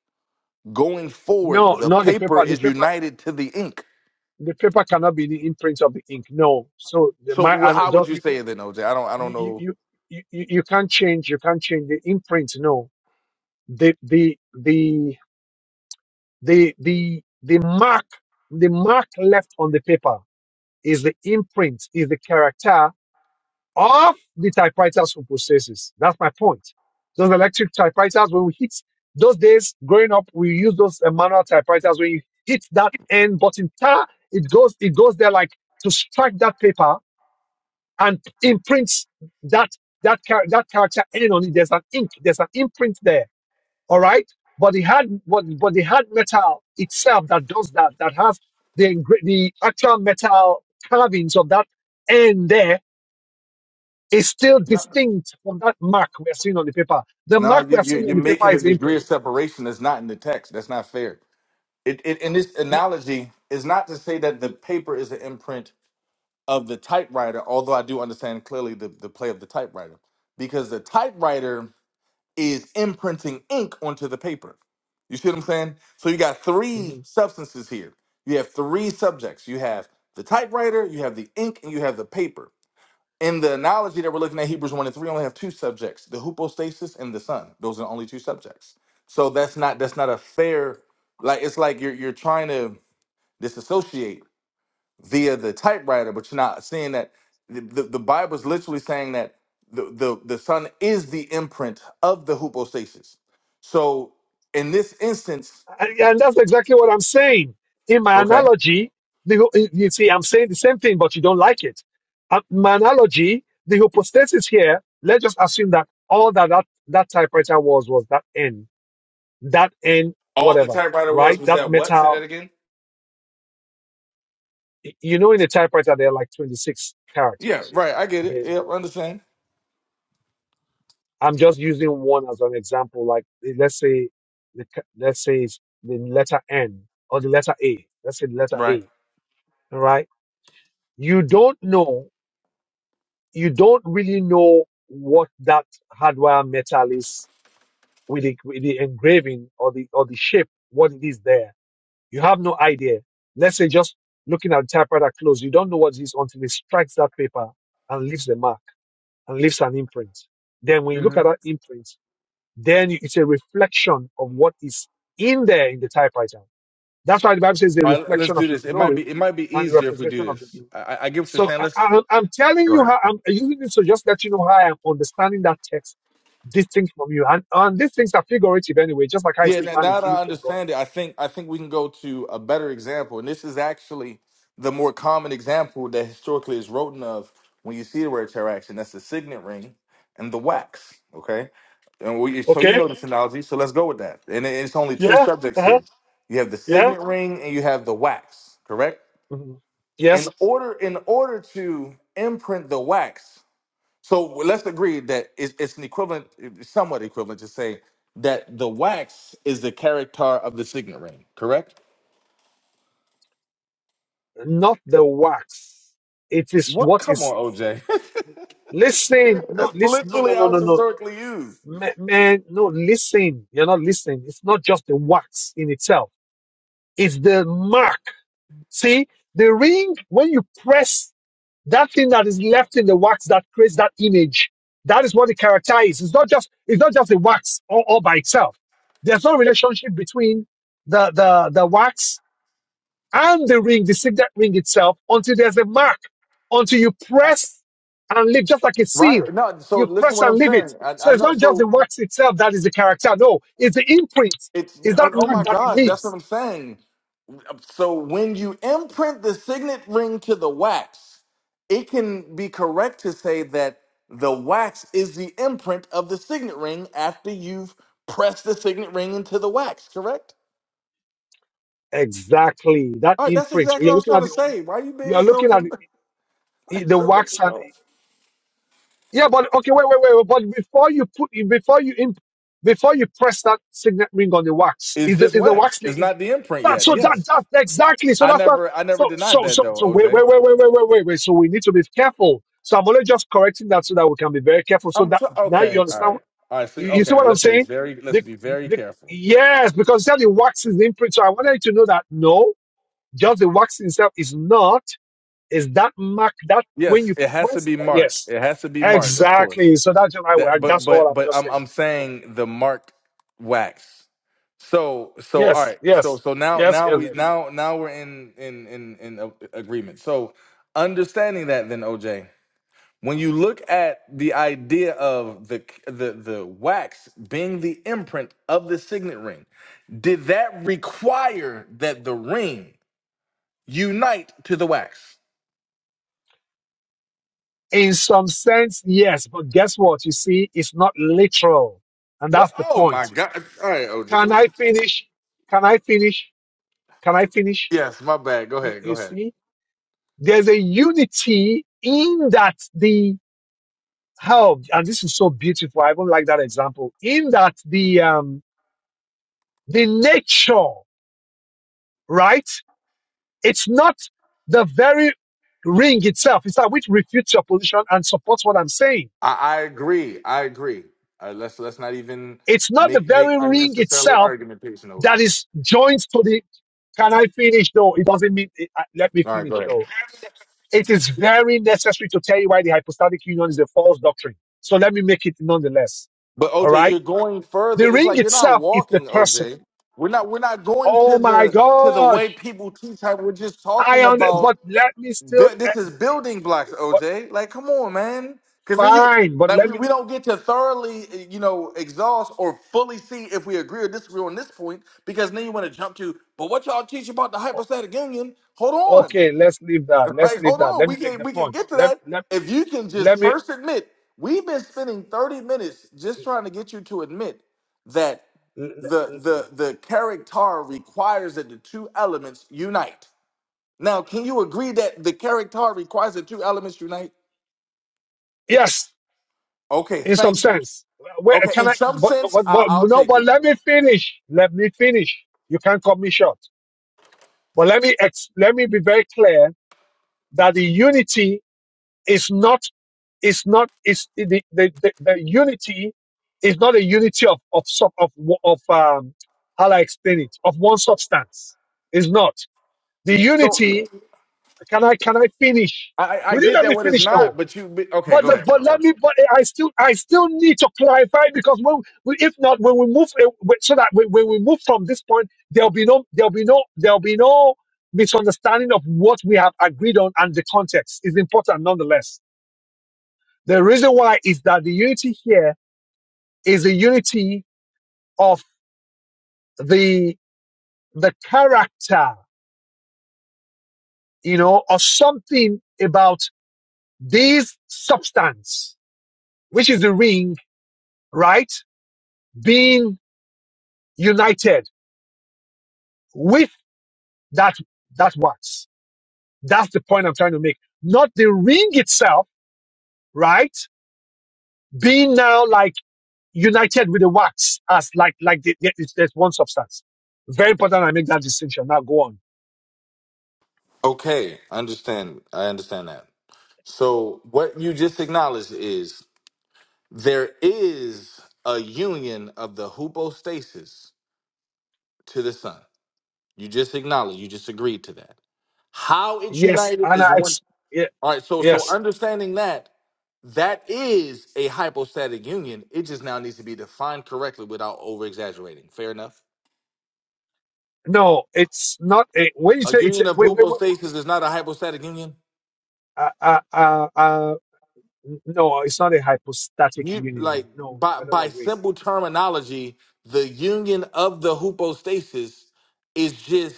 Speaker 3: Going
Speaker 1: No,
Speaker 3: forward, the
Speaker 1: not the
Speaker 3: paper
Speaker 1: paper. The
Speaker 3: is
Speaker 1: paper,
Speaker 3: united to the ink.
Speaker 1: the paper cannot be the imprint of the ink. No. So the, my,
Speaker 3: So wh-
Speaker 1: and
Speaker 3: how would
Speaker 1: don't,
Speaker 3: you
Speaker 1: you
Speaker 3: say
Speaker 1: can,
Speaker 3: it then, OJ? I don't I don't
Speaker 1: you,
Speaker 3: know.
Speaker 1: you, you, you you can't change, you can't change the imprint. No. The, the, the, the the the mark the mark left on the paper is the imprint is the character of the typewriters who processes that's my point those electric typewriters when we hit those days growing up we use those uh, manual typewriters when you hit that end button ta, it goes it goes there like to strike that paper and imprints that that char- that character end on it there's an ink there's an imprint there all right but the hard but, but the hard metal itself that does that that has the engra- the actual metal carvings of that end there is still
Speaker 3: No,
Speaker 1: distinct from that mark we are seeing on the paper. The
Speaker 3: no
Speaker 1: mark we
Speaker 3: you,
Speaker 1: are
Speaker 3: you-
Speaker 1: seeing
Speaker 3: you're
Speaker 1: on the paper
Speaker 3: making a
Speaker 1: is the
Speaker 3: degree of
Speaker 1: imprint.
Speaker 3: separation that's not in the text. That's not fair. It, it, and this analogy is not to say that the paper is an imprint of the typewriter, although I do understand clearly the, the play of the typewriter, because the typewriter is imprinting ink onto the paper. You see what I'm saying? So you got
Speaker 1: N-
Speaker 3: three substances here. You have three subjects. You have the typewriter, you have the ink, and you have the paper. In the analogy that we're looking at, Hebrews 1 and 3 only have two subjects, the hypostasis and the sun. Those are the only two subjects. So that's not that's not a fair, like it's like you're you're trying to disassociate via the typewriter, but you're not seeing that the, the, the Bible is literally saying that the, the, the Son is the imprint of the hypostasis. So in this instance,
Speaker 1: And, and that's exactly what I'm saying. In my
Speaker 3: okay,
Speaker 1: analogy, the, you see, I'm saying the same thing, but you don't like it. Uh, my analogy, the hypostasis here, let's just assume that all that, that that typewriter was was that N, that N,
Speaker 3: all the
Speaker 1: whatever,
Speaker 3: typewriter was
Speaker 1: right?
Speaker 3: was
Speaker 1: That
Speaker 3: that what? Say that
Speaker 1: metal.
Speaker 3: again.
Speaker 1: Y- You know, in a typewriter, there are like 26
Speaker 3: Yeah,
Speaker 1: characters,
Speaker 3: right. I get it.
Speaker 1: basically.
Speaker 3: Yeah, I understand.
Speaker 1: I'm just using one as an example. Like, eh, let's say, the, ca- let's say it's the letter N or the letter A. Let's say the letter
Speaker 3: Right.
Speaker 1: A, right? you don't know, you don't really know what that hardware metal is with the, with the engraving or the, or the shape, what it is there. You have no idea. Let's say just looking at the typewriter close, you don't know what it is until it strikes that paper and leaves the mark and leaves an imprint. Then when you look at
Speaker 3: Mhm.
Speaker 1: that imprint, then you- it's a reflection of what is in there in the typewriter. That's why the Bible says the
Speaker 3: All right. Let's
Speaker 1: reflection of
Speaker 3: do
Speaker 1: his
Speaker 3: this. It might
Speaker 1: glory
Speaker 3: be it might be
Speaker 1: and the
Speaker 3: easier if we
Speaker 1: representation
Speaker 3: do
Speaker 1: of the
Speaker 3: this. I, I I get what you're
Speaker 1: So
Speaker 3: saying.
Speaker 1: I,
Speaker 3: Let's
Speaker 1: I, I'm telling
Speaker 3: go
Speaker 1: you
Speaker 3: ahead.
Speaker 1: how I'm using this to just let you know how I'm understanding that text distinct from you. And, and these things are figurative anyway, just like how it
Speaker 3: Yeah,
Speaker 1: says
Speaker 3: now,
Speaker 1: man is
Speaker 3: now that
Speaker 1: the
Speaker 3: I
Speaker 1: image of God.
Speaker 3: understand it, I think I think we can go to a better example, and this is actually the more common example that historically is written of when you see the word interaction. That's the signet ring and the wax. Okay, and we, so you
Speaker 1: Okay?
Speaker 3: know this analogy, so let's go with that. And it- it's only two
Speaker 1: Yeah?
Speaker 3: subjects
Speaker 1: Uh-huh.
Speaker 3: here. You have the
Speaker 1: Yeah?
Speaker 3: signet ring and you have the wax. Correct.
Speaker 1: Mhm.
Speaker 3: In
Speaker 1: Yes?
Speaker 3: order, in order to imprint the wax, so well, let's agree that it's, it's an equivalent, it's somewhat equivalent to say that the wax is the character of the signet ring, correct?
Speaker 1: Not the wax. It is
Speaker 3: What?
Speaker 1: what
Speaker 3: Come
Speaker 1: is.
Speaker 3: on, OJ.
Speaker 1: Listen. No,
Speaker 3: That's
Speaker 1: listen. No, no,
Speaker 3: literally
Speaker 1: no,
Speaker 3: how
Speaker 1: no,
Speaker 3: it's
Speaker 1: no.
Speaker 3: historically used.
Speaker 1: Ma- Man, no, listen. You're not listening. It's not just the wax in itself, it's the mark. See? The ring, when you press that thing that is left in the wax that creates that image that is what the character is it's not just it's not just the wax all, all by itself there's no relationship between the the the wax and the ring the signet ring itself until there's a mark until you press and leave just like a
Speaker 3: Right?
Speaker 1: seal
Speaker 3: No, so
Speaker 1: you
Speaker 3: listen
Speaker 1: press
Speaker 3: what
Speaker 1: and
Speaker 3: I'm
Speaker 1: leave it
Speaker 3: saying. I,
Speaker 1: so
Speaker 3: I
Speaker 1: it's
Speaker 3: know.
Speaker 1: not just the
Speaker 3: So
Speaker 1: wax itself that is the character no it's the imprint
Speaker 3: it's,
Speaker 1: it's that
Speaker 3: oh, oh
Speaker 1: mark
Speaker 3: my
Speaker 1: that it
Speaker 3: gosh, that's what
Speaker 1: leaves
Speaker 3: I'm saying. So when you imprint the signet ring to the wax, it can be correct to say that the wax is the imprint of the signet ring after you've pressed the signet ring into the wax, correct?
Speaker 1: exactly that
Speaker 3: All right, that's
Speaker 1: imprint
Speaker 3: exactly
Speaker 1: you're
Speaker 3: what I was
Speaker 1: looking
Speaker 3: trying
Speaker 1: at
Speaker 3: to
Speaker 1: the
Speaker 3: say. Why are you being
Speaker 1: you're
Speaker 3: so,
Speaker 1: looking at
Speaker 3: com- like,
Speaker 1: the
Speaker 3: so
Speaker 1: wax and
Speaker 3: difficult?
Speaker 1: Yeah, but okay, wait, wait, wait. But before you put, before you imp, before you press that signet ring on the wax,
Speaker 3: It's
Speaker 1: is the
Speaker 3: just
Speaker 1: is the
Speaker 3: wax.
Speaker 1: wax the,
Speaker 3: It's
Speaker 1: is
Speaker 3: not the imprint
Speaker 1: that
Speaker 3: yet.
Speaker 1: so
Speaker 3: Yes.
Speaker 1: that that exactly. So
Speaker 3: I
Speaker 1: that's what.
Speaker 3: never I never
Speaker 1: So
Speaker 3: denied
Speaker 1: so
Speaker 3: that
Speaker 1: so
Speaker 3: though,
Speaker 1: so wait
Speaker 3: OJ.
Speaker 1: wait wait wait wait wait wait wait. So we need to be careful. So I'm only just correcting that so that we can be very careful. So
Speaker 3: I'm
Speaker 1: that
Speaker 3: tr-
Speaker 1: now you
Speaker 3: okay. All
Speaker 1: understand.
Speaker 3: right.
Speaker 1: what-
Speaker 3: All right. See,
Speaker 1: You, you see
Speaker 3: okay. Now
Speaker 1: what I'm
Speaker 3: let's be
Speaker 1: saying?
Speaker 3: very let's
Speaker 1: The,
Speaker 3: be very
Speaker 1: the,
Speaker 3: careful.
Speaker 1: yes, because that the wax is the imprint. So I wanted you to know that no, just the wax itself is not. Is that mark that when
Speaker 3: Yes,
Speaker 1: you
Speaker 3: it has to
Speaker 1: press
Speaker 3: be
Speaker 1: that?
Speaker 3: marked.
Speaker 1: Yes,
Speaker 3: It has to be marked, of course.
Speaker 1: exactly. So that's just, I,
Speaker 3: That, but
Speaker 1: that's all
Speaker 3: but
Speaker 1: I'm
Speaker 3: but
Speaker 1: just
Speaker 3: I'm
Speaker 1: saying.
Speaker 3: I'm
Speaker 1: Cool.
Speaker 3: saying the marked wax. So so all
Speaker 1: Yes,
Speaker 3: right. So
Speaker 1: yes,
Speaker 3: so now
Speaker 1: yes,
Speaker 3: now
Speaker 1: yes.
Speaker 3: we
Speaker 1: yes.
Speaker 3: now now we're in in in in a- agreement. So understanding that then OJ, when you look at the idea of the the the wax being the imprint of the signet ring, did that require that the ring unite to the wax?
Speaker 1: In some sense, yes, but guess what? You see, it's not literal, and
Speaker 3: What?
Speaker 1: that's the
Speaker 3: Oh
Speaker 1: point.
Speaker 3: my God! All right, OJ.
Speaker 1: Can I finish? Can I finish? Can I finish?
Speaker 3: Yes, my bad. Go
Speaker 1: You,
Speaker 3: ahead. Go
Speaker 1: you
Speaker 3: ahead.
Speaker 1: see, there's a unity in that the how, and this is so beautiful. I even like that example. In that the um the nature, right? It's not the very ring itself. It's that which refutes your position and supports what I'm saying.
Speaker 3: I, I agree. I agree. Uh, let's let's not even
Speaker 1: It's not the
Speaker 3: make make
Speaker 1: very ring
Speaker 3: unnecessarily
Speaker 1: itself
Speaker 3: argumentation over
Speaker 1: that
Speaker 3: it.
Speaker 1: is joined to the. Can I finish though? It doesn't mean it, uh, let me
Speaker 3: All right,
Speaker 1: finish
Speaker 3: go ahead.
Speaker 1: though. It is very necessary to tell you why the hypostatic union is a false doctrine. So let me make it nonetheless.
Speaker 3: But
Speaker 1: All
Speaker 3: OJ,
Speaker 1: right.
Speaker 3: you're going further.
Speaker 1: The
Speaker 3: It's
Speaker 1: ring
Speaker 3: like you're not
Speaker 1: itself is the
Speaker 3: walking,
Speaker 1: person.
Speaker 3: OJ. We're not we're not going
Speaker 1: Oh
Speaker 3: to
Speaker 1: my
Speaker 3: the to the way
Speaker 1: gosh.
Speaker 3: people teach. How we're just
Speaker 1: I
Speaker 3: talking
Speaker 1: on
Speaker 3: about
Speaker 1: but let me still
Speaker 3: bu- this is
Speaker 1: eh,
Speaker 3: building blocks,
Speaker 1: but
Speaker 3: OJ. Like, come on, man. Because then you
Speaker 1: fine, but
Speaker 3: like
Speaker 1: let
Speaker 3: we,
Speaker 1: me.
Speaker 3: we don't get to thoroughly uh, you know exhaust or fully see if we agree or disagree on this point because then you want to jump to. But what y'all teach about the hypostatic union? Hold on.
Speaker 1: Okay, let's leave that. Let's
Speaker 3: Like,
Speaker 1: leave
Speaker 3: hold
Speaker 1: that.
Speaker 3: on,
Speaker 1: Let
Speaker 3: we
Speaker 1: me make
Speaker 3: can
Speaker 1: the
Speaker 3: we can
Speaker 1: point.
Speaker 3: get to
Speaker 1: Let
Speaker 3: that.
Speaker 1: let
Speaker 3: If you can just
Speaker 1: let me.
Speaker 3: first admit, we've been spending 30 minutes just trying to get you to admit that the the the character requires that the two elements unite. Now, can you agree that the character requires the two elements unite?
Speaker 1: Yes,
Speaker 3: Okay,
Speaker 1: in some
Speaker 3: thank you.
Speaker 1: sense. Wait,
Speaker 3: Okay,
Speaker 1: can
Speaker 3: in
Speaker 1: I?
Speaker 3: some
Speaker 1: But,
Speaker 3: sense,
Speaker 1: but
Speaker 3: I'll,
Speaker 1: but
Speaker 3: I'll
Speaker 1: no.
Speaker 3: take
Speaker 1: But
Speaker 3: it.
Speaker 1: let me finish. Let me finish. You can't cut me short. But let me ex, let me be very clear that the unity is not is not is the the, the, the unity is not a unity of of sub of wo- of um how do I explain it of one substance. It's not the
Speaker 3: So
Speaker 1: unity Can I can I finish?
Speaker 3: I, I I
Speaker 1: Will you
Speaker 3: get
Speaker 1: let me
Speaker 3: that what it's
Speaker 1: finish
Speaker 3: not,
Speaker 1: though?
Speaker 3: but you but- okay?
Speaker 1: But
Speaker 3: Go
Speaker 1: the,
Speaker 3: ahead,
Speaker 1: but
Speaker 3: bro. go
Speaker 1: let me
Speaker 3: ahead.
Speaker 1: but I still I still need to clarify because when we, if not when we move eh, we- so that when, when we move from this point there'll be no there'll be no there'll be no misunderstanding of what we have agreed on and the context is important nonetheless. The reason why is that the unity here is the unity of the the character, you know, or something about this substance, which is the ring right? Being united with that, that wax. That's the point I'm trying to make. Not the ring itself, right? Being now like united with the wax as like, like the, the, it's, there's one substance. Very important I make that distinction. Now go on.
Speaker 3: Okay, I understand. I understand that. So what you just acknowledged is There is a union of the hypostasis to the Son. You just acknowledge, you just agreed to that. How it's
Speaker 1: Yes,
Speaker 3: united
Speaker 1: and
Speaker 3: is
Speaker 1: I,
Speaker 3: one.
Speaker 1: ex- yeah,
Speaker 3: All right, so so
Speaker 1: yes.
Speaker 3: understanding that that is a hypostatic union. It just now needs to be defined correctly without over exaggerating. Fair enough.
Speaker 1: No, it's not. A, when you
Speaker 3: A
Speaker 1: say it's, a,
Speaker 3: union of
Speaker 1: wait, wait, wait, wait. wait,
Speaker 3: hypostasis is not a hypostatic union.
Speaker 1: uh, uh, uh, uh, N- No, it's not a hypostatic
Speaker 3: you like
Speaker 1: union. No,
Speaker 3: by
Speaker 1: I don't
Speaker 3: by
Speaker 1: agree.
Speaker 3: simple terminology, the union of the hypostasis is just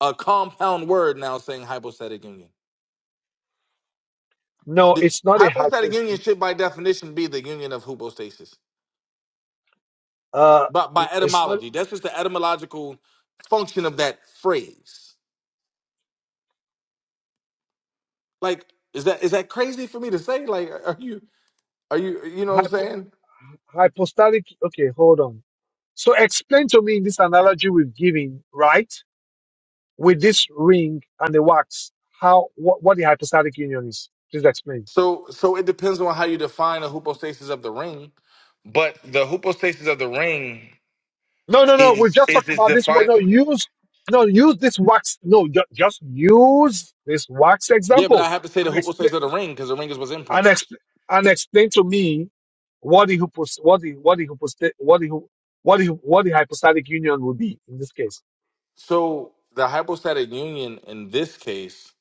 Speaker 3: a compound word now saying hypostatic union.
Speaker 1: No,
Speaker 3: The
Speaker 1: it's not a
Speaker 3: hypostatic
Speaker 1: hypost.
Speaker 3: union should by definition be the union of hypostasis.
Speaker 1: Uh,
Speaker 3: But by
Speaker 1: it- it's not
Speaker 3: etymology, that's just the etymological function of that phrase. Like, is that is that crazy for me to say? Like, are you are you you know what I'm
Speaker 1: hypo
Speaker 3: saying?
Speaker 1: hypostatic. Okay, hold on. So explain to me in this analogy we've given, right? With this ring and the wax, how what, what the hypostatic union is? Please explain.
Speaker 3: So so it depends on how you define the hypostasis of the ring. But the hypostasis of the ring
Speaker 1: No, no, no.
Speaker 3: is
Speaker 1: We've just
Speaker 3: is
Speaker 1: talked
Speaker 3: is
Speaker 1: about this one.
Speaker 3: defined.
Speaker 1: No, use no use this wax. No, ju- just use this wax
Speaker 3: Yeah, but
Speaker 1: example
Speaker 3: I have to say the
Speaker 1: and explain.
Speaker 3: hypostasis of the ring because the ring is what's
Speaker 1: and
Speaker 3: imprinting.
Speaker 1: explain and explain to me what the hypos what the what the hyposta- what the hy- what the what the hypostatic union would be in this case.
Speaker 3: So the hypostatic union in this case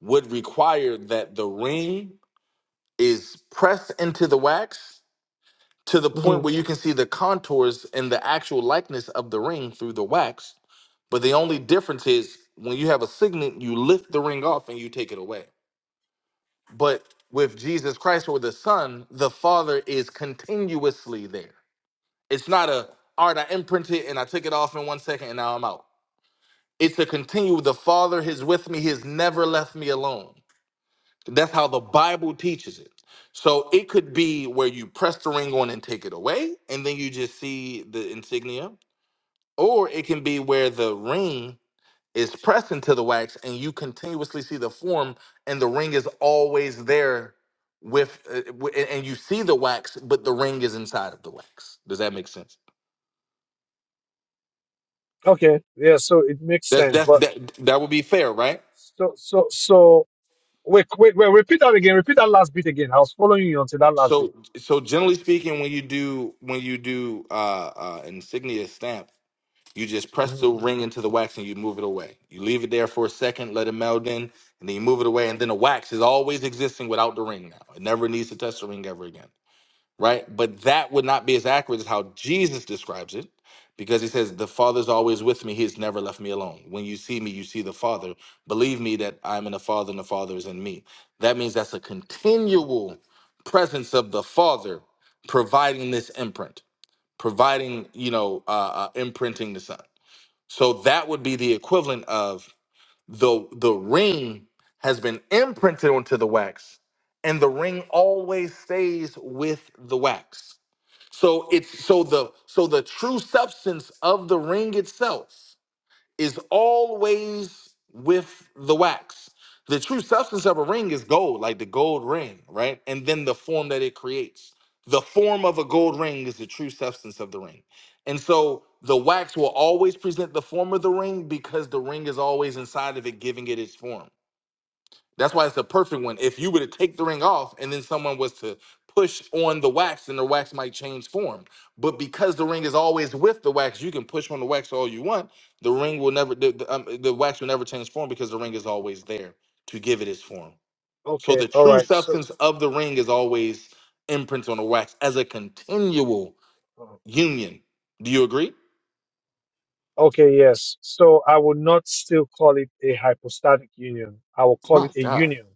Speaker 3: would require that the ring is pressed into the wax to the
Speaker 1: hmm
Speaker 3: point where you can see the contours and the actual likeness of the ring through the wax. But the only difference is when you have a signet, you lift the ring off and you take it away. But with Jesus Christ or the Son, the Father is continuously there. It's not a all right, I imprinted and I took it off in one second and now I'm out. It's a continue. The Father is with me, He has never left me alone. That's how the Bible teaches it. So it could be where you press the ring on and take it away, and then you just see the insignia. Or it can be where the ring is pressed into the wax and you continuously see the form, and the ring is always there with, uh, w- and you see the wax, but the ring is inside of the wax. Does that make sense?
Speaker 1: Okay, yeah, so it makes
Speaker 3: That's
Speaker 1: sense,
Speaker 3: that's
Speaker 1: but
Speaker 3: that that would be fair, right?
Speaker 1: so so so wait wait wait repeat that again. Repeat that last bit again. I was following you until that last bit.
Speaker 3: So so generally speaking, when you do when you do uh, uh, insignia stamp, you just press the
Speaker 1: hmm
Speaker 3: ring into the wax and you move it away. You leave it there for a second, let it meld in, and then you move it away. And then the wax is always existing without the ring now. It never needs to touch the ring ever again. right? But that would not be as accurate as how Jesus describes it because he says, The Father's always with me. He has never left me alone. When you see me, you see the Father. Believe me that I'm in the Father and the Father is in me. That means that's a continual presence of the Father providing this imprint, providing, you know, uh, uh, imprinting the Son. So that would be the equivalent of the the ring has been imprinted onto the wax and the ring always stays with the wax so it's so the so the true substance of the ring itself is always with the wax. The true substance of a ring is gold, like the gold ring, right? And then the form that it creates. The form of a gold ring is the true substance of the ring. And so the wax will always present the form of the ring because the ring is always inside of it, giving it its form. That's why it's a perfect one. If you were to take the ring off and then someone was to push on the wax, then the wax might change form. But because the ring is always with the wax, you can push on the wax all you want. The ring will never, the, the, um, the wax will never change form because the ring is always there to give it its form. So
Speaker 1: Okay,
Speaker 3: the
Speaker 1: all
Speaker 3: true
Speaker 1: right. So
Speaker 3: substance of the ring is always imprints on the wax as a continual
Speaker 1: uh,
Speaker 3: union. Do you agree?
Speaker 1: okay, yes. So I would not still call it a hypostatic union. I will call
Speaker 3: My
Speaker 1: it a
Speaker 3: God.
Speaker 1: union.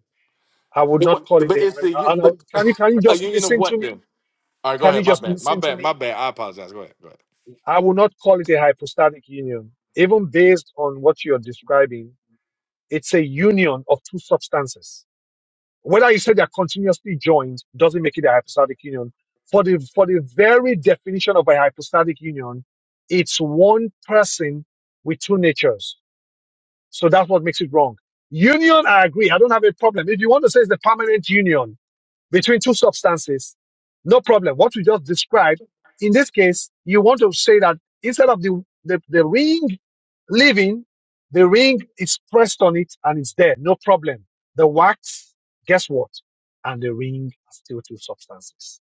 Speaker 1: I would
Speaker 3: It,
Speaker 1: not
Speaker 3: wa-
Speaker 1: call it
Speaker 3: but
Speaker 1: a.
Speaker 3: it's
Speaker 1: And,
Speaker 3: the,
Speaker 1: and I,
Speaker 3: but
Speaker 1: can you can you
Speaker 3: a
Speaker 1: just
Speaker 3: union of
Speaker 1: listen to
Speaker 3: what
Speaker 1: me?
Speaker 3: then? All right, go
Speaker 1: Can you
Speaker 3: ahead. My
Speaker 1: just
Speaker 3: bad. My
Speaker 1: listen to
Speaker 3: bad. My
Speaker 1: me?
Speaker 3: bad. I apologize. Go ahead. Go ahead.
Speaker 1: I will not call it a hypostatic union. Even based on what you're describing, it's a union of two substances. Whether you say they're continuously joined doesn't make it a hypostatic union. For the, for the very definition of a hypostatic union, it's one person with two natures. So that's what makes it wrong. Union, I agree. I don't have a problem. If you want to say it's the permanent union, between two substances. No problem. What we just described, in this case, you want to say that instead of the, the, the ring leaving, the ring is pressed on it and it's there. No problem. The wax, guess what? And the ring are still two substances.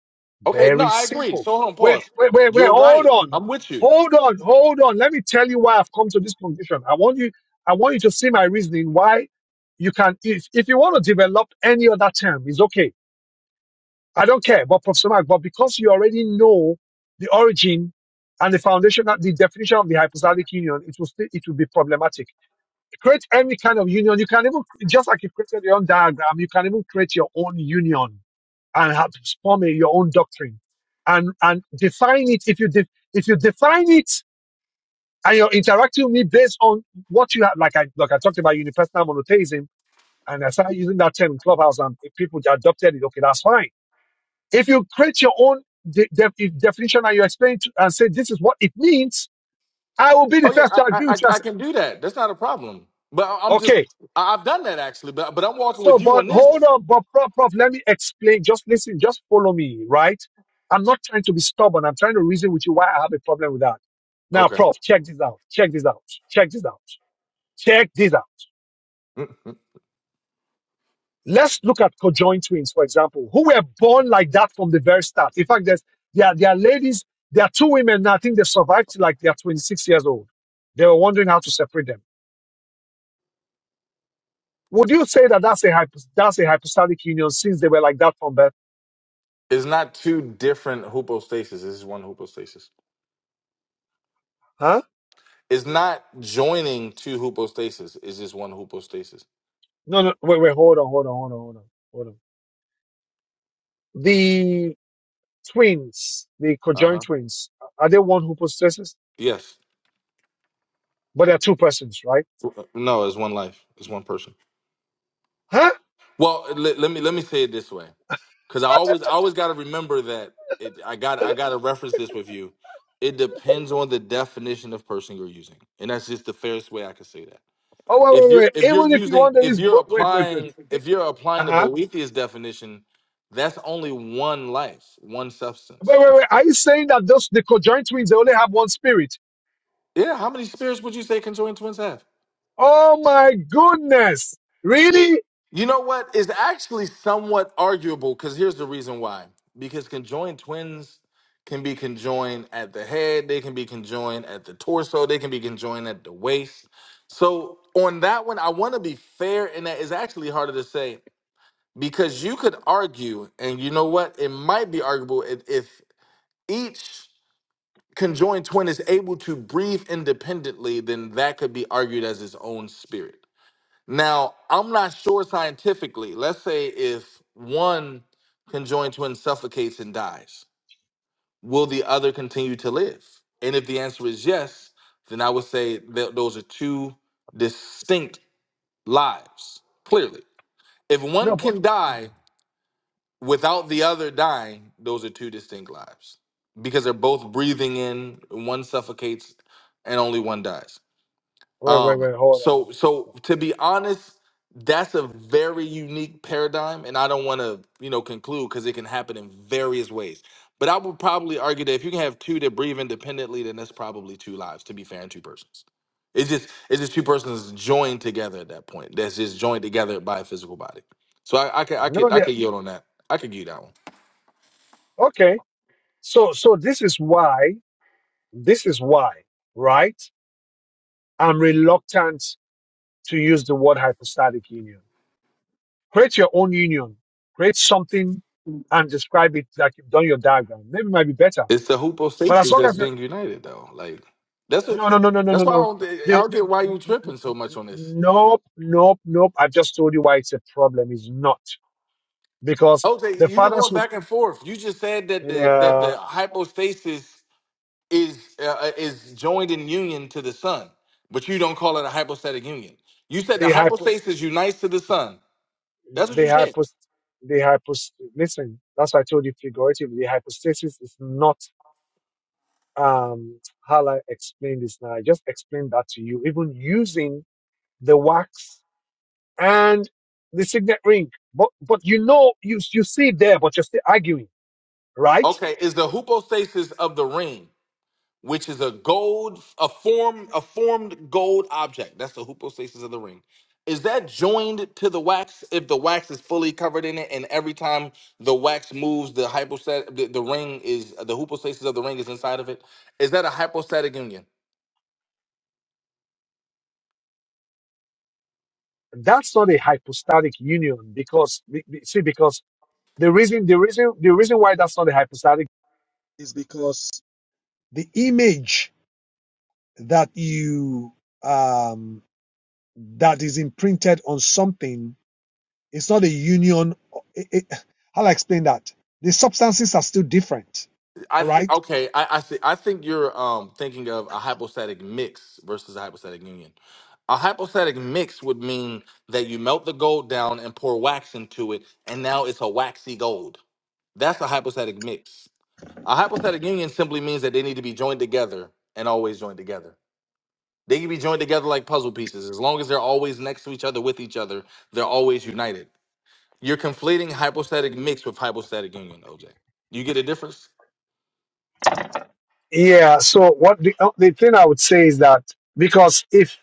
Speaker 3: Okay, no,
Speaker 1: Very
Speaker 3: I agree.
Speaker 1: simple.
Speaker 3: So hold on,
Speaker 1: Wait,
Speaker 3: pause.
Speaker 1: wait, wait, wait.
Speaker 3: You're
Speaker 1: Hold
Speaker 3: right.
Speaker 1: on.
Speaker 3: I'm with you.
Speaker 1: Hold on. Hold on. Let me tell you why I've come to this conclusion. I want you, I want you to see my reasoning why you can, if, if you want to develop any other term, it's okay I don't care, but Professor Mark, but because you already know the origin and the foundation, the definition of the hypostatic union, it will still, it will be problematic. Create any kind of union. You can even, just like you created your own diagram, you can even create your own union and have form a- your own doctrine and, and define it. If you, de- if you define it and you're interacting with me based on what you have, like I, like I talked about unipersonal monotheism and I started using that term in Clubhouse and people adopted it. Okay, that's fine if you create your own de- de- definition and you explain it and say this is what it means, I will be the
Speaker 3: Oh yeah,
Speaker 1: first
Speaker 3: I
Speaker 1: to
Speaker 3: I,
Speaker 1: agree
Speaker 3: I
Speaker 1: with you and
Speaker 3: I
Speaker 1: say,
Speaker 3: can do that. That's not a problem. But I- I'm just
Speaker 1: okay,
Speaker 3: I- I've done that actually. But but I'm walking
Speaker 1: so
Speaker 3: with you
Speaker 1: but
Speaker 3: on
Speaker 1: hold
Speaker 3: this.
Speaker 1: up, but prof, prof, let me explain. Just listen, just follow me, right? I'm not trying to be stubborn. I'm trying to reason with you why I have a problem with that. Now,
Speaker 3: Okay,
Speaker 1: prof, check this out. Check this out. Check this out. Check this out.
Speaker 3: Mhm.
Speaker 1: Let's look at conjoined twins, for example, who were born like that from the very start. In fact, there's, there, are, there are ladies, there are two women now, I think they survived till like they are 26 years old. They were wondering how to separate them. Would you say that that's a, hypo, that's a hypostatic union since they were like that from birth?
Speaker 3: it's not two different hypostases. This is one hypostasis.
Speaker 1: Huh?
Speaker 3: It's not joining two hypostases. It's just one hypostasis.
Speaker 1: No, no, wait, wait, hold on, hold on, hold on, hold on, hold on. The twins, the
Speaker 3: Uh
Speaker 1: conjoined
Speaker 3: huh.
Speaker 1: twins, are they one who possesses?
Speaker 3: Yes.
Speaker 1: But they're two persons, right?
Speaker 3: No, it's one life. It's one person.
Speaker 1: Huh?
Speaker 3: Well, let, let me let me say it this way. because I always I always got to remember that it, I got I got to reference this with you. It depends on the definition of person you're using, and that's just the fairest way I can say that.
Speaker 1: Oh,
Speaker 3: If
Speaker 1: wait, wait,
Speaker 3: you're
Speaker 1: wait.
Speaker 3: if you're
Speaker 1: Even if you
Speaker 3: using
Speaker 1: want there
Speaker 3: if
Speaker 1: is,
Speaker 3: you're
Speaker 1: bo- wait, wait, wait.
Speaker 3: applying if you're
Speaker 1: Uh
Speaker 3: applying the
Speaker 1: huh.
Speaker 3: Boethius definition, that's only one life, one
Speaker 1: Wait,
Speaker 3: substance.
Speaker 1: wait, wait. Are you saying that those the conjoined twins they only have one spirit?
Speaker 3: Yeah, how many spirits would you say conjoined twins have?
Speaker 1: Oh my goodness! Really?
Speaker 3: You know what is actually somewhat arguable because here's the reason why. Because conjoined twins can be conjoined at the head, they can be conjoined at the torso, they can be conjoined at the waist. So, on that one, I want to be fair, and that is actually harder to say because you could argue, and you know what? It might be arguable if, if each conjoined twin is able to breathe independently, then that could be argued as its own spirit. Now, I'm not sure scientifically. Let's say if one conjoined twin suffocates and dies, will the other continue to live? And if the answer is yes, then I would say that those are two distinct lives, clearly. If
Speaker 1: No,
Speaker 3: one
Speaker 1: but
Speaker 3: can die
Speaker 1: wait,
Speaker 3: without the other dying, those are two distinct lives because they're both breathing in, one suffocates and only one dies.
Speaker 1: wait,
Speaker 3: Um,
Speaker 1: wait. Hold on.
Speaker 3: so so to be honest, that's a very unique paradigm, and I don't want to you know conclude because it can happen in various ways. But I would probably argue that if you can have two that breathe independently, then that's probably two lives. To be fair, and two persons. It's just it's just two persons joined together at that point. That's just joined together by a physical body. So I, I could I
Speaker 1: No,
Speaker 3: could I
Speaker 1: they,
Speaker 3: could yield on that. I could give you that one.
Speaker 1: okay. So, so this is why. This is why, right? I'm reluctant to use the word hypostatic union. Create your own union. Create something and describe it like you've done your diagram. Maybe it might be better.
Speaker 3: It's the
Speaker 1: But as
Speaker 3: hoopostasis
Speaker 1: long
Speaker 3: that's
Speaker 1: as
Speaker 3: being united though. Like that's what
Speaker 1: No, no, no, no, no, no,
Speaker 3: that's why I
Speaker 1: no.
Speaker 3: don't I
Speaker 1: The,
Speaker 3: don't get why you
Speaker 1: the,
Speaker 3: tripping so much on this.
Speaker 1: nope, nope, nope. I've just told you why it's a problem. It's not because
Speaker 3: Jose,
Speaker 1: the
Speaker 3: you're
Speaker 1: fathers
Speaker 3: going
Speaker 1: who
Speaker 3: back and forth. You just said that the that
Speaker 1: uh,
Speaker 3: the hypostasis is uh, uh, is joined in union to the sun, but you don't call it a hypostatic union. You said the
Speaker 1: they hypos,
Speaker 3: hypostasis unites to the sun. That's what
Speaker 1: they
Speaker 3: you said.
Speaker 1: hypos, they hypos. Listen, that's why I told you figuratively. Hypostasis is not. Um, how I explain this now? I just explained that to you. Even using the wax and the signet ring, but but you know, you you see it there, but you're still arguing, right?
Speaker 3: Okay, is the hypostasis of the ring? which is a gold, a form, a formed gold object. That's the hypostasis of the ring. Is that joined to the wax if the wax is fully covered in it, and every time the wax moves, the hypostatic, the, the ring is the hypostasis of the ring is inside of it? Is that a hypostatic union?
Speaker 1: That's not a hypostatic union because be- be- see because the reason the reason the reason why that's not a hypostatic is because the image that you um that is imprinted on something it's not a union. It, it, how do I explain that? The substances are still different.
Speaker 3: I
Speaker 1: All
Speaker 3: think
Speaker 1: right.
Speaker 3: okay. I, I see. I think you're um thinking of a hypostatic mix versus a hypostatic union. A hypostatic mix would mean that you melt the gold down and pour wax into it, and now it's a waxy gold. That's a hypostatic mix. A hypostatic union simply means that they need to be joined together and always joined together. They can be joined together like puzzle pieces. As long as they're always next to each other with each other, they're always united. You're conflating hypostatic mix with hypostatic union, OJ. You get a difference?
Speaker 1: Yeah. So what the uh, the thing I would say is that because if.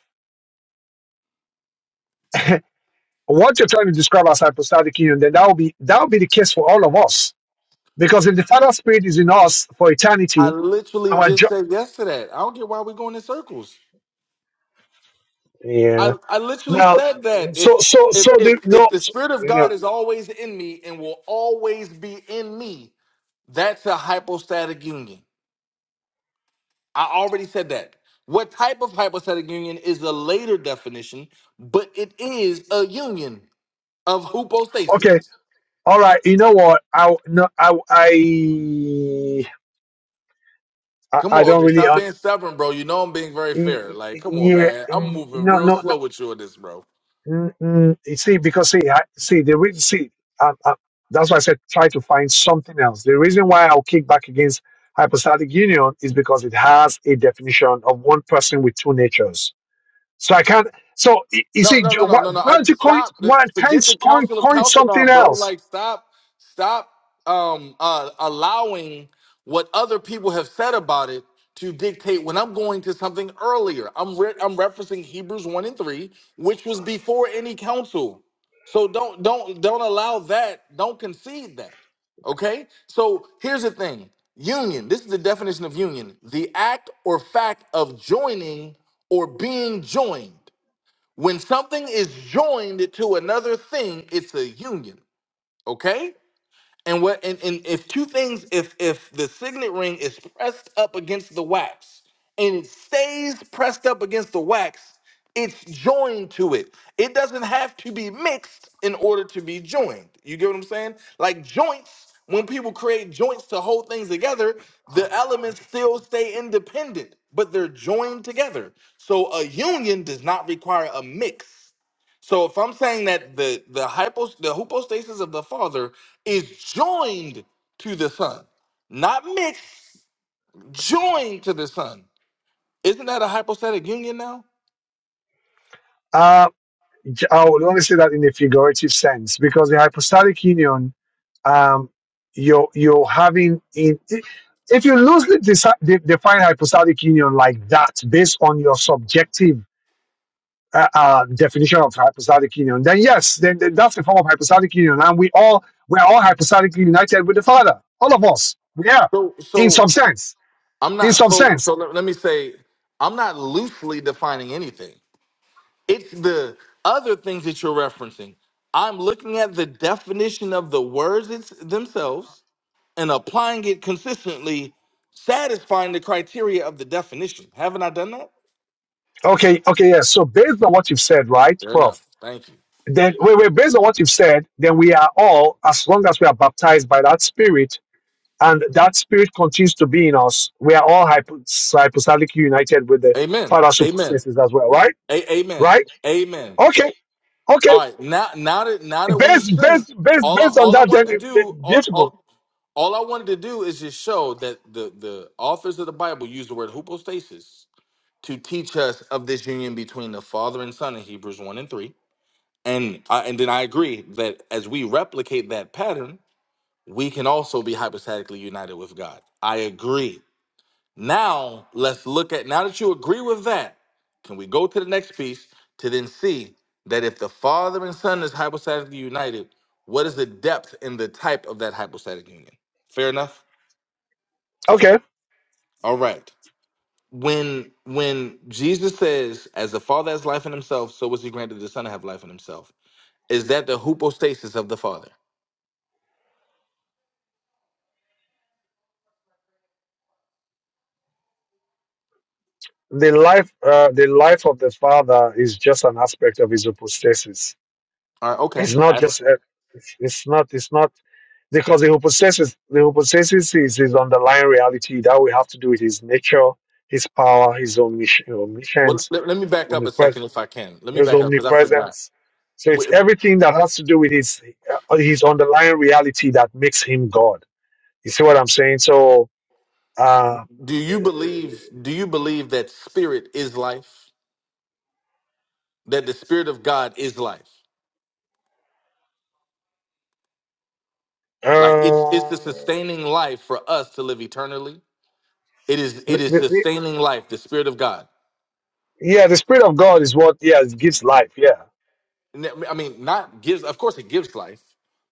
Speaker 1: What you're trying to describe as hypostatic union, then that will be that will be the case for all of us. Because if the Father Spirit is in us for
Speaker 3: I
Speaker 1: eternity,
Speaker 3: literally
Speaker 1: our jo-
Speaker 3: just said yes to that. I don't get why we're going in circles. I,
Speaker 1: yeah.
Speaker 3: I literally
Speaker 1: Now,
Speaker 3: said that
Speaker 1: so
Speaker 3: if
Speaker 1: so
Speaker 3: if
Speaker 1: so
Speaker 3: if
Speaker 1: the no,
Speaker 3: if the
Speaker 1: so,
Speaker 3: spirit of
Speaker 1: you know,
Speaker 3: God is always in me and will always be in me, that's a hypostatic union. I already said that. What type of hypostatic union is a later definition, but it is a union of
Speaker 1: okay,
Speaker 3: hypostasis.
Speaker 1: all right. You know what? I no, I I I
Speaker 3: Come
Speaker 1: I
Speaker 3: on,
Speaker 1: don't
Speaker 3: OJ,
Speaker 1: really.
Speaker 3: stop
Speaker 1: Un-
Speaker 3: being stubborn, bro. You know I'm being very
Speaker 1: y-
Speaker 3: fair.
Speaker 1: y-
Speaker 3: Like, come on,
Speaker 1: yeah,
Speaker 3: man. I'm
Speaker 1: y-
Speaker 3: moving
Speaker 1: no,
Speaker 3: real
Speaker 1: no, no.
Speaker 3: slow with you on this, bro.
Speaker 1: Mm, mm, you see, because see, I, see, the reason, see, um, um, that's why I said try to find something else. The reason why I'll kick back against hypostatic union is because it has a definition of one person with two natures. So I can't. So y- you
Speaker 3: No,
Speaker 1: see,
Speaker 3: no,
Speaker 1: do-
Speaker 3: no,
Speaker 1: why,
Speaker 3: no, no, no.
Speaker 1: why
Speaker 3: I
Speaker 1: don't you coin?
Speaker 3: stop.
Speaker 1: Why can't
Speaker 3: Forget the
Speaker 1: you coin,
Speaker 3: Council of
Speaker 1: coin something
Speaker 3: Chalcedon, bro.
Speaker 1: else?
Speaker 3: Like stop, stop um uh allowing what other people have said about it to dictate when I'm going to something earlier. I'm re- I'm referencing Hebrews 1 and 3, which was before any council. So don't don't don't allow that. Don't concede that. Okay? So here's the thing. Union, this is the definition of union. The act or fact of joining or being joined. When something is joined to another thing, it's a union. Okay? And what and, and if two things, if if the signet ring is pressed up against the wax and it stays pressed up against the wax, it's joined to it. It doesn't have to be mixed in order to be joined. You get what I'm saying? Like joints, when people create joints to hold things together, the elements still stay independent, but they're joined together. So a union does not require a mix. So if I'm saying that the the hypo the hypostasis of the Father is joined to the Son, not mixed, joined to the Son, isn't that a hypostatic union now?
Speaker 1: Uh, I would only say that in a figurative sense because the hypostatic union, um, you're you're having in if you loosely deci- de- define hypostatic union like that based on your subjective uh, uh, definition of hypostatic union, then yes, then, then that's a form of hypostatic union, and we all we're all hypostatically united with the Father, all of us, we are
Speaker 3: So
Speaker 1: in some
Speaker 3: so
Speaker 1: sense,
Speaker 3: I'm
Speaker 1: in
Speaker 3: not
Speaker 1: some
Speaker 3: so
Speaker 1: sense.
Speaker 3: so let, let me say I'm not loosely defining anything. It's the other things that you're referencing. I'm looking at the definition of the words it's, themselves and applying it consistently, satisfying the criteria of the definition. Haven't I done that?
Speaker 1: Okay, okay, yes. So based on what you've said, right,
Speaker 3: Fair
Speaker 1: Prof?
Speaker 3: enough. Thank you.
Speaker 1: then wait, wait, based on what you've said, then we are all, as long as we are baptized by that spirit, and that spirit continues to be in us, we are all hypo- hypostatically united with the
Speaker 3: Amen.
Speaker 1: Father who
Speaker 3: Amen.
Speaker 1: possesses as well, right?
Speaker 3: A- amen.
Speaker 1: Right?
Speaker 3: Amen.
Speaker 1: Okay, okay.
Speaker 3: All right. Now, now that now that we've
Speaker 1: Based,
Speaker 3: seen
Speaker 1: based, based,
Speaker 3: all, I,
Speaker 1: based on
Speaker 3: all I
Speaker 1: that,
Speaker 3: wanted
Speaker 1: then
Speaker 3: to
Speaker 1: it-
Speaker 3: do,
Speaker 1: it-
Speaker 3: all,
Speaker 1: beautiful.
Speaker 3: all, all I wanted to do is just show that the the authors of the Bible use the word hypostasis to teach us of this union between the Father and Son in Hebrews one and three, and I, and then I agree that as we replicate that pattern, we can also be hypostatically united with God. I agree. Now, let's look at, now that you agree with that, can we go to the next piece to then see that if the Father and Son is hypostatically united, what is the depth and the type of that hypostatic union? Fair enough?
Speaker 1: Okay.
Speaker 3: All right. When when Jesus says, as the Father has life in himself, so was he granted the Son to have life in himself, is that the hypostasis of the Father?
Speaker 1: The life, uh, the life of the Father is just an aspect of his hypostasis
Speaker 3: All right, okay.
Speaker 1: It's not
Speaker 3: I,
Speaker 1: just uh, it's, it's not it's not because the hypostasis the hypostasis is his underlying reality that we have to do with his nature, his power, his omnis-
Speaker 3: well,
Speaker 1: omniscience,
Speaker 3: let, let me back up a
Speaker 1: omnipresence,
Speaker 3: second if I can. Let me
Speaker 1: his
Speaker 3: back up because I forgot.
Speaker 1: omnipresence. So it's everything that has to do with his uh, his underlying reality that makes him God. You see what I'm saying? So. Uh,
Speaker 3: Do you believe do you believe that spirit is life? That the spirit of God is life? Like it's it's the
Speaker 1: uh,
Speaker 3: sustaining life for us to live eternally. It is it
Speaker 1: the,
Speaker 3: is
Speaker 1: the, the-
Speaker 3: sustaining life, the spirit of God.
Speaker 1: yeah, the spirit of God is what yeah it gives life. Yeah,
Speaker 3: And that- I mean, not gives of course it gives life,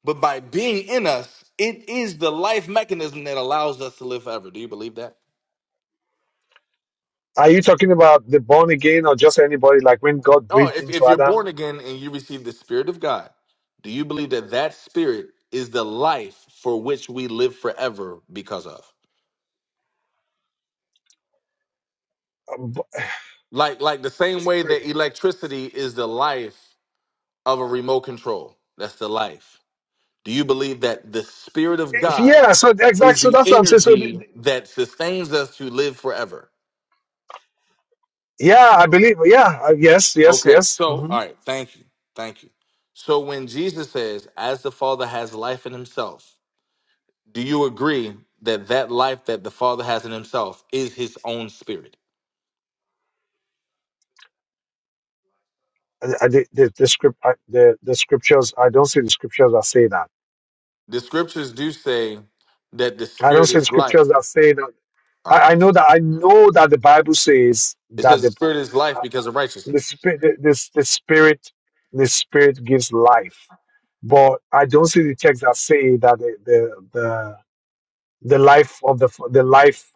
Speaker 3: but by being in us, it is the life mechanism that allows us to live forever. Do you believe that?
Speaker 1: Are you talking about the born again or just anybody? Like when God
Speaker 3: Oh,
Speaker 1: breathed
Speaker 3: if,
Speaker 1: into
Speaker 3: if you're born
Speaker 1: Adam?
Speaker 3: again and you receive the spirit of God, do you believe that that spirit is the life for which we live forever because of?
Speaker 1: Um, b-
Speaker 3: Like like the same way that electricity is the life of a remote control. That's the life. Do you believe that the spirit of God
Speaker 1: Yeah. So exactly.
Speaker 3: is
Speaker 1: So
Speaker 3: the
Speaker 1: that's what I'm saying. So the,
Speaker 3: energy
Speaker 1: the-
Speaker 3: that sustains us to live forever?
Speaker 1: yeah, I believe. Yeah. uh, Yes. Yes.
Speaker 3: Okay,
Speaker 1: Yes.
Speaker 3: so
Speaker 1: hmm
Speaker 3: all right, thank you. Thank you. So when Jesus says, as the Father has life in himself, do you agree that that life that the Father has in himself is his own spirit?
Speaker 1: I, I, the, the, the script. I, the the scriptures. I don't see the scriptures that say that.
Speaker 3: The scriptures do say that the
Speaker 1: I don't
Speaker 3: spirit
Speaker 1: see the
Speaker 3: is
Speaker 1: scriptures
Speaker 3: life.
Speaker 1: that say that. I,
Speaker 3: All right.
Speaker 1: I know that. I know that the Bible says
Speaker 3: It
Speaker 1: that
Speaker 3: says the
Speaker 1: the.
Speaker 3: spirit is life because of
Speaker 1: the
Speaker 3: righteousness.
Speaker 1: spirit this the spirit the spirit gives life but i don't see the text that say that the the the, the life of the the life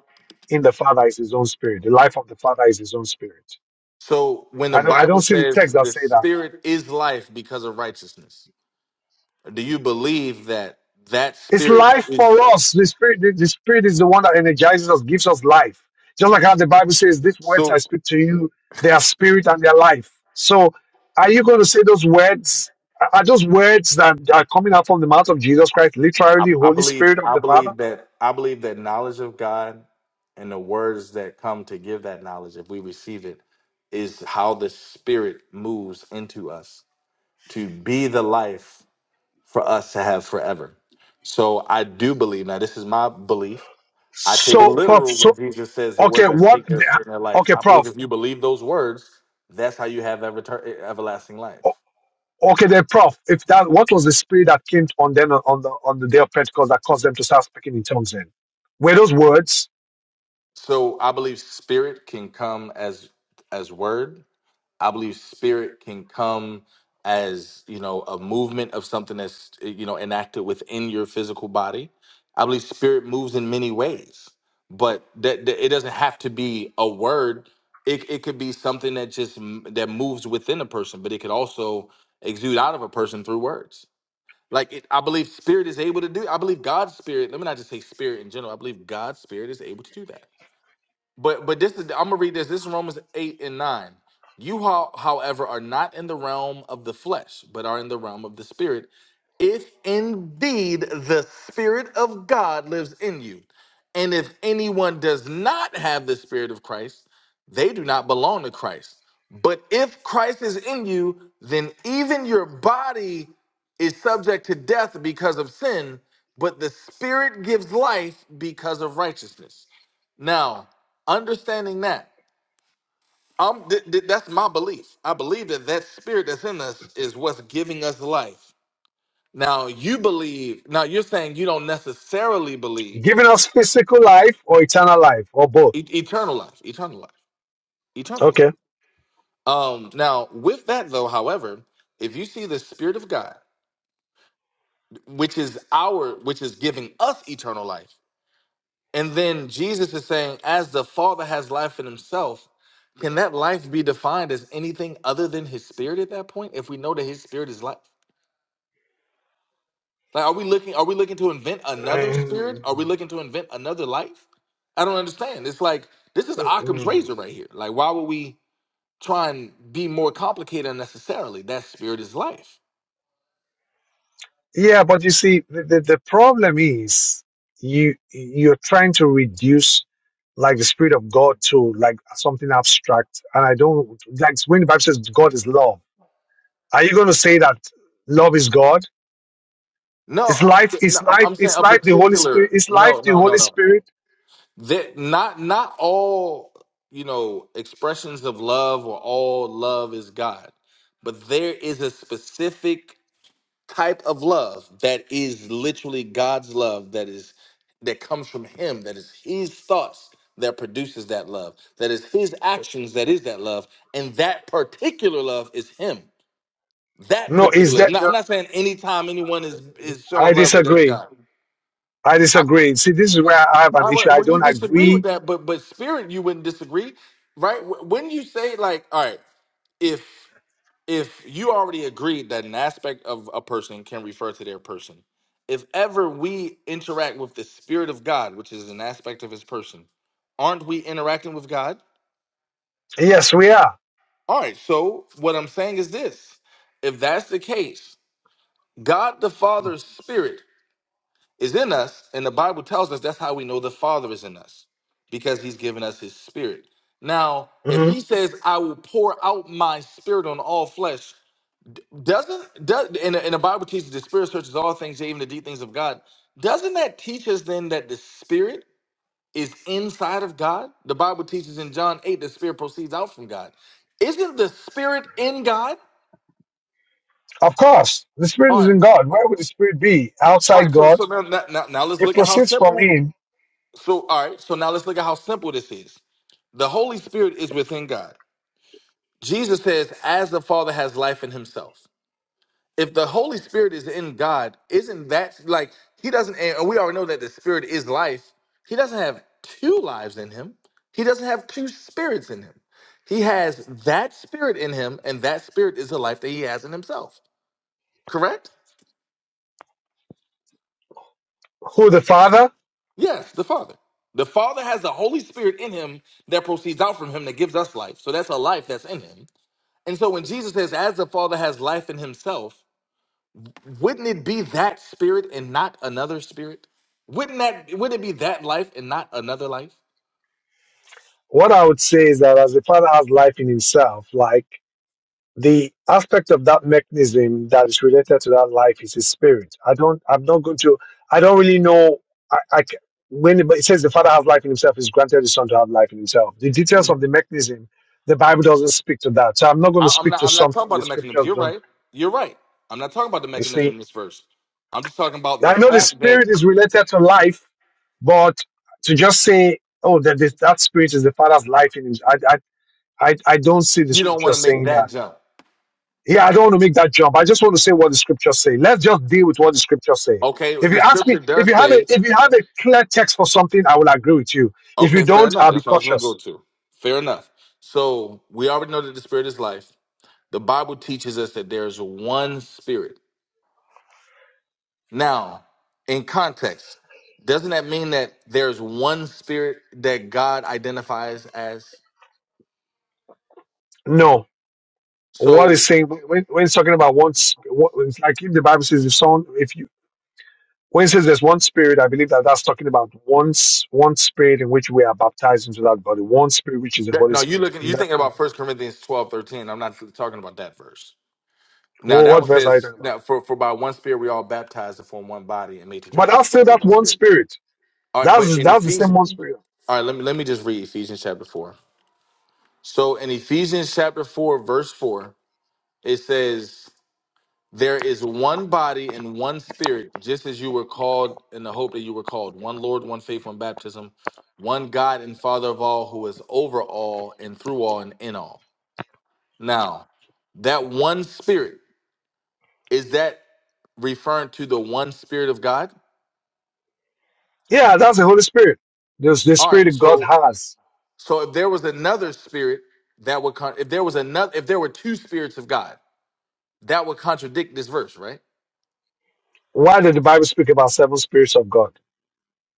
Speaker 1: in the father is his own spirit the life of the father is his own spirit
Speaker 3: So when the
Speaker 1: i don't i
Speaker 3: Bible
Speaker 1: don't see the
Speaker 3: says
Speaker 1: text that
Speaker 3: the
Speaker 1: say that
Speaker 3: spirit is life because of righteousness, do you believe that that
Speaker 1: It's
Speaker 3: spirit
Speaker 1: life for
Speaker 3: is
Speaker 1: us. The spirit, the, the spirit is the one that energizes us, gives us life. Just like how the Bible says, "These words I
Speaker 3: so
Speaker 1: speak to you, they are spirit and they are life." So, are you going to say those words? Are are those words that are coming out from the mouth of Jesus Christ,
Speaker 3: I,
Speaker 1: literally
Speaker 3: I
Speaker 1: Holy
Speaker 3: believe
Speaker 1: Spirit of
Speaker 3: I
Speaker 1: the Father?
Speaker 3: believe that I believe that knowledge of God and the words that come to give that knowledge if we receive it is how the spirit moves into us to be the life for us to have forever. So I do believe now this is my belief I take it
Speaker 1: So, prof,
Speaker 3: literal when
Speaker 1: so
Speaker 3: Jesus says the
Speaker 1: okay,
Speaker 3: words that
Speaker 1: what?
Speaker 3: speak their spirit in their life.
Speaker 1: Okay,
Speaker 3: I believe
Speaker 1: prof.
Speaker 3: if you believe those words, that's how you have ever- everlasting
Speaker 1: O-
Speaker 3: life.
Speaker 1: Okay, then, prof. If that, what was the spirit that came on them on the on the day of Pentecost that caused them to start speaking in tongues? Then, were those words?
Speaker 3: So I believe spirit can come as as word, I believe spirit can come as you know a movement of something that's eh, you know enacted within your physical body. I believe spirit moves in many ways, but that, that it doesn't have to be a word. It, it could be something that just m- that moves within a person, but it could also exude out of a person through words. Like it, I believe spirit is able to do. I believe God's spirit. Let me not just say spirit in general. I believe God's spirit is able to do that. But but this is I'm gonna read this. This is Romans eight and nine. You how, however are not in the realm of the flesh, but are in the realm of the spirit. If indeed the spirit of God lives in you, and if anyone does not have the spirit of Christ, they do not belong to Christ. But if Christ is in you, then even your body is subject to death because of sin, but the spirit gives life because of righteousness. Now, understanding that um th- th- that's my belief i believe that that spirit that's in us is what's giving us life now you believe now you're saying you don't necessarily believe
Speaker 1: Giving us physical life or eternal life or both.
Speaker 3: e- eternal life eternal life eternal
Speaker 1: Okay.
Speaker 3: life um now with that though however if you see the spirit of god which is our which is giving us eternal life and then jesus is saying as the father has life in himself can that life be defined as anything other than his spirit at that point if we know that his spirit is life Like, are we looking? Are we looking to invent another spirit? Are
Speaker 1: Um,
Speaker 3: we looking to invent another life? I don't understand. It's like
Speaker 1: I
Speaker 3: this is
Speaker 1: think,
Speaker 3: Occam's
Speaker 1: mm.
Speaker 3: razor right here. Like, why would we try and be more complicated unnecessarily? That spirit is life.
Speaker 1: Yeah, but you see, the, the, the problem is you you're trying to reduce like the spirit of God to like something abstract, and I don't like when the Bible says God is love. Are you going to say that love is God?
Speaker 3: No,
Speaker 1: It's
Speaker 3: I'm
Speaker 1: life? It's
Speaker 3: no, I'm,
Speaker 1: life?
Speaker 3: I'm saying
Speaker 1: It's
Speaker 3: a
Speaker 1: life the Holy Spirit?
Speaker 3: particular.
Speaker 1: It's life
Speaker 3: No,
Speaker 1: the
Speaker 3: no, no,
Speaker 1: Holy
Speaker 3: no.
Speaker 1: Spirit?
Speaker 3: That not not all you know expressions of love or all love is God, but there is a specific type of love that is literally God's love that is that comes from him that is his thoughts that produces that love that is his actions that is that love and that particular love is him that
Speaker 1: No, is
Speaker 3: particular
Speaker 1: that?
Speaker 3: I'm not, I'm
Speaker 1: no,
Speaker 3: not saying anytime anyone is is
Speaker 1: I
Speaker 3: showing love that there's
Speaker 1: disagree.
Speaker 3: God
Speaker 1: I
Speaker 3: I,
Speaker 1: disagree. See, this is where I have an
Speaker 3: I
Speaker 1: issue.
Speaker 3: well
Speaker 1: I
Speaker 3: well, you
Speaker 1: don't
Speaker 3: disagree
Speaker 1: agree
Speaker 3: with that but but spirit you wouldn't disagree right when you say like all right if if you already agreed that an aspect of a person can refer to their person, if ever we interact with the spirit of God, which is an aspect of his person, aren't we interacting with God?
Speaker 1: Yes, we are.
Speaker 3: All right, so what I'm saying is this. If that's the case, God the Father's spirit is in us, and the Bible tells us that's how we know the Father is in us because he's given us his spirit. Now, if
Speaker 1: hmm
Speaker 3: he says, I will pour out my spirit on all flesh, Doesn't does and, the- and the Bible teaches the Spirit searches all things, even the deep things of God. Doesn't that teach us then that the Spirit is inside of God? The Bible teaches in John 8 the Spirit proceeds out from God. Isn't the Spirit in God?
Speaker 1: Of course, the Spirit
Speaker 3: All
Speaker 1: is
Speaker 3: right.
Speaker 1: in God. Where would the Spirit be?
Speaker 3: All
Speaker 1: Outside
Speaker 3: right. So
Speaker 1: God.
Speaker 3: so now now, now now let's
Speaker 1: It
Speaker 3: look at how
Speaker 1: proceeds from
Speaker 3: simple.
Speaker 1: Him,
Speaker 3: So all right, so now let's look at how simple this is. The Holy Spirit is within God. Jesus says, as the Father has life in himself. if the Holy Spirit is in God, isn't that like he doesn't and we already know that the spirit is life. He doesn't have two lives in him. He doesn't have two spirits in him. He has that spirit in him, and that spirit is the life that he has in himself. Correct?
Speaker 1: who the Father.
Speaker 3: Yes, the Father. The Father has the Holy Spirit in him that proceeds out from him that gives us life. So that's a life that's in him. And so when Jesus says, as the Father has life in himself, wouldn't it be that spirit and not another spirit? Wouldn't that wouldn't it be that life and not another life?
Speaker 1: What I would say is that as the Father has life in Himself, like the aspect of that mechanism that is related to that life is His Spirit. I don't. I'm not going to. I don't really know. I, I ca- when it says the Father has life in Himself, is granted the Son to have life in Himself. The details of the
Speaker 3: Mhm.
Speaker 1: mechanism, the Bible doesn't speak to that. So I'm not going to
Speaker 3: I, I'm
Speaker 1: speak
Speaker 3: not.
Speaker 1: to
Speaker 3: I'm not talking
Speaker 1: something
Speaker 3: about
Speaker 1: the
Speaker 3: the mechanism.
Speaker 1: Scriptures
Speaker 3: You're
Speaker 1: don't.
Speaker 3: right. You're right. I'm not talking about the
Speaker 1: You see.
Speaker 3: mechanism in this verse. I'm just talking about the
Speaker 1: I know the
Speaker 3: fact that
Speaker 1: spirit is related to life, but to just say, oh, that this, that spirit is the father's life in him, I, I, I, I don't see the
Speaker 3: You don't
Speaker 1: scripture
Speaker 3: want to make
Speaker 1: saying
Speaker 3: that
Speaker 1: that.
Speaker 3: jump.
Speaker 1: Yeah, I don't want to make that jump. I just want to say what the scriptures say. Let's just deal with what the scriptures say.
Speaker 3: Okay,
Speaker 1: If you
Speaker 3: the
Speaker 1: ask me,
Speaker 3: scripture
Speaker 1: if you
Speaker 3: does
Speaker 1: have a,
Speaker 3: say,
Speaker 1: if you have a clear text for something, I will agree with you. If you
Speaker 3: okay, fair
Speaker 1: don't,
Speaker 3: enough.
Speaker 1: I'll be
Speaker 3: That's what I was going to go
Speaker 1: cautious.
Speaker 3: to. Fair enough. So we already know that the spirit is life. The Bible teaches us that there is one spirit. Now, in context, doesn't that mean that there's one spirit that God identifies as?
Speaker 1: No, what is
Speaker 3: So,
Speaker 1: saying when, when it's talking about once, what, it's like if the Bible says the son, if you When it says there's one spirit, I believe that that's talking about one, s- one spirit in which we are baptized into that body, one spirit which is the
Speaker 3: that,
Speaker 1: Holy
Speaker 3: no, you
Speaker 1: Spirit
Speaker 3: looking,
Speaker 1: in
Speaker 3: you
Speaker 1: that
Speaker 3: thinking about
Speaker 1: context.
Speaker 3: First Corinthians twelve thirteen. I'm not talking about that verse. Now
Speaker 1: Well,
Speaker 3: that
Speaker 1: what
Speaker 3: one
Speaker 1: verse are you
Speaker 3: says,
Speaker 1: talking about?
Speaker 3: now for, for by one spirit we all baptized to form one body and made to drink
Speaker 1: But
Speaker 3: of the
Speaker 1: that's still
Speaker 3: of the
Speaker 1: that
Speaker 3: one
Speaker 1: one
Speaker 3: spirit.
Speaker 1: spirit.
Speaker 3: All right, but
Speaker 1: That's
Speaker 3: in
Speaker 1: that's the same
Speaker 3: Ephesians,
Speaker 1: one spirit.
Speaker 3: all right, let me let me just read Ephesians chapter four. So in Ephesians chapter four, verse four, it says, There is one body and one spirit, just as you were called in the hope that you were called. One Lord, one faith, one baptism, one God and Father of all, who is over all and through all and in all. Now, that one spirit, is that referring to the one spirit of God?
Speaker 1: Yeah, that's the Holy Spirit. There's the
Speaker 3: All
Speaker 1: spirit
Speaker 3: right,
Speaker 1: that God
Speaker 3: so
Speaker 1: has.
Speaker 3: So if there was another spirit that would con- if there was another if there were two spirits of God, that would contradict this verse, right?
Speaker 1: Why did the Bible speak about seven spirits of God?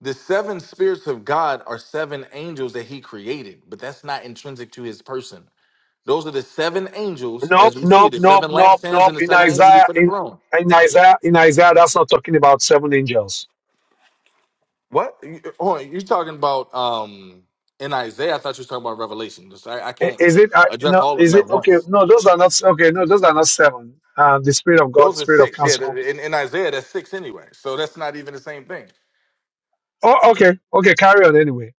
Speaker 3: The seven spirits of God are seven angels that he created, but that's not intrinsic to his person. Those are the seven angels,
Speaker 1: Nope,
Speaker 3: as we see,
Speaker 1: nope,
Speaker 3: the
Speaker 1: nope,
Speaker 3: seven
Speaker 1: nope,
Speaker 3: lampstands
Speaker 1: nope.
Speaker 3: and the
Speaker 1: In
Speaker 3: seven angels
Speaker 1: Isaiah,
Speaker 3: before the
Speaker 1: in,
Speaker 3: throne.
Speaker 1: in Isaiah, in Isaiah, that's not talking about seven angels.
Speaker 3: What? You- Hold on, you're talking about um in Isaiah? I thought you were talking about Revelation. Just- I, I
Speaker 1: I-
Speaker 3: can't
Speaker 1: Is it uh,
Speaker 3: address
Speaker 1: no?
Speaker 3: all of them
Speaker 1: Is it
Speaker 3: at
Speaker 1: okay?
Speaker 3: once.
Speaker 1: No, those are not okay. No, those are not seven. Uh, the spirit of God,
Speaker 3: Those are
Speaker 1: spirit of
Speaker 3: six. Yeah, th-
Speaker 1: counsel.
Speaker 3: in, in Isaiah, that's six anyway. So that's not even the same thing.
Speaker 1: Oh, okay, okay. Carry on anyway.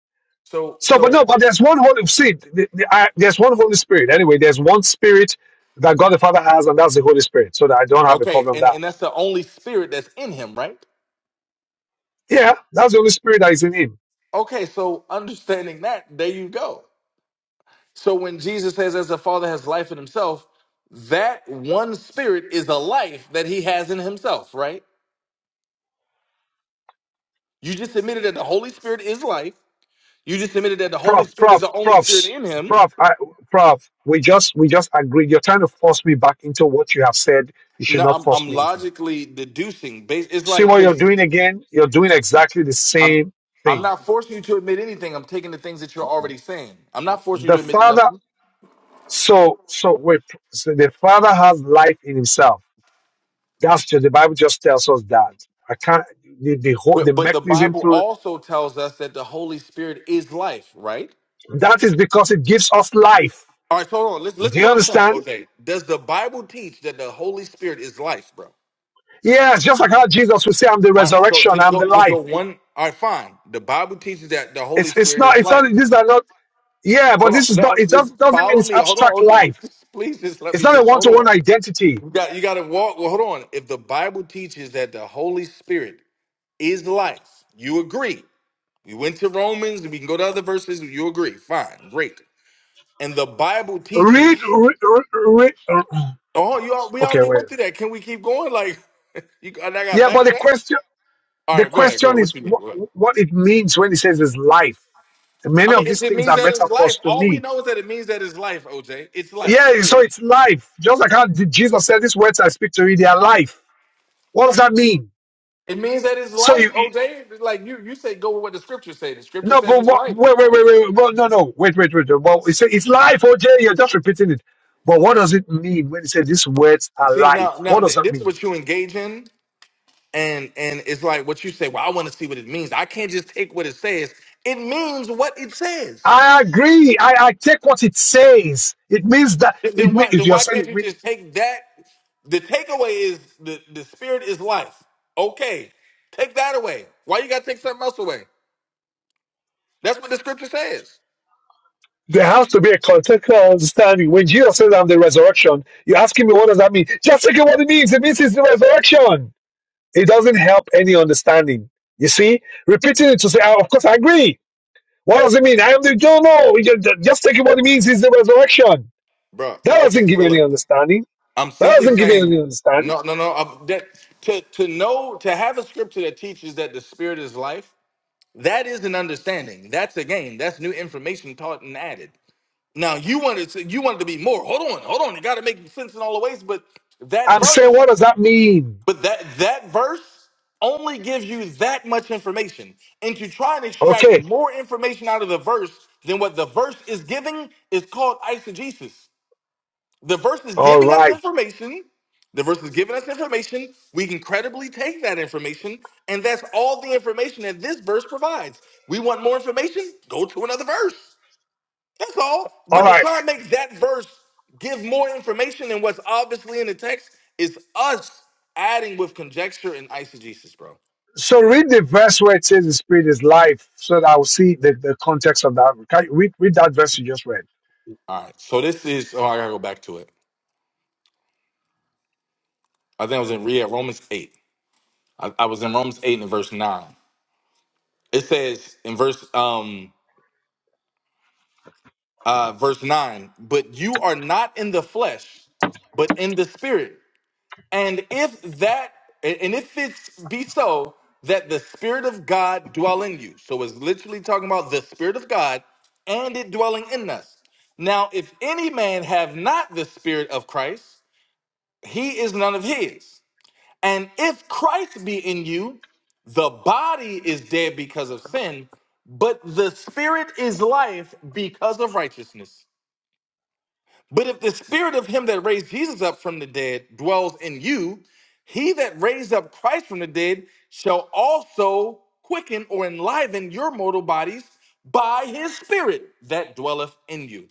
Speaker 3: So
Speaker 1: So, but
Speaker 3: so
Speaker 1: no, but there's one Holy Spirit. The, the, I, there's one Holy Spirit anyway. There's one Spirit that God the Father has, and that's the Holy Spirit. So that I don't have a
Speaker 3: Okay,
Speaker 1: problem with
Speaker 3: and,
Speaker 1: that.
Speaker 3: and that's the only spirit that's in him, right?
Speaker 1: Yeah, that's the Holy Spirit that is in Him.
Speaker 3: Okay, so understanding that, there you go. So when Jesus says, as the Father has life in himself, that one spirit is a life that he has in himself, right? You just admitted that the Holy Spirit is life. You just admitted that the Holy
Speaker 1: Prof,
Speaker 3: Spirit is
Speaker 1: prof,
Speaker 3: the only spirit
Speaker 1: profs,
Speaker 3: in him.
Speaker 1: prof, I, prof. We just we just agreed. You're trying to force me back into what you have said. You should
Speaker 3: No,
Speaker 1: not
Speaker 3: I'm,
Speaker 1: force
Speaker 3: I'm
Speaker 1: me into.
Speaker 3: logically deducing. bas- It's
Speaker 1: See
Speaker 3: like,
Speaker 1: what you're
Speaker 3: because
Speaker 1: doing again? You're doing exactly the
Speaker 3: I'm,
Speaker 1: same
Speaker 3: I'm
Speaker 1: thing.
Speaker 3: not forcing you to admit anything. I'm taking the things that you're already saying. I'm not forcing you
Speaker 1: The
Speaker 3: to admit
Speaker 1: Father,
Speaker 3: nothing.
Speaker 1: so, so wait, so the Father has life in himself. That's just, the Bible just tells us that. I can't, the, the whole, the
Speaker 3: But, but the
Speaker 1: mechanism
Speaker 3: Bible
Speaker 1: through,
Speaker 3: also tells us that the Holy Spirit is life, right?
Speaker 1: that is because it gives us life.
Speaker 3: All right, so hold on. Listen, listen
Speaker 1: Do
Speaker 3: to
Speaker 1: you
Speaker 3: what I'm saying,
Speaker 1: understand?
Speaker 3: Jose. Does the Bible teach that the Holy Spirit is life, bro?
Speaker 1: Yes, just like how Jesus would say, I'm the
Speaker 3: All right, so
Speaker 1: resurrection,
Speaker 3: just
Speaker 1: I'm
Speaker 3: go,
Speaker 1: the
Speaker 3: just go
Speaker 1: life.
Speaker 3: one. All right, fine. The Bible teaches that the Holy
Speaker 1: It's, it's
Speaker 3: Spirit
Speaker 1: not,
Speaker 3: is
Speaker 1: it's not,
Speaker 3: life.
Speaker 1: these are not, yeah, but
Speaker 3: Hold
Speaker 1: this
Speaker 3: on,
Speaker 1: is
Speaker 3: now
Speaker 1: not, it does,
Speaker 3: just
Speaker 1: doesn't mean
Speaker 3: follow
Speaker 1: it's
Speaker 3: me. Hold on,
Speaker 1: abstract
Speaker 3: Jose.
Speaker 1: life.
Speaker 3: Just, please, just let
Speaker 1: It's
Speaker 3: me
Speaker 1: not a
Speaker 3: just hold
Speaker 1: one-to-one
Speaker 3: on.
Speaker 1: identity.
Speaker 3: You got, you got to walk. Well, hold on. If the Bible teaches that the Holy Spirit is life, you agree. We went to Romans, and we can go to other verses. You agree? Fine, great. And the Bible
Speaker 1: Read,
Speaker 3: teaches.
Speaker 1: read, read, read,
Speaker 3: Oh, you al- we
Speaker 1: okay,
Speaker 3: already
Speaker 1: wait.
Speaker 3: went through that. Can we keep going? Like, you and I got
Speaker 1: Yeah, but the
Speaker 3: backtrack.
Speaker 1: question
Speaker 3: All
Speaker 1: the
Speaker 3: right, go ahead. Go
Speaker 1: question
Speaker 3: ahead.
Speaker 1: is
Speaker 3: What you mean?
Speaker 1: what,
Speaker 3: Go ahead.
Speaker 1: what it means when he says it's life.
Speaker 3: I
Speaker 1: Many
Speaker 3: mean,
Speaker 1: of
Speaker 3: it,
Speaker 1: these
Speaker 3: it
Speaker 1: things
Speaker 3: means
Speaker 1: are
Speaker 3: that it's
Speaker 1: metaphors
Speaker 3: life.
Speaker 1: to
Speaker 3: All we
Speaker 1: me.
Speaker 3: know is that it means that it's life, OJ. It's life.
Speaker 1: Yeah, so
Speaker 3: Period.
Speaker 1: it's life. Just like how did Jesus said, "These words I speak to you, they are life." What does that mean?
Speaker 3: It means that it's
Speaker 1: So
Speaker 3: life,
Speaker 1: you, you-
Speaker 3: OJ. Like you, you say, go with what the scripture say. The scripture
Speaker 1: no,
Speaker 3: says
Speaker 1: but
Speaker 3: it's
Speaker 1: what,
Speaker 3: life.
Speaker 1: wait, wait, wait, wait. wait, Well, no, no, wait, wait, wait. wait. Well, it's, it's life, OJ. You're just repeating it. But what does it mean when he said these words are
Speaker 3: See, now,
Speaker 1: life?
Speaker 3: now,
Speaker 1: What does
Speaker 3: th-
Speaker 1: that
Speaker 3: this is
Speaker 1: mean?
Speaker 3: what you engage in, and and it's like what you say. Well, I want to see what it means. I can't just take what it says. It means what it says.
Speaker 1: I agree. I, I take what it says. It means that
Speaker 3: Th-
Speaker 1: it.
Speaker 3: Then why
Speaker 1: means.
Speaker 3: then
Speaker 1: You're
Speaker 3: why
Speaker 1: saying
Speaker 3: can't
Speaker 1: it
Speaker 3: you
Speaker 1: means
Speaker 3: just take that? The takeaway is the, the spirit is life. Okay. Take that away. Why you gotta take something else away? That's what the scripture says.
Speaker 1: There has to be a contextual understanding. When Jesus says, I'm the resurrection, you're asking me, what does that mean? Just look at what it means. It means it's the resurrection. It doesn't help any understanding. You see? Repeating it to say, "Ah, of course, I agree. What does it mean? I am the, no, no. You ju- Just take it what it means is the resurrection.
Speaker 3: Bruh.
Speaker 1: That doesn't
Speaker 3: Okay,
Speaker 1: give you
Speaker 3: so
Speaker 1: any
Speaker 3: look,
Speaker 1: understanding.
Speaker 3: I'm
Speaker 1: That
Speaker 3: simply
Speaker 1: doesn't give you
Speaker 3: saying
Speaker 1: any understanding.
Speaker 3: no, no, no. I'm, that to to know to have a scripture that teaches that the spirit is life, that is an understanding. That's a gain. That's new information taught and added. Now you wanted to you wanted to be more. Hold on, hold on. You got to make sense in all the ways. But that
Speaker 1: I'm saying,
Speaker 3: verse
Speaker 1: what does that mean?
Speaker 3: But that that verse only gives you that much information. And to try and extract
Speaker 1: Okay.
Speaker 3: more information out of the verse than what the verse is giving is called eisegesis. The verse is
Speaker 1: All
Speaker 3: giving us
Speaker 1: right.
Speaker 3: information. The verse is giving us information. We can credibly take that information, and that's all the information that this verse provides. We want more information? Go to another verse. That's all.
Speaker 1: All
Speaker 3: But to
Speaker 1: right.
Speaker 3: try and make that verse give more information than what's obviously in the text is us adding with conjecture and eisegesis, bro.
Speaker 1: So read the verse where it says the spirit is life, so that I'll see the, the context of that. Can you read, read that verse you just read.
Speaker 3: All right. So this is. Oh, I gotta go back to it. I think I was in read Romans eight. I, I was in Romans eight and in verse nine. It says in verse um uh verse nine, but you are not in the flesh, but in the spirit. And if that, and if it be so that the Spirit of God dwell in you, so it's literally talking about the Spirit of God and it dwelling in us. Now, if any man have not the Spirit of Christ, he is none of his. And if Christ be in you, the body is dead because of sin, but the Spirit is life because of righteousness. But if the spirit of him that raised Jesus up from the dead dwells in you, he that raised up Christ from the dead shall also quicken or enliven your mortal bodies by his spirit that dwelleth in you.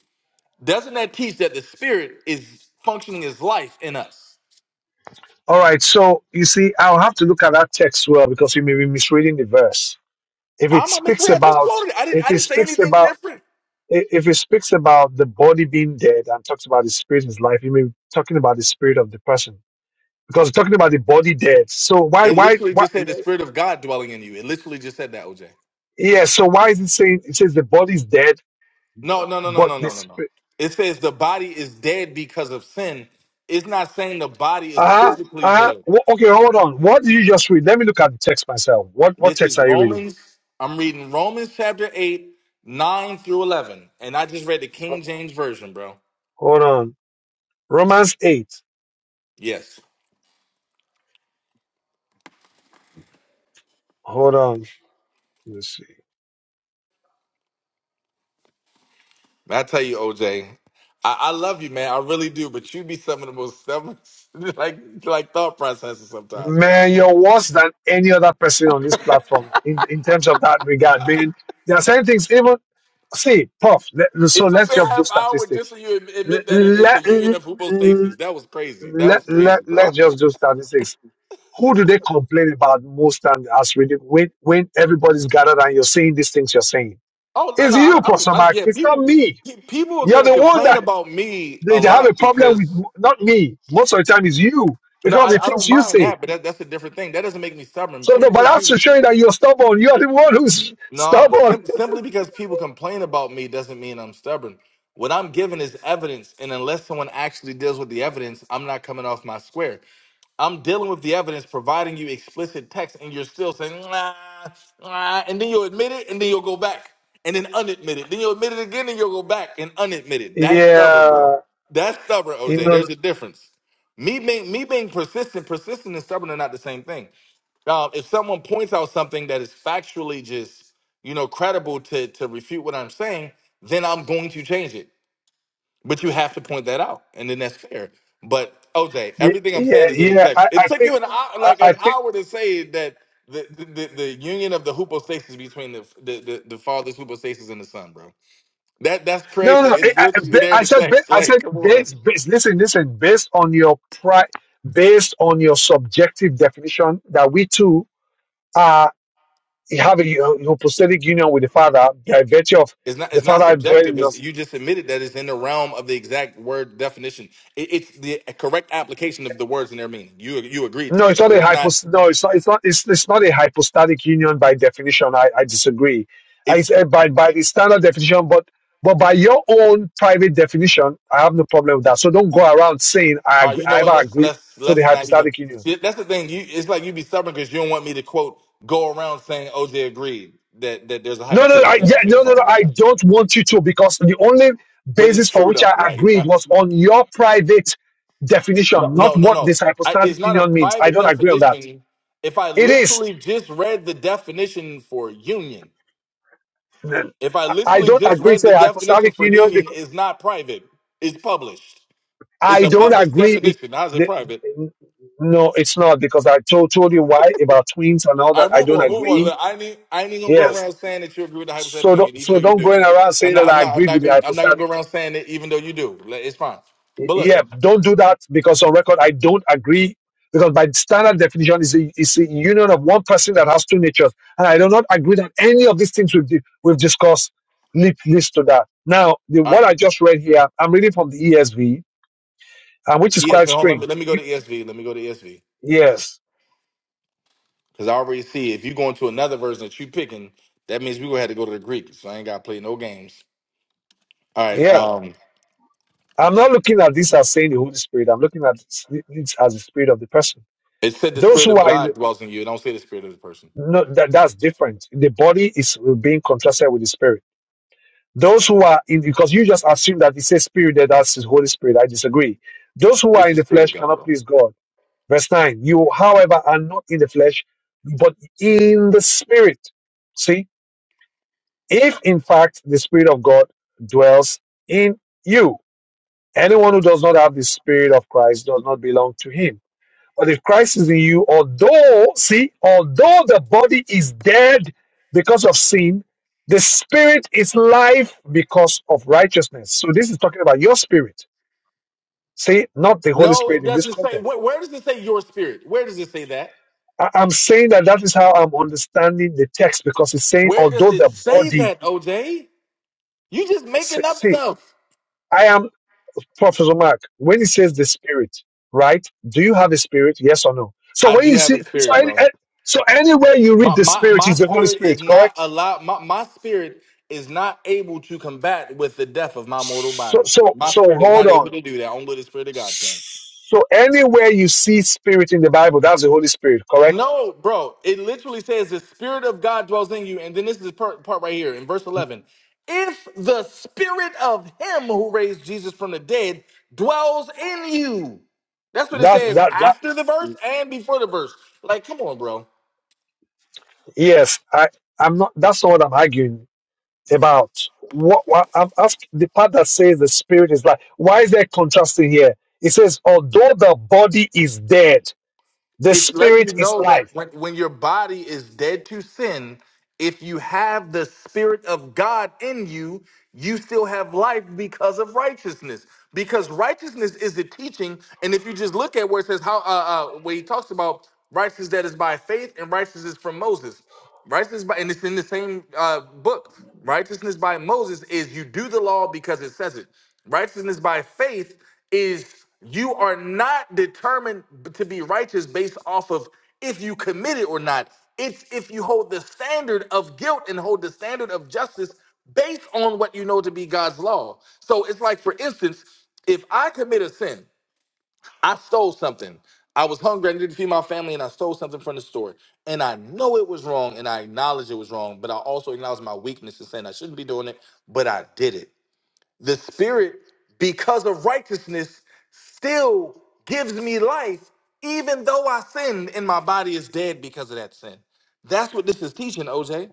Speaker 3: Doesn't that teach that the spirit is functioning as life in us?
Speaker 1: All right, so you see, I'll have to look at that text well because you may be misreading the verse. If it
Speaker 3: I'm not
Speaker 1: speaks
Speaker 3: misread. I just
Speaker 1: about,
Speaker 3: quoted it. I didn't
Speaker 1: if
Speaker 3: I
Speaker 1: it
Speaker 3: didn't say
Speaker 1: speaks
Speaker 3: anything
Speaker 1: about,
Speaker 3: different.
Speaker 1: i- if it speaks about the body being dead and talks about the spirit is life, you may be talking about the spirit of the person because it's talking about the body dead. So why,
Speaker 3: It
Speaker 1: why,
Speaker 3: literally
Speaker 1: why?
Speaker 3: just said the spirit of God dwelling in you. It literally just said that, OJ.
Speaker 1: Yeah, so why is it saying it says the body is dead,
Speaker 3: No, no, no, no,
Speaker 1: but
Speaker 3: no, no, no,
Speaker 1: this?
Speaker 3: no. It says the body is dead because of sin. It's not saying the body is
Speaker 1: Uh-huh.
Speaker 3: physically
Speaker 1: Uh-huh.
Speaker 3: dead.
Speaker 1: Wh- Okay, hold on. What did you just read? Let me look at the text myself. What what
Speaker 3: This
Speaker 1: text
Speaker 3: is
Speaker 1: are you reading?
Speaker 3: Romans. I'm reading Romans chapter 8, 9 through 11. And I just read the
Speaker 1: Ho-
Speaker 3: King James Version, bro.
Speaker 1: Hold on. Romans 8.
Speaker 3: Yes.
Speaker 1: Hold on. Let me see.
Speaker 3: I tell you, OJ, I, I love you, man. I really do. But you be some of the most selfish, like, like thought processes sometimes, bro.
Speaker 1: Man, you're worse than any other person on this platform in, in terms of that regard. Man, there are certain things, even, see, Puff, let- so
Speaker 3: It took
Speaker 1: let's
Speaker 3: me a
Speaker 1: just do
Speaker 3: half hour just
Speaker 1: statistics.
Speaker 3: so you ad-
Speaker 1: Let,
Speaker 3: admit that it- it's a union
Speaker 1: let,
Speaker 3: of hypostasis. That was crazy. That
Speaker 1: let,
Speaker 3: was
Speaker 1: let,
Speaker 3: crazy, bro.
Speaker 1: let's just do statistics. Who do they complain about most times as reading when, when everybody's gathered and you're saying these things you're saying?
Speaker 3: Oh no,
Speaker 1: It's
Speaker 3: no, I,
Speaker 1: you,
Speaker 3: I don't.
Speaker 1: Pastor
Speaker 3: I,
Speaker 1: Mark.
Speaker 3: yeah,
Speaker 1: It's not
Speaker 3: people,
Speaker 1: me.
Speaker 3: pe- people are
Speaker 1: You're
Speaker 3: gonna
Speaker 1: the one
Speaker 3: complain
Speaker 1: that
Speaker 3: about me
Speaker 1: they,
Speaker 3: a
Speaker 1: they have a
Speaker 3: lot
Speaker 1: problem with,
Speaker 3: because
Speaker 1: not me. Most of the time, it's you
Speaker 3: no,
Speaker 1: because the
Speaker 3: I, I
Speaker 1: things
Speaker 3: don't
Speaker 1: you
Speaker 3: mind
Speaker 1: say.
Speaker 3: that, but that, that's a different thing. That doesn't make me stubborn.
Speaker 1: So, the,
Speaker 3: Simply
Speaker 1: but
Speaker 3: because
Speaker 1: that's
Speaker 3: people.
Speaker 1: to show you that you're stubborn. You're the one who's
Speaker 3: No,
Speaker 1: stubborn.
Speaker 3: sim- simply because people complain about me doesn't mean I'm stubborn. What I'm giving is evidence, and unless someone actually deals with the evidence, I'm not coming off my square. I'm dealing with the evidence, providing you explicit text, and you're still saying, nah, nah, and then you'll admit it, and then you'll go back, and then unadmit it. Then you'll admit it again, and you'll go back and unadmit it. That's stubborn, bro.
Speaker 1: Yeah,
Speaker 3: That's stubborn,
Speaker 1: you
Speaker 3: OJ.
Speaker 1: know,
Speaker 3: There's a difference. Me being me being persistent, persistent and stubborn are not the same thing. Um, if someone points out something that is factually just, you know, credible to to refute what I'm saying, then I'm going to change it. But you have to point that out, and then that's fair. But OJ,
Speaker 1: y-
Speaker 3: everything I'm
Speaker 1: yeah,
Speaker 3: saying is in the
Speaker 1: yeah.
Speaker 3: text.
Speaker 1: I,
Speaker 3: It
Speaker 1: I
Speaker 3: took
Speaker 1: think,
Speaker 3: you an hour,
Speaker 1: I,
Speaker 3: like
Speaker 1: I
Speaker 3: an
Speaker 1: think.
Speaker 3: hour, to say that the the, the, the union of the hypostasis between the the, the the father's hypostasis and the son, bro. That that's
Speaker 1: No,
Speaker 3: crazy.
Speaker 1: no.
Speaker 3: It's
Speaker 1: I, I, ba-
Speaker 3: literally there in
Speaker 1: I
Speaker 3: the
Speaker 1: said, ba-
Speaker 3: text.
Speaker 1: I
Speaker 3: Like,
Speaker 1: said,
Speaker 3: come on.
Speaker 1: based, based. Listen, listen. Based on your pri, based on your subjective definition that we too you have a hypostatic union with the Father by virtue of
Speaker 3: It's not.
Speaker 1: the
Speaker 3: It's not
Speaker 1: Father dwelling
Speaker 3: subjective.
Speaker 1: in
Speaker 3: It's,
Speaker 1: us.
Speaker 3: you just admitted that it's in the realm of the exact word definition. It, it's the correct application of the words and their meaning. You you agreed to
Speaker 1: No, it's
Speaker 3: that,
Speaker 1: not a
Speaker 3: so it's not.
Speaker 1: hypost. No, it's not. It's not. It's, it's not a hypostatic union by definition. I, I disagree. I
Speaker 3: It's
Speaker 1: say by by the standard definition, but but by your own private definition, I have no problem with that. So don't go around saying I
Speaker 3: all right.
Speaker 1: agree,
Speaker 3: You know
Speaker 1: I
Speaker 3: what?
Speaker 1: ever
Speaker 3: Let's
Speaker 1: agreed
Speaker 3: let's
Speaker 1: to the
Speaker 3: let's not even.
Speaker 1: hypostatic union.
Speaker 3: See, that's the thing. You it's like you be stubborn because you don't want me to quote go around saying OJ agreed that that there's a
Speaker 1: No, no,
Speaker 3: hypothetical
Speaker 1: I, yeah,
Speaker 3: agreement between
Speaker 1: no, no, no.
Speaker 3: father and
Speaker 1: I
Speaker 3: son.
Speaker 1: don't want you to because the only
Speaker 3: But it's
Speaker 1: basis for
Speaker 3: true
Speaker 1: which I
Speaker 3: though. Like
Speaker 1: agreed was on your private
Speaker 3: no
Speaker 1: definition, not
Speaker 3: no no
Speaker 1: what this
Speaker 3: no. I,
Speaker 1: hypostatic
Speaker 3: it's not a
Speaker 1: union means. I
Speaker 3: private
Speaker 1: don't agree on that.
Speaker 3: definition. If I
Speaker 1: It is.
Speaker 3: literally just read the definition for union. If I
Speaker 1: I
Speaker 3: literally
Speaker 1: don't
Speaker 3: just
Speaker 1: agree
Speaker 3: read
Speaker 1: to
Speaker 3: the
Speaker 1: a
Speaker 3: definition
Speaker 1: hypostatic
Speaker 3: for
Speaker 1: union
Speaker 3: union,
Speaker 1: because
Speaker 3: it's not private. It's published. It's
Speaker 1: I
Speaker 3: a
Speaker 1: don't
Speaker 3: published
Speaker 1: agree. be-
Speaker 3: definition. How's it
Speaker 1: the,
Speaker 3: private?
Speaker 1: no, it's not because I told, told you why about twins and all
Speaker 3: I
Speaker 1: that. I
Speaker 3: move
Speaker 1: don't
Speaker 3: on, move on.
Speaker 1: agree.
Speaker 3: Look, I ain't I ain't even gonna go
Speaker 1: Yes.
Speaker 3: around saying that you agree with the
Speaker 1: So
Speaker 3: hypothetical
Speaker 1: don't,
Speaker 3: union, even
Speaker 1: so
Speaker 3: though you
Speaker 1: don't go
Speaker 3: do.
Speaker 1: in around
Speaker 3: I'm
Speaker 1: saying
Speaker 3: not
Speaker 1: that
Speaker 3: I'm
Speaker 1: I
Speaker 3: not I'm
Speaker 1: agreed with
Speaker 3: not
Speaker 1: the
Speaker 3: gonna I'm not gonna
Speaker 1: hypostatic
Speaker 3: go around saying it even though you do. Like, It's fine. But look,
Speaker 1: yeah, don't do that because on record I don't agree because by standard definition is a, is a union of one person that has two natures, and I do not agree that any of these things we've di- we've discussed lead, leads to that. Now, the
Speaker 3: all
Speaker 1: what
Speaker 3: right,
Speaker 1: I just read here, I'm reading from the ESV, and
Speaker 3: from
Speaker 1: which is
Speaker 3: ESV,
Speaker 1: quite
Speaker 3: hold on, let me,
Speaker 1: strange.
Speaker 3: let me go
Speaker 1: You-
Speaker 3: to ESV. Let me go to ESV.
Speaker 1: yes,
Speaker 3: Because I already see if you go into another version that you picking, that means we gonna have to go to the Greek. So I ain't gotta play no games. All right.
Speaker 1: yeah.
Speaker 3: Um
Speaker 1: I'm not looking at this as saying the Holy Spirit. I'm looking at this this as the spirit of the person.
Speaker 3: it said the
Speaker 1: Those
Speaker 3: spirit
Speaker 1: who
Speaker 3: of
Speaker 1: are in
Speaker 3: God
Speaker 1: the,
Speaker 3: dwells in you. It Don't say the spirit of the person.
Speaker 1: no, that, that's different. The body is being contrasted with the spirit Those who are in, because you just assume that it says spirit there, that's his Holy Spirit. I disagree. Those who are
Speaker 3: It's
Speaker 1: in
Speaker 3: the
Speaker 1: the
Speaker 3: spirit of
Speaker 1: flesh
Speaker 3: God,
Speaker 1: cannot
Speaker 3: bro.
Speaker 1: please God. Verse 9, you, however, are not in the flesh, but in the spirit. See, if in fact the spirit of God dwells in you, anyone who does not have the spirit of Christ does not belong to him. But if Christ is in you, although, see, although the body is dead because of sin, the spirit is life because of righteousness. So this is talking about your spirit, see, not the Holy
Speaker 3: No,
Speaker 1: Spirit
Speaker 3: it
Speaker 1: in this
Speaker 3: doesn't say.
Speaker 1: context.
Speaker 3: Where, where does it say your spirit? Where does it say that?
Speaker 1: I- I'm saying that that is how I'm understanding the text because it's saying,
Speaker 3: Where does
Speaker 1: although
Speaker 3: it
Speaker 1: the
Speaker 3: say
Speaker 1: body,
Speaker 3: that, OJ? You just
Speaker 1: see,
Speaker 3: making up
Speaker 1: see,
Speaker 3: stuff.
Speaker 1: I am Professor Mark. When it says the spirit, right? Do you have a spirit? Yes or no? So
Speaker 3: I
Speaker 1: when
Speaker 3: do
Speaker 1: you
Speaker 3: have a
Speaker 1: see, so,
Speaker 3: spirit,
Speaker 1: any,
Speaker 3: bro.
Speaker 1: eh, so anywhere you
Speaker 3: My
Speaker 1: read the
Speaker 3: my
Speaker 1: spirit
Speaker 3: my
Speaker 1: is the Holy
Speaker 3: spirit
Speaker 1: Spirit,
Speaker 3: is not
Speaker 1: correct?
Speaker 3: allowed. My my spirit is not able to combat with the death of my mortal
Speaker 1: So,
Speaker 3: body.
Speaker 1: so,
Speaker 3: My
Speaker 1: so
Speaker 3: spirit is
Speaker 1: hold
Speaker 3: not able
Speaker 1: on.
Speaker 3: to do that. Only the spirit of God can.
Speaker 1: So anywhere you see spirit in the Bible, that's the Holy Spirit, correct?
Speaker 3: No, bro. It literally says the Spirit of God dwells in you. And then this is the part, part right here in verse 11. If the Spirit of Him who raised Jesus from the dead dwells in you. That's what it
Speaker 1: That,
Speaker 3: says
Speaker 1: that, that.
Speaker 3: after the verse and before the verse. Like, come on, bro.
Speaker 1: Yes, I, I'm not. That's not what I'm arguing about. What, what I'm asking the part that says the spirit is life. Why is there contrasting here? It says, although the body is dead, the
Speaker 3: It's letting
Speaker 1: spirit
Speaker 3: you
Speaker 1: is
Speaker 3: know that
Speaker 1: life.
Speaker 3: when, when your body is dead to sin, if you have the Spirit of God in you, you still have life because of righteousness. Because righteousness is the teaching. And if you just look at where it says, how, uh, uh, where he talks about righteousness that is by faith and righteousness from Moses, righteousness by, and it's in the same uh, book, righteousness by Moses is you do the law because it says it. Righteousness by faith is you are not determined b- to be righteous based off of if you commit it or not. It's if you hold the standard of guilt and hold the standard of justice based on what you know to be God's law. So it's like, for instance, if I commit a sin, I stole something. I was hungry, I needed to feed my family, and I stole something from the store. And I know it was wrong, and I acknowledge it was wrong, but I also acknowledge my weakness and saying I shouldn't be doing it, but I did it. The Spirit, because of righteousness, still gives me life, even though I sinned and my body is dead because of that sin. That's what this is teaching, OJ.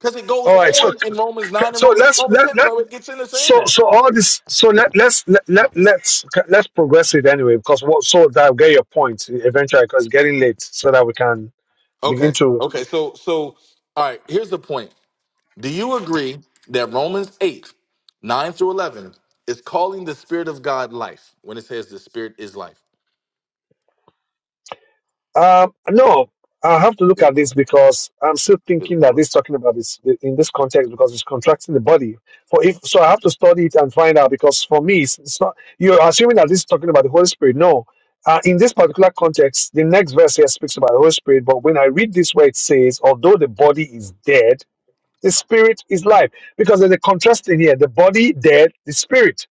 Speaker 3: Because it
Speaker 1: All
Speaker 3: goes
Speaker 1: right. So,
Speaker 3: on in Romans 9 and
Speaker 1: so
Speaker 3: Romans,
Speaker 1: let's
Speaker 3: Romans
Speaker 1: let,
Speaker 3: 10,
Speaker 1: let
Speaker 3: so it gets into saying
Speaker 1: So,
Speaker 3: that.
Speaker 1: so all this. So let let's let, let let's let's progress it anyway, because what? So that I'll get your point eventually, because it's getting late, so that we can begin
Speaker 3: Okay.
Speaker 1: to.
Speaker 3: Okay. So, so, all right, here's the point. Do you agree that Romans 8, 9 through 11 is calling the Spirit of God life when it says the Spirit is life?
Speaker 1: Um, no, I have to look
Speaker 3: Good
Speaker 1: at this
Speaker 3: Lord.
Speaker 1: because I'm still
Speaker 3: Good
Speaker 1: thinking that
Speaker 3: Lord.
Speaker 1: this talking about this in this context because it's contracting the body. For if so, I have to study it and find out because for me, it's, it's not. You're assuming that this is talking about the Holy Spirit. No. Uh, in this particular context, the next verse here speaks about the Holy Spirit, but when I read this where it says, although the body is dead, The spirit is life. Because there's a contrast in here. The body dead, the spirit.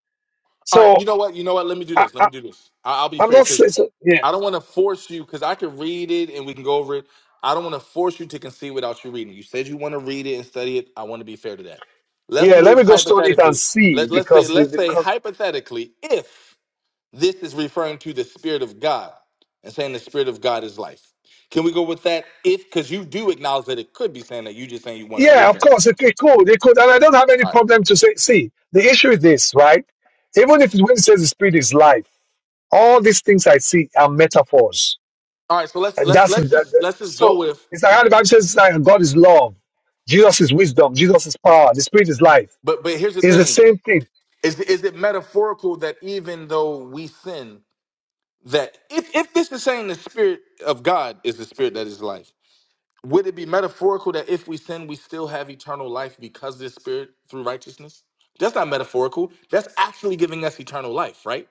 Speaker 3: All right, you
Speaker 1: So
Speaker 3: know what? You know what? Let me do
Speaker 1: I,
Speaker 3: this. Let
Speaker 1: I,
Speaker 3: me do this. I- I'll be
Speaker 1: I'm
Speaker 3: fair
Speaker 1: not
Speaker 3: because
Speaker 1: saying, so, yeah.
Speaker 3: I don't want to force you because I can read it and we can go over it. I don't want to force you to concede without you reading. You said you want to read it and study it. I want to be fair to that. Let's
Speaker 1: Yeah, let
Speaker 3: move
Speaker 1: me go study it and
Speaker 3: hypothetically.
Speaker 1: see
Speaker 3: Let, let's say
Speaker 1: because the,
Speaker 3: let's
Speaker 1: the
Speaker 3: say
Speaker 1: con-
Speaker 3: hypothetically if this is referring to the spirit of God and saying the spirit of God is life. Can we go with that if because you do acknowledge that it could be saying that you just saying you want to
Speaker 1: yeah,
Speaker 3: look
Speaker 1: of
Speaker 3: at. it.
Speaker 1: course, okay, cool, they could, and I don't have any
Speaker 3: All right.
Speaker 1: problem to say. See, the issue is this, right? Even if it- when it says the spirit is life, all these things I see are metaphors,
Speaker 3: All right, so let's
Speaker 1: and
Speaker 3: let's
Speaker 1: that's
Speaker 3: let's
Speaker 1: that,
Speaker 3: just
Speaker 1: that-
Speaker 3: let's just go
Speaker 1: so.
Speaker 3: with
Speaker 1: It's like how the Bible says, it's like God is love, Jesus is wisdom, Jesus is power, the spirit is life.
Speaker 3: but but here's the
Speaker 1: It's the
Speaker 3: thing.
Speaker 1: same thing.
Speaker 3: Is is it metaphorical that even though we sin, that if if this is saying the spirit of God is the spirit that is life, would it be metaphorical that if we sin, we still have eternal life because this spirit through righteousness? That's not metaphorical. That's actually giving us eternal life, right?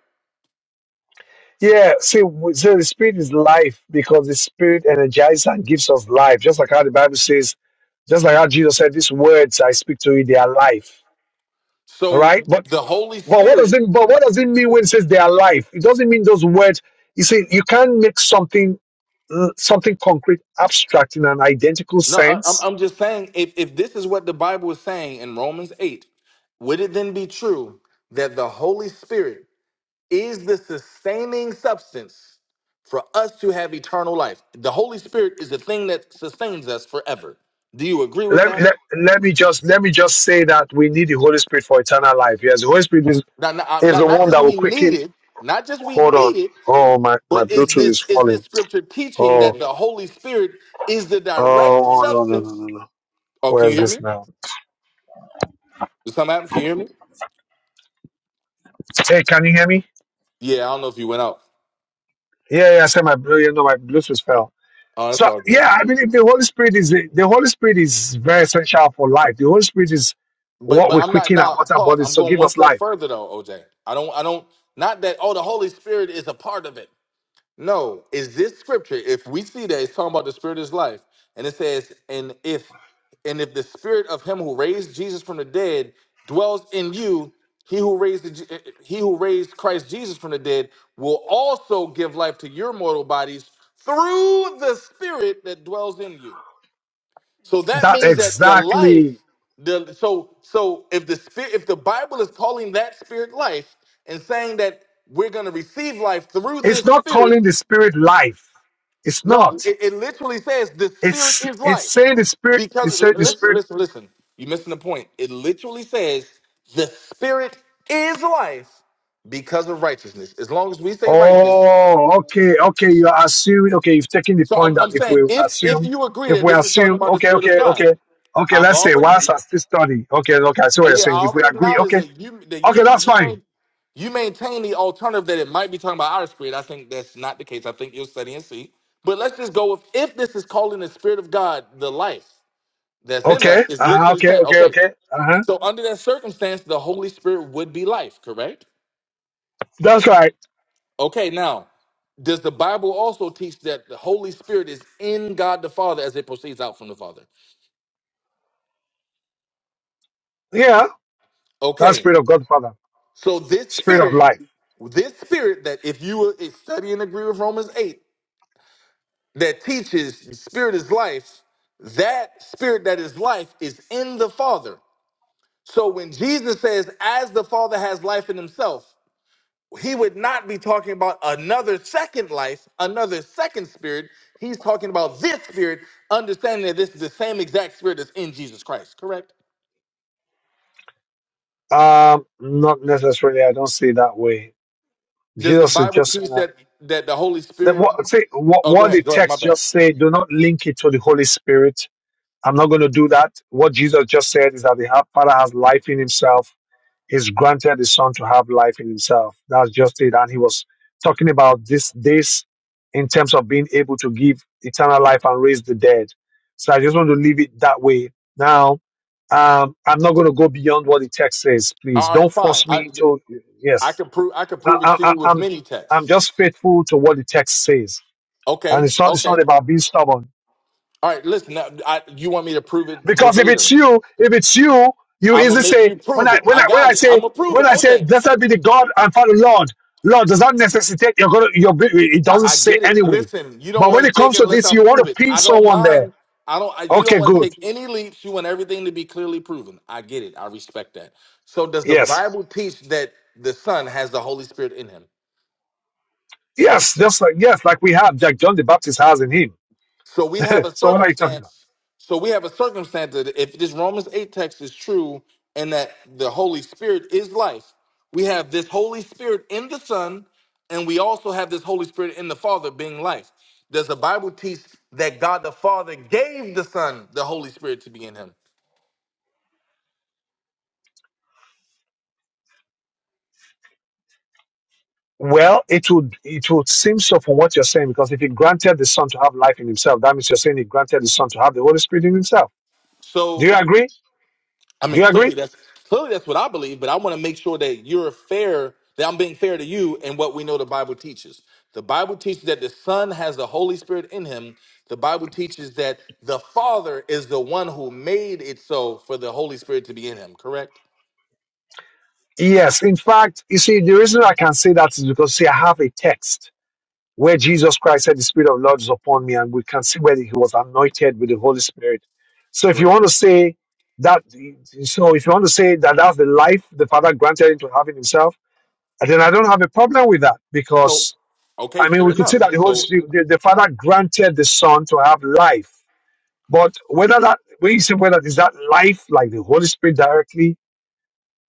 Speaker 1: Yeah, see, w- so the spirit is life because the spirit energizes and gives us life. Just like how the Bible says, just like how Jesus said, "These words I speak to you, they are life." All
Speaker 3: So
Speaker 1: right, but
Speaker 3: the Holy
Speaker 1: but what does
Speaker 3: Spirit.
Speaker 1: it but what does it mean when it says they are life? It doesn't mean those words. You see, you can't make something uh, something concrete abstract in an identical
Speaker 3: No, I, I'm
Speaker 1: sense.
Speaker 3: I'm just saying if if this is what the Bible is saying in Romans eight, would it then be true that the Holy Spirit is the sustaining substance for us to have eternal life. The Holy Spirit is the thing that sustains us forever. Do you agree with
Speaker 1: Let,
Speaker 3: that?
Speaker 1: let, let me just let me just say that we need the Holy Spirit for eternal life. Yes, the Holy Spirit is,
Speaker 3: Now, now, I'm
Speaker 1: is the
Speaker 3: not, not
Speaker 1: one
Speaker 3: just
Speaker 1: that will
Speaker 3: we need
Speaker 1: quicken.
Speaker 3: it, not just we
Speaker 1: Hold
Speaker 3: need
Speaker 1: on.
Speaker 3: it,
Speaker 1: Oh my, my
Speaker 3: but is
Speaker 1: Bluetooth
Speaker 3: this
Speaker 1: is
Speaker 3: is
Speaker 1: falling.
Speaker 3: this scripture teaching
Speaker 1: Oh,
Speaker 3: that the Holy Spirit is the direct
Speaker 1: oh, no, no, no, no,
Speaker 3: substance?
Speaker 1: no.
Speaker 3: Oh, can
Speaker 1: Where's
Speaker 3: you hear
Speaker 1: this
Speaker 3: me?
Speaker 1: now?
Speaker 3: Did something happen? Can you hear me?
Speaker 1: Hey, can you hear me?
Speaker 3: Yeah, I don't know if you went out.
Speaker 1: Yeah, yeah. I said my, you know, my Bluetooth fell.
Speaker 3: Oh, that's
Speaker 1: So
Speaker 3: all good.
Speaker 1: yeah, I believe the Holy Spirit is the Holy Spirit is very essential for life. The Holy Spirit is
Speaker 3: But
Speaker 1: what
Speaker 3: but
Speaker 1: we
Speaker 3: I'm not
Speaker 1: quicken and
Speaker 3: now. Nah,
Speaker 1: what our mortal
Speaker 3: pause.
Speaker 1: bodies.
Speaker 3: I'm
Speaker 1: So
Speaker 3: going
Speaker 1: give
Speaker 3: one
Speaker 1: us
Speaker 3: step
Speaker 1: life.
Speaker 3: further though, OJ. I don't I don't not that. Oh, the Holy Spirit is a part of it. No, is this scripture? If we see that it's talking about the spirit is life, and it says, and if and if the spirit of him who raised Jesus from the dead dwells in you, he who raised the, Je- he who raised Christ Jesus from the dead will also give life to your mortal bodies through the spirit that dwells in you. So that
Speaker 1: That
Speaker 3: means that the life,
Speaker 1: exactly.
Speaker 3: the so so if the spirit, if the Bible is calling that spirit life and saying that we're going to receive life through
Speaker 1: It's
Speaker 3: this
Speaker 1: not
Speaker 3: spirit,
Speaker 1: calling the Spirit life. It's
Speaker 3: no,
Speaker 1: not.
Speaker 3: it, it literally says the spirit
Speaker 1: It's
Speaker 3: is
Speaker 1: it's
Speaker 3: life.
Speaker 1: saying the Spirit.
Speaker 3: Because
Speaker 1: It's
Speaker 3: l-
Speaker 1: saying the
Speaker 3: listen,
Speaker 1: Spirit.
Speaker 3: listen, listen. You're missing the point. It literally says the spirit is life because of righteousness. As long as we say righteous.
Speaker 1: Oh, okay, okay. You are assuming. Okay, you've taken the
Speaker 3: So
Speaker 1: point
Speaker 3: I'm,
Speaker 1: that
Speaker 3: I'm
Speaker 1: if
Speaker 3: saying
Speaker 1: we
Speaker 3: if if
Speaker 1: assume,
Speaker 3: you agree
Speaker 1: if
Speaker 3: that
Speaker 1: we
Speaker 3: this is talking
Speaker 1: assume,
Speaker 3: about the
Speaker 1: okay,
Speaker 3: spirit of
Speaker 1: okay,
Speaker 3: God,
Speaker 1: okay, okay.
Speaker 3: I've
Speaker 1: Let's say
Speaker 3: already
Speaker 1: whilst I still study. Okay, okay. I see what
Speaker 3: uh,
Speaker 1: you're
Speaker 3: yeah, I
Speaker 1: saying. If we
Speaker 3: already
Speaker 1: agree,
Speaker 3: acknowledge
Speaker 1: okay,
Speaker 3: that you that you
Speaker 1: okay, that's
Speaker 3: you
Speaker 1: fine.
Speaker 3: may you maintain the alternative that it might be talking about our spirit. I think that's not the case. I think you'll study and see. But let's just go with if this is calling the spirit of God the life. that's in
Speaker 1: Okay,
Speaker 3: us is
Speaker 1: uh-huh,
Speaker 3: literally
Speaker 1: okay,
Speaker 3: saying,
Speaker 1: okay,
Speaker 3: okay,
Speaker 1: okay. Uh-huh.
Speaker 3: so under that circumstance, the Holy Spirit would be life, correct?
Speaker 1: That's right.
Speaker 3: Okay, now, does the Bible also teach that the Holy Spirit is in God the Father as it proceeds out from the Father?
Speaker 1: Yeah, that's
Speaker 3: Okay,
Speaker 1: spirit of Godfather,
Speaker 3: so this
Speaker 1: spirit of
Speaker 3: spirit,
Speaker 1: life.
Speaker 3: this spirit that if you were- if study and agree with Romans 8, that teaches spirit is life, that spirit that is life is in the Father. So when Jesus says, as the Father has life in himself, he would not be talking about another second life, another second spirit. He's talking about this spirit, understanding that this is the same exact spirit that's in Jesus Christ, correct?
Speaker 1: Um, not necessarily. I don't see it that way.
Speaker 3: Does the
Speaker 1: Jesus is
Speaker 3: Bible
Speaker 1: just saying
Speaker 3: teach
Speaker 1: that.
Speaker 3: that that the Holy
Speaker 1: that
Speaker 3: Spirit
Speaker 1: what, see, what,
Speaker 3: Oh, go
Speaker 1: what the
Speaker 3: ahead. Go ahead. My
Speaker 1: text
Speaker 3: bad.
Speaker 1: just say. Do not link it to the Holy Spirit I'm not going to do that. What Jesus just said is that the ha- Father has life in himself. He's granted the Son to have life in himself. That's just it. And he was talking about this, this in terms of being able to give eternal life and raise the dead. So I just want to leave it that way. Now, um, I'm not going
Speaker 3: So,
Speaker 1: to go beyond what the text says. Please
Speaker 3: all right,
Speaker 1: don't
Speaker 3: fine.
Speaker 1: force
Speaker 3: I
Speaker 1: me into,
Speaker 3: I
Speaker 1: yes,
Speaker 3: can prove I can
Speaker 1: I,
Speaker 3: prove it
Speaker 1: I,
Speaker 3: to you
Speaker 1: I-
Speaker 3: with
Speaker 1: I'm,
Speaker 3: many
Speaker 1: I'm
Speaker 3: texts.
Speaker 1: just faithful to what the text says. And
Speaker 3: Okay.
Speaker 1: it's not, it's not
Speaker 3: Okay.
Speaker 1: about being stubborn.
Speaker 3: All right, listen. Now, I, you want me to prove it
Speaker 1: Because if it's
Speaker 3: verbatim?
Speaker 1: you, if it's you, you
Speaker 3: I'm gonna
Speaker 1: easily
Speaker 3: make
Speaker 1: say
Speaker 3: you
Speaker 1: when
Speaker 3: prove
Speaker 1: I
Speaker 3: it.
Speaker 1: when
Speaker 3: I
Speaker 1: I when
Speaker 3: got
Speaker 1: I
Speaker 3: it. I'm
Speaker 1: say
Speaker 3: gonna prove
Speaker 1: when
Speaker 3: it.
Speaker 1: I say
Speaker 3: OJ.
Speaker 1: blessed be the God and Father Lord, Lord does not necessitate you're gonna you're be- it
Speaker 3: I,
Speaker 1: doesn't
Speaker 3: I
Speaker 1: say
Speaker 3: get it.
Speaker 1: anyway.
Speaker 3: Listen, you don't
Speaker 1: But
Speaker 3: want
Speaker 1: when
Speaker 3: to
Speaker 1: it
Speaker 3: take
Speaker 1: comes
Speaker 3: it
Speaker 1: to
Speaker 3: unless
Speaker 1: this,
Speaker 3: I
Speaker 1: you want to
Speaker 3: prove it.
Speaker 1: pin
Speaker 3: I don't
Speaker 1: someone there.
Speaker 3: mind. I don't. I, you don't
Speaker 1: Okay,
Speaker 3: want to
Speaker 1: good.
Speaker 3: take any leaps. You want everything to be clearly proven. I get it. I respect that. So, does the
Speaker 1: Yes.
Speaker 3: Bible teach that the Son has the Holy Spirit in him?
Speaker 1: Yes, just like yes, like we have like John the Baptist has in him.
Speaker 3: So we have a
Speaker 1: So what are you talking about?
Speaker 3: circumstance. So we have a circumstance that if this Romans 8 text is true and that the Holy Spirit is life, we have this Holy Spirit in the Son, and we also have this Holy Spirit in the Father being life. Does the Bible teach that God the Father gave the Son the Holy Spirit to be in him?
Speaker 1: Well, it would it would seem so from what you're saying, because if he granted the Son to have life in himself, that means you're saying he granted the Son to have the Holy Spirit in himself. Do
Speaker 3: So
Speaker 1: you agree?
Speaker 3: I
Speaker 1: Do
Speaker 3: mean,
Speaker 1: you agree?
Speaker 3: clearly that's clearly that's what I believe, but I want to make sure that you're fair, that I'm being fair to you and what we know the Bible teaches. The Bible teaches that the Son has the Holy Spirit in him. The Bible teaches that the Father is the one who made it so for the Holy Spirit to be in him, correct?
Speaker 1: Yes, in fact, you see, the reason I can say that is because, see, I have a text where Jesus Christ said, The Spirit of the Lord is upon me, and we can see where he was anointed with the Holy Spirit. So, if you want to say that, so if you want to say that that's the life the Father granted him to have in himself, then I don't have a problem with that
Speaker 3: So,
Speaker 1: because,
Speaker 3: okay,
Speaker 1: I mean,
Speaker 3: fair
Speaker 1: we could say that
Speaker 3: enough.
Speaker 1: the Holy
Speaker 3: So
Speaker 1: Spirit, the, the Father granted the Son to have life. But whether that, when you say whether is that life like the Holy Spirit directly,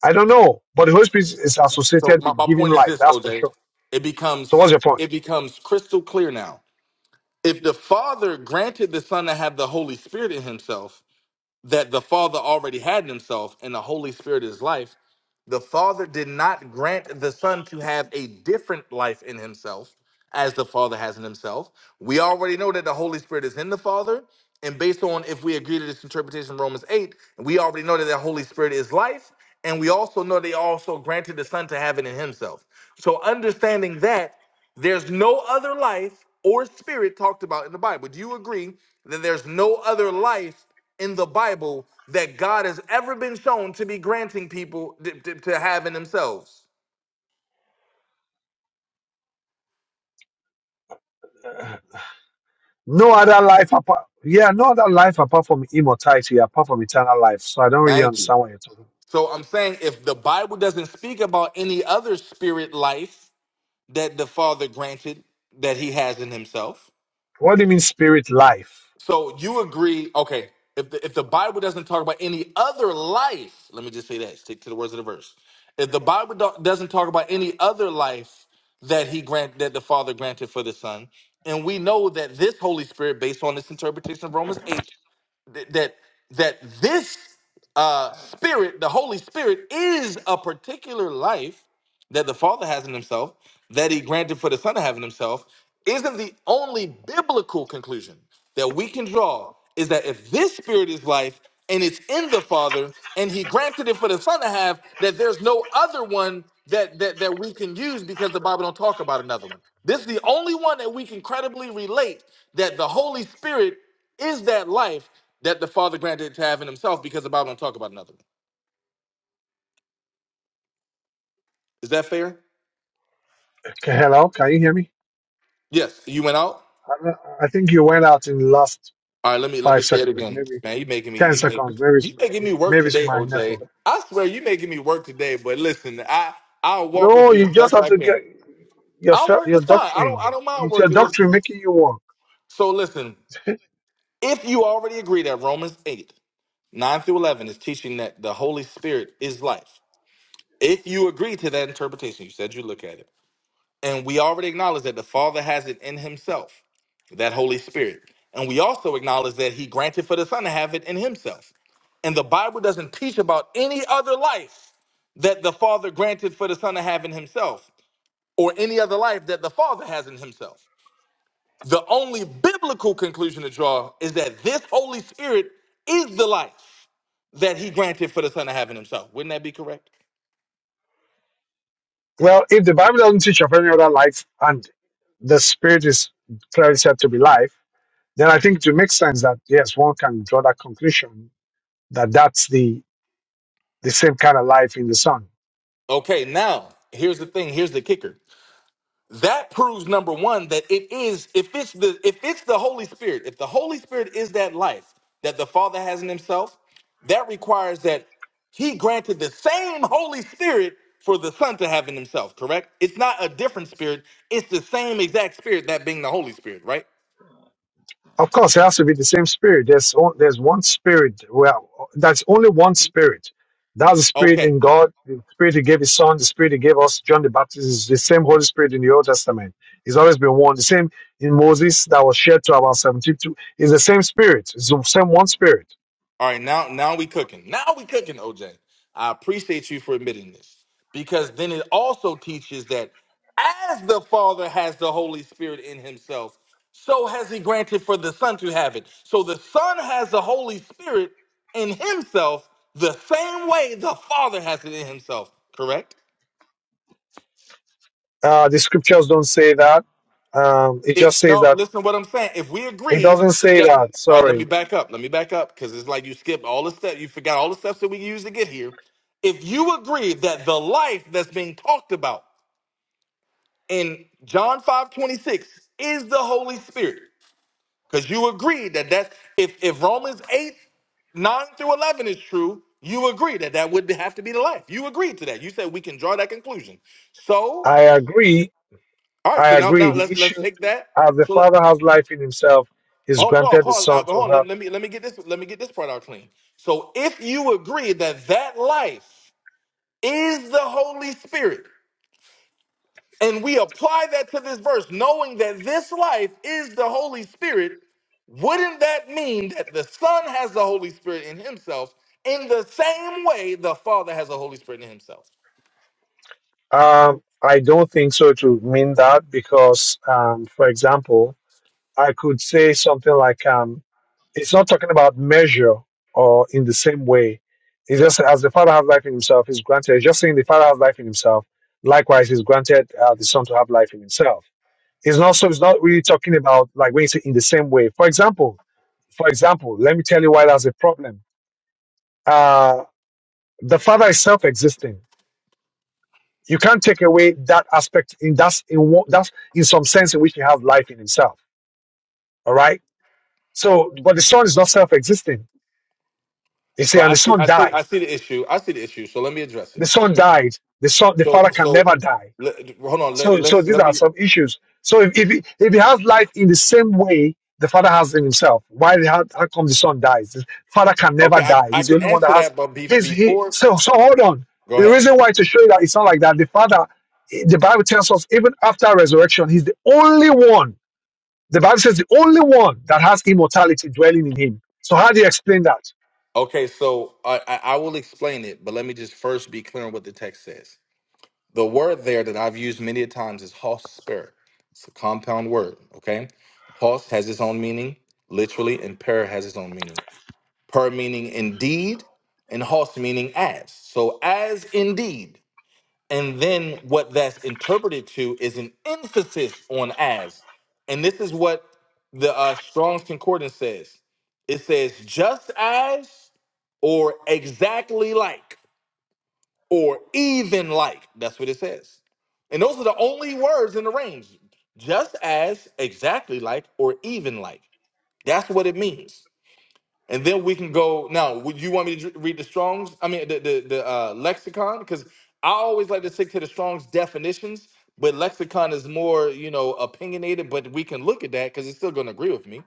Speaker 1: I don't know, but the Holy Spirit is
Speaker 3: so
Speaker 1: associated
Speaker 3: my,
Speaker 1: with
Speaker 3: my
Speaker 1: giving
Speaker 3: point is
Speaker 1: life.
Speaker 3: this,
Speaker 1: That's for
Speaker 3: OJ.
Speaker 1: sure.
Speaker 3: It
Speaker 1: So what's
Speaker 3: becomes
Speaker 1: your point?
Speaker 3: it becomes crystal clear now. If the Father granted the Son to have the Holy Spirit in himself, that the Father already had in himself and the Holy Spirit is life, the Father did not grant the Son to have a different life in himself as the Father has in himself. We already know that the Holy Spirit is in the Father. And based on if we agree to this interpretation of Romans 8, we already know that the Holy Spirit is life. And we also know they also granted the Son to have it in himself. So understanding that there's no other life or spirit talked about in the Bible. Do you agree that there's no other life in the Bible that God has ever been shown to be granting people to, to, to have in themselves?
Speaker 1: No other life apart. Yeah, no other life apart from immortality, apart from eternal life. So I don't really
Speaker 3: Thank you.
Speaker 1: understand what you're talking. about.
Speaker 3: So I'm saying if the Bible doesn't speak about any other spirit life that the Father granted that he has in himself,
Speaker 1: What do you mean spirit life?
Speaker 3: So you agree, okay, if the, if the Bible doesn't talk about any other life, let me just say that, stick to the words of the verse. If the Bible don't, doesn't talk about any other life that he grant that the Father granted for the Son, and we know that this Holy Spirit based on this interpretation of Romans 8 th- that that this uh spirit, the Holy Spirit is a particular life that the Father has in himself, that he granted for the Son to have in himself, isn't the only biblical conclusion that we can draw is that if this spirit is life and it's in the Father and he granted it for the Son to have, that there's no other one that that, that we can use because the Bible don't talk about another one. This is the only one that we can credibly relate that the Holy Spirit is that life that the Father granted to have in himself because the Bible don't talk about another one. Is that fair?
Speaker 1: Okay, hello, can you hear me?
Speaker 3: Yes. You went out?
Speaker 1: I, don't- I think you went out in the last
Speaker 3: All right, let me let me
Speaker 1: five
Speaker 3: say it
Speaker 1: seconds,
Speaker 3: again,
Speaker 1: maybe
Speaker 3: man. You making me
Speaker 1: ten
Speaker 3: you, make,
Speaker 1: seconds. Maybe it's,
Speaker 3: you making me work
Speaker 1: maybe it's
Speaker 3: today,
Speaker 1: my
Speaker 3: OJ.
Speaker 1: network.
Speaker 3: I swear you making me work today. But listen, I I'll walk with
Speaker 1: No,
Speaker 3: you as
Speaker 1: you just
Speaker 3: best
Speaker 1: have
Speaker 3: I
Speaker 1: to
Speaker 3: can.
Speaker 1: get your
Speaker 3: I'll
Speaker 1: fe-
Speaker 3: work.
Speaker 1: your
Speaker 3: It's fine. I don't
Speaker 1: doctrine.
Speaker 3: I don't mind
Speaker 1: It's your
Speaker 3: working. Listen.
Speaker 1: doctrine making you walk.
Speaker 3: So listen, if you already agree that Romans eight nine through eleven is teaching that the Holy Spirit is life, if you agree to that interpretation, you said you look at it. And we already acknowledge that the Father has it in himself, that Holy Spirit. And we also acknowledge that he granted for the Son to have it in himself. And the Bible doesn't teach about any other life that the Father granted for the Son to have in himself, or any other life that the Father has in himself. The only biblical conclusion to draw is that this Holy Spirit is the life that he granted for the Son to have in himself. Wouldn't that be correct?
Speaker 1: Well, if the Bible doesn't teach of any other life and the spirit is clearly said to be life, then I think it makes sense that yes, one can draw that conclusion that that's the the same kind of life in the Son.
Speaker 3: Okay, now here's the thing. Here's the kicker. that proves number one that it is if it's the if it's the holy spirit if the holy spirit is that life that the father has in himself that requires that he granted the same holy spirit for the son to have in himself correct it's not a different spirit it's the same exact spirit that being the holy spirit right
Speaker 1: Of course, it has to be the same spirit. There's on, there's one spirit. Well, that's only one spirit. That's the spirit
Speaker 3: okay
Speaker 1: in God, the spirit He gave His Son, the spirit He gave us, John the Baptist, is the same Holy Spirit in the Old Testament. It's always been one. The same in Moses that was shared to about 72 It's the same spirit. It's the same one spirit.
Speaker 3: All right, now now we cooking. Now we cooking, OJ. I appreciate you for admitting this because then it also teaches that as the Father has the Holy Spirit in Himself, so has He granted for the Son to have it. So the Son has the Holy Spirit in Himself the same way the Father has it in Himself. Correct?
Speaker 1: Uh, the scriptures don't say that. Um, it just
Speaker 3: If
Speaker 1: says
Speaker 3: no,
Speaker 1: that.
Speaker 3: listen what I'm saying. If we
Speaker 1: It
Speaker 3: agree
Speaker 1: doesn't say
Speaker 3: that
Speaker 1: that.
Speaker 3: all right, let me
Speaker 1: Sorry.
Speaker 3: back up. Let me back up because it's like you skip all the steps. You forgot all the steps that we used to get here. If you agree that the life that's being talked about in John 5 26 is the Holy Spirit, because you agree that that's if if Romans 8 9 through 11 is true, you agree that that would have to be the life. You agreed to that. You said we can draw that conclusion. So,
Speaker 1: I agree.
Speaker 3: all right,
Speaker 1: I
Speaker 3: so now
Speaker 1: agree.
Speaker 3: now
Speaker 1: The
Speaker 3: let's let's
Speaker 1: issue,
Speaker 3: take that.
Speaker 1: as the
Speaker 3: So let,
Speaker 1: Father has life in Himself, He's
Speaker 3: Oh, pause,
Speaker 1: granted His
Speaker 3: pause.
Speaker 1: Son
Speaker 3: Uh, but
Speaker 1: to
Speaker 3: hold on.
Speaker 1: have.
Speaker 3: Let, let me let me get this. Let me get this part out clean. So, if you agree that that life is the Holy Spirit, and we apply that to this verse, knowing that this life is the Holy Spirit, wouldn't that mean that the Son has the Holy Spirit in Himself in the same way the Father has the Holy Spirit in Himself?
Speaker 1: Um, I don't think so to mean that because, um, for example, I could say something like, um, it's not talking about measure or in the same way. It's just as the Father has life in himself, is granted. It's just saying the Father has life in himself. Likewise, is granted uh, the Son to have life in himself. It's not so. It's not really talking about like when you say in the same way. For example, for example, let me tell you why that's a problem. Uh, the Father is self-existing You can't take away that aspect in that's in one, that's in some sense in which he has life in himself. All right. So, but the son is not self-existing. They
Speaker 3: So
Speaker 1: say, and
Speaker 3: I
Speaker 1: the
Speaker 3: see,
Speaker 1: son
Speaker 3: I see, I
Speaker 1: died.
Speaker 3: see the issue. I see the issue. So let me address
Speaker 1: The
Speaker 3: it.
Speaker 1: son died. The son, the father
Speaker 3: So,
Speaker 1: can
Speaker 3: so
Speaker 1: never die.
Speaker 3: let, hold on. Let,
Speaker 1: So, so
Speaker 3: let's
Speaker 1: these
Speaker 3: let
Speaker 1: are
Speaker 3: me.
Speaker 1: some issues. So, if if he, if he has life in the same way the father has in himself, why the- how, how come the son dies? The father can never
Speaker 3: Okay, I,
Speaker 1: die.
Speaker 3: I
Speaker 1: He's the
Speaker 3: can
Speaker 1: only one
Speaker 3: answer
Speaker 1: that has.
Speaker 3: that, but be,
Speaker 1: He's he.
Speaker 3: before
Speaker 1: So, so hold on.
Speaker 3: Go
Speaker 1: The
Speaker 3: ahead.
Speaker 1: reason why to show you that it's not like that. The father the Bible tells us even after resurrection, he's the only one The Bible says the only one that has immortality dwelling in him. So how do you explain that?
Speaker 3: Okay, so I, I I will explain it, but let me just first be clear on what the text says. The word there that I've used many a times is "hosper." It's a compound word, okay? Hos has its own meaning, literally, and per has its own meaning. Per meaning indeed, and hos meaning as. So as indeed. And then what that's interpreted to is an emphasis on as. And this is what the uh, Strong's Concordance says it says, just as, or exactly like, or even like. That's what it says. And those are the only words in the range just as, exactly like, or even like. That's what it means and then we can go. Now, would you want me to dr- read the Strong's? I mean, the the, the uh, lexicon, because I always like to stick to the Strong's definitions, but lexicon is more, you know, opinionated. But we can look at that because it's still going to agree with me.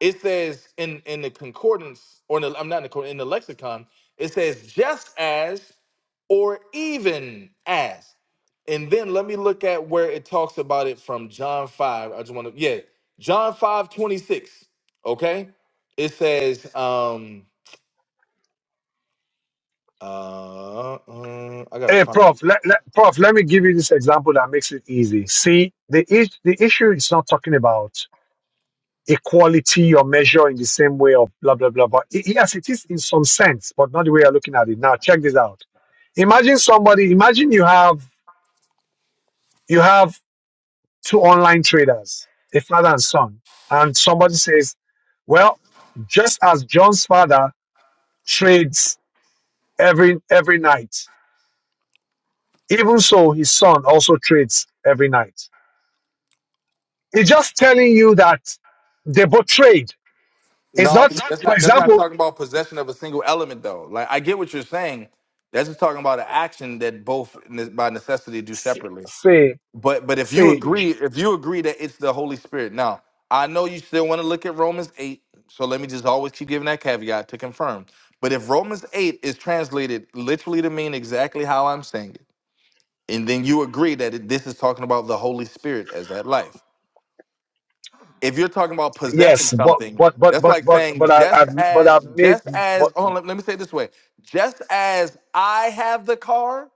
Speaker 3: It says in in the concordance, or in the, I'm not in the concordance, in the lexicon, it says just as or even as. And then let me look at where it talks about it from John 5. I just want to, yeah, John 5 26. Okay. It says, um, uh, uh, I gotta
Speaker 1: Hey,
Speaker 3: find.
Speaker 1: Prof, let, let, Prof, let me give you this example that makes it easy. See, the, is- the issue is not talking about equality or measure in the same way or blah, blah, blah. blah. i- yes, it is in some sense, but not the way you're looking at it. Now, check this out. Imagine somebody, imagine you have, you have two online traders, a father and son, and somebody says, well, just as John's father trades every every night. Even so, his son also trades every night. It's just telling you that they both trade. It's
Speaker 3: No,
Speaker 1: not,
Speaker 3: that's
Speaker 1: for
Speaker 3: not. That's not
Speaker 1: example,
Speaker 3: talking about possession of a single element, though. Like I get what you're saying. That's just talking about an action that both ne- by necessity do
Speaker 1: s-
Speaker 3: separately.
Speaker 1: say
Speaker 3: But but if you
Speaker 1: say j-
Speaker 3: agree, if you agree that it's the Holy Spirit, now I know you still want to look at Romans eight. So let me just always keep giving that caveat to confirm. But if Romans eight is translated literally to mean exactly how I'm saying it, and then you agree that it, this is talking about the Holy Spirit as that life. if you're talking about possessing
Speaker 1: yes, but
Speaker 3: something,
Speaker 1: but but
Speaker 3: that's
Speaker 1: but
Speaker 3: like
Speaker 1: but
Speaker 3: saying
Speaker 1: but I, I
Speaker 3: just
Speaker 1: but I
Speaker 3: as
Speaker 1: have made
Speaker 3: just
Speaker 1: but
Speaker 3: as oh let, let me say it this way, just as I have the car,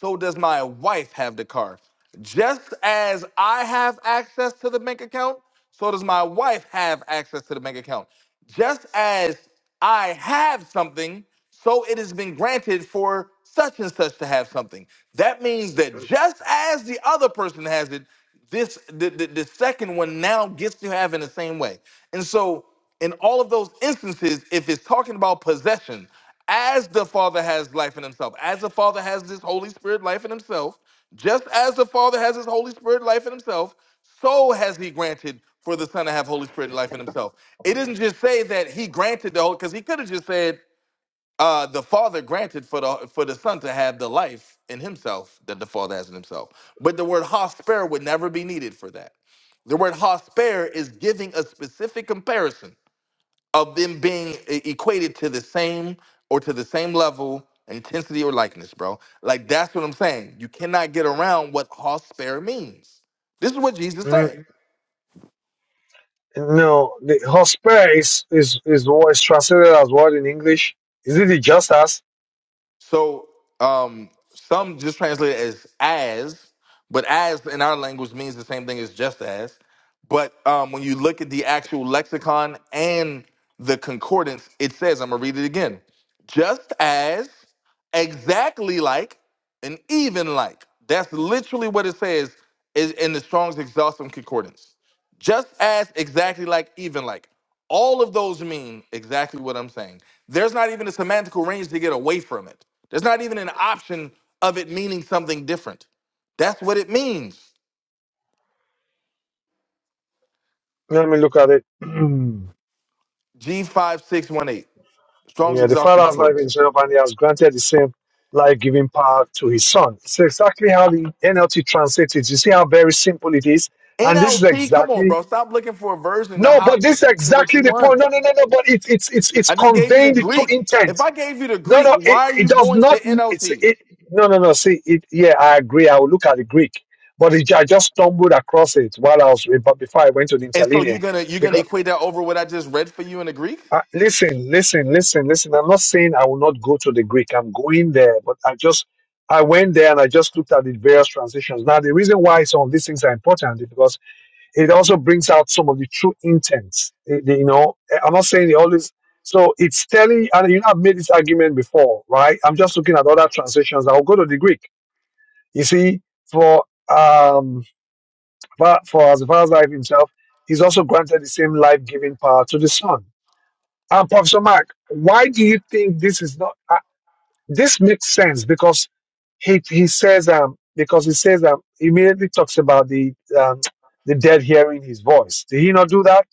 Speaker 3: so does my wife have the car. Just as I have access to the bank account, so does my wife have access to the bank account. Just as I have something, so it has been granted for such and such to have something. That means that just as the other person has it, this the, the, the second one now gets to have in the same way. And so in all of those instances, if it's talking about possession, as the Father has life in himself, as the Father has this Holy Spirit life in himself, just as the Father has his Holy Spirit life in himself, so has he granted for the Son to have Holy Spirit life in himself. It doesn't just say that he granted the whole, because he could have just said uh, the Father granted for the for the Son to have the life in himself that the Father has in himself. But the word hosper would never be needed for that. The word hosper is giving a specific comparison of them being e- equated to the same or to the same level intensity or likeness bro like that's what i'm saying you cannot get around what hospare means this is what jesus
Speaker 1: mm,
Speaker 3: said
Speaker 1: no the hosper is is is what is translated as what in English? Is it the just as?
Speaker 3: So um, some just translate it as as, but as in our language means the same thing as just as. But um, when you look at the actual lexicon and the concordance, it says, I'm going to read it again just as, exactly like, and even like. That's literally what it says is in the Strong's Exhaustive Concordance. Just as, exactly like, even like. All of those mean exactly what I'm saying. There's not even a semantical range to get away from it. There's not even an option of it meaning something different. That's what it means.
Speaker 1: Let me look at it.
Speaker 3: G5618. Strong's
Speaker 1: Yeah, the Father
Speaker 3: exhaustive
Speaker 1: has not given
Speaker 3: concordance.
Speaker 1: himself, and he has granted the same life-giving power to his Son. It's exactly how the NLT translates it. You see how very simple it is, and this is
Speaker 3: NLT, come on,
Speaker 1: exactly
Speaker 3: bro. Stop looking for a version to
Speaker 1: no, but
Speaker 3: hop
Speaker 1: this is
Speaker 3: to what
Speaker 1: exactly
Speaker 3: you
Speaker 1: the
Speaker 3: want.
Speaker 1: point. No, no, no, no. But it's it's it's it's
Speaker 3: I just gave you the
Speaker 1: conveying the true
Speaker 3: Greek. If
Speaker 1: intent.
Speaker 3: I gave you the
Speaker 1: No,
Speaker 3: Greek,
Speaker 1: no, it,
Speaker 3: why are
Speaker 1: it
Speaker 3: you
Speaker 1: does
Speaker 3: going to
Speaker 1: not. It's
Speaker 3: NLT?
Speaker 1: it. No, no, no. See, it. Yeah, I agree. I will look at the Greek, but it, I just stumbled across it while I was before I went to the
Speaker 3: And so you're
Speaker 1: interlinear
Speaker 3: gonna you're gonna equate that over what I just read for you in the Greek?
Speaker 1: Uh, listen, listen, listen, listen. I'm not saying I will not go to the Greek. I'm going there, but I just I went there and I just looked at the various transitions. Now, the reason why some of these things are important is because it also brings out some of the true intents. The- the- you know, eh, I'm not saying it always. So it's telling, and you know, I've made this argument before, right? I'm just looking at other transitions. I'll go to the Greek. You see, for um, for, for as far as life himself, he's also granted the same life-giving power to the Son. Um, Professor Mark, why do you think this is not? Uh, this makes sense because he he says um because he says um immediately talks about the um the dead hearing his voice. Did he not do that,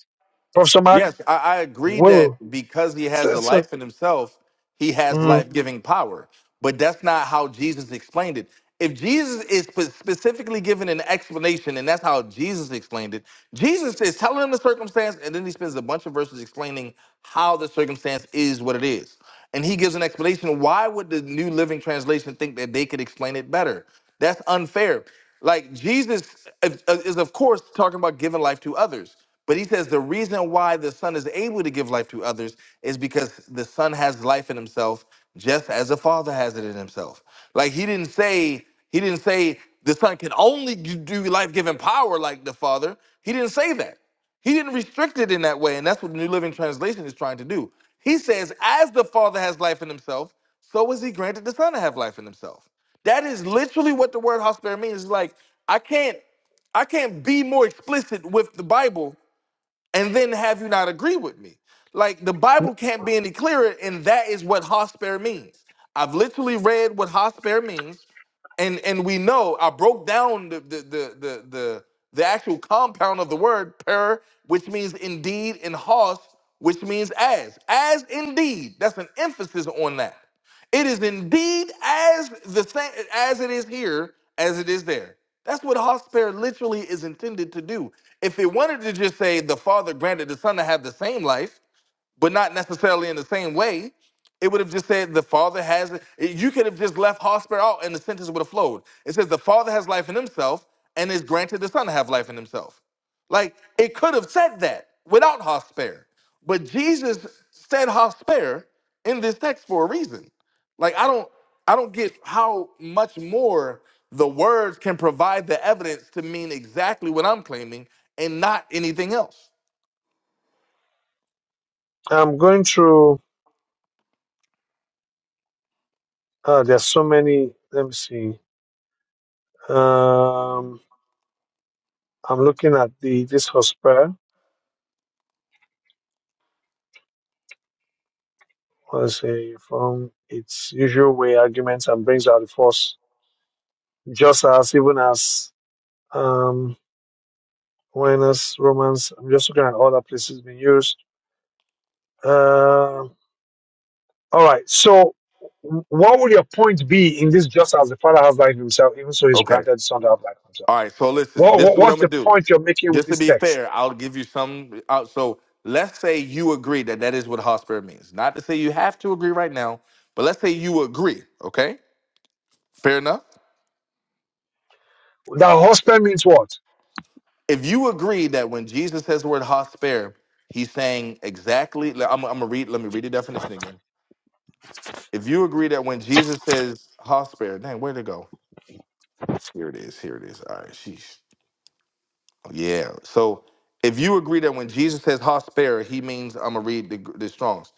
Speaker 1: Professor Mark?
Speaker 3: Yes, I, I agree that
Speaker 1: Whoa.
Speaker 3: because he has
Speaker 1: So,
Speaker 3: a
Speaker 1: so
Speaker 3: life in himself, he has
Speaker 1: mm,
Speaker 3: life giving power. But that's not how Jesus explained it. If Jesus is spe- specifically given an explanation, and that's how Jesus explained it, Jesus is telling him the circumstance, and then he spends a bunch of verses explaining how the circumstance is what it is. And he gives an explanation. Why would the New Living Translation think that they could explain it better? That's unfair. Like Jesus is, is of course, talking about giving life to others. But he says the reason why the Son is able to give life to others is because the Son has life in himself, just as the Father has it in himself. Like he didn't say, he didn't say the Son can only g- do life-giving power like the Father. He didn't say that. He didn't restrict it in that way, and that's what the New Living Translation is trying to do. He says, as the Father has life in himself, so is he granted the Son to have life in himself. That is literally what the word hospare means. It's like, I can't I can't be more explicit with the Bible and then have you not agree with me. Like the Bible can't be any clearer, and that is what hosper means. I've literally read what hosper means and and we know I broke down the the the the the, the actual compound of the word per, which means indeed, and hos, which means as, as indeed. That's an emphasis on that. It is indeed as the same as it is here, as it is there. That's what hosper literally is intended to do. If it wanted to just say the Father granted the Son to have the same life, but not necessarily in the same way. It would have just said the Father has. it- You could have just left Hosper out, and the sentence would have flowed. It says the Father has life in Himself, and is granted the Son to have life in Himself. Like it could have said that without Hosper, but Jesus said Hosper in this text for a reason. Like I don't, I don't get how much more the words can provide the evidence to mean exactly what I'm claiming and not anything else.
Speaker 1: I'm going through. Uh, there's so many. Let me see. Um, I'm looking at the this hospital. Let's say from its usual way arguments and brings out the force just as even as um Aquinas, Romans. I'm just looking at all the places being used. Uh, all right. So, what would your point be in this? Just as the Father has life himself, even so he's
Speaker 3: Okay.
Speaker 1: granted the Son to have life himself.
Speaker 3: All right, so listen,
Speaker 1: What,
Speaker 3: this is
Speaker 1: what
Speaker 3: what I'm
Speaker 1: what's
Speaker 3: gonna
Speaker 1: the
Speaker 3: do.
Speaker 1: point you're making with
Speaker 3: Just to
Speaker 1: this
Speaker 3: be
Speaker 1: text?
Speaker 3: fair, I'll give you some. Uh, so let's say you agree that that is what hot spirit means. Not to say you have to agree right now, but let's say you agree. Okay, fair enough.
Speaker 1: That husband means what?
Speaker 3: If you agree that when Jesus says the word hot he's saying exactly. le- I'm, I'm gonna read. Let me read the definition again. If you agree that when Jesus says hot dang, where'd it go? Here it is. Here it is. All right, sheesh. Yeah. So if you agree that when Jesus says hot he means I'm gonna read the, the Strong's.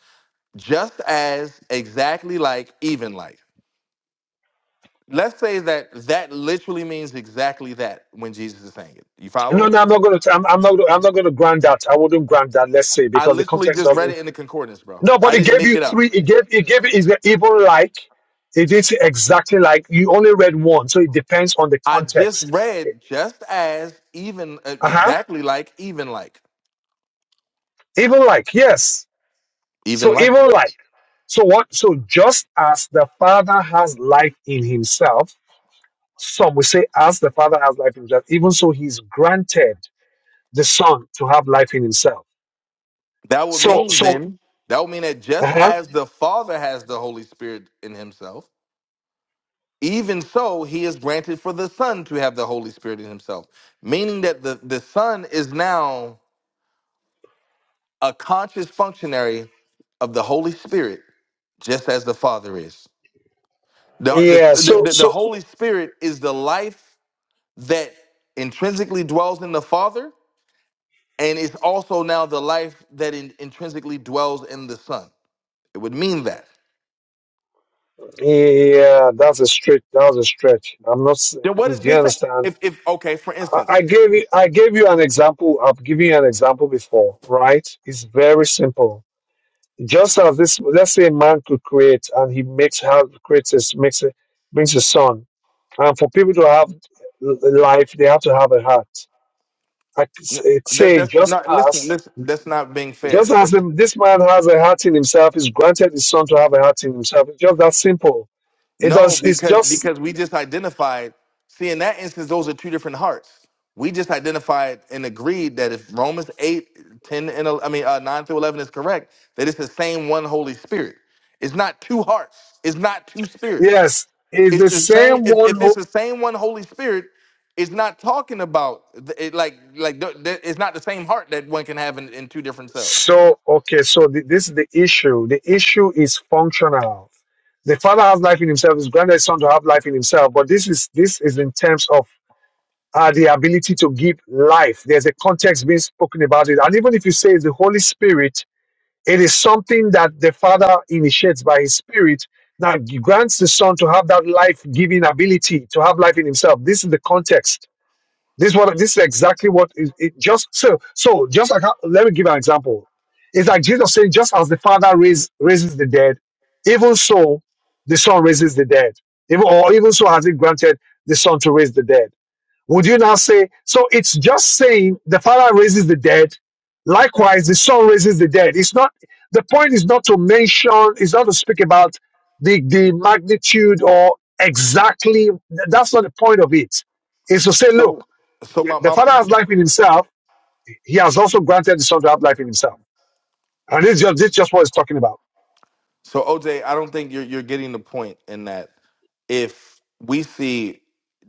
Speaker 3: just as exactly like even like let's say that that literally means exactly that when jesus is saying it you
Speaker 1: No,
Speaker 3: following
Speaker 1: no, I'm not going to. I'm, I'm not. I'm not going to grant that. I wouldn't grant that. Let's say
Speaker 3: i
Speaker 1: because the
Speaker 3: literally
Speaker 1: context
Speaker 3: just read
Speaker 1: doesn't.
Speaker 3: it in the concordance bro
Speaker 1: No, but
Speaker 3: i
Speaker 1: it
Speaker 3: didn't
Speaker 1: gave
Speaker 3: make
Speaker 1: you
Speaker 3: it up
Speaker 1: three. It gave. It gave. Is even like? It did say exactly like you only read one, so it depends on the
Speaker 3: i just
Speaker 1: context.
Speaker 3: read just as even uh,
Speaker 1: Uh huh.
Speaker 3: exactly like even like
Speaker 1: Even like yes.
Speaker 3: even
Speaker 1: So
Speaker 3: like
Speaker 1: even life. So what? So just as the Father has life in Himself, some will say, as the Father has life in Himself, even so He's granted the Son to have life in Himself.
Speaker 3: that would
Speaker 1: So
Speaker 3: mean
Speaker 1: so.
Speaker 3: then that would mean that just
Speaker 1: Uh-huh.
Speaker 3: as the father has the holy spirit in himself even so he is granted for the son to have the holy spirit in himself meaning that the the son is now a conscious functionary of the Holy Spirit, just as the Father is. The,
Speaker 1: Yeah,
Speaker 3: the, the,
Speaker 1: so
Speaker 3: the
Speaker 1: so
Speaker 3: Holy Spirit is the life that intrinsically dwells in the Father, and it's also now the life that in, intrinsically dwells in the Son. It would mean that.
Speaker 1: yeah, that's a stretch. That was a stretch. I'm not. s-
Speaker 3: Then what
Speaker 1: Do
Speaker 3: is
Speaker 1: you
Speaker 3: just that?
Speaker 1: understand?
Speaker 3: If, if okay, for
Speaker 1: I I
Speaker 3: instance,
Speaker 1: gave you. I gave you an example. I've given you an example before, right? It's very simple Just as this, let's say a man could create and he makes, have, creates, his, makes, a, brings a son. And for people to have life, they have to have a heart. I could s- eh,
Speaker 3: that's
Speaker 1: say,
Speaker 3: that's
Speaker 1: just
Speaker 3: not listen,
Speaker 1: as,
Speaker 3: listen, that's not being
Speaker 1: just
Speaker 3: fair.
Speaker 1: as the- this man has a heart in himself, is granted his son to have a heart in himself. It's just that simple. It
Speaker 3: No,
Speaker 1: does, it's
Speaker 3: because
Speaker 1: just,
Speaker 3: because we just identified. See, in that instance, those are two different hearts. We just identified and agreed that if Romans 8, 10, and el- I mean uh, 9 through 11 is correct, that it's the same one Holy Spirit. It's not two hearts. It's not two spirits.
Speaker 1: yes, it's
Speaker 3: It's
Speaker 1: the
Speaker 3: the same.
Speaker 1: same
Speaker 3: If,
Speaker 1: one
Speaker 3: if
Speaker 1: who.
Speaker 3: it's the same one Holy Spirit, it's not talking about th- it, like like th- th- it's not the same heart that one can have in, in two different cells.
Speaker 1: So, okay, so th- this is the issue. The issue is functional. The father has life in himself, his granddad's son to have life in himself, but this is this is in terms of uh, the ability to give life. There's a context being spoken about it. And even if you say it's the Holy Spirit, it is something that the father initiates by his spirit that grants the son to have that life giving ability, to have life in himself. This is the context this what this is exactly what is it just so so just like how- let me give an example. It's like Jesus saying, just as the Father raise, raises the dead, even so the Son raises the dead. Even or even so has it granted the Son to raise the dead. Would you now say so? It's just saying the Father raises the dead. Likewise, the Son raises the dead. It's not the point is not to mention. It's not to speak about the the magnitude or exactly. That's not the point of it. Is to say, look.
Speaker 3: So so my
Speaker 1: The
Speaker 3: my
Speaker 1: Father has life in himself. He has also granted the Son to have life in himself. And this is just, this is just what he's talking about.
Speaker 3: So OJ, I don't think you're you're getting the point in that if we see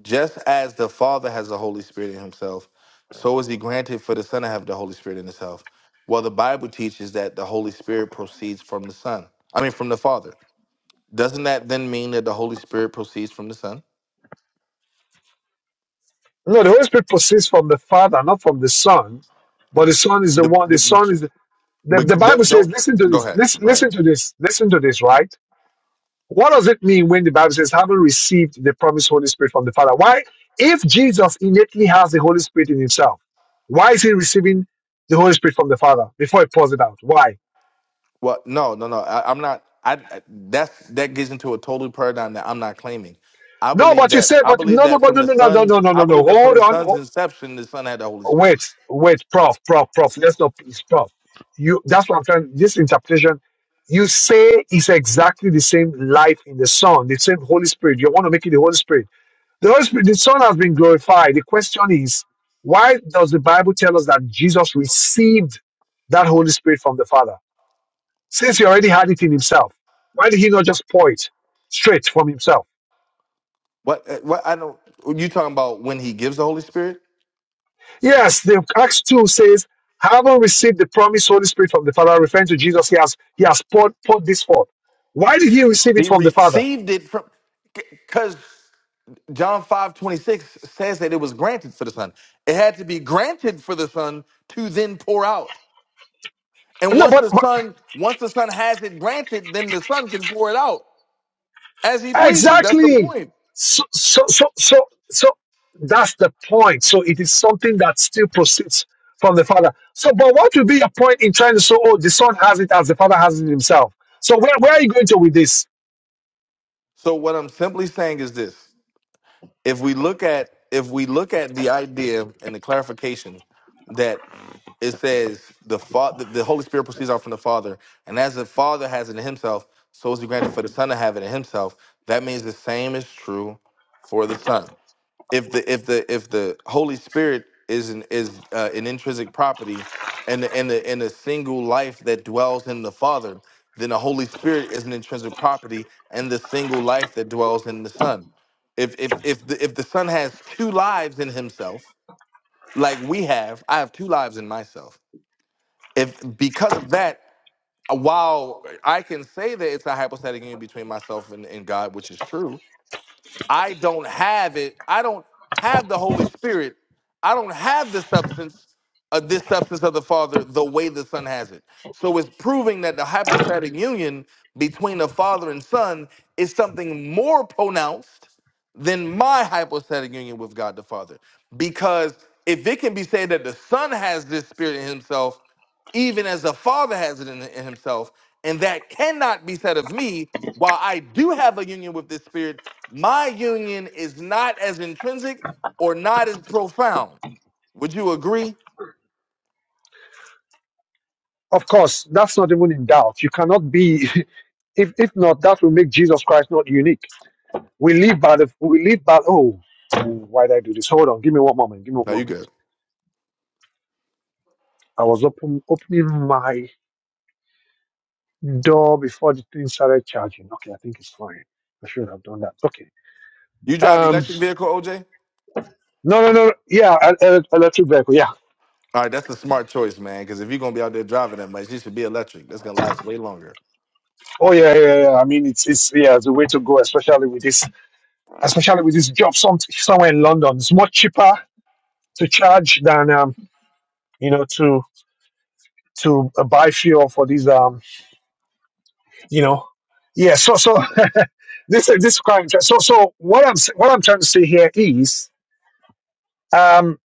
Speaker 3: just as the Father has the Holy Spirit in himself, so is he granted for the Son to have the Holy Spirit in himself. Well, the Bible teaches that the Holy Spirit proceeds from the Son. I mean from the Father. Doesn't that then mean that the Holy Spirit proceeds from the Son?
Speaker 1: No, the Holy Spirit proceeds from the Father, not from the Son. But the Son is the
Speaker 3: The,
Speaker 1: one, the
Speaker 3: the,
Speaker 1: Son is the, the,
Speaker 3: but
Speaker 1: the
Speaker 3: d-
Speaker 1: Bible says,
Speaker 3: don't
Speaker 1: listen to
Speaker 3: go
Speaker 1: this,
Speaker 3: ahead.
Speaker 1: listen, listen to this, listen to this, right? What does it mean when the Bible says, having received the promised Holy Spirit from the Father? Why? If Jesus innately has the Holy Spirit in himself, why is he receiving the Holy Spirit from the Father before he pours it out? Why?
Speaker 3: Well, no, no, no. I, I'm not. I I- that's that gets into a total paradigm that I'm not claiming. I
Speaker 1: No,
Speaker 3: believe
Speaker 1: but you
Speaker 3: that.
Speaker 1: say,
Speaker 3: I
Speaker 1: but
Speaker 3: believe
Speaker 1: no, no,
Speaker 3: that
Speaker 1: but
Speaker 3: from
Speaker 1: no,
Speaker 3: the
Speaker 1: no, no, no, no,
Speaker 3: son's.
Speaker 1: no, no, no.
Speaker 3: I
Speaker 1: no.
Speaker 3: believe that from
Speaker 1: Hold
Speaker 3: the
Speaker 1: on, hold
Speaker 3: son's inception, the son had the Holy Spirit.
Speaker 1: Wait, wait, prof, prof, prof. Let's not, please, prof. You, that's what I'm trying. This interpretation, you say is exactly the same life in the Son, the same Holy Spirit. You want to make it the Holy Spirit. The Holy Spirit, the Son has been glorified. The question is, why does the Bible tell us that Jesus received that Holy Spirit from the Father? Since he already had it in himself, why did he not just pour it straight from himself?
Speaker 3: What? uh, What? I don't. You talking about when he gives the Holy Spirit?
Speaker 1: Yes, the Acts 2 says, having received the promised Holy Spirit from the Father, referring to Jesus, he has he has poured, poured this forth. Why did he receive it
Speaker 3: He
Speaker 1: from the Father?
Speaker 3: received it from because John five twenty six says that it was granted for the son. It had to be granted for the son to then pour out. And
Speaker 1: No,
Speaker 3: once
Speaker 1: but,
Speaker 3: the
Speaker 1: but-
Speaker 3: son, once the son has it granted, then the son can pour it out as he pleases. That's the
Speaker 1: exactly.
Speaker 3: point.
Speaker 1: So so so so so that's the point. So it is something that still proceeds from the Father. So but what would be your point in trying to say, oh, the Son has it as the Father has it himself? So where, where are you going to with this?
Speaker 3: So what I'm simply saying is this: if we look at if we look at the idea and the clarification that it says the father, the Holy Spirit proceeds out from the Father, and as the Father has it in Himself, so is it granted for the Son to have it in Himself. That means the same is true for the Son if the if the if the Holy Spirit is an is uh, an intrinsic property and the, and the and a single life that dwells in the Father, then the Holy Spirit is an intrinsic property and the single life that dwells in the Son. If if if the if the Son has two lives in himself, like we have, I have two lives in myself. If because of that, uh, while I can say that it's a hypostatic union between myself and, and God, which is true, I don't have it. I don't have the Holy Spirit. I don't have the substance of this substance of the Father the way the Son has it. So it's proving that the hypostatic union between the Father and Son is something more pronounced than my hypostatic union with God the Father. Because if it can be said that the Son has this Spirit in Himself, even as the Father has it in, in Himself, and that cannot be said of me, while I do have a union with this Spirit, my union is not as intrinsic or not as profound. Would you agree?
Speaker 1: Of course, that's not even in doubt. You cannot be if if not, that will make Jesus Christ not unique We live by the we live by oh why did I do this? Hold on, give me one moment, give me one
Speaker 3: No, you
Speaker 1: moment.
Speaker 3: good.
Speaker 1: I was open, opening my door before the thing started charging. Okay, I think it's fine. I should have done that. Okay.
Speaker 3: You drive
Speaker 1: Um.
Speaker 3: electric vehicle, OJ?
Speaker 1: No, no, no. Yeah, el- el- electric vehicle. Yeah.
Speaker 3: All right, that's a smart choice, man. Because if you're gonna be out there driving that much, you should be electric. That's gonna last way longer.
Speaker 1: Oh, yeah, yeah, yeah. yeah. I mean, it's it's yeah, it's the way to go, especially with this, especially with this job some, somewhere in London. It's much cheaper to charge than um, you know, to to uh, buy fuel for these um you know yeah so so this is- this is quite interesting so so what i'm s- what i'm trying to say here is um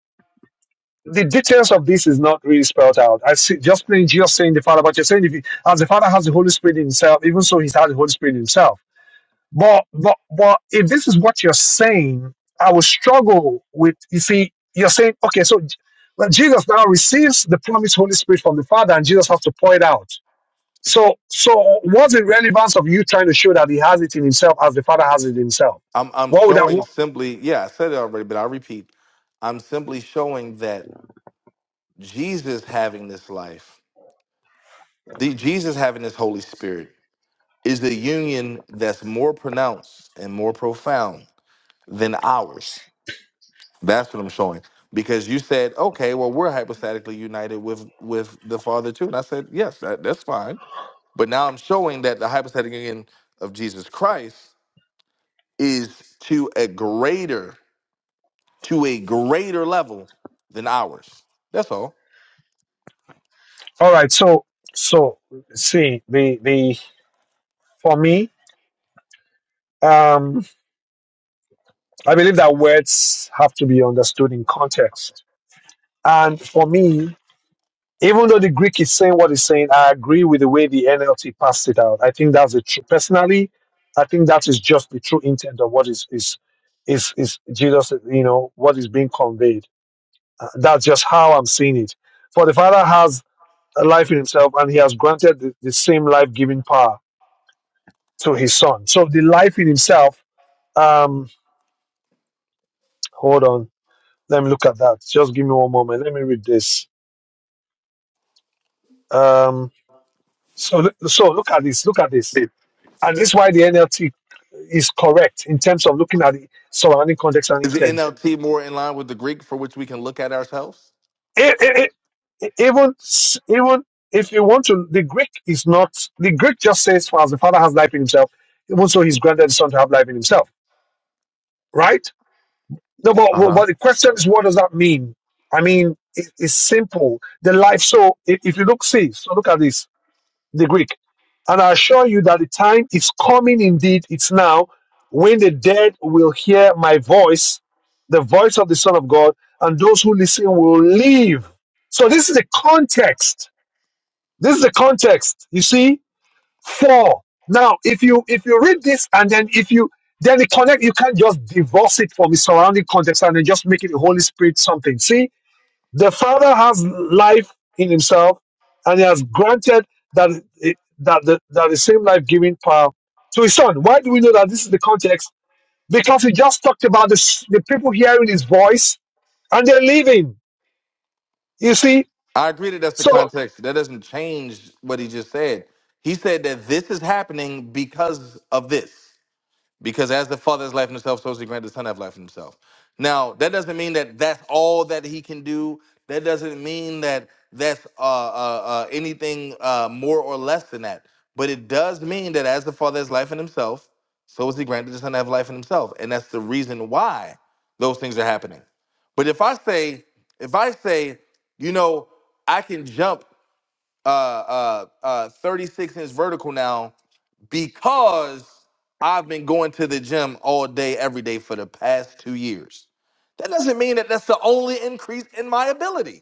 Speaker 1: the details of this is not really spelled out. I see just plain Jesus saying the Father, but you're saying if he, as the Father has the Holy Spirit in himself, even so he has the Holy Spirit in himself. But but but if this is what you're saying, I will struggle with you see, you're saying, okay, so J- well, Jesus now receives the promised Holy Spirit from the Father, and Jesus has to pour it out. So, so what's the relevance of you trying to show that he has it in himself as the father has it in himself?
Speaker 3: I'm I'm
Speaker 1: What would that?
Speaker 3: showing
Speaker 1: What,
Speaker 3: simply, yeah, I said it already, but I repeat, I'm simply showing that Jesus having this life, the Jesus having this Holy Spirit, is the union that's more pronounced and more profound than ours. That's what I'm showing. Because you said, okay, well, we're hypostatically united with with the Father too. And I said, yes, that, that's fine. But now I'm showing that the hypostatic union of Jesus Christ is to a greater, to a greater level than ours. That's all.
Speaker 1: all right. So, so see the the for me, um, I believe that words have to be understood in context. And for me, even though the Greek is saying what he's saying, I agree with the way the NLT passed it out. I think that's the true. Personally, I think that is just the true intent of what is is is is Jesus. You know what is being conveyed Uh, That's just how I'm seeing it. For the Father has a life in himself, and he has granted the, the same life giving power to his Son. So the life in himself, um, hold on, let me look at that. Just give me one moment. Let me read this. Um, so, so look at this. Look at this. And this is why the NLT is correct in terms of looking at the surrounding context and
Speaker 3: Is the
Speaker 1: intent
Speaker 3: NLT more in line with the Greek for which we can look at ourselves?
Speaker 1: e- e- e- even even if you want to, the Greek is not the Greek. Just says, "For as the Father has life in Himself, even so He's granted the Son to have life in Himself." Right? No, but
Speaker 3: Uh-huh.
Speaker 1: but the question is, what does that mean? I mean, it, it's simple. The life. So if, if you look, see, so look at this the Greek. And I assure you that the time is coming indeed, it's now, when the dead will hear my voice, the voice of the Son of God, and those who listen will live. So this is the context. This is the context, you see? Four. Now, if you if you read this and then if you then the connect, you can't just divorce it from the surrounding context and then just make it the Holy Spirit something. See? The Father has life in Himself, and He has granted that that the, that the same life-giving power to His Son. Why do we know that this is the context? Because He just talked about the s- the people hearing His voice and they're leaving. You see,
Speaker 3: I agree that that's the
Speaker 1: so
Speaker 3: context. That doesn't change what he just said. He said that this is happening because of this. Because as the Father has life in himself, so is he granted the Son to have life in himself. Now, that doesn't mean that that's all that he can do. That doesn't mean that that's uh, uh, uh, anything uh, more or less than that. But it does mean that as the Father has life in himself, so is he granted the Son to have life in himself. And that's the reason why those things are happening. But if I say, if I say, you know, I can jump uh, uh, uh, 36 inch vertical now because I've been going to the gym all day, every day for the past two years. That doesn't mean that that's the only increase in my ability.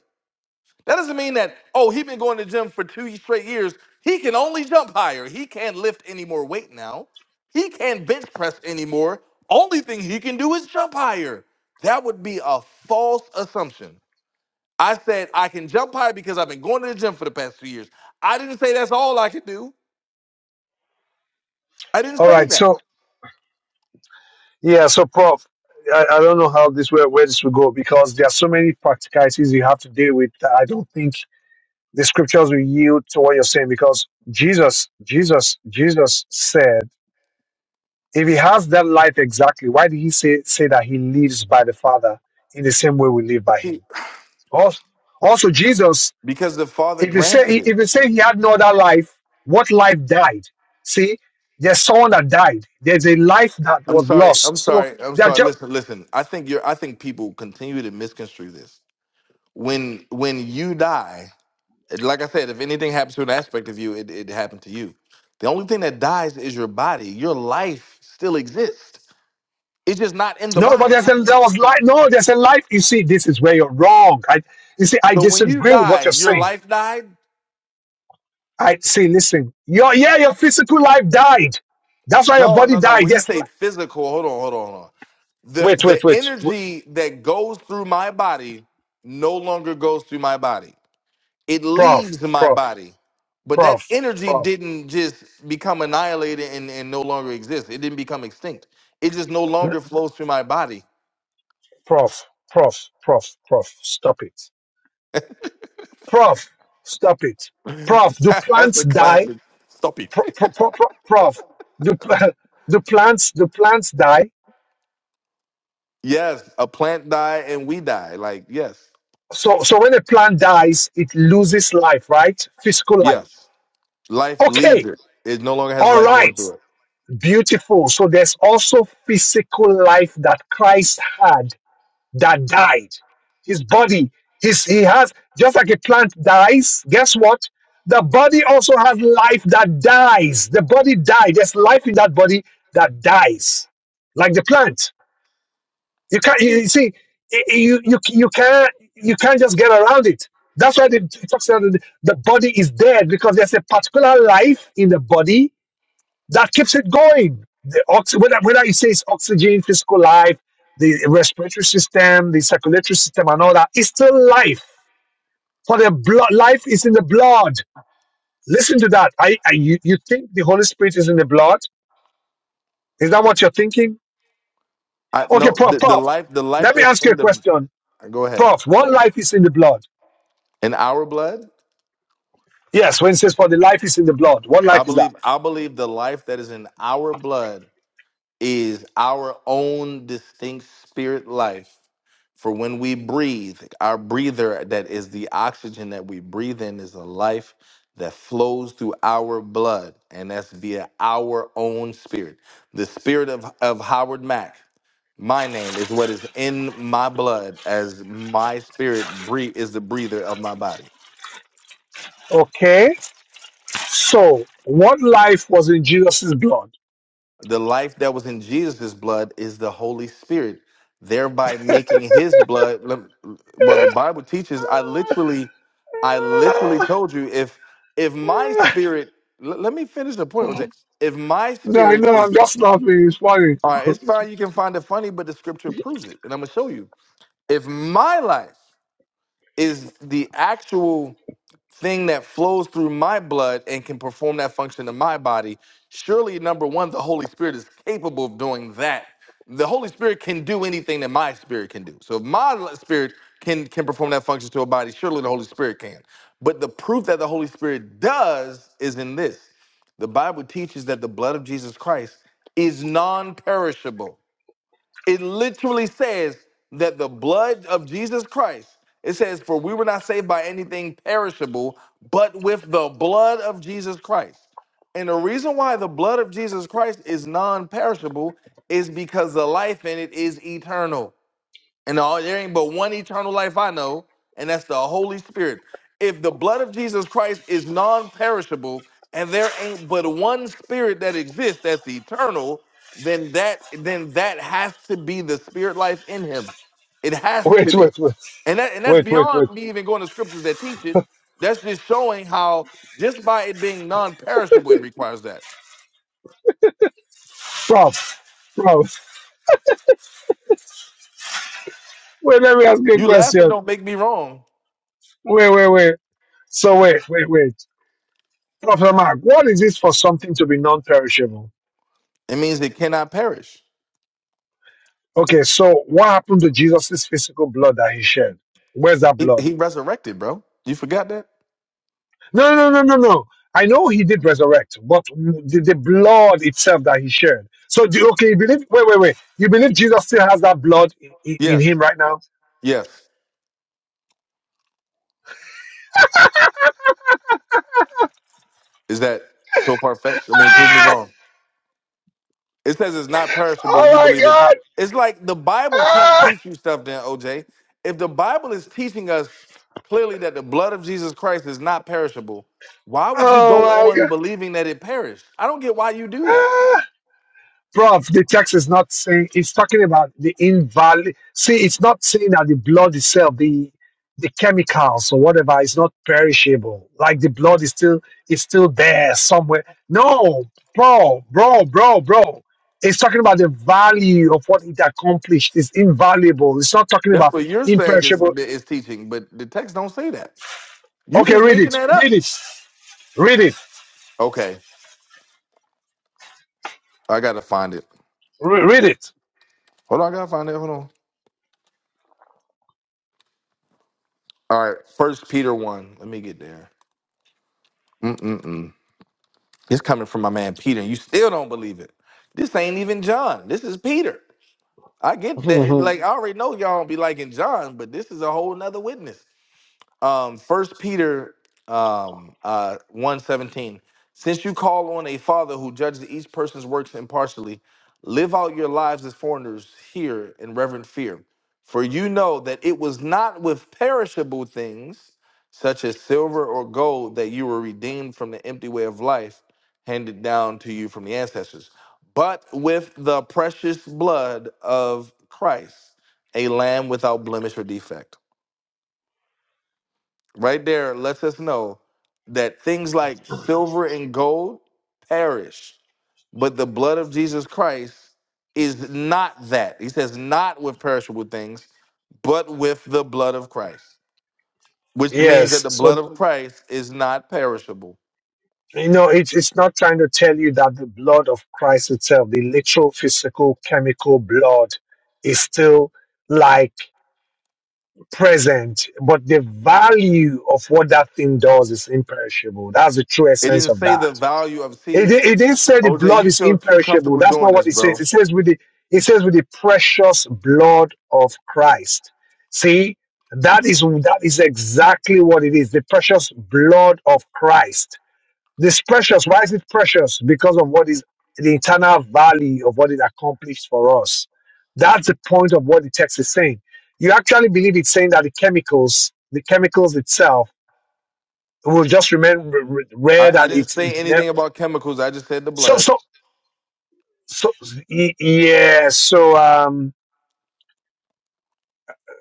Speaker 3: That doesn't mean that, oh, he's been going to the gym for two straight years. He can only jump higher. He can't lift any more weight now. He can't bench press anymore. Only thing he can do is jump higher. That would be a false assumption. I said I can jump higher because I've been going to the gym for the past two years. I didn't say that's all I could do. I didn't
Speaker 1: all
Speaker 3: say
Speaker 1: right, so
Speaker 3: that.
Speaker 1: yeah, so Prof. I, I don't know how this where, where this will go because there are so many practicalities you have to deal with. that I don't think the scriptures will yield to what you're saying because Jesus, Jesus, Jesus said. If he has that life exactly, why did he say, say that he lives by the Father in the same way we live by
Speaker 3: See,
Speaker 1: him? Also, also Jesus,
Speaker 3: because the father
Speaker 1: if you
Speaker 3: granted
Speaker 1: say
Speaker 3: it.
Speaker 1: if you say he had no other life, what life died? See, there's someone that died. There's a life that
Speaker 3: I'm
Speaker 1: was
Speaker 3: sorry.
Speaker 1: lost.
Speaker 3: I'm
Speaker 1: So
Speaker 3: sorry. I'm
Speaker 1: there
Speaker 3: sorry.
Speaker 1: just
Speaker 3: Listen, listen. I think you're. I think people continue to misconstrue this. When when you die, like I said, if anything happens to an aspect of you, it, it happened to you. The only thing that dies is your body. Your life still exists. It's just not in the
Speaker 1: no, but
Speaker 3: body.
Speaker 1: there's a there was life. No, there's a life. You see, this is where you're wrong. I you see, I
Speaker 3: So when you
Speaker 1: disagree with what
Speaker 3: die,
Speaker 1: you're
Speaker 3: your
Speaker 1: saying.
Speaker 3: life died.
Speaker 1: I see, listen, your yeah, your physical life died. That's why your
Speaker 3: No,
Speaker 1: body
Speaker 3: no, no.
Speaker 1: died.
Speaker 3: When you
Speaker 1: Yes,
Speaker 3: say physical, hold on, hold on, hold on. the
Speaker 1: wait, wait,
Speaker 3: the
Speaker 1: wait.
Speaker 3: energy that goes through my body no longer goes through my body it leaves
Speaker 1: Prof,
Speaker 3: my
Speaker 1: prof,
Speaker 3: body but that
Speaker 1: prof,
Speaker 3: energy
Speaker 1: prof,
Speaker 3: didn't just become annihilated and, and no longer exist it didn't become extinct it just no
Speaker 1: n-
Speaker 3: longer flows through my body
Speaker 1: prof, prof, prof, prof, stop it. Prof, stop it. Prof, do
Speaker 3: that's
Speaker 1: plants
Speaker 3: a
Speaker 1: die?
Speaker 3: classic stop it
Speaker 1: Pro, pro, pro, pro- prof, do, pl- do plants do plants die?
Speaker 3: yes a plant die and we die like yes
Speaker 1: So so when a plant dies, it loses life, right? Physical life.
Speaker 3: yes life leaves
Speaker 1: Okay,
Speaker 3: it it no longer has
Speaker 1: all
Speaker 3: life going
Speaker 1: right,
Speaker 3: through it
Speaker 1: beautiful. So there's also physical life that Christ had that died. His body, his, he has, just like a plant dies, guess what? The body also has life that dies. The body died. There's life in that body that dies, like the plant. You can't, you, you see, i- i- you, you, you can't, you can't just get around it. That's why the, it talks about the the body is dead because there's a particular life in the body that keeps it going. The ox- whether, whether you say it's oxygen, physical life, the respiratory system, the circulatory system, and all that, it's still life. For the blood, life is in the blood. Listen to that. I, I you, you think the Holy Spirit is in the blood? Is that what you're thinking?
Speaker 3: i
Speaker 1: Okay,
Speaker 3: no
Speaker 1: Prof,
Speaker 3: the, the
Speaker 1: Prof,
Speaker 3: life the life
Speaker 1: let me
Speaker 3: that's
Speaker 1: ask you a
Speaker 3: in the
Speaker 1: question.
Speaker 3: go ahead
Speaker 1: Prof, one life is in the blood.
Speaker 3: in our blood
Speaker 1: Yes, when it says for the life is in the blood, what
Speaker 3: I
Speaker 1: life is that?
Speaker 3: believe I believe the life that is in our blood is our own distinct spirit life. For when we breathe, our breather that is the oxygen that we breathe in is a life that flows through our blood, and that's via our own spirit. The spirit of, of Howard Mack, my name, is what is in my blood as my spirit breathe is the breather of my body.
Speaker 1: Okay, so what life was in Jesus' blood?
Speaker 3: The life that was in Jesus' blood is the Holy Spirit, thereby making his blood. lem- Well, the Bible teaches, I literally, I literally told you if if my spirit l- let me finish the point, Jose. If my
Speaker 1: No, I
Speaker 3: spirit
Speaker 1: know, I'm
Speaker 3: is
Speaker 1: just laughing. It's funny.
Speaker 3: all right, it's fine, you can find it funny, but the scripture proves it. And I'm gonna show you. If my life is the actual thing that flows through my blood and can perform that function in my body, surely number one, the Holy Spirit is capable of doing that. The Holy Spirit can do anything that my spirit can do. So if my l- spirit can can perform that function to a body, surely the Holy Spirit can. But the proof that the Holy Spirit does is in this. The Bible teaches that the blood of Jesus Christ is non-perishable it literally says that the blood of Jesus Christ, it says, for we were not saved by anything perishable, but with the blood of Jesus Christ. And the reason why the blood of Jesus Christ is non perishable is because the life in it is eternal. And all there ain't but one eternal life I know, and that's the Holy Spirit. If the blood of Jesus Christ is non-perishable, and there ain't but one spirit that exists that's eternal, then that then that has to be the spirit life in him. It has to
Speaker 1: Wait,
Speaker 3: be.
Speaker 1: wait, wait,
Speaker 3: And that and that's
Speaker 1: wait, wait, wait.
Speaker 3: beyond me even going to scriptures that teach it. That's just showing how just by it being non-perishable, it requires that.
Speaker 1: Prof, prof. Wait, let me ask you a
Speaker 3: You laugh and
Speaker 1: question.
Speaker 3: don't make me wrong.
Speaker 1: Wait, wait, wait. So, wait, wait, wait. Professor Mark, what is this for something to be non perishable?
Speaker 3: It means it cannot perish.
Speaker 1: Okay, so what happened to Jesus' physical blood that he shed? Where's that
Speaker 3: He,
Speaker 1: blood?
Speaker 3: he resurrected, bro. You forgot that?
Speaker 1: No, no, no, no, no. I know he did resurrect, but the, the blood itself that he shed. So, do, okay, you believe, wait, wait, wait. You believe Jesus still has that blood in, in, in
Speaker 3: Yes,
Speaker 1: him right now?
Speaker 3: yes. Is that so far fetched? I mean, prove me
Speaker 1: Ah!
Speaker 3: wrong. It says it's not perishable, and
Speaker 1: Oh
Speaker 3: you
Speaker 1: my
Speaker 3: believe it.
Speaker 1: God!
Speaker 3: It's like the Bible can't
Speaker 1: Ah,
Speaker 3: teach you stuff, then OJ. If the Bible is teaching us clearly that the blood of Jesus Christ is not perishable, why would you
Speaker 1: oh
Speaker 3: go
Speaker 1: my
Speaker 3: on
Speaker 1: god.
Speaker 3: believing that it perished? I don't get why you do that.
Speaker 1: Ah. Prof, the text is not saying it's talking about the invalid see it's not saying that the blood itself, the the chemicals or whatever is not perishable. Like the blood is still is still there somewhere. No, bro, bro, bro, bro. It's talking about the value of what it accomplished. It's invaluable. It's not talking
Speaker 3: That's
Speaker 1: about
Speaker 3: what you're saying is
Speaker 1: imperishable.
Speaker 3: is teaching, but the text don't say that. You
Speaker 1: Okay,
Speaker 3: just
Speaker 1: read
Speaker 3: making
Speaker 1: it.
Speaker 3: that up.
Speaker 1: Read it. Read it.
Speaker 3: Okay, I gotta find it.
Speaker 1: Re- read it.
Speaker 3: Hold on, I gotta find it. Hold on. All right, First Peter one. Let me get there. Mm-mm-mm. It's coming from my man Peter, and you still don't believe it. This ain't even John. This is Peter. I get that. Like I already know y'all don't be liking John, but this is a whole nother witness um first peter um uh 117 since you call on a father who judges each person's works impartially live out your lives as foreigners here in reverent fear for you know that it was not with perishable things such as silver or gold that you were redeemed from the empty way of life handed down to you from the ancestors but with the precious blood of christ a lamb without blemish or defect Right there lets us know that things like silver and gold perish, but the blood of Jesus Christ is not that. He says, not with perishable things, but with the blood of Christ, which means that
Speaker 1: yes.
Speaker 3: the
Speaker 1: so.
Speaker 3: blood of Christ is not perishable.
Speaker 1: You know, it's it's not trying to tell you that the blood of Christ itself, the literal, physical, chemical blood, is still like present, but the value of what that thing does is imperishable. That's the true
Speaker 3: It
Speaker 1: essence
Speaker 3: didn't
Speaker 1: of
Speaker 3: say
Speaker 1: that.
Speaker 3: the value of,
Speaker 1: It
Speaker 3: see,
Speaker 1: di- it didn't say the
Speaker 3: OJ,
Speaker 1: blood
Speaker 3: you
Speaker 1: is
Speaker 3: feel too
Speaker 1: imperishable.
Speaker 3: comfortable
Speaker 1: That's not
Speaker 3: doing
Speaker 1: what
Speaker 3: this,
Speaker 1: it says.
Speaker 3: bro.
Speaker 1: It says with the it says with the precious blood of Christ. See, that is that is exactly what it is. The precious blood of Christ this precious. Why is it precious? Because of what is the internal value of what it accomplished for us. That's the point of what the text is saying. You actually believe it's saying that the chemicals, the chemicals itself, will just remain r- r-
Speaker 3: I,
Speaker 1: red
Speaker 3: I
Speaker 1: and
Speaker 3: didn't
Speaker 1: it's it
Speaker 3: say
Speaker 1: never.
Speaker 3: anything about chemicals. I just said the
Speaker 1: So
Speaker 3: blood.
Speaker 1: so so y- yeah. So um.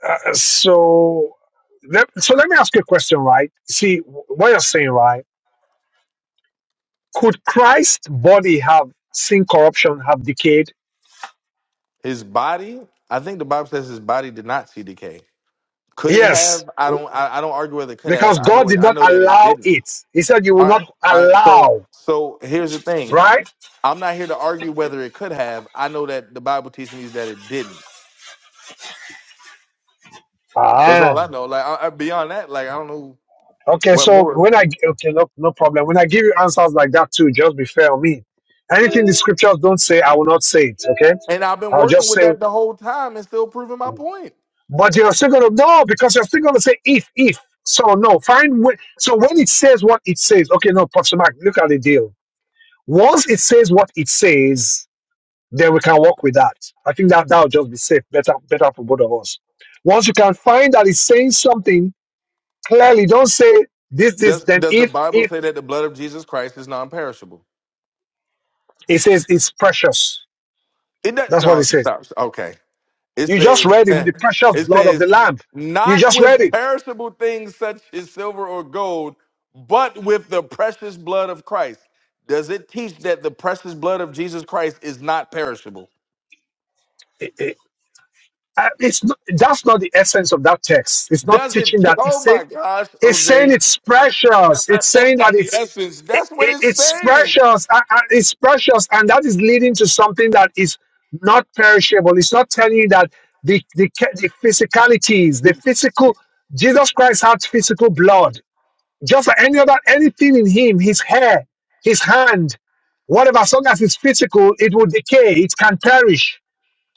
Speaker 1: Uh, so let, so let me ask you a question, right? See what you're saying, right? Could Christ's body have seen corruption, have decayed?
Speaker 3: His body, I think the Bible says his body did not see decay. Could it
Speaker 1: Yes.
Speaker 3: have? I don't. I, I don't argue whether it could have.
Speaker 1: Because
Speaker 3: I
Speaker 1: God
Speaker 3: know it.
Speaker 1: did
Speaker 3: I
Speaker 1: not
Speaker 3: know that it
Speaker 1: allow
Speaker 3: didn't.
Speaker 1: it. He said, You will
Speaker 3: All right.
Speaker 1: not
Speaker 3: All right. So
Speaker 1: allow,
Speaker 3: so here's the thing.
Speaker 1: right?
Speaker 3: I'm not here to argue whether it could have. I know that the Bible teaches me is that it didn't. That's all
Speaker 1: Ah.
Speaker 3: I know. Like I, I, beyond that, like I don't know
Speaker 1: Okay,
Speaker 3: what
Speaker 1: so
Speaker 3: more.
Speaker 1: when I, okay, no, no problem. When I give you answers like that too, just be fair on me. Anything the scriptures don't say, I will not say it, okay?
Speaker 3: And I've been
Speaker 1: I'll
Speaker 3: working
Speaker 1: just
Speaker 3: with
Speaker 1: say,
Speaker 3: that the whole time and still proving my point.
Speaker 1: but you're still going to, no, because you're still going to say if, if. So no, find, way. so when it says what it says, okay, no, Pastor Mark, look at the deal. Once it says what it says, then we can work with that. I think that that will just be safe, better, better for both of us. Once you can find that it's saying something clearly, don't say this, this,
Speaker 3: Does
Speaker 1: then
Speaker 3: Does the
Speaker 1: if,
Speaker 3: Bible
Speaker 1: if
Speaker 3: say that the blood of Jesus Christ is non-perishable?
Speaker 1: it says it's precious.
Speaker 3: It doesn't.
Speaker 1: That's what it
Speaker 3: No.
Speaker 1: says.
Speaker 3: Stop. Okay. It
Speaker 1: You just
Speaker 3: says,
Speaker 1: read it with the precious
Speaker 3: it
Speaker 1: blood of
Speaker 3: says,
Speaker 1: the lamb. You
Speaker 3: not
Speaker 1: just read
Speaker 3: with
Speaker 1: it.
Speaker 3: perishable things such as silver or gold, but with the precious blood of Christ. Does it teach that the precious blood of Jesus Christ is not perishable?
Speaker 1: It- it- uh, it's not, that's not the essence of that text. It's not
Speaker 3: Does it?
Speaker 1: teaching
Speaker 3: Te-
Speaker 1: that. It's
Speaker 3: oh
Speaker 1: saying
Speaker 3: my gosh,
Speaker 1: it's saying
Speaker 3: OJ,
Speaker 1: it's precious. It's
Speaker 3: that's
Speaker 1: saying that
Speaker 3: not the
Speaker 1: it's.
Speaker 3: essence.
Speaker 1: it,
Speaker 3: That's what
Speaker 1: it,
Speaker 3: it's
Speaker 1: it's
Speaker 3: saying.
Speaker 1: precious. uh, uh, It's precious, and that is leading to something that is not perishable. It's not telling you that the the, ca- the physicalities, the physical. Jesus Christ had physical blood, just like any other anything in him. His hair, his hand, whatever. As long as it's physical, it will decay. It can perish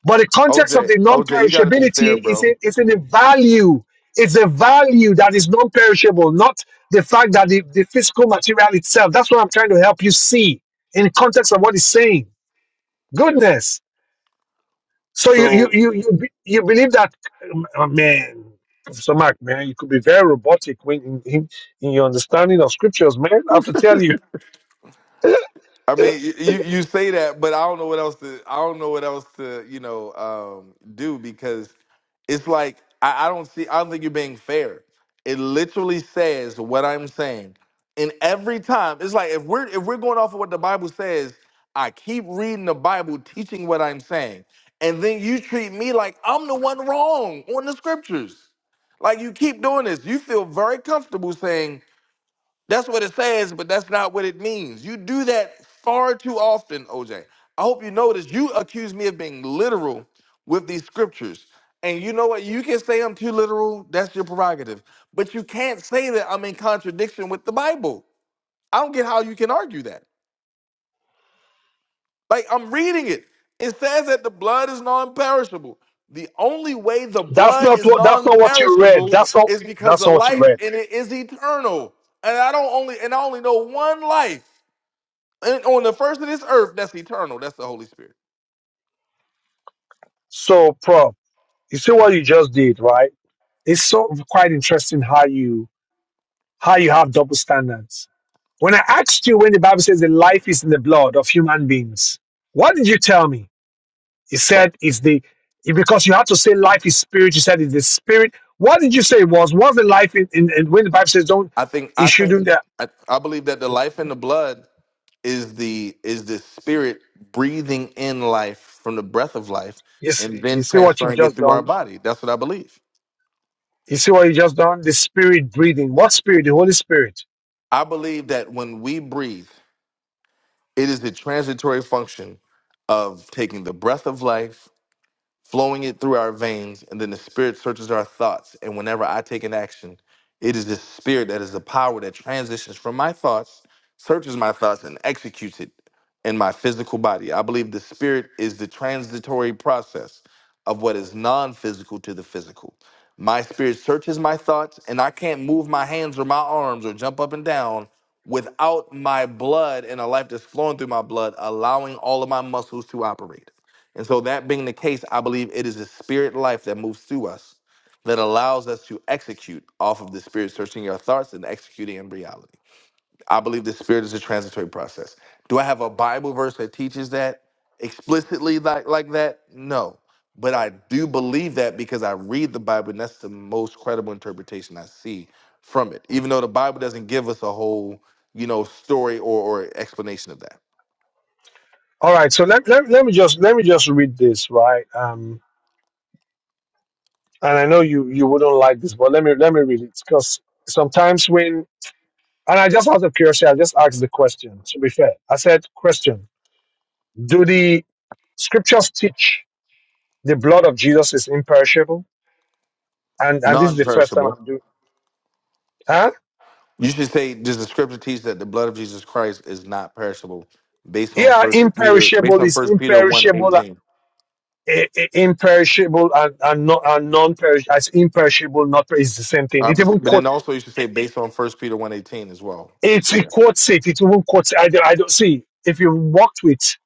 Speaker 1: but the context of
Speaker 3: OJ,
Speaker 1: the
Speaker 3: OJ, you got to be fair,
Speaker 1: non-perishability is
Speaker 3: bro.
Speaker 1: in, is in a value. It's a value that is non-perishable, not the fact that the, the physical material itself. That's what I'm trying to help you see in the context of what he's saying. Goodness. So you you
Speaker 3: So
Speaker 1: you you, be- you believe that um, oh, man, Professor Mark, man, you could be very robotic when in, in, in your understanding of scriptures, man. I have to tell you,
Speaker 3: I mean, y- you you say that, but I don't know what else to I don't know what else to you know um, do because it's like I, I don't see I don't think you're being fair. It literally says what I'm saying, and every time it's like if we're if we're going off of what the Bible says, I keep reading the Bible, teaching what I'm saying, and then you treat me like I'm the one wrong on the scriptures. Like you keep doing this, you feel very comfortable saying that's what it says, but that's not what it means. You do that far too often, OJ. I hope you notice you accuse me of being literal with these scriptures. And you know what? You can say I'm too literal. That's your prerogative. But you can't say that I'm in contradiction with the Bible. I don't get how you can argue that. Like, I'm reading it. It says that the blood is non perishable. The only way the
Speaker 1: that's
Speaker 3: blood
Speaker 1: not
Speaker 3: is
Speaker 1: what that's
Speaker 3: non
Speaker 1: not what you read.
Speaker 3: perishable
Speaker 1: That's not
Speaker 3: is because
Speaker 1: that's
Speaker 3: the
Speaker 1: not what you
Speaker 3: life
Speaker 1: read.
Speaker 3: in it is eternal. And I don't only, and I only know one life. and on the first of this earth that's eternal that's the holy spirit
Speaker 1: So, prof, you see what you just did, right? It's sort of quite interesting how you how you have double standards. When I asked you when the Bible says the life is in the blood of human beings, what did you tell me? You said it's the because you had to say life is spirit. You said it's the spirit. What did you say it was? Was the life in, in, in when the Bible says don't
Speaker 3: i think
Speaker 1: you
Speaker 3: i think
Speaker 1: shouldn't that
Speaker 3: i, I believe that the life in the blood is the is the spirit breathing in life from the breath of life
Speaker 1: you,
Speaker 3: and
Speaker 1: see- you
Speaker 3: then
Speaker 1: see what you've
Speaker 3: transferring it
Speaker 1: just
Speaker 3: through our
Speaker 1: done?
Speaker 3: body that's what i believe
Speaker 1: You see what you just done? The spirit breathing. What spirit? The Holy Spirit.
Speaker 3: i believe that when we breathe it is the transitory function of taking the breath of life flowing it through our veins, and then the Spirit searches our thoughts. And whenever I take an action, it is the Spirit that is the power that transitions from my thoughts, searches my thoughts, and executes it in my physical body. I believe the Spirit is the transitory process of what is non physical to the physical. My spirit searches my thoughts, and I can't move my hands or my arms or jump up and down without my blood and a life that's flowing through my blood, allowing all of my muscles to operate. And so, that being the case, I believe it is the spirit life that moves through us that allows us to execute off of the spirit, searching our thoughts and executing in reality. I believe the spirit is a transitory process. Do I have a Bible verse that teaches that explicitly like, like that? No. But I do believe that because I read the Bible, and that's the most credible interpretation I see from it, even though the Bible doesnson give us a whole, you know, story or, or explanation of that.
Speaker 1: All right. So let, let, let me just let me just read this, right? Um and I know you you wouldn't like this, but let me let me read it because sometimes when and I just out of curiosity, I just asked the question. To be fair, I said, "Question: Do the scriptures teach the blood of Jesus is imperishable?" And and this is
Speaker 3: Non
Speaker 1: the first time
Speaker 3: perishable.
Speaker 1: I'm doing. Huh?
Speaker 3: You should say, does the scripture teach that the blood of Jesus Christ is not perishable, based on
Speaker 1: Yeah,
Speaker 3: First Peter, based
Speaker 1: imperishable
Speaker 3: on
Speaker 1: is
Speaker 3: First Peter one
Speaker 1: imperishable, uh,
Speaker 3: eighteen.
Speaker 1: i- i- imperishable and and, not, and non-perishable. It's imperishable, not per- it's the same thing.
Speaker 3: Uh,
Speaker 1: It
Speaker 3: but,
Speaker 1: even
Speaker 3: but
Speaker 1: quote
Speaker 3: then also you should say
Speaker 1: it,
Speaker 3: based on First Peter one eighteen as well.
Speaker 1: it, it
Speaker 3: Yeah.
Speaker 1: quotes it. It even quotes. I don't, I don't see if you walked with.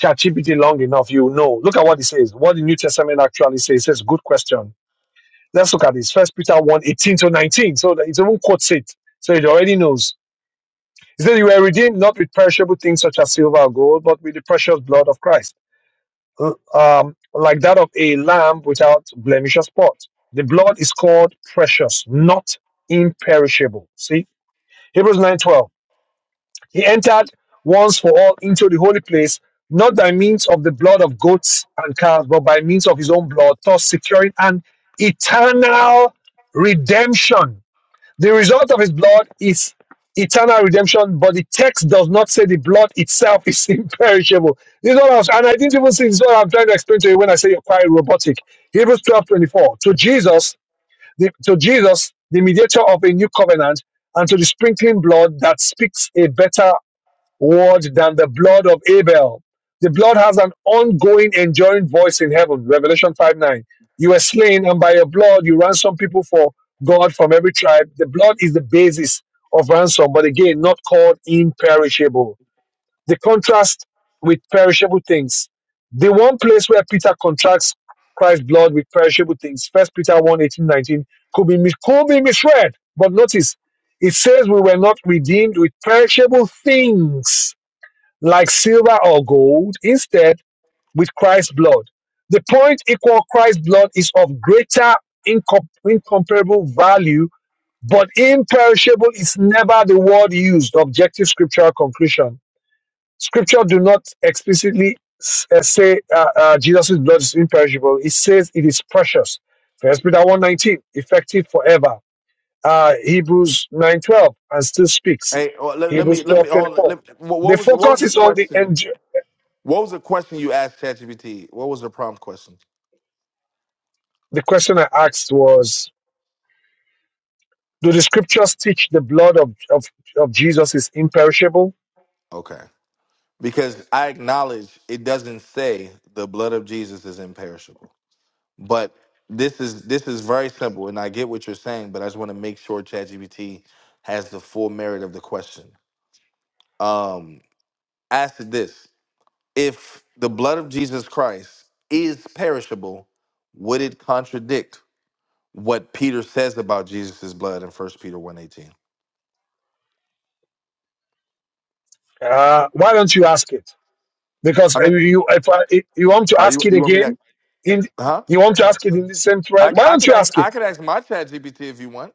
Speaker 1: ChatGPT long enough, you know. Look at what it says. What the New Testament actually says. It says, good question. Let's look at this. First Peter one 18 to 19. So it even quotes it. So it already knows. It says, you were redeemed not with perishable things such as silver or gold, but with the precious blood of Christ. l- Um, like that of a lamb without blemish or spot. The blood is called precious, not imperishable. See? Hebrews 9:12. He entered once for all into the holy place, not by means of the blood of goats and calves, but by means of his own blood, thus securing an eternal redemption. The result of his blood is eternal redemption, but the text does not say the blood itself is imperishable. This is what I was, and I didn't even see this is what I'm trying to explain to you when I say you're quite robotic. Hebrews 12 24 To Jesus, the, to Jesus, the mediator of a new covenant, and to the sprinkling blood that speaks a better what than the blood of Abel. The blood has an ongoing, enduring voice in heaven. Revelation 5 9. You were slain, and by your blood you ransom people for God from every tribe. The blood is the basis of ransom, but again, not called imperishable. The contrast with perishable things. The one place where Peter contrasts Christ's blood with perishable things, First Peter 1 eighteen, 19, could be, mis- could be misread. But notice, it says we were not redeemed with perishable things like silver or gold, instead with Christ's blood. The point equal Christ's blood is of greater incom- incomparable value, but imperishable is never the word used. Objective scriptural conclusion. Scripture do not explicitly s- uh, say uh, uh, Jesus' blood is imperishable. It says it is precious. First Peter one nineteen, effective forever. Uh, Hebrews 9.12, and still speaks.
Speaker 3: Hey, oh, let, let me
Speaker 1: Hebrews
Speaker 3: let me hold. on,
Speaker 1: 12.24.
Speaker 3: Let, what,
Speaker 1: The
Speaker 3: what was what was
Speaker 1: focus
Speaker 3: the
Speaker 1: is on the en-
Speaker 3: question? What was the question you asked ChatGPT? What was the prompt question?
Speaker 1: The question I asked was Do the scriptures teach the blood of, of, of Jesus is imperishable?
Speaker 3: Okay, because I acknowledge it doesn't say the blood of Jesus is imperishable. But this is this is very simple, and I get what you're saying, but I just want to make sure ChatGPT has the full merit of the question. Um, ask it this: If the blood of Jesus Christ is perishable, would it contradict what Peter says about Jesus' blood in First Peter one eighteen?
Speaker 1: Uh, why don't you ask it? Because
Speaker 3: I mean,
Speaker 1: if you, if I, if you want to
Speaker 3: are
Speaker 1: ask
Speaker 3: you
Speaker 1: it
Speaker 3: you want me to?
Speaker 1: again, in
Speaker 3: Huh?
Speaker 1: you want to ask it in the same thread,
Speaker 3: I,
Speaker 1: why
Speaker 3: I
Speaker 1: don't
Speaker 3: could
Speaker 1: you
Speaker 3: ask
Speaker 1: ask
Speaker 3: I
Speaker 1: it?
Speaker 3: could ask my ChatGPT if you want,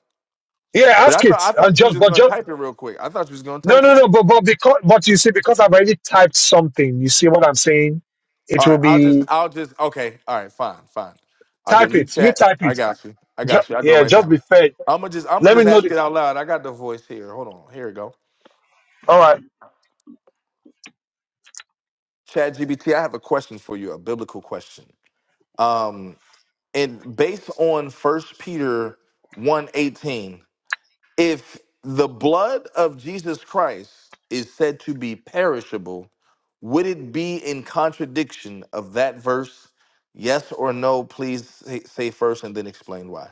Speaker 1: Yeah,
Speaker 3: but I
Speaker 1: ask
Speaker 3: thought
Speaker 1: it.
Speaker 3: I
Speaker 1: And
Speaker 3: thought you was
Speaker 1: just,
Speaker 3: just
Speaker 1: but
Speaker 3: gonna
Speaker 1: just,
Speaker 3: type it real quick. I thought you was gonna
Speaker 1: no,
Speaker 3: type
Speaker 1: no,
Speaker 3: it.
Speaker 1: no, but, but, because, but you see, because I've already typed something, you see what I'm saying? It
Speaker 3: All
Speaker 1: will
Speaker 3: right, I'll just,
Speaker 1: be,
Speaker 3: I'll just, okay, all right, fine, fine. I'll do a
Speaker 1: type
Speaker 3: new
Speaker 1: it. You
Speaker 3: chat.
Speaker 1: type
Speaker 3: I
Speaker 1: it.
Speaker 3: got you. I
Speaker 1: Ju-
Speaker 3: got you. I'll do it
Speaker 1: yeah,
Speaker 3: right
Speaker 1: just be
Speaker 3: now.
Speaker 1: fair.
Speaker 3: I'm gonna just, I'm gonna
Speaker 1: Let me
Speaker 3: just
Speaker 1: know the,
Speaker 3: ask it out loud. I got the voice here. Hold on. Here we go.
Speaker 1: all right.
Speaker 3: Chat GBT, I have a question for you, a biblical question. Um, and based on First Peter one eighteen, if the blood of Jesus Christ is said to be perishable, would it be in contradiction of that verse? Yes or no? Please say say first and then explain why.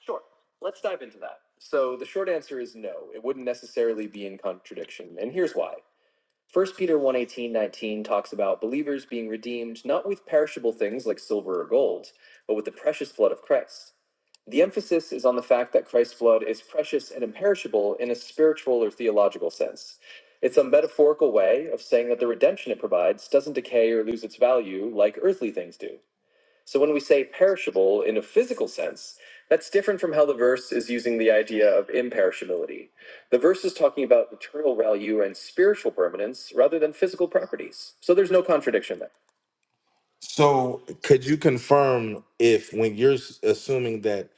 Speaker 3: Sure. Let's dive into that. So the short answer is no. It wouldn't necessarily be in contradiction, and here's why. First Peter one eighteen nineteen talks about believers being redeemed not with perishable things like silver or gold, but with the precious blood of Christ. The emphasis is on the fact that Christ's blood is precious and imperishable in a spiritual or theological sense. It's a metaphorical way of saying that the redemption it provides doesn't decay or lose its value like earthly things do. So when we say perishable in a physical sense, that's different from how the verse is using the idea of imperishability. The verse is talking about eternal value and spiritual permanence rather than physical properties. So there's no contradiction there. So, could you confirm if when you're s- assuming that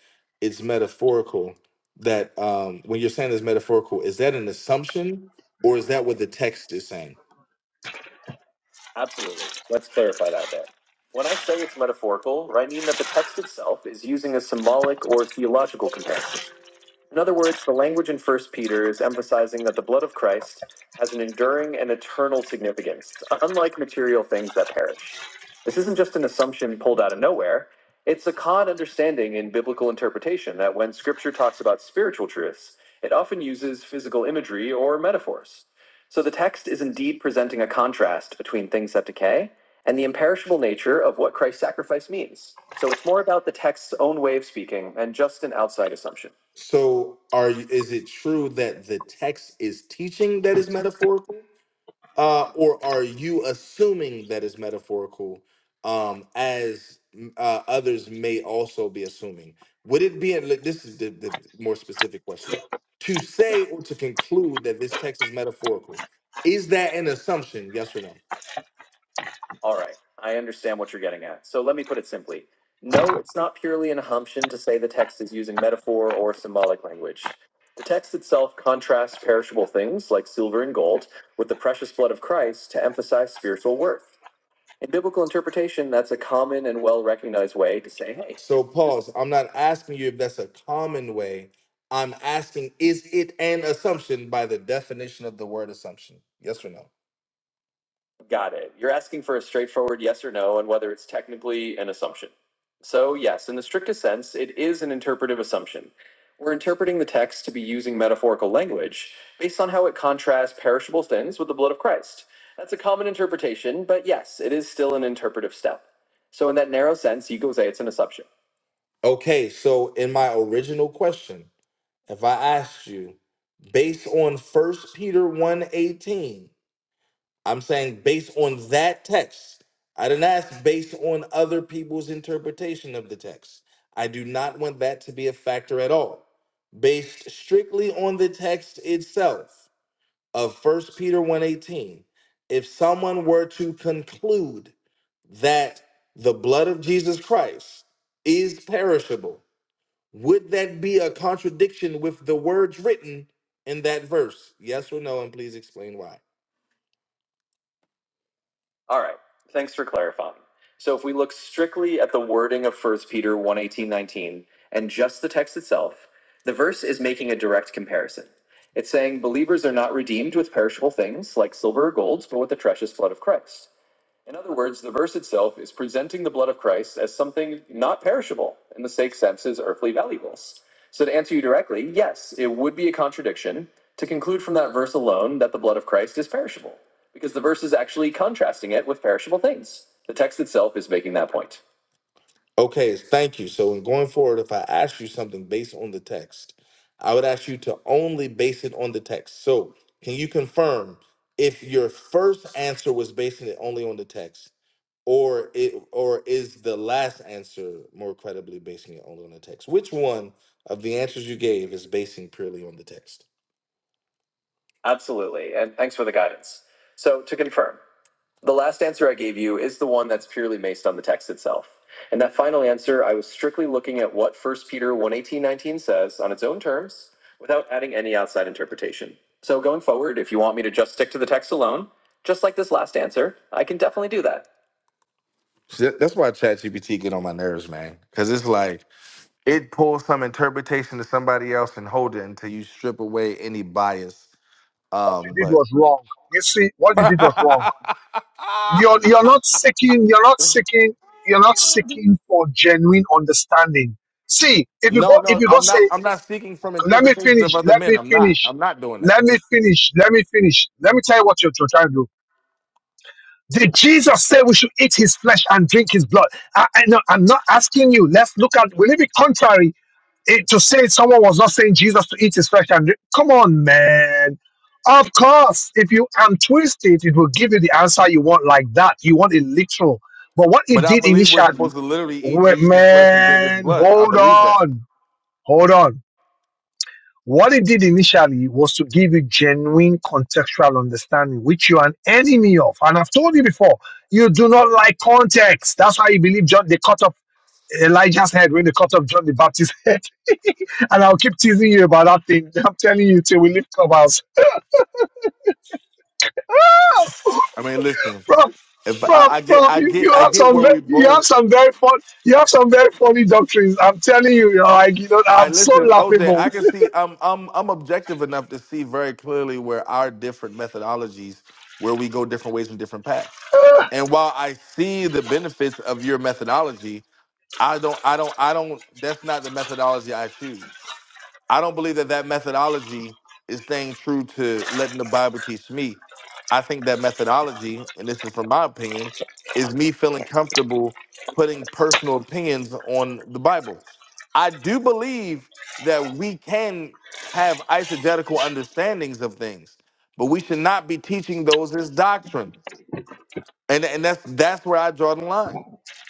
Speaker 3: it's metaphorical, that um, when you're saying it's metaphorical, is that an assumption or is that what the text is saying? Absolutely. Let's clarify that there. When I say it's metaphorical, right, I mean that the text itself is using a symbolic or theological comparison. In other words, the language in First Peter is emphasizing that the blood of Christ has an enduring and eternal significance, unlike material things that perish. This isn't just an assumption pulled out of nowhere. It's a common understanding in biblical interpretation that when scripture talks about spiritual truths, it often uses physical imagery or metaphors. So the text is indeed presenting a contrast between things that decay and the imperishable nature of what Christ's sacrifice means. So it's more about the text's own way of speaking and just an outside assumption. So are you, is it true that the text is teaching that is metaphorical? Uh, or are you assuming that is metaphorical um, as mm, uh, others may also be assuming? Would it be, and look, this is the, the more specific question, to say or to conclude that this text is metaphorical, is that an assumption, yes or no? All right. I understand what you're getting at. So let me put it simply. No, it's not purely an assumption to say the text is using metaphor or symbolic language. The text itself contrasts perishable things like silver and gold with the precious blood of Christ to emphasize spiritual worth. In biblical interpretation, that's a common and well recognized way to say, hey, So, this. pause. I'm not asking you if that's a common way. I'm asking, is it an assumption by the definition of the word assumption? Yes or no? Got it. You're asking for a straightforward yes or no and whether it's technically an assumption. So, yes, in the strictest sense, it is an interpretive assumption. We're interpreting the text to be using metaphorical language based on how it contrasts perishable things with the blood of Christ. That's a common interpretation, but yes, it is still an interpretive step. So, in that narrow sense, you could say it's an assumption. Okay, so in my original question, if I asked you, based on First Peter one eighteen. I'm saying based on that text. I didn't ask based on other people's interpretation of the text. I do not want that to be a factor at all. Based strictly on the text itself of First Peter one eighteen, if someone were to conclude that the blood of Jesus Christ is perishable, would that be a contradiction with the words written in that verse? Yes or no, and please explain why. All right. Thanks for clarifying. So if we look strictly at the wording of First Peter one eighteen nineteen and just the text itself, the verse is making a direct comparison. It's saying believers are not redeemed with perishable things like silver or gold, but with the precious blood of Christ. In other words, the verse itself is presenting the blood of Christ as something not perishable in the sake sense as earthly valuables. So, to answer you directly, yes, it would be a contradiction to conclude from that verse alone that the blood of Christ is perishable, because the verse is actually contrasting it with perishable things. The text itself is making that point. Okay, thank you. So in going forward, if I ask you something based on the text, I would ask you to only base it on the text. So can you confirm if your first answer was basing it only on the text, or it or is the last answer more credibly basing it only on the text? Which one of the answers you gave is basing purely on the text? Absolutely. And thanks for the guidance. So to confirm, the last answer I gave you is the one that's purely based on the text itself. And that final answer, I was strictly looking at what First Peter one eighteen nineteen says on its own terms without adding any outside interpretation. So going forward, if you want me to just stick to the text alone, just like this last answer, I can definitely do that. See, that- That's why ChatGPT get on my nerves, man. Because it's like it pulls some interpretation to somebody else and hold it until you strip away any bias.
Speaker 1: What you
Speaker 3: Um,
Speaker 1: did
Speaker 3: but
Speaker 1: was wrong. You see, what you did was wrong You're you're not seeking, you're not seeking, you're not seeking for genuine understanding. See, if you go
Speaker 3: No,
Speaker 1: if
Speaker 3: no,
Speaker 1: you go
Speaker 3: I'm not.
Speaker 1: say,
Speaker 3: I'm not seeking from
Speaker 1: let me
Speaker 3: interpretations of
Speaker 1: finish,
Speaker 3: other
Speaker 1: let
Speaker 3: men.
Speaker 1: me
Speaker 3: I'm not.
Speaker 1: finish,
Speaker 3: I'm not doing that.
Speaker 1: let me finish, let me finish, let me tell you what you're trying to do. Did Jesus say we should eat his flesh and drink his blood? I, I, no, I'm not asking you. Let's look at, will it be contrary it, to say someone was not saying Jesus to eat his flesh and drink? Come on, man. Of course, if you untwist it, it will give you the answer you want like that. You want it literal. But what it
Speaker 3: But I
Speaker 1: did
Speaker 3: believe we're
Speaker 1: initially,
Speaker 3: supposed to literally eat
Speaker 1: wa-
Speaker 3: Jesus' flesh and drink His
Speaker 1: man,
Speaker 3: blood. I
Speaker 1: hold
Speaker 3: believe that.
Speaker 1: on, hold on. What it did initially was to give you genuine contextual understanding, which you're an enemy of. And I've told you before, you do not like context. That's why you believe John, they cut off Elijah's head when they cut off John the Baptist's head. and I'll keep teasing you about that thing. I'm telling you till we leave clubhouse.
Speaker 3: I mean, listen.
Speaker 1: Prof,
Speaker 3: If I,
Speaker 1: prof,
Speaker 3: I get,
Speaker 1: prof,
Speaker 3: I
Speaker 1: you, you
Speaker 3: get, I
Speaker 1: have
Speaker 3: get
Speaker 1: some
Speaker 3: where
Speaker 1: ve-
Speaker 3: we
Speaker 1: you have
Speaker 3: both.
Speaker 1: some very fun you have some very funny doctrines. I'm telling you, you're like you know,
Speaker 3: I
Speaker 1: I'm so
Speaker 3: listen, OJ. I
Speaker 1: laughable.
Speaker 3: can see. I'm, I'm, I'm objective enough to see very clearly where our different methodologies, where we go different ways and different paths. And while I see the benefits of your methodology, I don't, I don't, I don't. That's not the methodology I choose. I don't believe that that methodology is staying true to letting the Bible teach me. I think that methodology, and this is from my opinion, is me feeling comfortable putting personal opinions on the Bible. I do believe that we can have eisegetical understandings of things, but we should not be teaching those as doctrine. And, and that's that's where I draw the line.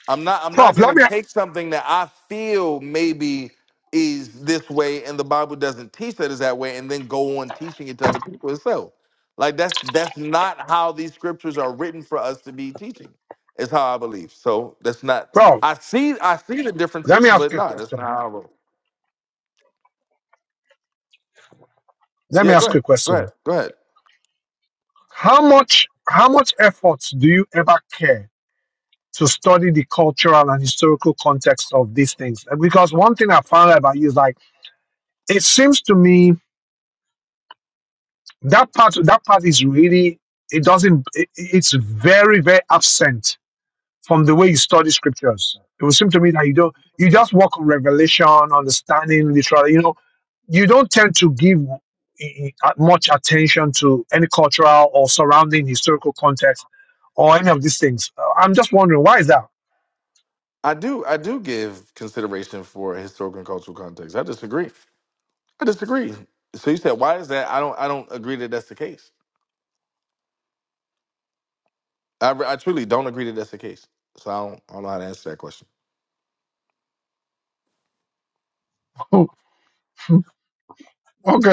Speaker 3: I'm not I'm not
Speaker 1: prof, let
Speaker 3: gonna
Speaker 1: me
Speaker 3: take something that I feel maybe is this way and the Bible doesn't teach that is that way and then go on teaching it to other people itself. Like that's that's not how these scriptures are written for us to be teaching. Is how I believe. So that's not
Speaker 1: prof,
Speaker 3: I see I see the
Speaker 1: let
Speaker 3: differences,
Speaker 1: me ask
Speaker 3: but
Speaker 1: you a
Speaker 3: no, that's
Speaker 1: question.
Speaker 3: not how I roll.
Speaker 1: Let me
Speaker 3: Yeah, go
Speaker 1: ask you
Speaker 3: ahead.
Speaker 1: a
Speaker 3: Go ahead.
Speaker 1: question.
Speaker 3: Go ahead.
Speaker 1: How much how much effort do you ever care to study the cultural and historical context of these things? Because one thing I found out about you is like it seems to me that part that part is really it doesn't it, it's very very absent from the way you study scriptures. It would seem to me that you don't you just work on revelation, understanding literally. You know, you don't tend to give eh, eh, much attention to any cultural or surrounding historical context or any of these things. Uh, I'm just wondering why is that?
Speaker 3: I do I do give consideration for historical and cultural context. I disagree. I disagree. So you said why is that? I don't I don't agree that that's the case. I, I truly don't agree that that's the case. So I don't, I don't know how to answer that question.
Speaker 1: okay,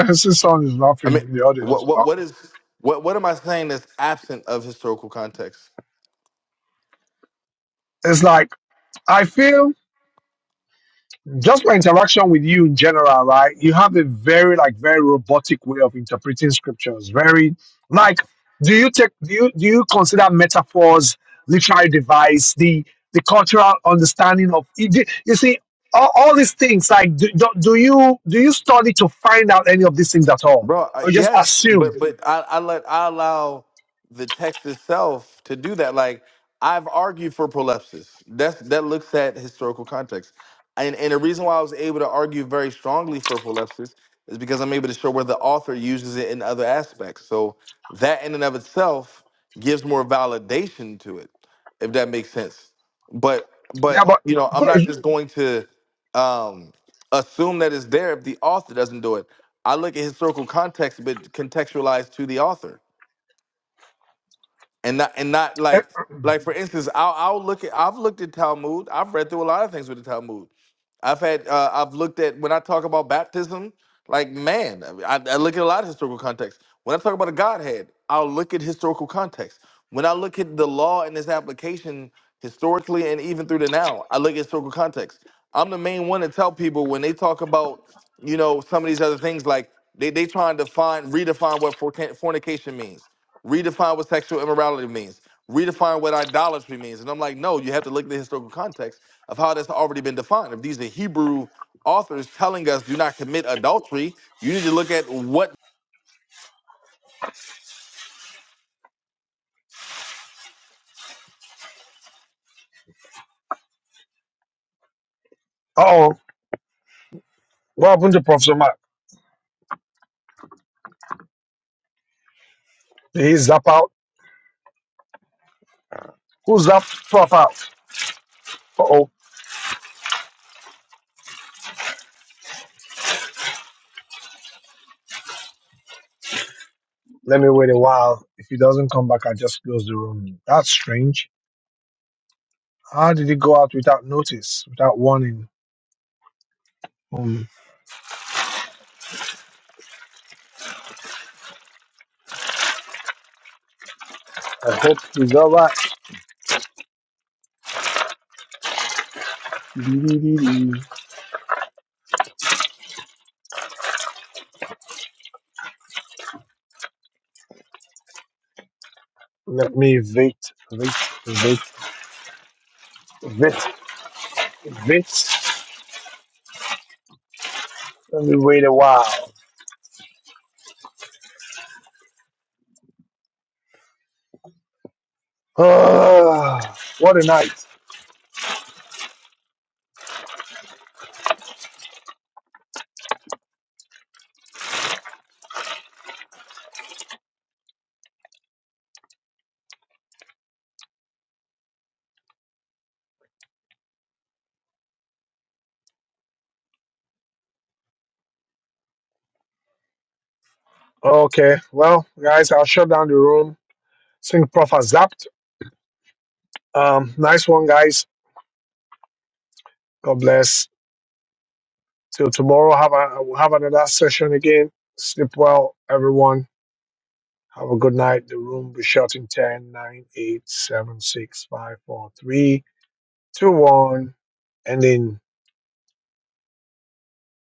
Speaker 1: I see someone is
Speaker 3: I
Speaker 1: laughing
Speaker 3: mean,
Speaker 1: in the
Speaker 3: what
Speaker 1: audience.
Speaker 3: what
Speaker 1: Oh,
Speaker 3: what is what what am I saying that's absent of historical context?
Speaker 1: It's like I feel just my interaction with you in general, right? You have a very like very robotic way of interpreting scriptures. Very like, do you take do you do you consider metaphors, literary device, the the cultural understanding of you you see all, all these things? Like, do, do do you do you study to find out any of these things at all,
Speaker 3: Bro,
Speaker 1: or
Speaker 3: I-
Speaker 1: you just
Speaker 3: yes,
Speaker 1: assume?
Speaker 3: but but I, I let I allow the text itself to do that. Like I've argued for prolepsis. That's that looks at historical context, and and the reason why I was able to argue very strongly for prolepsis is because I'm able to show where the author uses it in other aspects. So that in and of itself gives more validation to it, if that makes sense. But
Speaker 1: Yeah,
Speaker 3: but
Speaker 1: but,
Speaker 3: you know I'm not just going to um, assume that it's there if the author doesn't do it I look at historical context, but contextualized to the author and not and not
Speaker 1: but
Speaker 3: like like for instance, I'll I'll look at I've looked at Talmud. I've read through a lot of things with the Talmud. I've had uh, I've looked at when I talk about baptism, like man, I, I I look at a lot of historical context. When I talk about a Godhead, I'll look at historical context. When I look at the law and its application historically and even through the now, I look at historical context. I'm the main one to tell people when they talk about you know some of these other things like they they trying to find redefine what forca- fornication means redefine what sexual immorality means, redefine what idolatry means. And I'm like, no, you have to look at the historical context of how that's already been defined. If these are Hebrew authors telling us do not commit adultery, you need to look at what
Speaker 1: oh, what happened to Professor Mark? Did he zap out? Who zapped Prof out? Uh oh. Let me wait a while. If he doesn't come back, I just close the room. That's strange. How did he go out without notice, without warning? Um, I hope he's all right. Let me wait, wait, wait, wait, wait. Let me wait a while. Ah, what a night. Okay, well, guys, I'll shut down the room. Sync Prof has zapped. Um, nice one, guys. God bless. Till tomorrow, have a, have another session again. Sleep well, everyone. Have a good night. The room be shut in 10, 9, 8, Ending.